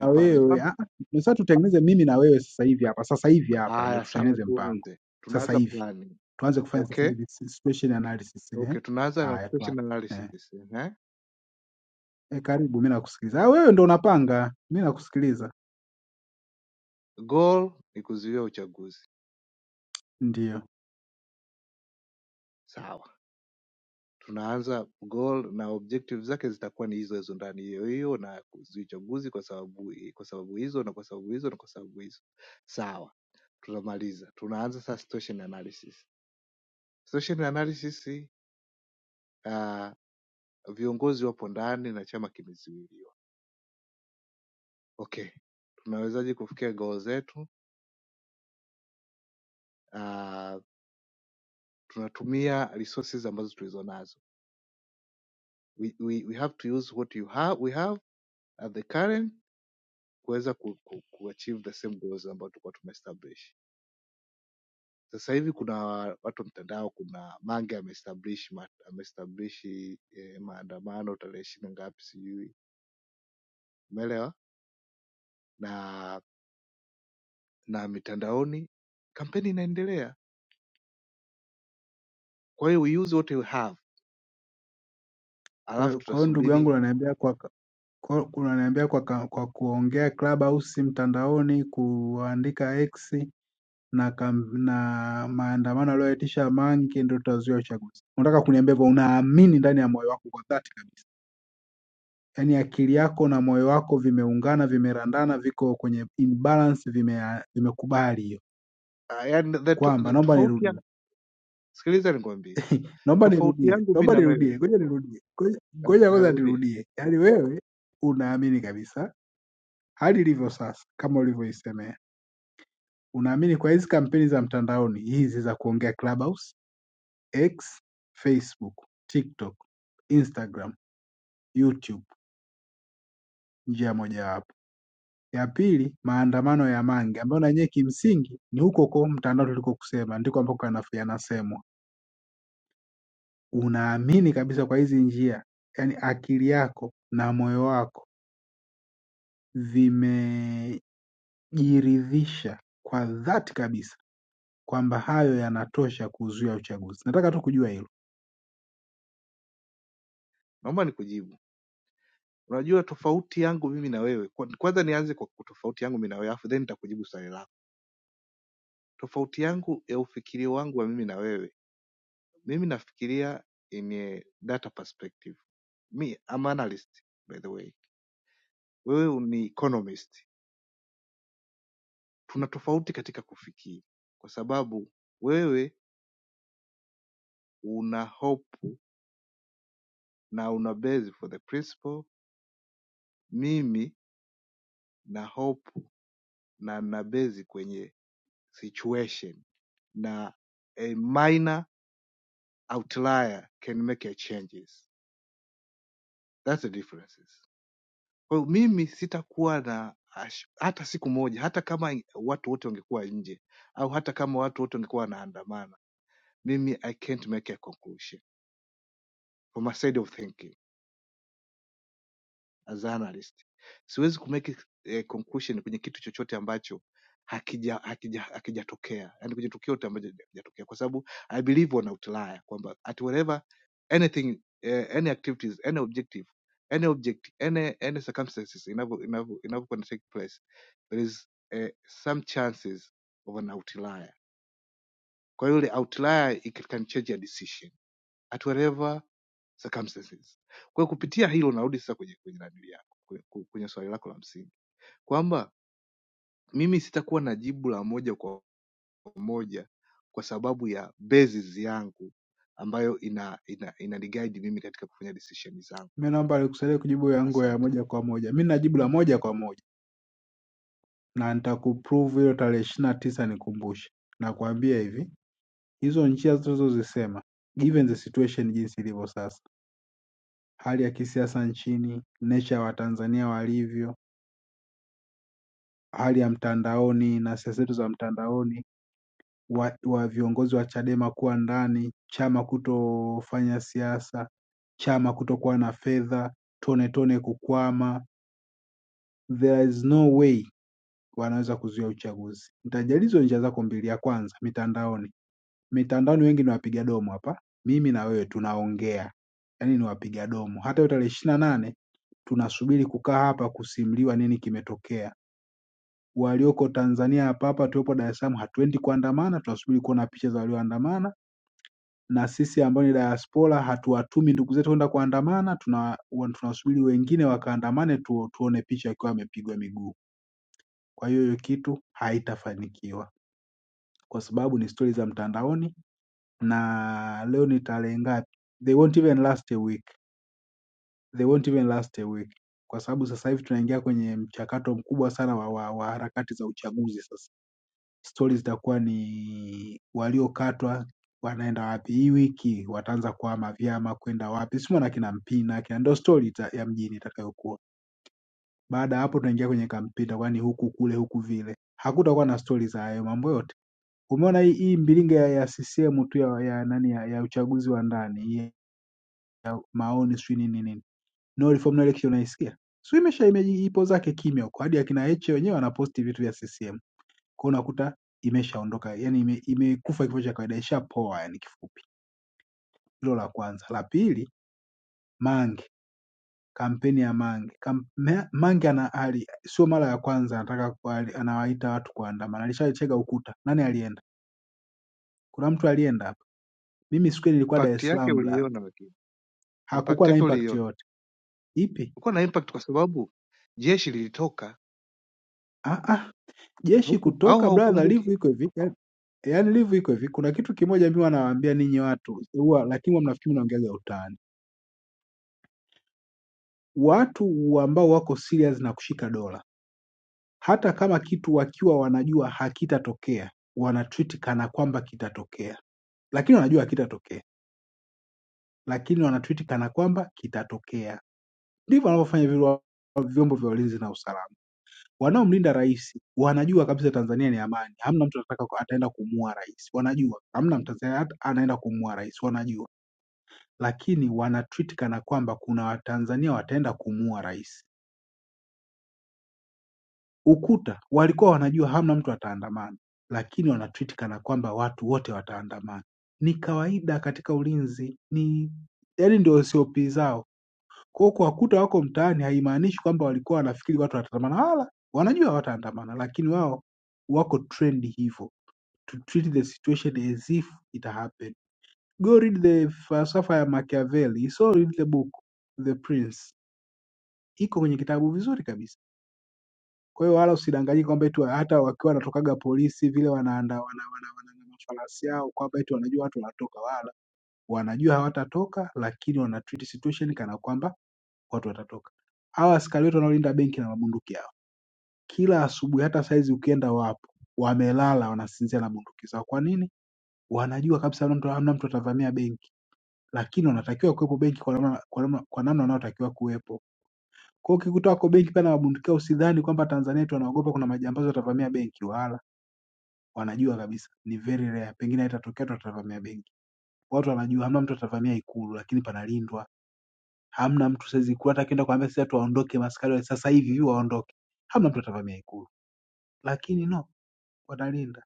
na wewe.
mpango
Ah, ah, Nasema tutengeneze mimi na wewe sasa hivi hapa, sasa hivi hapa ndio
haya, sawa,
tutengeneze mpango
tuanze,
sasa
tunaanza
hivi,
planning.
tuanze kufanya sasa
Okay
hivi si- situation analysis. Eh,
Okay, tunaanza na
haya
situation
tuanze. Eh,
analysis. Eh?
eh, karibu, mi nakusikiliza. Ah, wewe ndo unapanga, mi nakusikiliza.
Goal ni kuzuia uchaguzi.
Ndio.
Sawa. Tunaanza goal na objective zake zitakuwa ni hizo hizo ndani hiyo hiyo na kuzuia uchaguzi kwa sababu kwa sababu hizo na kwa sababu hizo na kwa sababu hizo. Sawa. Tunamaliza. Tunaanza sasa situation analysis. Situation analysis uh, viongozi wapo ndani na chama kimezuiliwa. Okay. Tunawezaje kufikia goal zetu? Uh, tunatumia resources ambazo tulizo nazo we, we, we have to use what you have we have at the current kuweza ku, ku, kuachieve the same goals ambayo tulikuwa tumeestablish sasa hivi kuna watu mtandao kuna mange ameestablish ma- ameestablish eh, maandamano tarehe ishirini ngapi sijui umeelewa na na mitandaoni kampeni inaendelea kwa hiyo we use what you have
Kwa
alafu
hiyo kwa hiyo ndugu yangu
tutasubiri
unaniambia kwa ka- kwa unaniambia kwa, ka- kwa kuongea Clubhouse mtandaoni, kuandika X na kam- na maandamano aliyoitisha Mange ndio tutazuia uchaguzi. Unataka kuniambia hivyo? Unaamini ndani ya moyo wako kwa dhati kabisa, yaani akili yako na moyo wako vimeungana, vimerandana, viko kwenye in balance, vime vimekubali hiyo
uh, and the, to-
kwamba
the
naomba
tofauti
nirudie,
ya sikiliza nikwambie
naomba
tofauti
nirudie,
yangu mi
naomba
na wewe
nirudie, ngoja nirudie, ngoja
Ah,
ngoja kwanza
narudia
nirudie. Yaani wewe unaamini kabisa hali ilivyo sasa, kama ulivyoisemea, unaamini kwa hizi kampeni za mtandaoni hizi za kuongea Clubhouse X, Facebook, TikTok, Instagram, YouTube njia mojawapo. Ya pili maandamano ya Mange ambayo na yenyewe kimsingi ni huko huko mtandao tulikokusema ndiko ambako yana- yanasemwa. Unaamini kabisa kwa hizi njia, yaani akili yako na moyo wako vimejiridhisha kwa dhati kabisa kwamba hayo yanatosha kuzuia uchaguzi. Nataka tu kujua hilo.
naomba nikujibu Unajua tofauti yangu mimi na wewe, kwa- kwanza nianze kwa ku- tofauti yangu mimi na wewe, afu then nitakujibu swali lako. Tofauti yangu ya ufikirio wangu wa mimi na wewe, mimi nafikiria in a data perspective. Me, I'm an analyst by the way, wewe ni economist. Tuna tofauti katika kufikiri, kwa sababu wewe una hope na una base for the principle, mimi na hope na na base kwenye situation na a minor outlier can make a changes. That's the differences. Kwa hiyo mimi sitakuwa na ash- hata siku moja, hata kama in- watu wote wangekuwa nje au hata kama watu wote wangekuwa wanaandamana, mimi I can't make a conclusion for my side of thinking as an analyst siwezi kumake eh, conclusion kwenye kitu chochote ambacho hakija hakija hakijatokea yani kwenye tukio yote ambacho hakijatokea kwa sababu i believe on outlier kwamba at whatever anything eh, any activities any objective any object any any circumstances inavyo inavyo inavyokuwa take place there is eh, some chances of an outlier kwa hiyo ile outlier it can change a decision at whatever circumstances. Kwa hiyo kupitia hilo narudi sasa kwenye kwenye nanili yako kwenye kwenye- kwenye swali lako la msingi kwamba mimi sitakuwa na jibu la moja kwa moja kwa sababu ya basis yangu ambayo ina ina inaniguide mimi katika kufanya decision zangu.
Mimi naomba nikusaidie kujibu yangu ya
Asante.
moja kwa moja. Mimi najibu la moja kwa moja. na nitakuprove hiyo tarehe ishirini na tisa nikumbushe. Nakwambia hivi, hizo njia tunazozisema given the situation jinsi ilivyo sasa, hali ya kisiasa nchini, nature ya Watanzania walivyo, hali ya mtandaoni na siasa zetu za mtandaoni, wa, wa viongozi wa Chadema kuwa ndani, chama kutofanya siasa, chama kutokuwa na fedha, tone tone kukwama, there is no way wanaweza kuzuia uchaguzi. Nitajali hizo njia zako mbili, ya kwanza mitandaoni mitandaoni wengi ni wapiga domo hapa, mimi na wewe tunaongea, yaani ni wapiga domo. Hata hiyo tarehe ishirini na nane tunasubiri kukaa hapa kusimuliwa nini kimetokea. Walioko Tanzania hapa hapa tuwepo Dar es Salaam, hatuendi kuandamana, tunasubiri kuona picha za walioandamana, na sisi ambao ni diaspora hatuwatumi ndugu zetu kwenda kuandamana, tuna wa- tunasubiri wengine wakaandamane tu, tuone picha akiwa amepigwa miguu. Kwa hiyo hiyo kitu haitafanikiwa kwa sababu ni stori za mtandaoni na leo ni tarehe ngapi, they won't even last a week, they won't even last a week, kwa sababu sasa hivi tunaingia kwenye mchakato mkubwa sana wa, wa, wa harakati za uchaguzi. Sasa stori zitakuwa ni waliokatwa wanaenda wapi, hii wiki wataanza kuhama vyama kwenda wapi, simo na kina Mpina akina, ndo stori ita- ya mjini itakayokuwa. Baada ya hapo tunaingia kwenye kampeni, itakuwa ni huku kule huku vile, hakutakuwa na stori za hayo mambo yote. Umeona hii, hii mbilinga ya, ya CCM tu ya, ya, nani ya, ya uchaguzi wa ndani hii maoni sijui nini nini, no reform no election, unaisikia sio? Imesha imeji- ipo zake kimya huko, hadi akina Heche wenyewe wanaposti vitu vya CCM, kwa hiyo unakuta imeshaondoka, yani ime, imekufa ime kifo cha kawaida, ishapoa yani kifupi. Hilo la kwanza. La pili, Mange, kampeni ya Mange. Kam, Ma- Mange ana ali, sio mara ya kwanza anataka kwa- anawaita watu kuandamana, alishachega ukuta. Nani alienda? Kuna mtu alienda hapa? Mimi siku ile nilikuwa Dar
Impact
es
yake
Salaam bla,
uliiona lakini. Impact
hakukuwa na
yake
impact
uliiona.
yoyote. Ipi?
Ulikuwa na impact kwa sababu jeshi lilitoka
Ah, ah,
au
jeshi
au
kutoka brother, livu
haukumbuki?
iko hivi yaani live iko hivi. Kuna kitu kimoja mimi wanawaambia ninyi watu huwa, lakini huwa mnafikiri mnaongeaga utani. Watu ambao wako serious na kushika dola, hata kama kitu wakiwa wanajua hakitatokea, wanatreat kana kwamba kitatokea, lakini wanajua hakitatokea, lakini wanatreat kana kwamba kitatokea. Ndivyo wanavyofanya vile wa- vyombo vya ulinzi na usalama. Wanaomlinda rais wanajua kabisa Tanzania ni amani, hamna mtu anataka ataenda kumuua rais, wanajua hamna Mtanzania hata anaenda kumuua rais, wanajua lakini wanatreat kana kwamba kuna watanzania wataenda kumuua rais ukuta walikuwa wanajua hamna mtu ataandamana lakini wanatreat kana kwamba watu wote wataandamana ni kawaida katika ulinzi ni yaani ndio sop zao kwao kuwakuta wako mtaani haimaanishi kwamba walikuwa wanafikiri watu wataandamana wala wanajua wataandamana lakini wao wako trend hivyo to treat the situation as if it happened go read the falsafa ya machiavelli so read the book the prince iko kwenye kitabu vizuri kabisa. Kwa hiyo wala usidanganyike kwamba eti hata wakiwa wanatokaga polisi vile wanaanda wana, wana, wana, wana mafarasi yao kwamba eti wanajua watu wanatoka, wala wanajua hawatatoka, lakini wana treat situation kana kwamba watu watatoka. Hawa askari wetu wanaolinda benki na mabunduki yao, kila asubuhi, hata saizi ukienda wapo, wamelala wanasinzia na bunduki zao. Kwa nini? Wanajua kabisa hamna mtu hamna mtu atavamia benki, lakini wanatakiwa kuwepo benki kwa namna kwa namna kwa namna wanaotakiwa kuwepo. Kwa hiyo ukikuta wako benki pale wanabundukia usidhani kwamba Tanzania eti wanaogopa kuna majambazi watavamia benki wala wanajua kabisa ni very rare. Pengine haitatokea tu watavamia benki. Watu wanajua hamna mtu atavamia ikulu lakini panalindwa. Hamna mtu saizi ikulu hata akienda kuambia sasa watu waondoke maskari wa sasa hivi hivi waondoke. Hamna mtu atavamia ikulu. Lakini no wanalinda.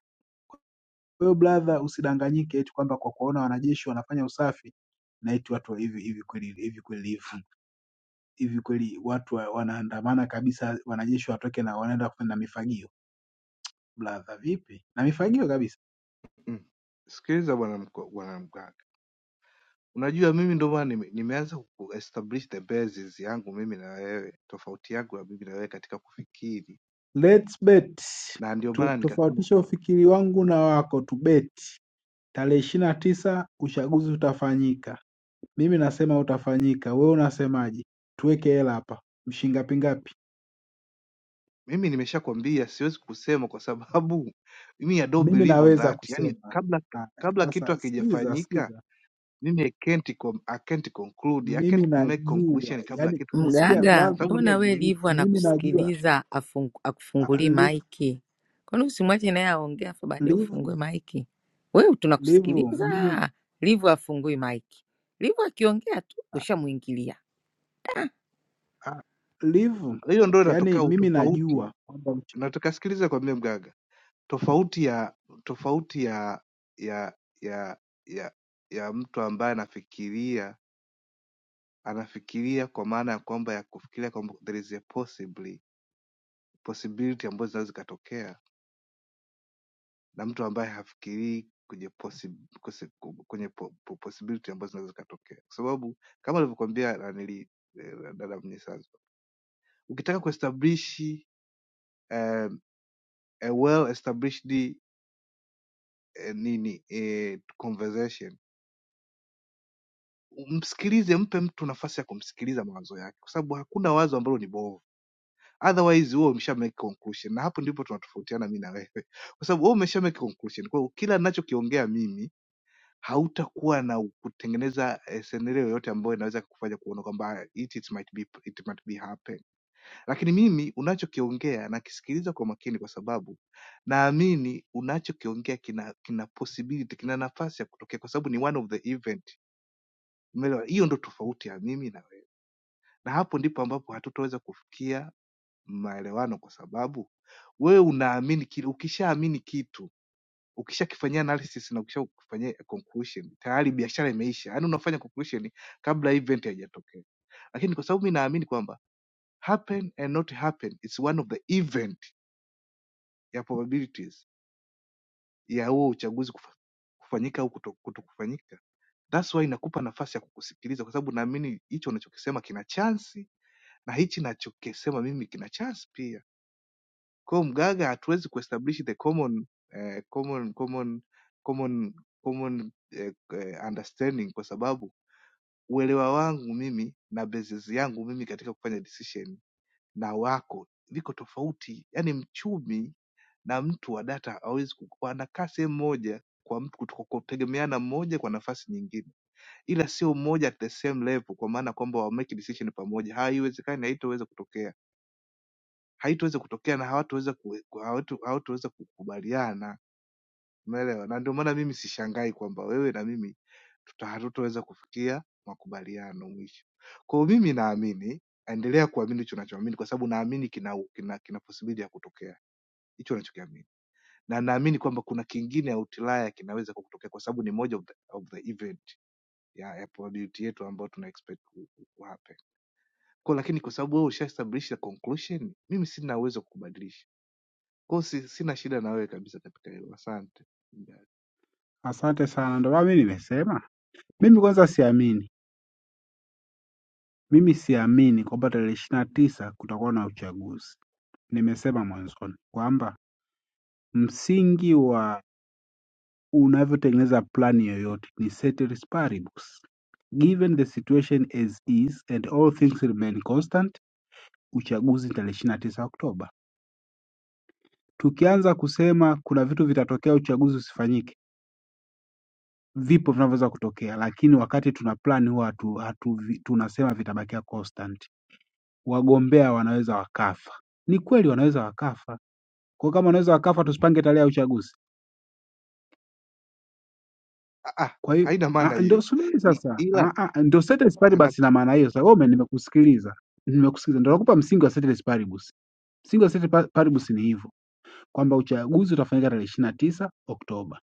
Kwa hiyo brother usidanganyike eti kwamba kwa kuona wanajeshi wanafanya usafi na eti watu wa hivi hivi kweli hivi kweli hivi hivi kweli watu wa- wanaandamana kabisa wanajeshi watoke na wanaenda kufanya mifagio. Brother vipi? Na mifagio kabisa.
Mm. Sikiliza bwana mko- bwana mganga. Unajua mimi ndio maana nime, nimeanza ku establish the basis yangu mimi na wewe, tofauti yangu na mimi na wewe katika kufikiri,
Let's bet.
na ndio
Tu-
maana nikasema
Tofautisha
kwamba
ufikiri wangu na wako tubeti. Tarehe ishirini na tisa uchaguzi utafanyika. Mimi nasema utafanyika. Wewe unasemaje? Tuweke hela hapa. Mshingapi ngapi?
mimi nimeshakwambia siwezi kusema kwa sababu mimi I don't
Mimi
believe on
naweza
that. Yani
kusema.
kabla
Haya,
kabla kitu
Sasa sikiza,
hakijafanyika
sikiza.
mimi I can't, com- I can't conclude, I can't
Mimi
make
najua,
conclusion kabla
yani
kitu
umesikia
hakijafanyika,
Mgaga,
kwa
brother,
sababu mimi
mbona
I
we
believe.
Livu
mimi najua
anakusikiliza afung,
Ah,
akufungulii
live,
maiki? Kwani usimwache naye aongea afu baadaye
live,
ufungue maiki? Wewe
live. Mimi
tunakusikiliza, Livu afungui maiki. Livu akiongea tu
ah,
ushamwingilia.
ah, live,
Hiyo ndio
yani
inatokea
mimi
utofauti,
najua kwamba
na tukasikiliza kwambie mgaga tofauti ya tofauti ya ya ya ya ya mtu ambaye anafikiria anafikiria kwa maana ya kwamba ya kufikiria kwamba there is a possibly possibility ambazo zinaweza zikatokea na mtu ambaye hafikirii kwenye possi, kose- ku- kwenye po, po, possibility ambazo zinaweza zikatokea kwa sababu kama alivyokuambia nanili eh, dada mnyisanzo ukitaka kuestablish um, a well established eh, nini eh, conversation Msikilize, mpe mtu nafasi ya kumsikiliza mawazo yake, kwa sababu hakuna wazo ambalo ni bovu, otherwise wewe umesha make conclusion, na hapo ndipo tunatofautiana mi na wewe, kwa sababu wewe umesha make conclusion. Kwa hiyo kila ninachokiongea mimi hautakuwa na kutengeneza eh, scenario yoyote ambayo inaweza kukufanya kuona kwamba ah, it, it might be it might be happen, lakini mimi unachokiongea nakisikiliza kwa makini, kwa sababu naamini unachokiongea kina kina possibility, kina nafasi ya kutokea, kwa sababu ni one of the event. Umeelewa? Hiyo ndo tofauti ya mimi na wewe. Na hapo ndipo ambapo hatutaweza kufikia maelewano kwa sababu wewe unaamini kile, ukishaamini kitu, ukishakifanyia analysis na ukishakifanyia conclusion, tayari biashara imeisha. Yaani unafanya conclusion kabla event haijatokea. Lakini kwa sababu mimi naamini kwamba happen and not happen is one of the event ya probabilities ya huo uchaguzi kufa- kufanyika au kuto- kutokufanyika. That's why inakupa nafasi ya kukusikiliza kwa sababu naamini hicho unachokisema kina chansi na hichi nachokisema mimi kina chansi pia Kwa hiyo mganga hatuwezi kuestablish the common eh, common common common common eh, eh, understanding kwa sababu uelewa wangu mimi na basis yangu mimi katika kufanya decision na wako viko tofauti. Yaani mchumi na mtu wa data hawezi ku- wanakaa sehemu moja kwa mtu kuto- kutegemeana mmoja kwa nafasi nyingine, ila sio mmoja at the same level, kwa maana kwamba wa make decision pamoja, haiwezekani, haitoweza kutokea haitoweza kutokea na hawataweza ku- ku- hawatu- hawataweza kukubaliana umeelewa na ndio maana mimi sishangai kwamba wewe na mimi tuta- hatutaweza kufikia makubaliano mwisho kwa hiyo mimi naamini endelea kuamini hicho unachoamini kwa sababu naamini kina, kina, kina possibility ya kutokea hicho unachokiamini na naamini kwamba kuna kingine outlaya kinaweza kwa kutokea kwa sababu ni moja of the, of the event ya, ya probability yetu ambayo tuna expect ku, ku, ku happen. Kwa, lakini kwa sababu wewe ushaestablisha conclusion mimi sina uwezo wa kubadilisha Kwa hiyo si- sina shida na wewe kabisa katika hilo, asante.
Asante sana, ndio maana mimi nimesema. Mimi kwanza siamini, mimi siamini kwamba tarehe ishirini na tisa kutakuwa na uchaguzi. Nimesema mwanzoni kwamba msingi wa unavyotengeneza plani yoyote ni ceteris paribus, given the situation as is and all things remain constant, uchaguzi ni tarehe ishirini na tisa Oktoba. Tukianza kusema kuna vitu vitatokea uchaguzi usifanyike, vipo vinavyoweza kutokea, lakini wakati tuna plan huwa hatu, hatu, tunasema vitabakia constant. wagombea wanaweza wakafa. Ni kweli wanaweza wakafa, kwa kama wanaweza wakafa, tusipange tarehe ya uchaguzi.
Ah, ah,
Kwa hiyo
haina maana
ah, ndio
hiyo
subiri
I-
sasa,
ila
Ah, ah, ndio ceteris paribus.
nakus-
Ina maana hiyo sasa. Wewe ume- nimekusikiliza, nimekusikiliza, ndio nakupa msingi wa ceteris paribus. Msingi wa ceteris pa- paribus ni hivyo kwamba uchaguzi utafanyika tarehe ishirini na tisa Oktoba.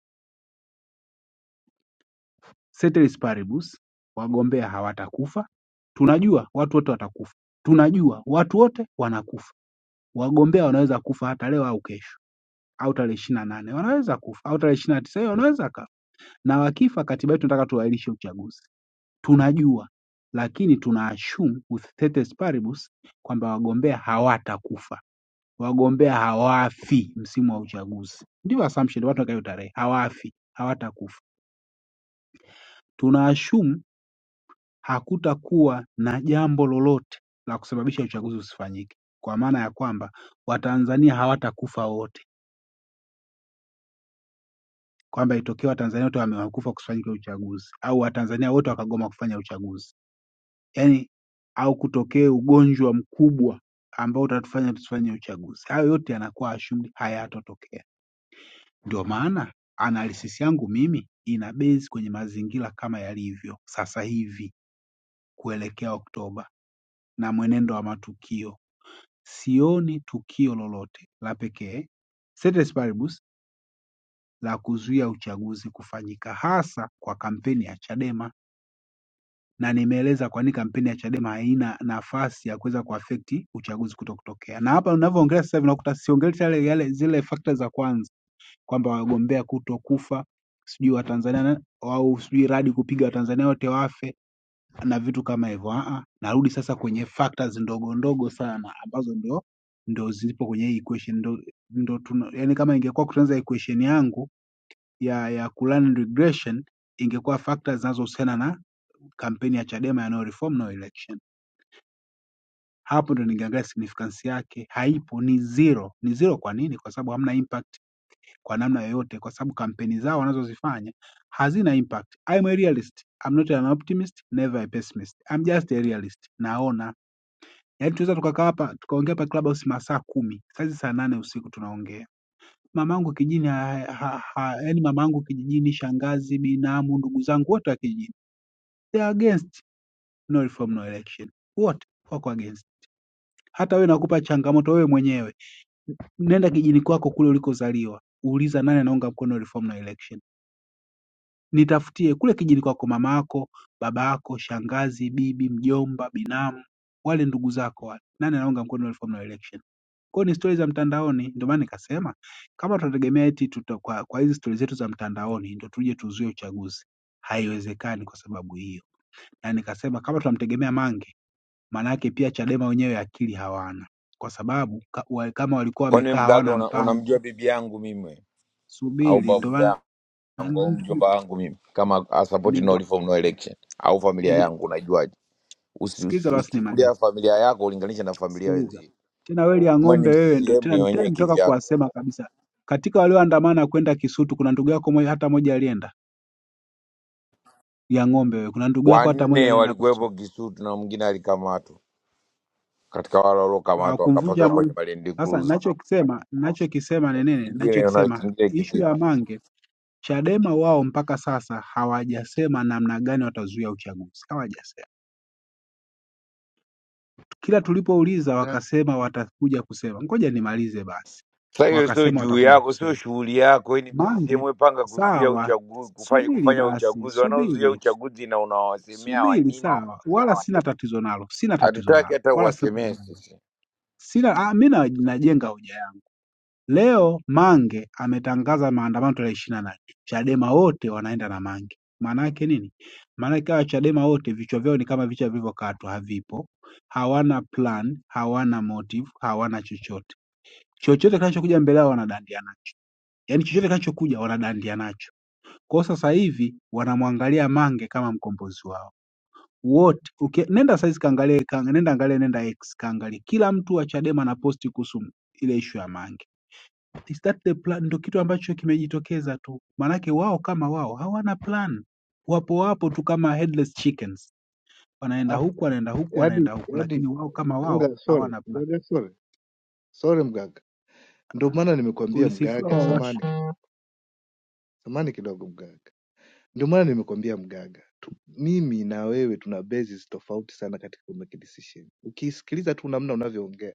Ceteris paribus, wagombea hawatakufa. Tunajua watu wote watakufa, tunajua watu wote wanakufa, wagombea wanaweza kufa hata leo au kesho au tarehe ishirini na nane wanaweza kufa au tarehe ishirini na tisa hiyo wanaweza kafa, na wakifa, katiba yetu nataka tuahirishe uchaguzi, tunajua lakini tuna assume with status paribus kwamba wagombea hawatakufa, wagombea hawafi msimu wa uchaguzi. Ndio assumption, watu wakayo tarehe hawafi, hawatakufa. Tuna assume hakutakuwa na jambo lolote la kusababisha uchaguzi usifanyike, kwa maana ya kwamba Watanzania hawatakufa wote kwamba ilitokea Watanzania wote wame- hawakufa kusifanyike uchaguzi au Watanzania wote wakagoma kufanya uchaguzi, yaani au kutokee ugonjwa mkubwa ambao utatufanya tusifanye uchaguzi. Hayo yote yanakuwa assumed hayatotokea. Ndio maana analysis yangu mimi ina base kwenye mazingira kama yalivyo sasa hivi kuelekea Oktoba na mwenendo wa matukio. Sioni tukio lolote la pekee ceteris paribus la kuzuia uchaguzi kufanyika, hasa kwa kampeni ya Chadema. na nimeeleza kwa nini kampeni ya Chadema haina nafasi ya kuweza kuaffect uchaguzi kuto kutokea. Na hapa ninavyoongelea sasa hivi nakuta siongelei yale yale zile fakta za kwanza kwamba wagombea kutokufa sijui Watanzania na- au sijui radi kupiga Watanzania wote wafe na vitu kama hivyo. Ah, ah. narudi sasa kwenye factors ndogo ndogo sana ambazo ndio ndio zipo kwenye hii equation ndo, ndo tuna, yani kama ingekuwa kutengeneza equation yangu ya ya Cullinan regression ingekuwa factors zinazohusiana na kampeni ya Chadema ya no reform no election. Hapo ndo ningeangalia significance yake, haipo, ni zero. Ni zero kwa nini? Kwa sababu hamna impact kwa namna yoyote, kwa sababu kampeni zao wanazozifanya hazina impact. I'm a realist, I'm not an optimist, never a pessimist, I'm just a realist. Naona yaani, tunaweza tukakaa hapa tukaongea hapa Clubhouse masaa kumi, sasa saa nane usiku tunaongea mamangu kijijini, ha, ha, ha, yani mamangu kijijini, shangazi, binamu, ndugu zangu wote wa kijijini, they are against no reform no election, wote wako against. Hata wewe nakupa changamoto wewe mwenyewe, nenda kijini kwako kule ulikozaliwa, uliza nani anaunga mkono reform na election, nitafutie kule kijini kwako, mama yako, baba yako, shangazi, bibi, mjomba, binamu, wale ndugu zako wale, nani anaunga mkono reform na election. Kwa hiyo ni stori za mtandaoni, ndio maana nikasema kama tunategemea eti tuta, kwa, kwa hizi stori zetu za mtandaoni ndio tuje tuzuie uchaguzi, haiwezekani kwa sababu hiyo, na nikasema kama tunamtegemea Mange Maanake pia Chadema wenyewe akili hawana kwa sababu ka- kama walikuwa
Kwani
wamekaa
wewe mgaga
hawana
una, unamjua
mpango,
bibi yangu mimi au
subiri, ndo
babu
maana
yangu au mjomba wangu mimi kama a support
ni-
no
ndo-
reform no election au familia
nime-
yangu unajuaje? Usi-
sikiliza
usi-
basi
Usichukulia
nimalize.
familia yako ulinganisha na familia
Sikiliza
wenzio.
tena weli ya
Mwe ni
ng'ombe wewe, ndo
CCM
tena
ni
tena
wenyewe
nimetoka
kivyako.
kuwasema kabisa. Katika walioandamana kwenda Kisutu kuna ndugu yako moja, hata moja alienda ya ng'ombe wewe, kuna ndugu yako hata moja
Wanne
alienda hapo
walikuwepo
Kisutu.
Kisutu na mwingine alikamatwa katika wale waliokamatwa
Hawakumvunja
wakapakiwa kwenye
mguu.
Malindi
Sasa
Cruise.
ninachokisema ninachokisema ni nini?
Kingine na
Ninachokisema
kingine
ishu ya
kivipi?
Mange Chadema wao mpaka sasa hawajasema namna gani watazuia uchaguzi, hawajasema. Kila tulipouliza
mgaga,
wakasema watakuja kusema. Ngoja nimalize basi,
Sasa hiyo sio
wakasema
juu
watakuja
yako, sio
kusema.
shughuli yako. Hii ni
Mange,
msisimue panga kuzuia
sawa,
uchaguzi, kufanya
subiri
kufanya
basi,
uchaguzi. Wanaozuia
subiri,
uchaguzi na unawasemea wa
subiri,
nini?
sawa, wala sina tatizo nalo, sina tatizo
Hatutaki
nalo,
hata
wala sina
uwasemee
tatizo nalo,
sisi.
sina ah, mi na- najenga hoja Leo Mange ametangaza maandamano tarehe ishirini na nane Chadema wote wanaenda na Mange. Maana yake nini? Maana yake hawa Chadema wote vichwa vyao ni kama vichwa vilivyokatwa, havipo, hawana plan, hawana motive, hawana chochote. Chochote kinachokuja mbele yao wanadandia nacho, yaani chochote kinachokuja wanadandia nacho. Kwa hiyo sasa hivi wanamwangalia Mange kama mkombozi wao wote. Uki, nenda saizi kaangalie, ka, nenda angalie, nenda X kaangalie, kila mtu wa Chadema anaposti kuhusu ile ishu ya Mange is that the plan ndo kitu ambacho kimejitokeza tu maanake wao kama wao hawana plan wapo wapo tu kama headless chickens wanaenda
ah,
huku wanaenda huku
yaani
wanaenda huku
yaani
lakini wao kama wao
mgaga, sorry
hawana plan
mgaga, sorry sorry mgaga, ndio maana nimekuambia
ulisifiwa
mgaga,
wawash
samani samani kidogo mgaga, ndio maana nimekuambia mgaga tu, mimi na wewe tuna bases tofauti sana katika kumake decision. Ukisikiliza tu namna unavyoongea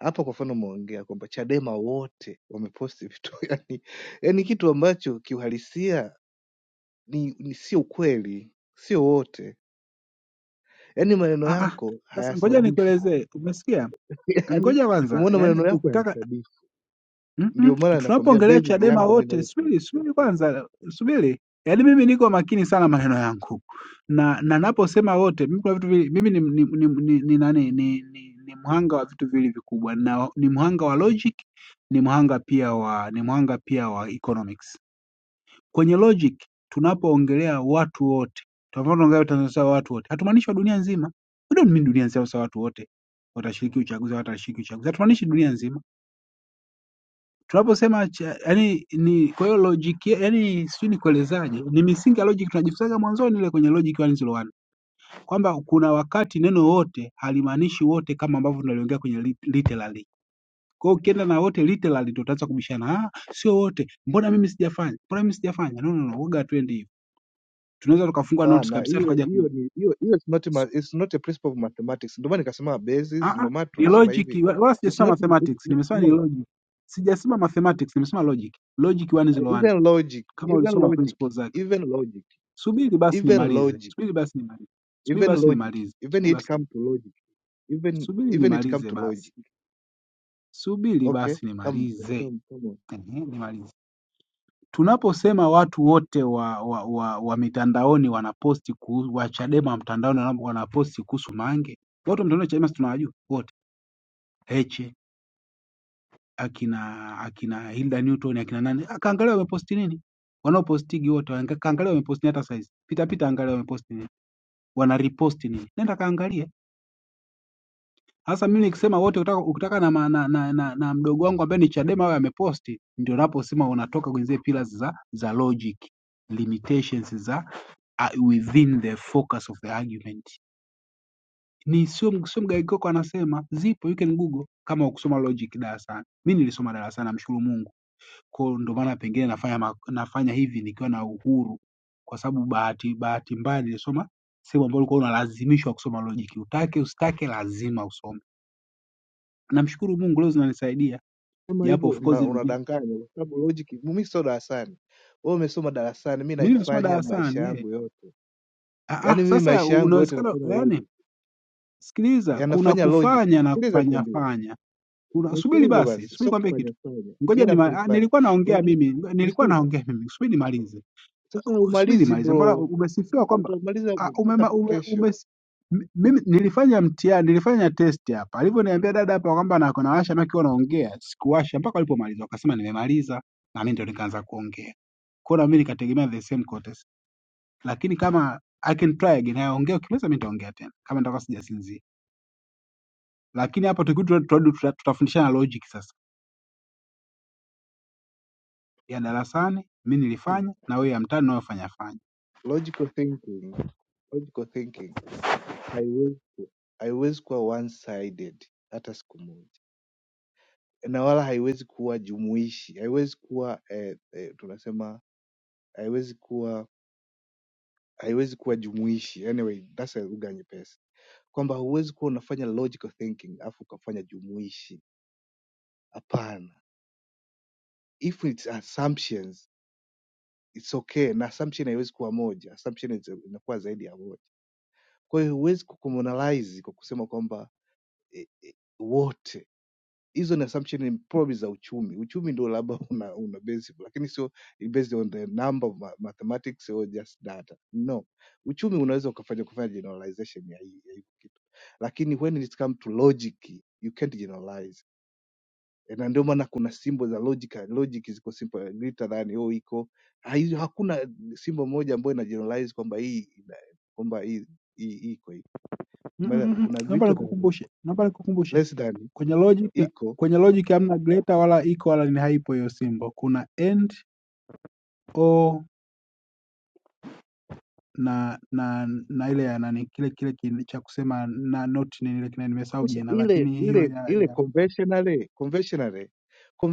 hapa, kwa mfano umeongea kwamba Chadema wote wameposti vitu yani, yani kitu ambacho kiuhalisia ni, ni sio kweli, sio wote. Yaani maneno
ah, ah.
yako
sasa ngoja
hayasadifu.
nikuelezee umesikia
Yaani
ngoja kwanza
umeona
yani
maneno yako
ukitaka
hayasadifu. Ndio
Mm-mm.
maana nakwambia
Tunapoongelea
basis
Chadema
yangu mimi na
wote,
wewe
subiri subiri
tunatofautiana.
kwanza, subiri. Yaani mimi niko makini sana maneno yangu na na naposema wote, mimi kuna vitu vili, mimi ni ni, ni, ni, ni, nani, ni, ni, ni mhanga wa vitu vili vikubwa na ni mhanga wa logic, ni mhanga pia wa ni mhanga pia wa economics. Kwenye logic tunapoongelea watu wote, tunapoongelea Tanzania sawa watu wote, hatumaanishi wa dunia nzima. We don't mean dunia nzima sawa watu wote watashiriki uchaguzi, watashiriki uchaguzi, hatumaanishi dunia nzima tunaposema yani ni kwa hiyo logic ye- yani sijui nikuelezaje ni misingi ya logic tunajifunzaga mwanzoni ile kwenye logic 101 kwamba kuna wakati neno wote halimaanishi wote kama ambavyo tunaliongea kwenye lit- literally kwa hiyo ukienda na wote literally ndio utaanza kubishana ah sio wote mbona mimi sijafanya mbona mimi sijafanya no no no woga twende hivyo tunaweza tukafunga notes
Hapana,
kabisa
hiyo
tukaja ku
hiyo ni hiyo hiyo is not ma,
so,
it's not a principle of mathematics. Ndio maana nikasema basis,
ah ah
ndio maana
ni
tunasema
logic
hivi.
wa- wala
It's
sijasema
not it,
mathematics nimesema ni
no,
logic sijasema mathematics nimesema logic logic 101
even logic,
kama
even
ulisoma
logic,
principles zake
even logic,
Subiri basi
even
nimalize,
logic,
subiri basi nimalize, subiri
even
basi
logic,
nimalize,
even
subiri
it
basi,
come to logic, even
subiri
even it come
nimalize
to logic.
basi, subiri
Okay?
basi
Come
nimalize.
come come on.
Ehe, nimalize. Tunaposema watu wote wa, wa, wa, wa mitandaoni wanaposti kuhusu wa Chadema mtandaoni wana- wanaposti kuhusu Mange, watu wa mtandaoni Chadema si tunawajua wote, Heche akina akina Hilda Newton akina nani, Ah, kaangalia wameposti nini, wanaopostigi wote, wanga- kaangalia wameposti nini hata saizi, pita pita, angalia wameposti nini, wana reposti nini, nenda kaangalia Sasa mimi nikisema wote ukitaka, ukitaka na, ma- na, na, na, na mdogo wangu ambaye ni Chadema awe ameposti, ndio naposema unatoka kwenye zile pillars za, za logic limitations za uh, within the focus of the argument. Ni sio sio Mgaikoko anasema zipo, you can google kama ukusoma logic darasani. Mimi nilisoma darasani, namshukuru Mungu. Kwa hiyo ndio maana pengine nafanya ma- nafanya hivi nikiwa na uhuru, kwa sababu bahati bahati mbaya nilisoma sehemu ambayo ulikuwa unalazimishwa kusoma logic, utake usitake, lazima usome namshukuru Mungu leo zinanisaidia
kama
japo
hivyo
of course
una-
dunia-
unadanganya kwa sababu logic mimi sio darasani wewe umesoma darasani mi
mimi nimesoma
naifanya maisha
darasani eh.
yangu yote
Ah,
yaani
ah,
mimi
sasa
maisha yangu yote
unawezekana
nafanya
yani,
logic
sikiliza, kuna
yanafanya logic
kufanya na
sikiliza
kufanya
nikwambie
fanya. Kuna- Subiri
nisikilize
basi,
basi
subiri
sio
kwambie
kufanya
kitu.
fanya mi
Ngoja ni
nafanya fanya
nilikuwa naongea
yaani
mimi, nilikuwa
nisikilize
naongea mimi, subiri nimalize.
sasa
subiri
umalizi
maliza, mbona
bro
umesifiwa kwamba
utamaliza
ah,
mpaka
umema, ume, ume,
kesho
mi- mimi nilifanya mtihani, nilifanya test hapa. Alivyoniambia dada hapa kwamba na nawasha maki wanaongea, sikuwasha mpaka walipomaliza, wakasema nimemaliza, na mimi ndio nikaanza kuongea. Kwa hiyo na mimi nikategemea the same quotas, lakini kama I can try again, naongea ukimaliza, mimi nitaongea tena kama nitakuwa sijasinzia. Lakini hapa tukirudi tuta- tutarudi tuta- tutafundishana logic sasa ya darasani, mimi nilifanya na wewe ya mtaani unayofanya fanya.
logical thinking logical thinking haiwezi ku- haiwezi kuwa one sided hata siku moja na wala haiwezi kuwa jumuishi, haiwezi kuwa eh, eh, tunasema haiwezi kuwa haiwezi kuwa jumuishi. Anyway, that's a lugha nyepesi kwamba huwezi kuwa unafanya logical thinking afu ukafanya jumuishi. Hapana, if it's assumptions it's okay, na assumption haiwezi kuwa moja, assumption is- inakuwa zaidi ya moja. Kwa hiyo huwezi kucommunalize kwa kusema kwamba eh, eh, wote hizo ni assumption ni probably za uchumi uchumi ndio labda una, una basic lakini sio based on the number of ma- mathematics or just data no uchumi unaweza ukafanya kufanya generalization ya hii ya hii kitu lakini when it come to logic you can't generalize Eh, na ndio maana kuna simbo za logic logic ziko simple greater than oh iko haizo- hakuna simbo moja ambayo ina generalize kwamba hii ina- kwamba hii hii- hii iko hivi
Mm, mm,
Mbona
mm. mm.
kuna
Naomba
greater than
nikukumbushe, naomba nikukumbushe
less than
Kwenye logic
iko
kwenye logic hamna greater wala equal wala ni haipo hiyo symbol. Kuna and or na na na ile ya nani kile kile kin- cha kusema na not nini ile kina nimesahau
Sasa
jina
ile
lakini hiyo
ile
ya,
ile
ya
conventionally conventionally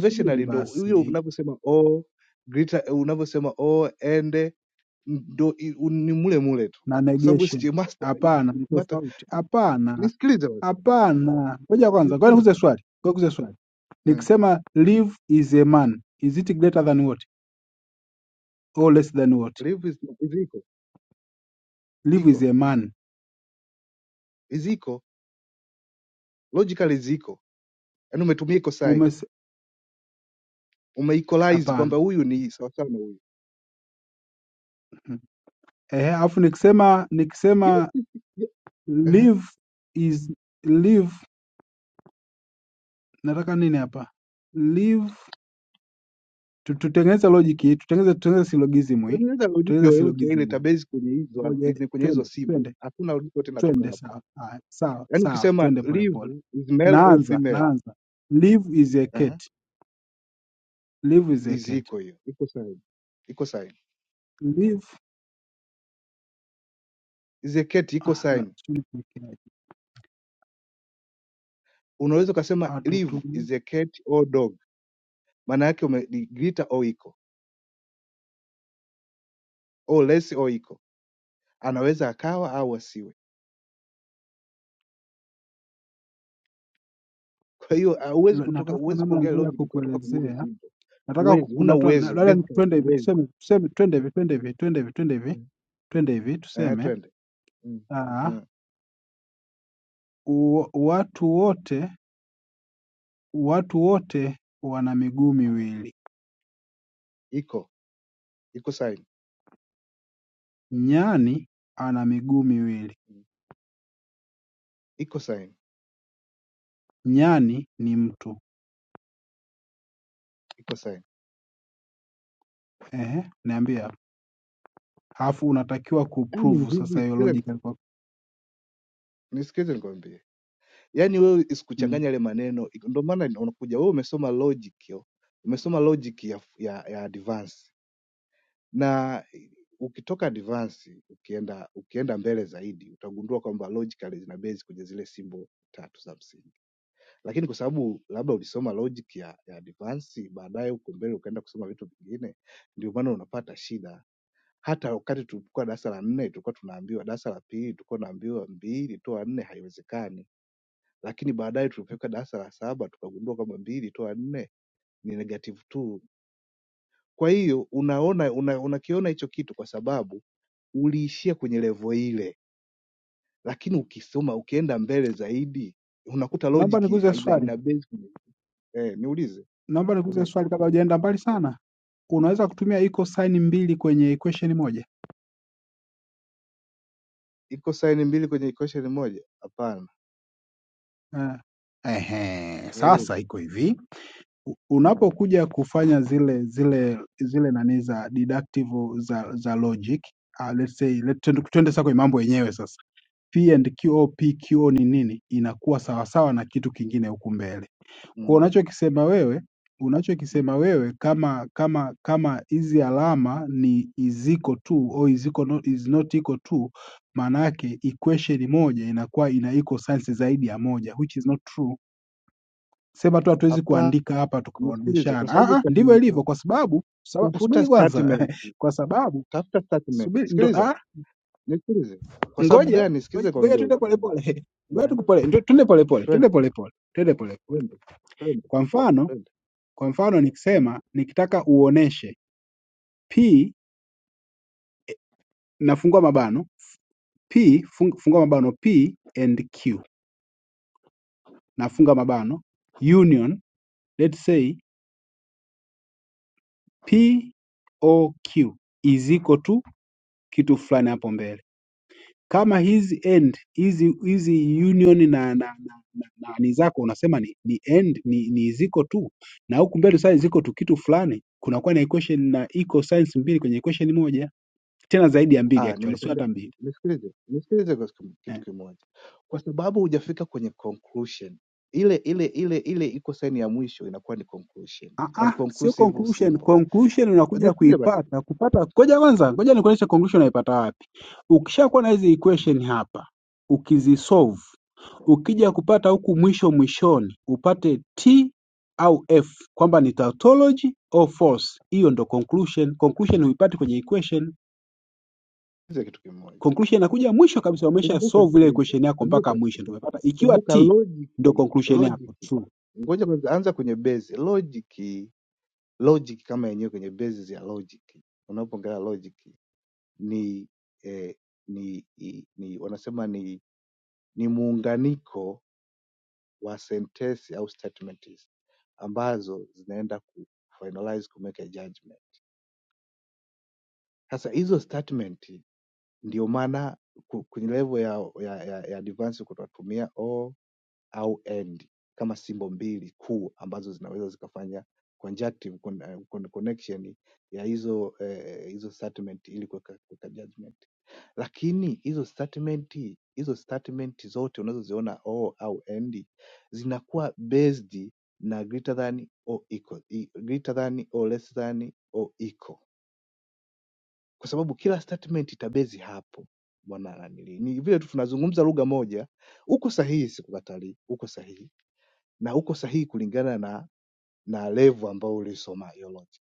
subiri
ndo hiyo
basi
unavyosema o grita unavyosema o ende ndo i- u- ni mule mule tu,
na
kwa sababu si
negation.
master
Hapana, ni
master.
tofauti. Hapana,
Nisikilize basi,
hapana. Ngoja kwanza, ngoja
nisikilize
nikuze swali. Ngoja nikuze swali.
mm.
Nikisema live is a man, is it greater than what or less than what?
Live is, is iko
Live is
iko
a man.
is iko logically is iko, yaani umetumia iko sign
Umes
umeequalize kwamba
hapana.
huyu ni sawa sawa na huyu
Ehe, alafu nikisema
yes,
nikisema
yes, yes. Uh-huh.
live is live, nataka nini hapa? Live tu- tutengeneze logic hii, tutengeneze tutengeneze syllogism hii,
Tengeneza logiki
tutengeneze
yoyote ile
syllogism hii.
tabase kwenye
Ngoja
hizo kwenye hizo
twende
simbo,
twende
hakuna logiki yote inatoka
twende,
hapo
sawa haya, sawa
yani
sawa,
ukisema
twende polepole.
live is male or
Naanza
female
naanza, live is a
uh
cat, live is a
is
cat,
iko hiyo iko saini iko saini
live
is a cat iko
ah, na
saini
sijui kuwekeaje.
unaweza ukasema
Ah,
live
tutu-
is a cat or dog maana yake umeligrita au iko au less au iko anaweza akawa au asiwe kwa hiyo ah, huwezi
lo-
kutoka
natafuta
huwezi
namna
kuongea
nzuri ya
logic kutoka kwenye hizo
kukuelezea
simple
nataka ku-
huwezi huna
kuna mtu ana-
uwezo
labda ni
basically
twende hivi
huwezi
tuseme tuseme twende hivi twende hivi twende hivi twende hivi twende hivi
eh
tuseme
twende mm.
ah,
Mm.
u- watu wote watu wote wana miguu miwili.
iko iko saini
Nyani ana miguu miwili.
iko saini
Nyani ni mtu.
iko saini
Ehe, niambie hapo. Alafu unatakiwa
yani ni
kuprove sasa
hivi
hiyo
sikiza
logical kwa.
nisikilize nikwambie yani wewe isikuchanganya
Mm.
yale maneno ndio maana ina- unakuja wewe umesoma logic yo umesoma logic ya, ya, ya advance na ukitoka advance ukienda ukienda mbele zaidi utagundua kwamba logically zina base kwenye zile simbo tatu za msingi lakini kwa sababu labda ulisoma logic ya, ya advance baadaye huko mbele ukaenda kusoma vitu vingine ndio maana unapata shida hata wakati tulikuwa darasa la nne tulikuwa tunaambiwa darasa la pili tulikuwa tunaambiwa mbili toa nne haiwezekani lakini baadaye tulipofika darasa la saba tukagundua kwamba mbili toa nne ni negative two. Kwa hiyo unaona una, unakiona hicho kitu kwa sababu uliishia kwenye levo ile, lakini ukisoma ukienda mbele zaidi unakuta
Naomba
logic
nikuulize
ina,
swali.
ina base kwenye- eh, niulize
Naomba nikuulize
ulize,
swali kabla hujaenda mbali sana. Unaweza kutumia equal sign mbili kwenye equation moja?
iko saini mbili kwenye equation moja? Hapana,
Eh. Ehe,
hauwezi.
sasa iko hivi. u-
Mm,
unapokuja kufanya zile zile zile nani za deductive za, za logic uh, let's say let, tuende tuende sasa kwenye mambo yenyewe sasa P and Q au PQ ni nini inakuwa sawasawa na kitu kingine huku mbele kwa
mm,
unachokisema wewe
mm.
unachokisema wewe kama kama kama hizi alama ni iziko tu au iziko no, is not equal to maana yake equation moja inakuwa ina equal signs zaidi ya moja which is not true sema tu hatuwezi
Hapana,
kuandika hapa
nisikilize, kwa
tukaoneshana.
sababu
Ah, ah, ndivyo
statement,
ilivyo,
yako,
kwa sababu saba-
tafuta
usubiri kwanza,
statement,
kwa sababu
tafuta statement,
subiri, ndo
sikiliza
ah,
Nisikilize. Kwa sababu
ngoja
gani? Sikiza
ngoja ngoja,
nikwambie
tuende
bwana mzee.
polepole, ngoja
Ehe.
tukupole, ndo- tuende polepole, tuende
Twende,
polepole, tuende polepole.
twende, twende,
Kwa mfano,
twende.
kwa mfano
Mm.
nikisema nikitaka uoneshe p, nafungua mabano p, fung, fungua mabano p and q, nafunga mabano union, let's say p o q is equal to kitu fulani hapo mbele kama hizi end hizi hizi union na na, na, na, na ni zako unasema ni ni end ni, ni ziko tu na huku mbele sasa ziko tu kitu fulani kunakuwa na equation na equal signs mbili kwenye equation moja tena zaidi ya mbili
Ah,
actually sio
nimekwambia
hata mbili
nisikilize. Nisikilize kwa siku- kitu
eh.
kimoja. Kwa sababu hujafika kwenye conclusion. Ile ile ile ile iko saini ya mwisho inakuwa ni conclusion.
Ah,
And
ah, sio
conclusive
conclusion.
symbol.
Conclusion unakuja
Nisikilize basi.
kuipata kupata. Ngoja kwanza, ngoja nikuonyeshe conclusion unaipata wapi. Ukishakuwa na hizi
Mm.
equation hapa, ukizisolve Ukija kupata huku mwisho mwishoni upate "t" au "f" kwamba ni tautology au false hiyo ndo conclusion. Conclusion huipati kwenye equation.
Sikiliza kitu kimoja.
Conclusion inakuja mwisho kabisa, umesha
Kumbuka
solve ile
sikiliza.
equation yako mpaka
Kumbuka
mwisho ndo
sikiliza.
umepata. Ikiwa
Kumbuka
"t" ndo
logically,
conclusion yako
logically.
true.
Ngoja kwanza anza kwenye base, logically logic kama yenyewe kwenye basis ya logic unapoongelea logic ni eh, ni, ni, ni wanasema ni ni muunganiko wa sentensi au statements ambazo zinaenda ku finalize ku make a judgment sasa hizo statement ndio maana ku- kwenye level ya ya, ya, ya advance tunatumia au and kama simbo mbili kuu ambazo zinaweza zikafanya conjunctive con, eh, con, connection ya hizo eh, hizo statement ili kuweka kuweka judgment. Lakini hizo statement hizo statement zote unazoziona or au and zinakuwa based na greater than or equal, i- greater than or less than or equal, kwa sababu kila statement itabezi hapo bwana nanili. Ni vile tu tunazungumza lugha moja, uko sahihi, sikukatalii, uko sahihi na uko sahihi kulingana na na level ambayo ulisoma hiyo logic.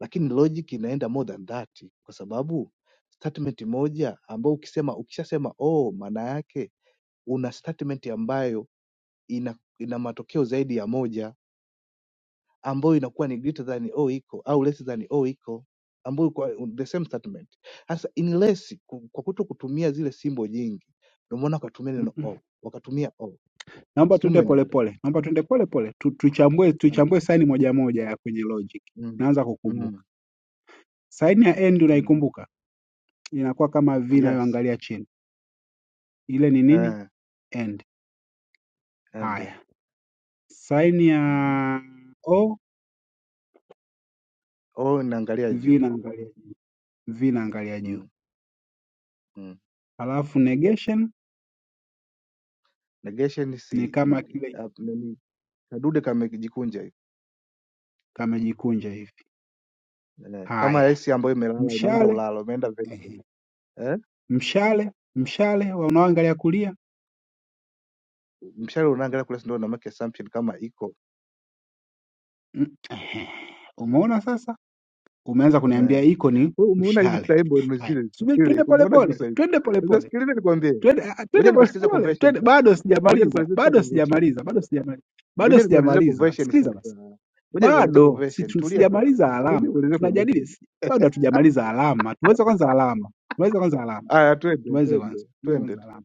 Lakini logic inaenda more than that, kwa sababu statement moja ambayo ukisema ukishasema oh, maana yake una statement ambayo ina ina matokeo zaidi ya moja ambayo inakuwa ni greater than oh iko au less than oh iko ambayo kwa the same statement. Sasa in less ku- kwa kuto kutumia zile simbo nyingi, ndio maana wakatumia neno
Mm-mm.
oh, wakatumia oh,
Naomba
sijui
tuende
umenielewa.
polepole, naomba tuende polepole tu, tuchambue tuchambue saini moja moja ya kwenye logic.
Mm,
Naanza
mm,
kukumbuka saini ya end,
mm,
unaikumbuka inakuwa kama v
Yes.
inayoangalia chini, ile ni nini?
Eh,
End.
and
Haya.
eh, ndio.
Saini
Mm.
ya "O"
Oh, naangalia
"V"
juu.
inaangalia juu,
Mm. Mm.
halafu negation
Negation
ni
si
kama
ni-
kile
ap- nini kadude kamejikunja hivi.
kamejikunja hivi.
Eh, kama
Haya,
esi ambayo imelala imeenda
mshale
ulalo, imeenda vertical.
ehe,
Eh?
mshale mshale wa unaoangalia kulia
Mshale unaangalia kule si ndio una make assumption kama iko.
mm, ehe. Umeona sasa, umeanza kuniambia
Eh.
iko ni
Wewe umeona hizo
mshale.
saibo ni
Haya,
zile
subiri,
zile.
twende
Umeona hizo
polepole,
saibo.
twende
Sasa
polepole,
sikiliza nikwambie.
twende ah, ah,
Ngoja
twende
nikusikiza
polepole,
conversion
twende.
sasa.
Bado
Ngoja
sijamaliza,
nikuelezee sasa
bado
conversion.
sijamaliza, bado sijamaliza, bado
Ngoja nikuelezee
sijamaliza.
conversion
Sikiliza
sasa.
basi.
Ngoja nikuelezee
Bado si
conversion.
tu-
Tulia sasa.
sijamaliza
Ngoja
alama,
nikuelezee
tunajadili
conversion.
si- bado hatujamaliza alama. Tumalize kwanza alama, tumalize kwanza alama,
Aya, twende
tumalize kwanza,
twende
tumalize
twende,
kwanza alama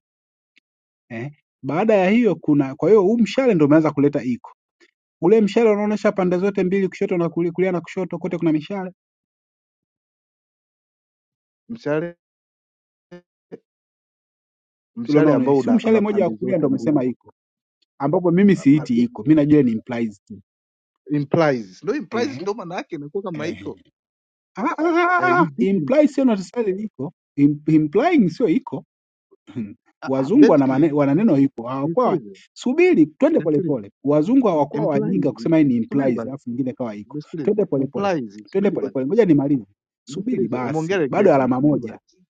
eh. Baada ya hiyo kuna, kwa hiyo huu mshale ndio umeanza kuleta iko ule mshale unaoonyesha pande zote mbili, kushoto na kulia, kulia na kushoto, kote kuna mishale
mshale
ule
mshale ambao
unaoonyesha, si
una, una
mshale mmoja wa
pande
kulia
zote
ndio umesema
mbili
iko, ambapo mimi
Ma-
siiti
i-
iko, mimi najua ni implies tu
implies no implies
ehe,
ndo maana yake inakuwa kama iko
ehe. Ah, ah, ah,
eh,
ah, ah,
hii this is-
implies sio necessarily iko Im- implying sio iko
ah, ah,
Wazungu wana
basically
mane- wana neno
ni-
hiko, hawakuwa
nisikilize
subiri, twende
nisikilize
polepole. Wazungu hawakuwa wajinga
implies
kusema hii ni
subiri
implies,
basi
alafu nyingine kawa hiko,
nisikilize
twende polepole,
implies
twende
subiri basi
polepole, ngoja nimalize, subiri
nisikilize umeongea
basi, bado
regression
alama
subiri
moja.
basi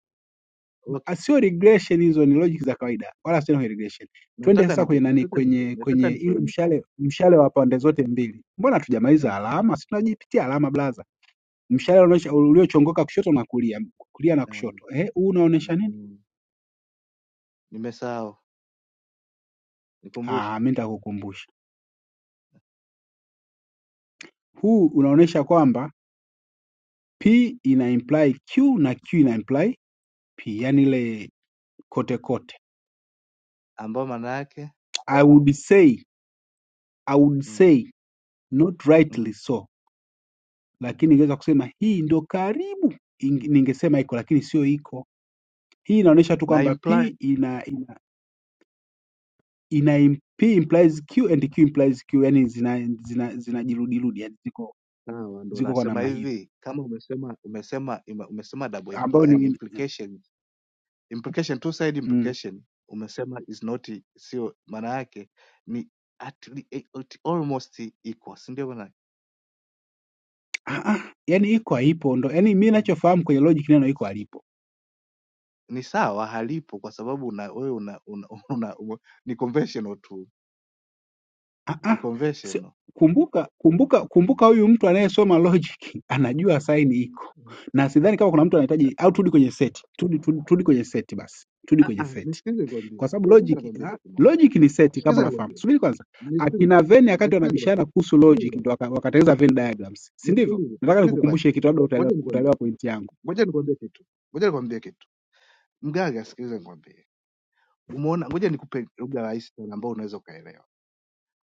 okay
Ah, Sio regression, hizo ni logic za kawaida, wala sio no regression. Twende
nataka
sasa
niko
kwenye nani,
nataka niko
kwenye
nataka
kwenye ile
nikuone
mshale, mshale wa pande zote mbili. Mbona hatujamaliza
Ehe,
alama? Si tunajipitia alama blaza. Mshale unaoonyesha- uliochongoka kushoto na kulia, kulia na
ehe,
kushoto. Eh, huu
mm,
unaonyesha nini?
mm. nimesahau nikumbushe
Ah, mimi nitakukumbusha. Huu unaonyesha kwamba P ina-imply Q na Q ina-imply P, yaani ile kote kote.
ambao maana yake
I would say, I would
mm,
say not
mm.
rightly so, lakini ningeweza kusema hii ndio karibu ing- ningesema iko, lakini sio iko. Hii inaonyesha tu
na
kwamba P
imply
ina, ina, ina im- P implies Q and Q implies Q, yaani zina zina zinajirudirudi, yaani ziko
sawa, ndo
ziko kwa
nasema
namna hiyo
hivi kama umesema umesema ime- umesema double impl
ambayo
and
ni
implication implication two side
mm,
implication umesema is not i- sio, maana yake ni at, le- eh, at almost equal, si ndio maana? yake?
ah, ah, yaani iko haipo ndo, yaani mimi
Mm.
ninachofahamu kwenye logic neno iko halipo.
Ni sawa halipo kwa sababu una wewe una, una, una, una ni conventional tu,
Ah,
ni
ah, si-
conventional
kumbuka kumbuka kumbuka, huyu mtu anayesoma logic anajua saini iko,
Mm.
na sidhani kama kuna mtu
Eh,
anahitaji
eh,
au turudi kwenye seti, turudi turudi turudi kwenye seti basi, turudi
ah,
kwenye
ah,
seti
Nisikilize
kwa
nikwambie,
sababu
sikiza
logic
nikwambie
ah,
kitu kimoja,
logic ni seti kama
sikiza
unafahamu.
nikwambie,
Subiri kwanza,
nisikilize
akina Venn wakati
nisikilize basi,
wanabishana kuhusu logic
nisikilize
ndio waka- wakatengeneza Venn diagrams, si ndivyo?
nisikilize
Nataka
nisikilize basi,
nikukumbushe kitu, labda utaelewa,
ngoja nikwambie
utaelewa pointi yangu
Ngoja nikwambie kitu, ngoja nikwambie kitu. Mgaga, sikiliza nikwambie. Umeona, ngoja nikupe lugha rahisi sana ambayo unaweza ukaelewa.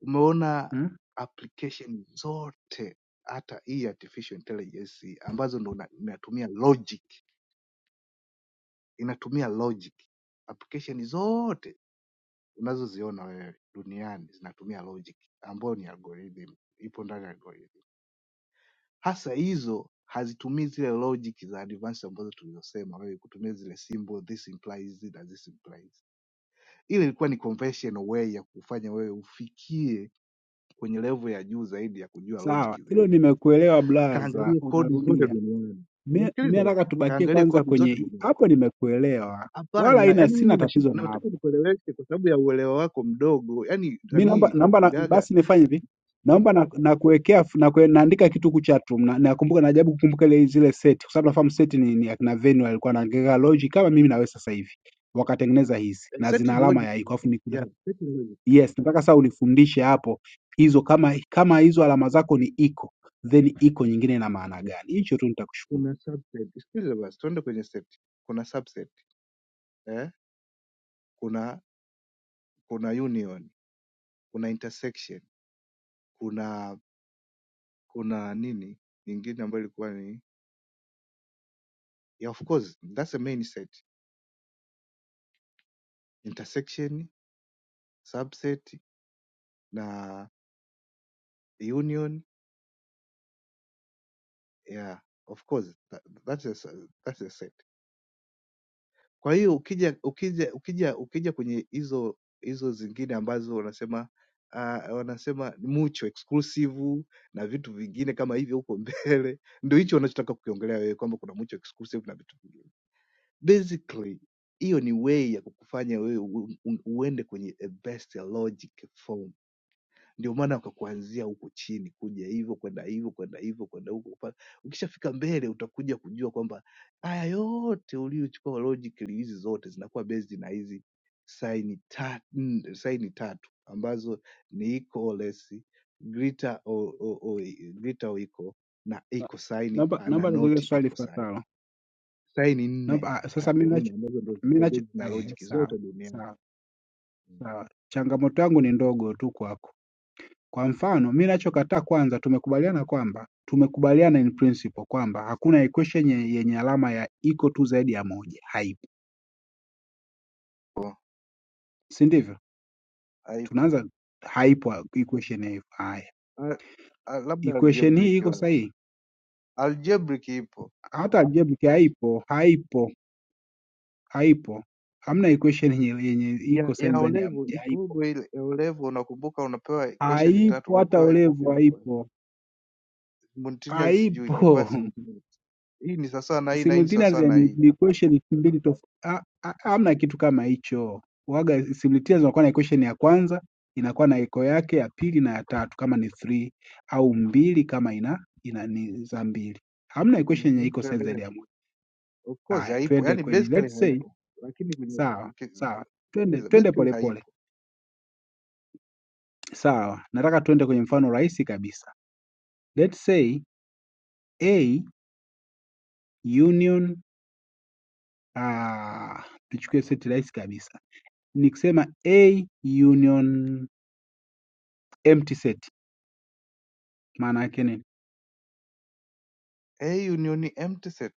Umeona
hmm?
application zote, hata hii artificial intelligence hii, ambazo ndo una- inatumia logic, inatumia logic. Application zote unazoziona wewe duniani zinatumia logic, ambayo ni algorithm, ipo ndani ya algorithm. Hasa hizo hazitumii zile logic za advanced ambazo tulizosema wewe, kutumia zile symbol, this implies, that this implies ile ilikuwa ni conventional way ya kufanya wewe ufikie kwenye level ya juu zaidi ya kujua
Sawa,
logic
hilo
zilivyo.
nimekuelewa blaza,
Kaangalie kodi zote
unarudia.
duniani,
mi mi
nisikilize basi,
nataka tubakie
kaangalie
kwanza
kodi zote
kwenye
duniani.
hapo, nimekuelewa wala
Hapana,
haina,
yani
sina
mimi
tatizo
nashindwa-
na
nataka
hapo.
nikueleweshe kwa sababu ya uelewa wako mdogo, yani
Mi naomba
nani
naomba na,
gaga
basi nifanye hivi, naomba na, na kuwekea fu- na kue, naandika kitu huku chat room na nakumbuka, najaribu kukumbuka ile zile set, kwa sababu nafahamu set ni, ni akina venue alikuwa na Ngega Lodge kama mimi nawe sasa hivi wakatengeneza hizi
eh,
na zina
certain
alama
logic,
ya iko, afu ni-
yeah,
nataka-
certain logic.
yes, nataka sasa unifundishe hapo hizo, kama kama hizo alama zako ni iko then iko nyingine ina maana gani? Hicho tu nitakushukuru.
Kuna subset, sikiliza basi, tuende kwenye set. Kuna subset eh, kuna kuna union, kuna intersection, kuna kuna nini nyingine ambayo ilikuwa ni Yeah, of course, that's a main set. Intersection, subset na union. Yeah, of course. That, that's a, s- that's a set. Kwa hiyo ukija ukija ukija ukija kwenye hizo hizo zingine ambazo wanasema uh, wanasema ni mucho exclusive na vitu vingine kama hivyo huko mbele, ndio hicho wanachotaka kukiongelea wewe kwamba kuna mucho exclusive na vitu vingine. Basically hiyo ni way ya kukufanya wewe u- u- uende kwenye a best logic form Ndio maana wakakuanzia huku chini kuja hivyo kwenda hivyo kwenda hivyo kwenda huko. upa- Ukishafika mbele utakuja kujua kwamba haya yote uliochukua logically hizi zote zinakuwa based na hizi saini ta, mm, saini tatu ambazo ni equal or less, greater or, or, or, greater or equal na
Na-
equal sign
Naomba
na
naomba nikuulize
not
swali
equal sign.
lifuatalo.
Saini
Na
nne
ba-
ta,
Sasa mimi
nne
nacho
ambazo ndio
mimi
zinakuwa
nacho
based na
ehe,
logic
sawa
zote duniani.
sawa
Mm.
sawa, changamoto yangu ni ndogo tu kwako. Kwa mfano mimi nachokataa, kwanza tumekubaliana kwamba tumekubaliana in principle kwamba hakuna equation ye- yenye alama ya iko tu zaidi ya moja, haipo, si ndivyo?
Haipo.
Tunaanza haipo equation ya hivyo. Haya,
Ah, ah, Labda
equation hii
algebraic
iko
labda.
sahihi?
algebraic ipo
Hata algebraic haipo, haipo, haipo. Hamna equation yenye yenye
ya,
iko
ya
sahihi zaidi ya
olevo
moja,
ipo
haipo,
hivyo ile ya olevo unakumbuka unapewa equation tatu
haipo, hata
unapewa
ulevu
equation ilikuwa
haipo,
simultaneous sijui ilikuwa
haipo.
simultaneous hii ni sawasawa na hii na hii ni
simultaneous
sawasawa na
yani
hii
ni equation mbili tofauti. Hamna kitu kama hicho. Waga simultaneous unakuwa na equation ya kwanza inakuwa na echo yake ya pili na ya tatu kama ni three au mbili kama ina ina ni za mbili. Hamna equation yenye
mm-hmm.
iko sign zaidi
tuendelee
ya moja.
of course
Haya,
haipo
twende
yani
kwenye
basically
let's say
haipo lakini kwenye
sawa,
ukisikiliza
sawa. Twende twende
basically
polepole.
haipo
Sawa. Nataka twende kwenye mfano rahisi kabisa. Let's say A union ah tuchukue seti rahisi kabisa. Nikisema A union empty set maana yake nini?
a union ni empty set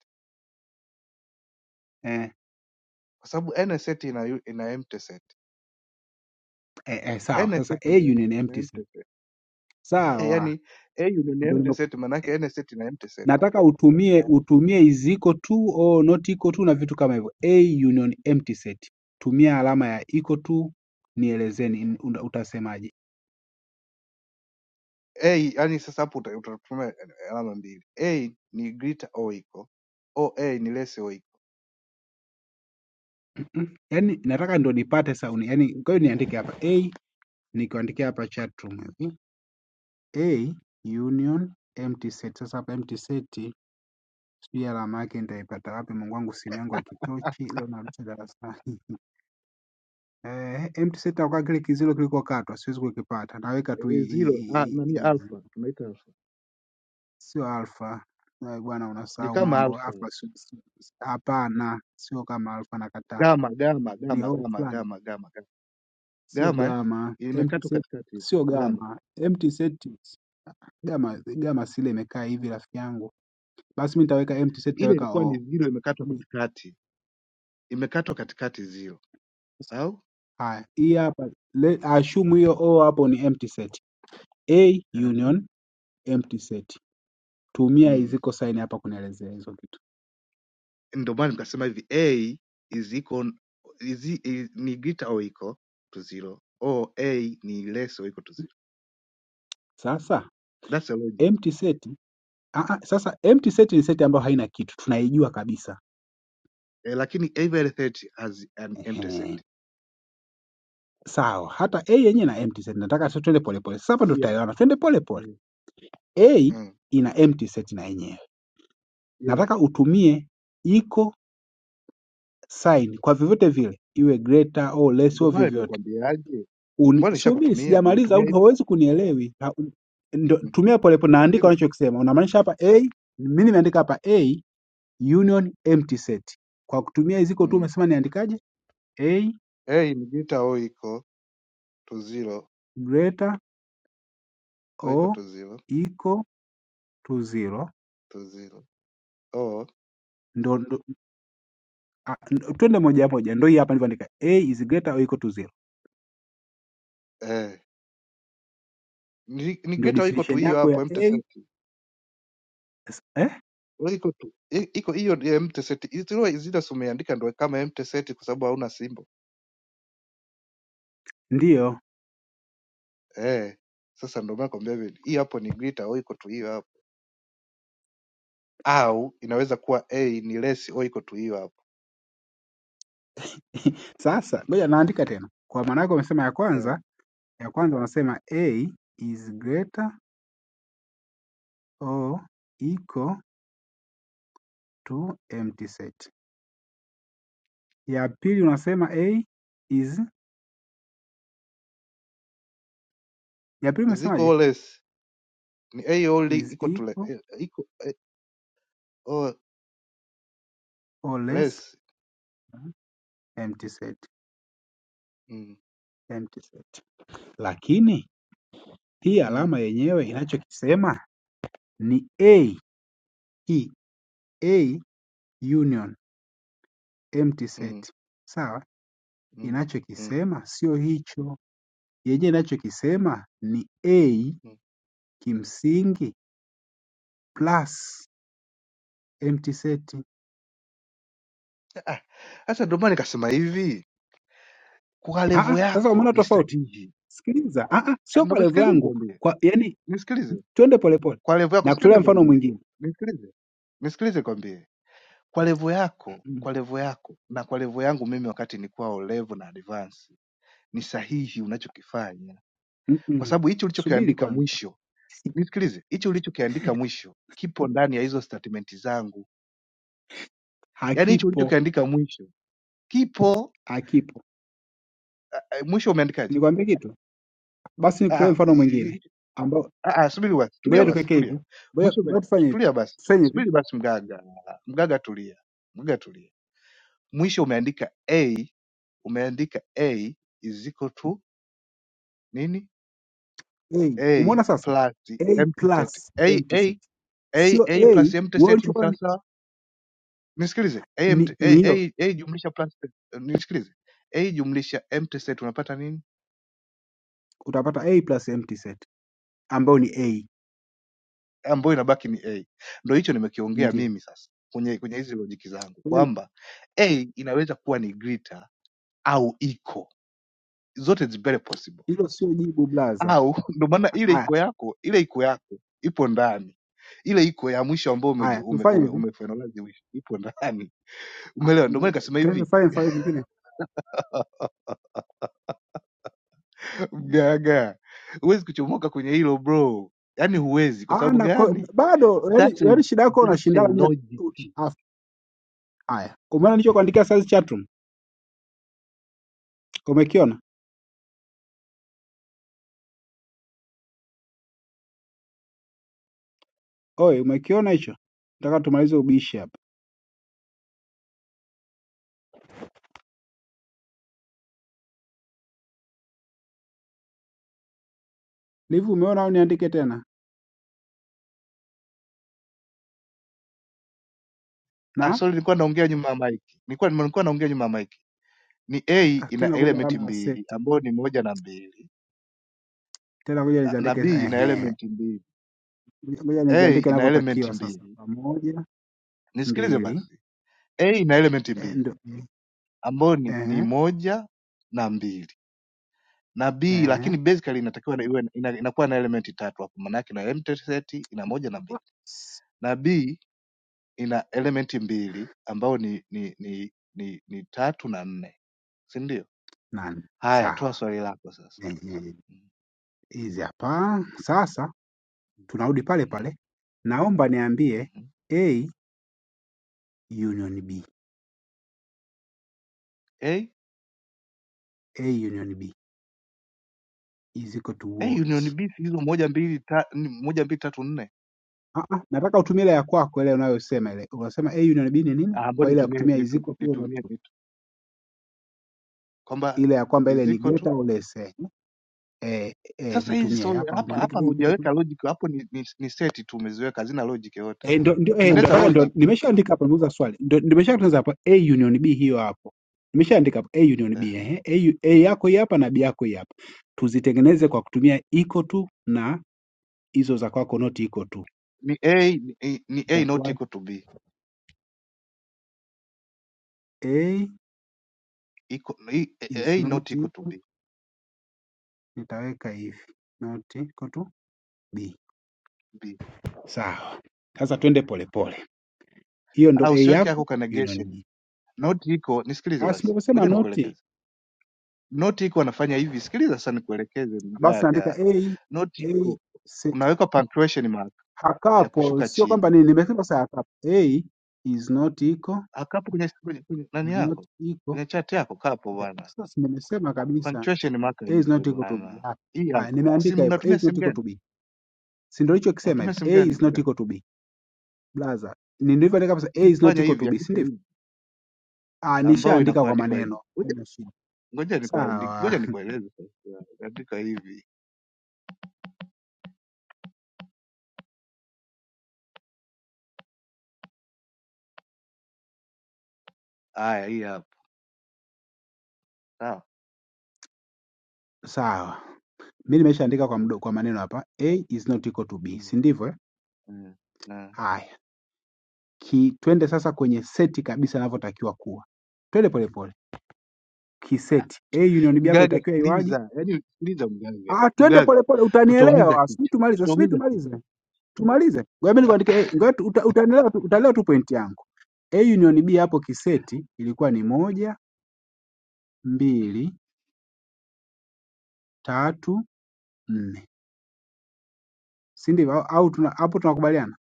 Eh,
kwa sababu n set ina u- ina empty set
eh, eh, sawa.
n
Sasa
set
au
ina em-
ni
ina
empty set,
empty set
sawa,
yani a union ni
ndio
empty
nimeku-
set maana yake n set ina empty set
nataka utumie utumie is equal to or not equal to na vitu kama hivyo. A union empty set, tumia alama ya equal to, nielezeni n- uta- utasemaje?
a yani sasa hapo uta- utatumia alama mbili a ni greater or equal oa ni less or equal
Mm, Yaani nataka ndo nipate sauni, yaani kwa hiyo niandike hapa a, nikiandikia hapa chatroom hivi a union empty set. Sasa hapa empty set sijui alama yake nitaipata wapi? Mungu wangu, simu yangu ya kitochi leo narusha darasani. Eh, empty set kwa kile kizilo kilikokatwa siwezi kukipata. Naweka tu i-
Eh,
i-
zero ah,
i-
nani
i-
alpha tunaita alpha
sio alfa. Eh, Bwana
ni
unasahau
kama
mambo.
alpha
Alfa sio- sio- hapana, sio kama alfa nakataa.
gama gama
Ni
gama
O
gama gama
fulani,
gama gama
sio
gama eh?
gama. Empty
imekatwa
set
katikati
sio
gama
gama. Empty set gama gama sile imekaa hivi rafiki yangu. Basi mimi nitaweka empty set
ile
nitaweka
ilikuwa
O.
ni zero
Kwa
imekatwa
sababu
katikati imekatwa katikati zero au
haya, hii hapa le- assume hiyo O hapo ni empty set. A
uh-huh.
union empty set. tumia
mm.
ziko sign hapa kunaelezea hizo kitu.
ndio maana nikasema hivi a is equal is, e, is, ni greater or equal to zero or a ni less or equal to zero
Sasa
that's the logic
empty set ah, ah, sasa empty set ni set ambayo haina kitu, tunaijua kabisa.
eh, lakini every threat has an empty set
Ehe. Sawa, hata A yenyewe ina empty set. Nataka tu twende polepole. Sasa hapa ndo
yeah,
tutaelewana, twende polepole.
eh,
A
mm.
ina empty set na yenyewe,
yeah.
nataka utumie iko sign kwa vyovyote vile, iwe greater au less
Ndio
au
maana
vyovyote.
nimekwambiaje, mbona
Uni- Subiri,
nishakutumia,
sijamaliza,
nimetumia
au
hivi
hauwezi kunielewi. Ha- Ndo,
mm.
tumia polepole, naandika
Nakusikiliza
unachokisema. Unamaanisha hapa A, mimi nimeandika hapa A union empty set kwa kutumia ziko tu
mm.
umesema niandikaje a
hey, nijiita o iko to zero
greater
o iko
o
to zero
equal to zero
to zero o
ndo, ndo a, ndo- twende moja moja ndo hii hapa nilivyoandika a is greater or equal to zero
eh, ni ni
ndio
geta iko tu
definition
hiyo
yako
hapo
ya
empty
a
set
s- eh?
o iko tu i- iko hiyo ya empty set zile zile umeandika ndio kama empty set kwa sababu hauna symbol
ndiyo
eh. Sasa ndio maana nakwambia hivi, hii hapo ni grita au iko tu hiyo hapo au inaweza kuwa A ni less or equal to hiyo hapo.
sasa ngoja naandika tena kwa maana yako umesema ya
Eh,
kwanza ya kwanza unasema a is greater or equal to empty set ya pili unasema a is ya pili
Ziko
umesemaje
or less ni A or li-
is
equal to le-
equal
eh, equal eh, or
or less
less.
empty set,
Mm,
empty set. Lakini hii
mm,
alama yenyewe inachokisema ni
mm,
A, hii A union empty
mm, mm,
set. Sawa?
mm, mm,
Inachokisema sio hicho. Yenyewe inachokisema ni A kimsingi
mm.
plus empty set.
Ah, Sasa ndio maana nikasema hivi, kwa
Ah, ah,
levo
sasa
yako
umeona
ni
tofauti?
sahihi.
Sikiliza. Ah, ah,
Ah,
sio
Ndio
kwa level
nisikilize
yangu.
nikwambie,
Kwa yani
nisikilize
twende polepole.
kwa levo yako,
Na
sikilize
kutolea mfano
nikwambie,
mwingine.
nisikilize nisikilize nikwambie, kwa levo yako,
Mm,
kwa levo yako na kwa levo yangu mimi, wakati nikuwa o levo na advance, ni sahihi unachokifanya
mm,
kwa
mm.
sababu hichi
Subiri
ulichokiandika
kwanza.
mwisho, nisikilize, hichi ulichokiandika mwisho kipo ndani ya hizo statement zangu, yaani hichi
Hakipo,
ulichokiandika mwisho kipo
hakipo.
eh, mwisho umeandikaje?
Nikwambie kitu basi,
Ah,
nikutolee
ah,
mfano
i-
mwingine
i-
ambao,
ah, ah, subiri basi, tulia
ngoja
basi,
tukweke
tulia
hivi, ngoja
mwisho ume,
ngoja tufanye hivi,
tulia basi,
tufanye hivi
subiri basi, mgaga mgaga, tulia mgaga, tulia. Mwisho umeandika a, umeandika a is equal to nini?
A.
a
Umeona sasa,
plus
A
empty set
plus
a
empty set
a a
sio
a
A.
plus empty
Wewe
set ni
ulichokuwa
sawa
ni
sawa nisikilize a,
ni
mt-
ni
a,
hiyo,
a, a jumlisha plus nisikilize a jumlisha m test set unapata nini
utapata A plus empty set ambayo ni A,
ambayo inabaki ni a ndo hicho nimekiongea
ndio
mimi sasa kwenye kwenye hizi lojiki zangu
Ngoja ni-
kwamba a inaweza kuwa ni greater au iko zote is very possible
hilo sio jibu blaza.
au ndo maana ile
Haya
iko yako ile iko yako ipo ndani ile iko ya mwisho ambayo ume,
haya,
ume,
tufanye
ume,
hivi,
umefinalize mwisho, ipo ndani
Ah,
umeelewa ndio maana
ngoja-
nikasema
tuende
hivi
tufanye mfano mwingine.
mganga huwezi kuchomoka kwenye hilo bro yaani huwezi kwa
Ah,
sababu
na ko-
gani
bado yani,
that's a,
yani shida yako
that's a
unashindana mimi.
logic
na- Haya, umeona nilichokuandikia sasa chatroom, umekiona? Oe umekiona hicho? Nataka tumalize ubishi hapa. Live umeona au niandike tena?
ah,
Na
sorry nilikuwa naongea nyuma ya mic nilikuwa nilikuwa naongea nyuma ya mic ni a
ah,
ina
tena kumbe
element
alama ya
mbili
seti.
ambayo ni moja na mbili
Tena ngoja
ah, na
niziandike
b ina
ehe.
element mbili
Ngoja
a
niziandike
ina element
inavyotakiwa sasa.
mbili
Moja,
nisikilize
mbili,
basi a ina element
eh,
mbili
ndo ehe,
ambayo ni, ni moja na mbili na b
ehe.
lakini basically inatakiwa na- iwe na- ina- inakuwa na element tatu hapo maana yake ina empty set ina moja na mbili
s-
na b ina elementi mbili ambao ni ni ni ni, ni tatu na nne si ndio
Nane.
haya toa
Sawa.
swali lako sasa
Ehe. Hizi hapa. Sasa tunarudi pale pale. Naomba niambie
mm-hmm.
A union B.
hey,
A union B is equal to
hey,
what?
union b si hizo moja mbili ta, ni- moja mbili tatu nne
Ah, ah, nataka utumie ile ya kwako ile unayosema ile. Unasema A union B ni nini?
Ah, ambao
Kwa ile ya
nitumie
kutumia is
nitu-
equal to or not
nitumie
to.
nitu- kwamba
Ile ya kwamba ile ni
ziko tu
greater or less. Eh, eh, eh
sasa hizi
nitumie
solo
hapa
hapa
niandike
hapa
A is equal to.
hujaweka logic hapo ni, ni, ni seti tu umeziweka hazina logic yoyote
Eh, ndo ndio eh, ndo
tengeneza
nataka ndo
logic
nimeshaandika hapa nimeuza swali. Ndo nimeshatunza hapo A union B hiyo hapo. Nimeshaandika hapo A union B
uh-huh.
eh. A, u- A yako hii hapa na B yako hii hapa. Tuzitengeneze kwa kutumia equal to na hizo za kwako not equal to.
ni a ni, ni a not
Itakuwa
equal to b
A
iko i-
is
a not
not
equal to
equal
b
nitaweka hivi. Not equal to B.
b
Sawa. Sasa twende polepole. Hiyo ndo
ah,
A
usiweke yako
yako,
ka
hiyo ndio ni
negation
B.
Noti iko nisikilize
Asi
basi,
nilivyosema
ngoja
noti,
nikuelekeze. Noti iko anafanya hivi, sikiliza sasa, nikuelekeze
basi naandika
mgaga.
A
Noti
A
iko
set
unaweka punctuation mark
a
ya
couple.
kushuka
Sio kwamba
chini.
nini nimesema sasa a couple. A is not equal
Akapo kwenye, kwenye, kwenye nani
is not
yako
equal.
kwenye chat yako kapo
Eh,
bwana,
Sasa si nimesema kabisa
punctuation mark
A is
ipo
not equal to B.
bwana,
Ah,
hii
Haya,
hapa. kwenye
nimeandika
Simu
hivyo. A
unatumia
is
simu
not equal
gani?
to B. Si ndio hicho kisema
Unatumia
hivi.
simu
A
gani?
is not
mgaga?
equal to B. Blaza. Ni nilivyoandika kabisa A
Hii
is not
fanya
equal to
hivi,
B, si
andika
ndivyo?
hivi,
Ah,
ambao
nishaandika kwa
inakuandikwa hivi.
maneno.
Ngoja
Haina shida.
ngoja nikuandike, ngoja
Sawa.
nikueleze sasa. Andika hivi, haya, hii hapa, sawa.
Sawa. mi nimeshaandika kwa,
Mm,
mdo- kwa maneno hapa a is not equal to b
mm,
si ndivyo eh?
mm. mm.
haya ki, twende sasa kwenye seti kabisa inavyotakiwa kuwa twende polepole kiseti a union b hapa
Mgaga
itakiwa iwaje
sikiliza, yaani sikiliza mgaga,
ah twende
mgaga
polepole
tutaumiza
utanielewa sijui
kichwa,
tumalize sijui
tutaumiza
tumalize
kichwa.
tumalize ngoja mimi
Ah,
nikuandike a ngoja tu- uta, utanielewa tu- utaelewa tu point yangu a union b hapo kiseti ilikuwa ni moja mbili tatu nne si ndivyo au au tuna- hapo tunakubaliana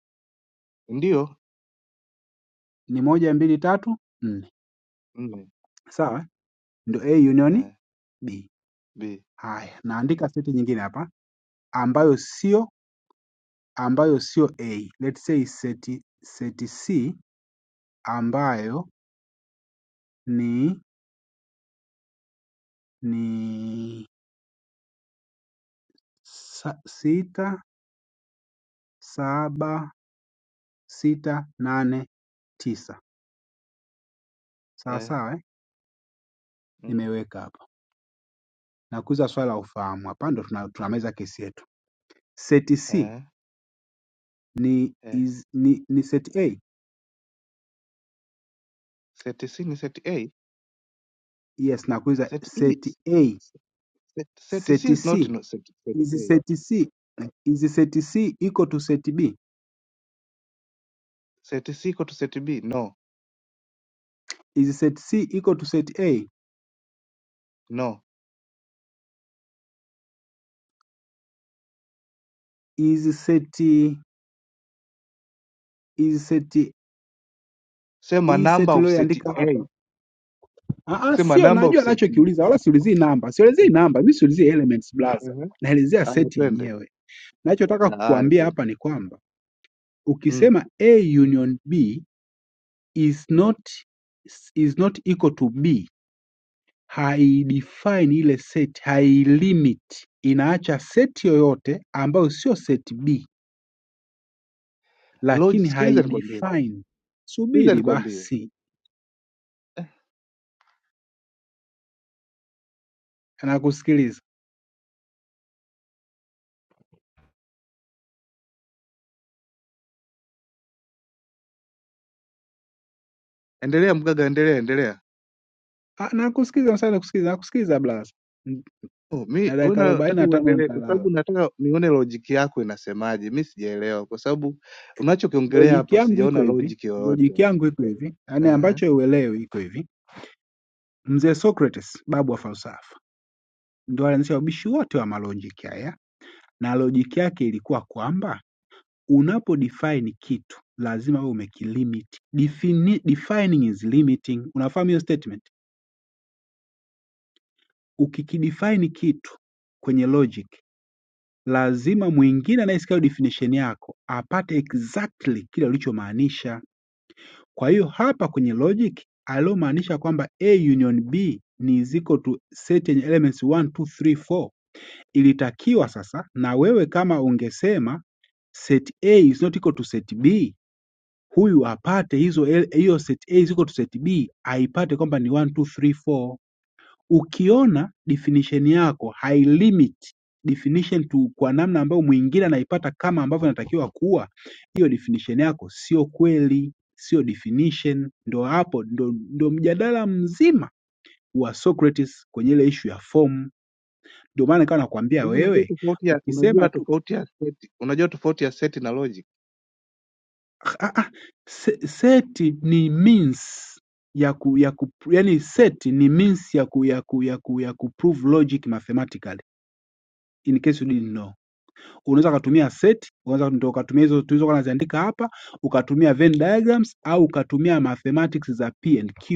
Ndio
ni moja mbili tatu nne
nne
sawa ndio a union
eh,
b
b
Haya, naandika seti nyingine hapa ambayo sio ambayo sio A. Let's say seti seti C ambayo ni ni sa, sita saba sita nane tisa. Sawa
eh,
sawa eh?
mm,
Nimeweka hapa. Nakuza swala la ufahamu hapa ndo tuna, tunameza kesi yetu. Seti C
eh,
ni
eh.
is, ni, ni seti A.
Seti C ni seti A,
Yes, nakuuliza
seti E,
seti A,
seti, seti C
seti
is not
C.
no, seti, seti
Is
A.
seti C, is seti C equal to seti B?
Seti C iko to seti B, no
Is set C equal to set A?
no.
Is set is set
Sema
hii
number
set
of seti
iliyoandika
A,
hapa ah, ah,
sema
sio
number of
najua
seti.
anachokiuliza, wala siulizii namba, siulizii namba, mimi siulizii elements blaza,
Uh-huh.
naelezea
Aya,
seti
twende
yenyewe. Nachotaka
aya,
kukuambia
twende
hapa ni kwamba
mm,
ukisema A union B is
mm.
not is not equal to B, haidefine ile set, hailimit, inaacha seti yoyote ambayo sio set B,
Log,
lakini
sikiliza nikwambie sasa,
haidefine.
sikiliza
Subiri
nikwambie,
basi Nakusikiliza.
endelea mgaga, endelea, endelea.
Ah, nakusikiliza msana nakusikiliza, nakusikiliza blaza. Mm,
Oh, mi
Na
wewe
dakika arobaini
nataka
na tano
uendelee kwa
nitalala.
sababu nataka nione logic yako inasemaje. Mi sijaelewa kwa sababu unachokiongelea
Lojiki
hapa
yangu iko
sijaona
hivi,
logic yoyote.
lojiki yangu iko hivi, yaani
Ehe.
ambacho uelewi iko hivi. Mzee Socrates, babu wa falsafa, ndio alianzisha ubishi wote wa malojiki haya, na lojiki yake ilikuwa kwamba unapo define kitu lazima wewe umekilimit. Defini, defining is limiting. Unafahamu hiyo statement? Ukikidefine kitu kwenye logic lazima mwingine anayesikia hiyo definition yako apate exactly kile ulichomaanisha. Kwa hiyo hapa kwenye logic aliyomaanisha kwamba A union B ni is equal to set yenye elements 1 2 3 4 ilitakiwa sasa, na wewe kama ungesema set A is not equal to set B, huyu apate hizo el- hiyo set A is equal to set B, aipate kwamba ni 1 2 3 4 ukiona definition yako hailimit definition to kwa namna ambayo mwingine anaipata kama ambavyo inatakiwa kuwa, hiyo definition yako sio kweli, sio definition. Ndo hapo ndo, ndo mjadala mzima wa Socrates kwenye ile ishu ya form. Ndio maana nikawa nakwambia
Hivi unajua
wewe,
tofauti ya
ukisema
unajua
tu
tofauti ya seti, unajua tofauti ya seti na logic?
se- seti ni means ya ku, ya ku, yani seti ni means ya ku, ya ku, ya ku, ya ku prove logic mathematically in case you didn't know unaweza ukatumia set unaweza ndio ukatumia hizo tulizokuwa naziandika hapa ukatumia Venn diagrams au ukatumia mathematics za P and Q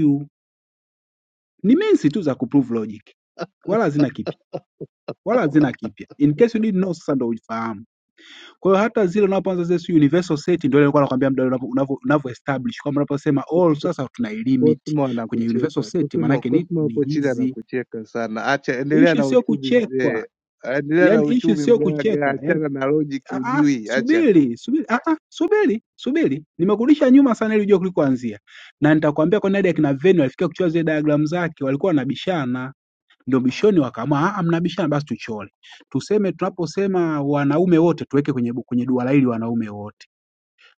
ni minsi tu za kuprove logic wala hazina kipya wala hazina kipya in case you didn't know sasa ndio ufahamu kwa hiyo hata zile unapoanza zile sijui universal set ndio ile nilikuwa nakwambia mdau unapo- unavyo unavyo establish kwamba unaposema
Ku-
all
ku-
sasa tuna limit
Cosmo
kwenye universal
anakucheka.
set maana
Cosmo
yake ni
Cosmo
ni
hapo chini
hizi
anakucheka sana. Acha endelea
issue
na
sio
uchumi mzee.
kuchekwa
Endelea na
yani issue
uchumi
sio kucheka
mgaga,
Yaani
achana na logic
Ah, ah,
ujui, acha.
subiri subiri, ah, ah, subiri subiri, nimekurudisha nyuma sana ili ujue kulikoanzia, na nitakwambia kwa nini akina Venio alifikia kuchora zile diagram zake, walikuwa wanabishana, ndio bishoni wakaamua, ah, ah, mnabishana basi tuchore, tuseme tunaposema wanaume wote tuweke kwenye bu- kwenye duara hili wanaume wote,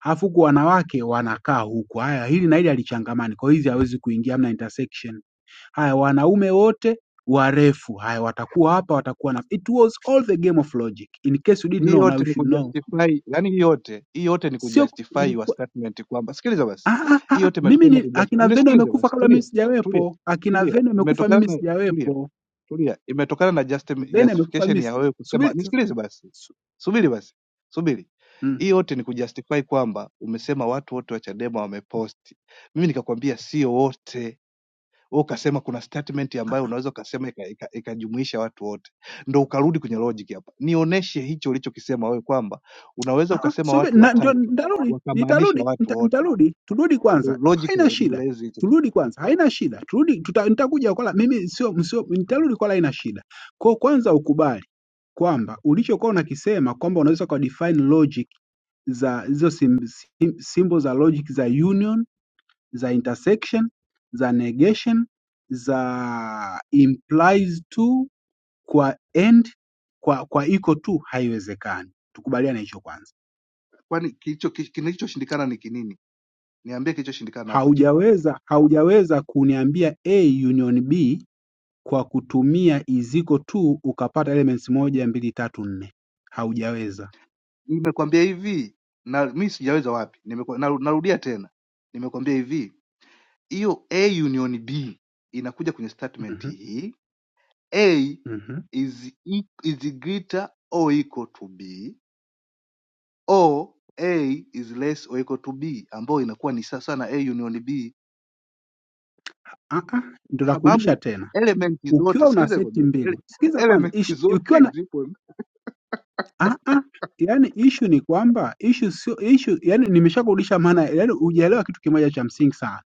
alafu huku wanawake wanakaa huku, haya hili na hili alichangamani, kwa hiyo hizi hawezi kuingia, hamna intersection. Haya wanaume wote warefu, haya watakuwa hapa, watakuwa na. It was all the game of logic. In case you didn't
Hii
know, now
yote
you
ni
should know
kujustify, yani hii yote hii yote ni
sio
kujustify your
ilikuwa
statement kwamba sikiliza basi,
ah, ah, ah,
hii
ah,
yote
mimi
imetokana na
ni
kujustify.
akina Veno
Nisikilize
amekufa
basi,
kabla mimi
tulia tulia
sijawepo. Akina
tulia,
Veno amekufa
imetokana
mimi
na tulia
sijawepo.
tulia, imetokana na justi-
Veno amekufa
justification
mimi
ya
si-
wewe kusema.
subiri sasa-
Nisikilize basi,
su,
subiri basi, subiri.
mm.
Hii yote ni kujustify kwamba umesema watu wote wa Chadema wameposti. Mimi nikakwambia sio wote wewe ukasema kuna statement ambayo unaweza ukasema ikajumuisha ika, ika ikajumuisha watu wote, ndo ukarudi kwenye logic hapa. Nionyeshe hicho ulichokisema wewe kwamba unaweza
ah, ah,
ukasema
subiri
watu
na ndio
watatu
nitarudi,
wakamaanisha
nitarudi,
watu
nita-
wote,
nitarudi. Turudi
ndo
kwanza,
logic ya
haina shida.
Romelezi hicho kitu.
Turudi kwanza, haina shida. Turudi, tuta, nitakuja kwa la mimi sio sio, nitarudi kwa la, haina shida. Kwa kwanza ukubali kwamba ulichokuwa unakisema kwamba unaweza kwa define logic za hizo sim, sim, symbol za logic za union za intersection, za negation, za implies to, kwa and, kwa, kwa iko tu, haiwezekani. Tukubaliane hicho kwanza.
Kwani kilicho ki- kilichoshindikana ni kinini? Niambie kilichoshindikana hapo chini.
Haujaweza, haujaweza kuniambia A union B kwa kutumia is equal to ukapata elements moja, mbili, tatu, nne. Haujaweza.
Nimekwambia hivi na mi sijaweza wapi, nimekwa, naru- narudia tena, nimekwambia hivi hiyo A union B inakuja kwenye statement
Mhm,
hii "A
mhm.
is e- is greater or equal to B" au "A is less or equal to B" ambayo inakuwa ni sawa na A union B
Ah, ah, ndo
kwa
nakurudisha
sababu
tena.
elementi zote
Ukiwa una
sikiliza
seti
nikwambie, ele-
mbili, sikiza kwanza,
elementi
ishi-
zote
ukiwa
zipo.
Ah, ah, yaani issue ni kwamba issue sio issue, yaani nimeshakurudisha maana, yaani hujaelewa kitu kimoja cha msingi sana.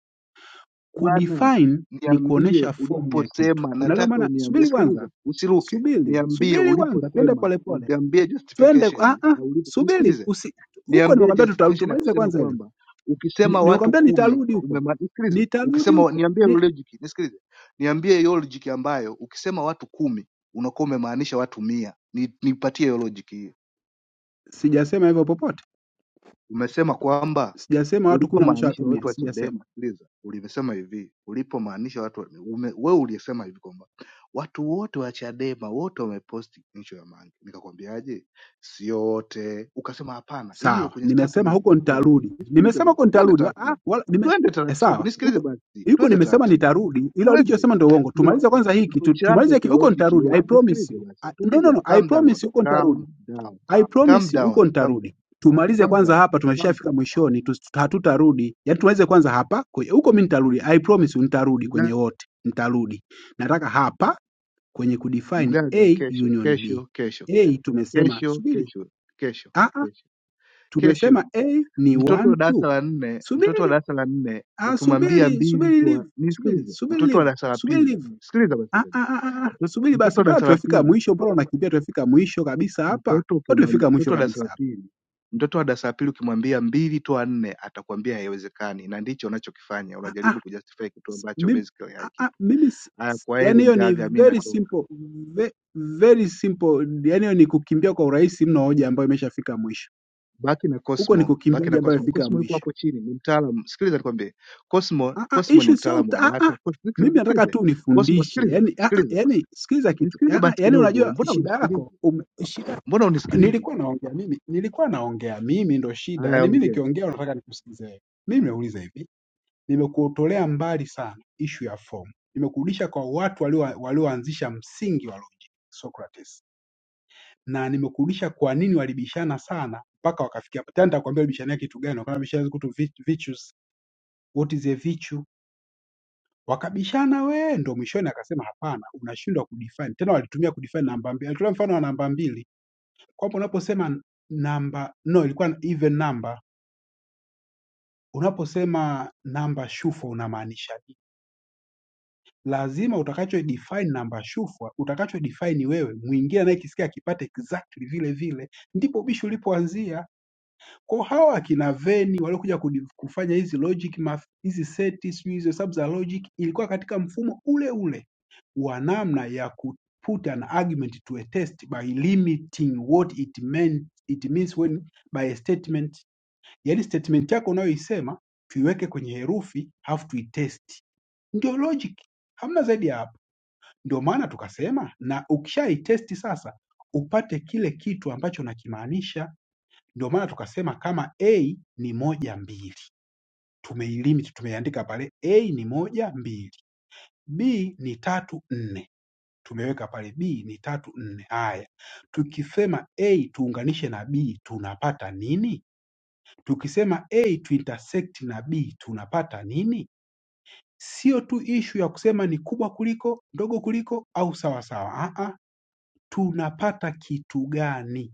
Bwana,
Kudefine ni
niambie
kuonesha form ya kitu,
uliposema,
unaelewa
nataka
maana?
uniambie,
Subiri kwanza,
sikiliza, usiruke,
subiri
niambie
subiri kwanza, twende
uliposema,
polepole,
niambie
twende ah,
justification,
ah,
na ulipo-
subiri
nisikilize
usi, huko
Niambie
nimekwambia tutarudi,
justification ya
tumalize
kusema
kwanza ile
kwamba
Ni-
ukisema watu
nimekwambia
kumi
nitarudi huko,
umema... Nisikilize,
nitarudi
ukisema
huko
niambie hiyo
ni,
logic, nisikilize, niambie hiyo logic ambayo ukisema watu kumi unakuwa umemaanisha watu mia. Ni, nipatie hiyo logic hiyo.
sijasema hivyo popote,
Umesema kwamba
sijasema watu kumi na
ulipomaanisha watu
wameshawatumia,
wa
sijasema
Chadema, sikiliza, ulivyosema hivi, ulipomaanisha watu wa- ume, we uliyesema hivi kwamba watu wote wa Chadema wote wameposti ncho ya Mange. Nikakwambiaje sio wote, ukasema hapana, hiyo
Sawa,
kwenye
nimesema
statement
huko
ilikuwa hivi.
nitarudi.
Nisikilize
Nimesema
basi,
huko
twende
nitarudi. wa- Ah,
taratibu,
wala, nime,
twende
eh,
taratibu,
sawa
nisikilize
huko
basi,
huko
twende
nimesema
taratibu,
nitarudi, ila
twende
ulichosema ndio uongo.
ndo
Tumalize kwanza hiki
ndo
tu,
chanzo
tumalize
cha
hiki, huko
logic
nitarudi. I
yote.
promise
Nisikilize
you.
basi,
I, no, no,
tulia,
no. I
calm down,
promise huko
calm
nitarudi.
down,
I
calm
promise you, huko
down, calm down,
nitarudi. Tumalize
calm
kwanza
down,
hapa,
calm
tumeshafika mwishoni, tu- tu- hatutarudi. Yaani tumalize kwanza hapa, kwe- huko mimi nitarudi. I promise you, nitarudi
down.
kwenye wote, nitarudi. Nataka hapa kwenye kudefine
mgaga
A
kesho
union B.
kesho kesho
A tumesema
kesho
subiri.
kesho kesho
Ah,
kesho kesho
Tumesema A ni
mtoto
one
wa
two.
darasa la nne mtoto wa
Subiri,
darasa la nne
ah,
ukimwambia
subiri,
mbili
subiri
tu
live. Subiri,
nisikilize
subiri
mtoto wa
live.
darasa la
Subiri
pili
live.
sikiliza basi
Ah,
mgaga
ah, ah, ah. ah.
mtoto,
Subiri
mtoto
basi,
wa
mbona
darasa la
tumefika
pili
mwisho? Mbona unakimbia? Tumefika mwisho kabisa hapa.
mtoto
Mbona
ukimwambia
tumefika mwisho
mtoto wa darasa la
kabisa hapa?
pili mtoto wa darasa la pili ukimwambia mbili toa nne atakwambia haiwezekani na ndicho unachokifanya
Ah, ah,
unajaribu kujustify kitu
s-
ambacho
mimi,
basically
ah, ah,
hakipo
mimi si-
haya
si-
kwa
yani
eli
hiyo ni
mgaga mi
very
natoka
simple ve, very simple. Yani hiyo ni kukimbia kwa urahisi mno, hoja ambayo imeshafika mwisho.
baki na
Huko ni
Cosmo,
kukimbia
baki na
hoja ambayo
Cosmo.
imefika
Cosmo yuko
mwisho.
hapo chini, ni mtaalamu. Sikiliza nikwambie, Cosmo,
Ah, ah,
Cosmo ni
issue sio
mtaalamu
uta-
wa
ah,
data.
ah.
Cos-
Mimi
Sikiliza,
nataka
sikiliza.
tu
Cosmo,
unifundishe
sikiliza,
yani, ah, ah,
sikiliza,
yani sikiliza kitu
nisikilize
yani, ah,
basi
yani
kidogo.
unajua
Mbona
shida yako
unisikilizi?
ume, shida
Mbona unisikilizi?
nilikuwa naongea mimi nilikuwa naongea mimi ndo shida
Haya,
yani, mimi
ongea,
nikiongea unataka nikusikize wewe. Mimi nauliza hivi, nimekuotolea mbali sana ishu ya fomu, nimekurudisha kwa watu walio- walioanzisha msingi wa logic, Socrates, na nimekurudisha kwa nini walibishana sana mpaka wakafikia. hapa. Tena nitakwambia walibishania kitu gani, wakabishana kuhusu virtues, what is a virtue Wakabishana we ndo mwishoni akasema hapana, unashindwa kudefine. Tena walitumia kudefine namba mbili. Alitolea mfano wa namba mbili kwamba unaposema namba no, ilikuwa even number, unaposema namba shufwa unamaanisha nini? Lazima utakacho define namba shufwa, utakacho define wewe, mwingine anayekisikia akipate exactly vile vile. Ndipo ubishi ulipoanzia. Kwa hawa akina Venn waliokuja kudi- kufanya hizi logic math, hizi seti sijui hizo hesabu za logic, ilikuwa katika mfumo ule ule wa namna ya ku put an argument to a test by limiting what it meant, it means when by a statement. Yani statement yako unayoisema tuiweke kwenye herufi halafu tuitesti, ndio logic, hamna zaidi ya hapo. Ndio maana tukasema, na ukishaitesti sasa upate kile kitu ambacho nakimaanisha ndio maana tukasema kama A ni moja mbili, tumeilimit, tumeiandika pale A ni moja mbili, B ni tatu nne, tumeweka pale B ni tatu nne. Haya, tukisema A tuunganishe na B tunapata nini? Tukisema A tuintersect na B tunapata nini? Sio tu ishu ya kusema ni kubwa kuliko, ndogo kuliko au sawa sawa. Ah, ah, tunapata kitu gani?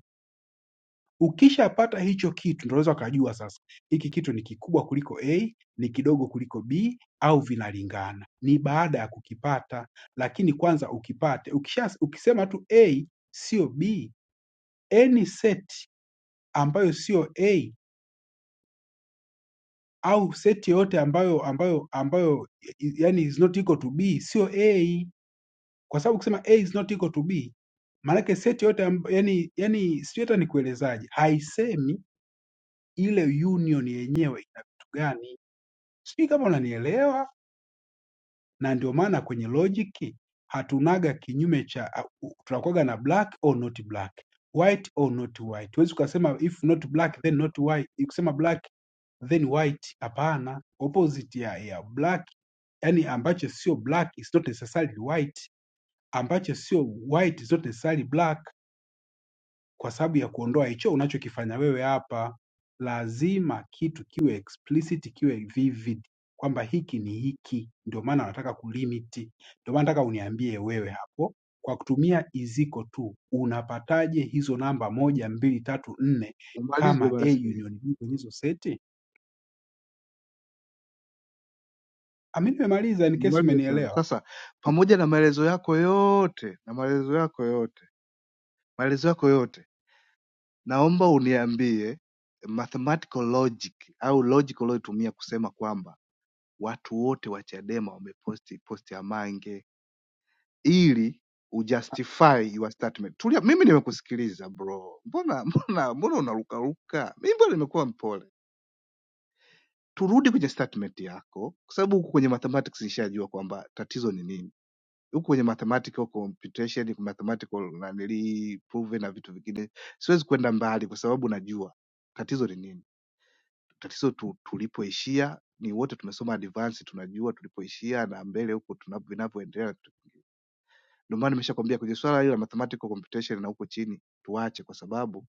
Ukishapata hicho kitu ndio unaweza ukajua sasa hiki kitu ni kikubwa kuliko A, ni kidogo kuliko B au vinalingana. Ni baada ya kukipata, lakini kwanza ukipate. Ukisha, ukisema tu A sio B, any set ambayo sio A au set yoyote ambayo ambayo ambayo yani is not equal to B sio A, kwa sababu ukisema A is not equal to B maanake seti yote amb- yani yani sijui hata nikuelezaje, haisemi ile union yenyewe ina vitu gani Sijui kama unanielewa, na ndio maana kwenye logic hatunaga kinyume cha, uh, tunakuwaga na black or not black, white or not white. Huwezi ukasema if not black then not white, ukisema black then white. Hapana, opposite ya, ya black, yani ambacho sio black is not necessarily white, ambacho sio white is not necessarily black kwa sababu ya kuondoa hicho unachokifanya wewe hapa. Lazima kitu kiwe explicit, kiwe vivid kwamba hiki ni hiki, ndio maana wanataka kulimiti. Ndio maana nataka uniambie wewe hapo, kwa kutumia iziko tu unapataje hizo namba moja, mbili, tatu, nne
umalize
kama A
basi,
union B kwenye hizo seti? Ami, nimemaliza in case
umalize sana.
umenielewa.
Sasa pamoja na maelezo yako yote na maelezo yako yote maelezo yako yote, naomba uniambie mathematical logic au logic ulioitumia kusema kwamba watu wote wa Chadema wameposti posti ya Mange ili ujustify your statement. Tulia, mimi nimekusikiliza bro, mbona mbona mbona unarukaruka? Mimi mbona nimekuwa mpole. Turudi kwenye statement yako, kwa sababu huku kwenye mathematics nishajua kwamba tatizo ni nini. Huku kwenye mathematical computation, mathematical nanili proven na vitu vingine, siwezi kwenda mbali kwa sababu najua tatizo ni nini. Tatizo tu, tulipoishia ni wote tumesoma advance, tunajua tulipoishia na mbele huko tunavyoendelea Ndio maana nimeshakwambia kwenye swala hili la mathematical computation na huko chini tuache, kwa sababu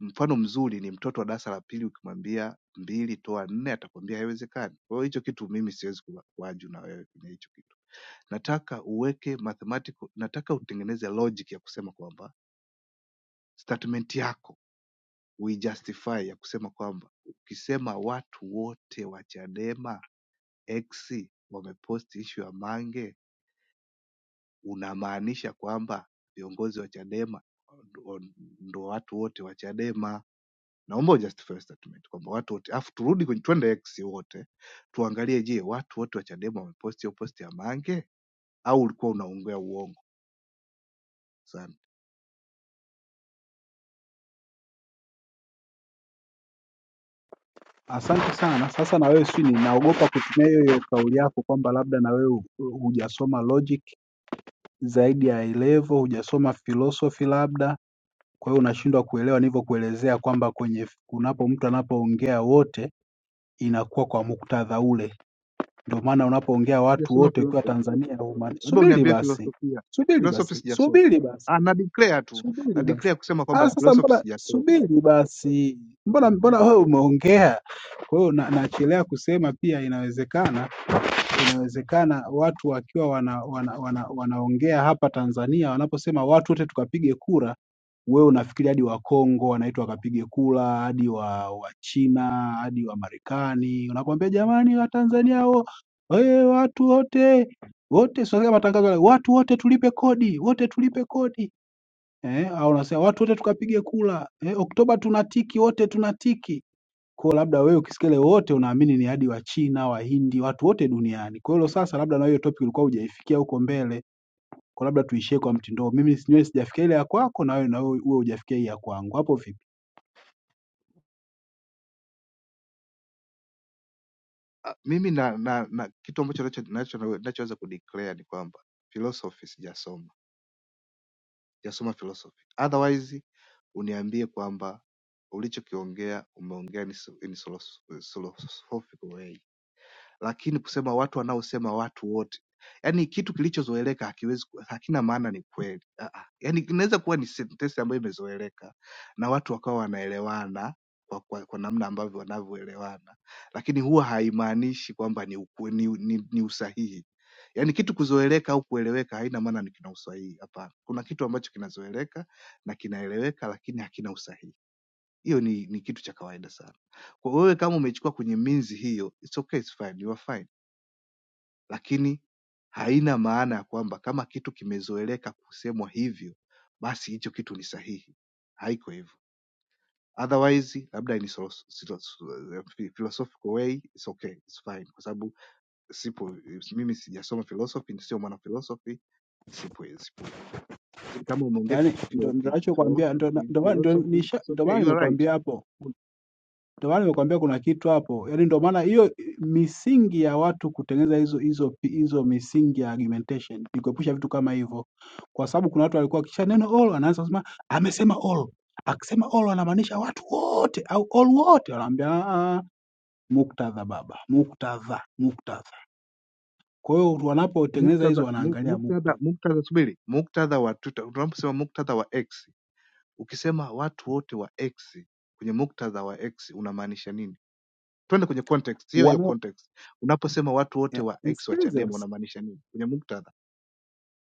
mfano mzuri ni mtoto wa darasa la pili, ukimwambia mbili toa nne atakwambia haiwezekani. Kwa hiyo hicho kitu mimi siwezi kuwa- kuwaju na wewe kwenye hicho kitu. Nataka uweke mathematical, nataka utengeneze logic ya kusema kwamba statement yako uijustify ya kusema kwamba ukisema watu wote wa Chadema X wameposti issue ya Mange unamaanisha kwamba viongozi wa Chadema ndo ndo watu wote wa Chadema. Naomba ujustify statement kwamba watu wote, afu turudi kwenye twende X wote tuangalie, je, watu wote wa Chadema wameposti hiyo posti ya Mange au ulikuwa unaongea uongo? Asante.
Asante sana. Sasa na wewe sijui, ninaogopa kutumia hiyo hiyo kauli yako kwamba labda na wewe hu- hujasoma logic zaidi ya A-level hujasoma philosophy labda kwa hiyo unashindwa kuelewa nilivyokuelezea kwamba kwenye unapo mtu anapoongea wote inakuwa kwa muktadha ule ndio maana unapoongea watu
Sijasoma
wote ukiwa
philosophy,
Tanzania humaani
labda
subiri
uniambie
basi
filosofia.
subiri
Philosophy
basi
sijasoma.
subiri
Ah,
basi
na declare tu na
subiri basi
declare kusema kwamba
ah sasa
philosophy
mbona
sijasoma.
subiri basi mbona mbona wewe umeongea kwa hiyo na- nachelea kusema pia inawezekana inawezekana watu wakiwa wana, wana, wana, wanaongea hapa Tanzania wanaposema watu wote tukapige kura, wewe unafikiri hadi Wakongo wanaitwa wakapige kura, hadi wa Wachina, hadi wa Marekani. Unakwambia jamani, Watanzania wo, hey, watu wote wote, sio kama matangazo yale, watu wote tulipe kodi, wote tulipe kodi eh, au unasema watu wote tukapige kura eh, Oktoba tunatiki, wote tunatiki kwa labda wewe ukisikia ile wote unaamini ni hadi Wachina, Wahindi, watu wote duniani. Kwa hilo sasa, labda na hiyo topic ulikuwa hujaifikia huko mbele, kwa labda tuishie kwa mtindo. huo. Mimi sinywe sijafikia ile ya kwako na wewe na wewe wewe hujafikia hii ya kwangu. Hapo vipi?
Ah, mimi na, na, na kitu ambacho nacho- nacho- nachoweza na, na, na, na, na, na, na, na, na, na, na, kudeclare ni kwamba philosophy sijasoma sijasoma philosophy otherwise uniambie kwamba ulichokiongea umeongea in philosophical way lakini kusema watu wanaosema watu wote, yaani kitu kilichozoeleka hakiwezi ku- hakina maana ni kweli. Ah, ah. Yaani inaweza kuwa ni sentensi ambayo imezoeleka na watu wakawa wanaelewana kwa, kwa, kwa namna ambavyo wanavyoelewana, lakini huwa haimaanishi kwamba ni, uku- ni, ni, ni usahihi. Yaani kitu kuzoeleka au kueleweka haina maana ni kina usahihi. Hapana, kuna kitu ambacho kinazoeleka na kinaeleweka, lakini hakina usahihi. Hiyo ni, ni kitu cha kawaida sana. Kwa hiyo wewe kama umechukua kwenye minzi hiyo, it's okay, it's fine, you are fine lakini haina maana ya kwamba kama kitu kimezoeleka kusemwa hivyo basi hicho kitu ni sahihi. Haiko hivyo. Otherwise labda ni solo- silo- silo- philosophical way it's okay, it's fine kwa sababu sipo mimi sijasoma philosophy, ni sio mwana philosophy, sipo sipo. Lakini kama umeongea
Yaani
kitu kilo-
ndio ndio
ki- kilo-
ninachokuambia ndio
ki-
ndio ndio
philosophy
nisha-
it's
ndio
okay,
maana
you are right.
nimekuambia hapo Ndio maana nimekuambia kuna kitu hapo, yaani ndio maana hiyo misingi ya watu kutengeneza hizo hizo hizo misingi ya argumentation ni kuepusha vitu kama hivyo, kwa sababu kuna watu walikuwa kisha neno all anaanza kusema amesema all, akisema all anamaanisha watu wote au all wote, wanaambia "Ah, ah, ah, muktadha baba, muktadha, muktadha. Kwa hiyo wanapotengeneza hizo
Muktadha mu-
wanaangalia
muktadha
muktadha
muktadha subiri. Muktadha wa Twitter, tunaposema muktadha wa X Ukisema watu wote wa X kwenye muktadha wa X unamaanisha nini? Twende kwenye context hiyo hiyo
wanao
context. Unaposema watu wote
ya,
wa X wa
nisikilize
Chadema
basi,
unamaanisha nini kwenye muktadha?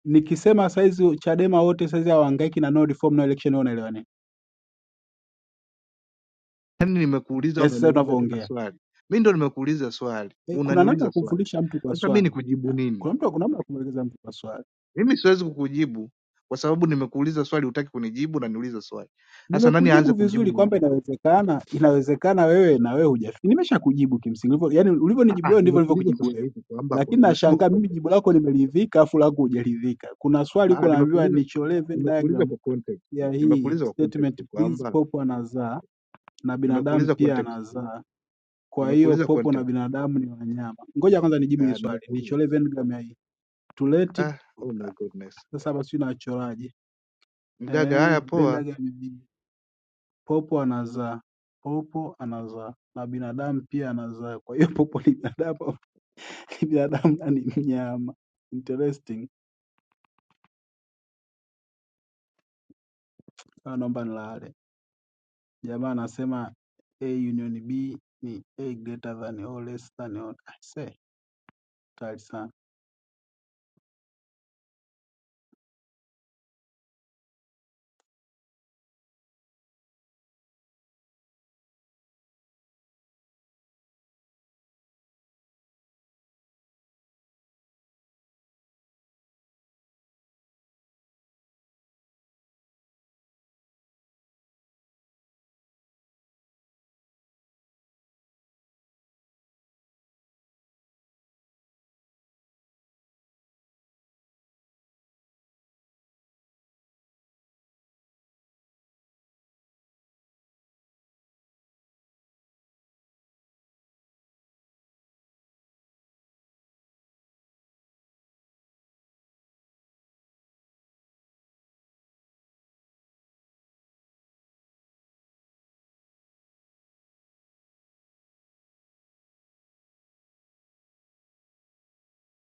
nikisema saizi Chadema wote saizi hawahangaiki na no reform no election, wao wanaelewa nini?
Yani nimekuuliza,
Yaani sasa
unaniuliza tena
tunavyoongea
swali. Mimi ndo nimekuuliza swali,
Eh, kuna namna ya
unaniuliza swali.
kumfundisha mtu kwa
Sasa mimi
swali.
nikujibu nini?
Kuna mtu kuna namna ya kumwelekeza mtu kwa swali.
Mimi siwezi kukujibu kwa sababu nimekuuliza swali, hutaki kunijibu na niuliza swali. Sasa nani aanze
Nimekujibu
kumjibu
vizuri kwamba
mwingine?
inawezekana, inawezekana wewe na wewe hujafikia. Nimeshakujibu kimsingi. Hivyo yani
Ah,
ulivyonijibu
ah,
wewe ndivyo
nimekuuliza
nilivyokujibu
sasa
wewe.
hivi kwamba kwa,
Lakini
umesema kwa
nashangaa mimi
context.
jibu lako nimeridhika afu lako hujaridhika. Kuna swali
Ah,
uko
ah,
naambiwa
nimekuuliza
nicholee Venn
nimekuuliza
diagram
kwa context,
ya hii
nimekuuliza kwa
statement
context
please
kwamba
popo anazaa na binadamu
nimekuuliza
pia
context,
anazaa. Kwa hiyo
nimekuuliza
popo na
context.
binadamu ni wanyama. Ngoja kwanza nijibu hili
Ah,
swali.
nimekuuliza.
Nicholee Venn diagram ya hii. Tuleti
Ah, oh my goodness.
sasa hapa sijui nachoraje.
Mgaga,
Eh,
haya poa.
mpendaga mimi. Popo anazaa, popo anazaa na binadamu pia anazaa. Kwa hiyo popo ni binadamu, ni binadamu na ni mnyama. Interesting. Ah, naomba nilale. Jamaa anasema A union B ni A greater than or less than or. I say, kali sana.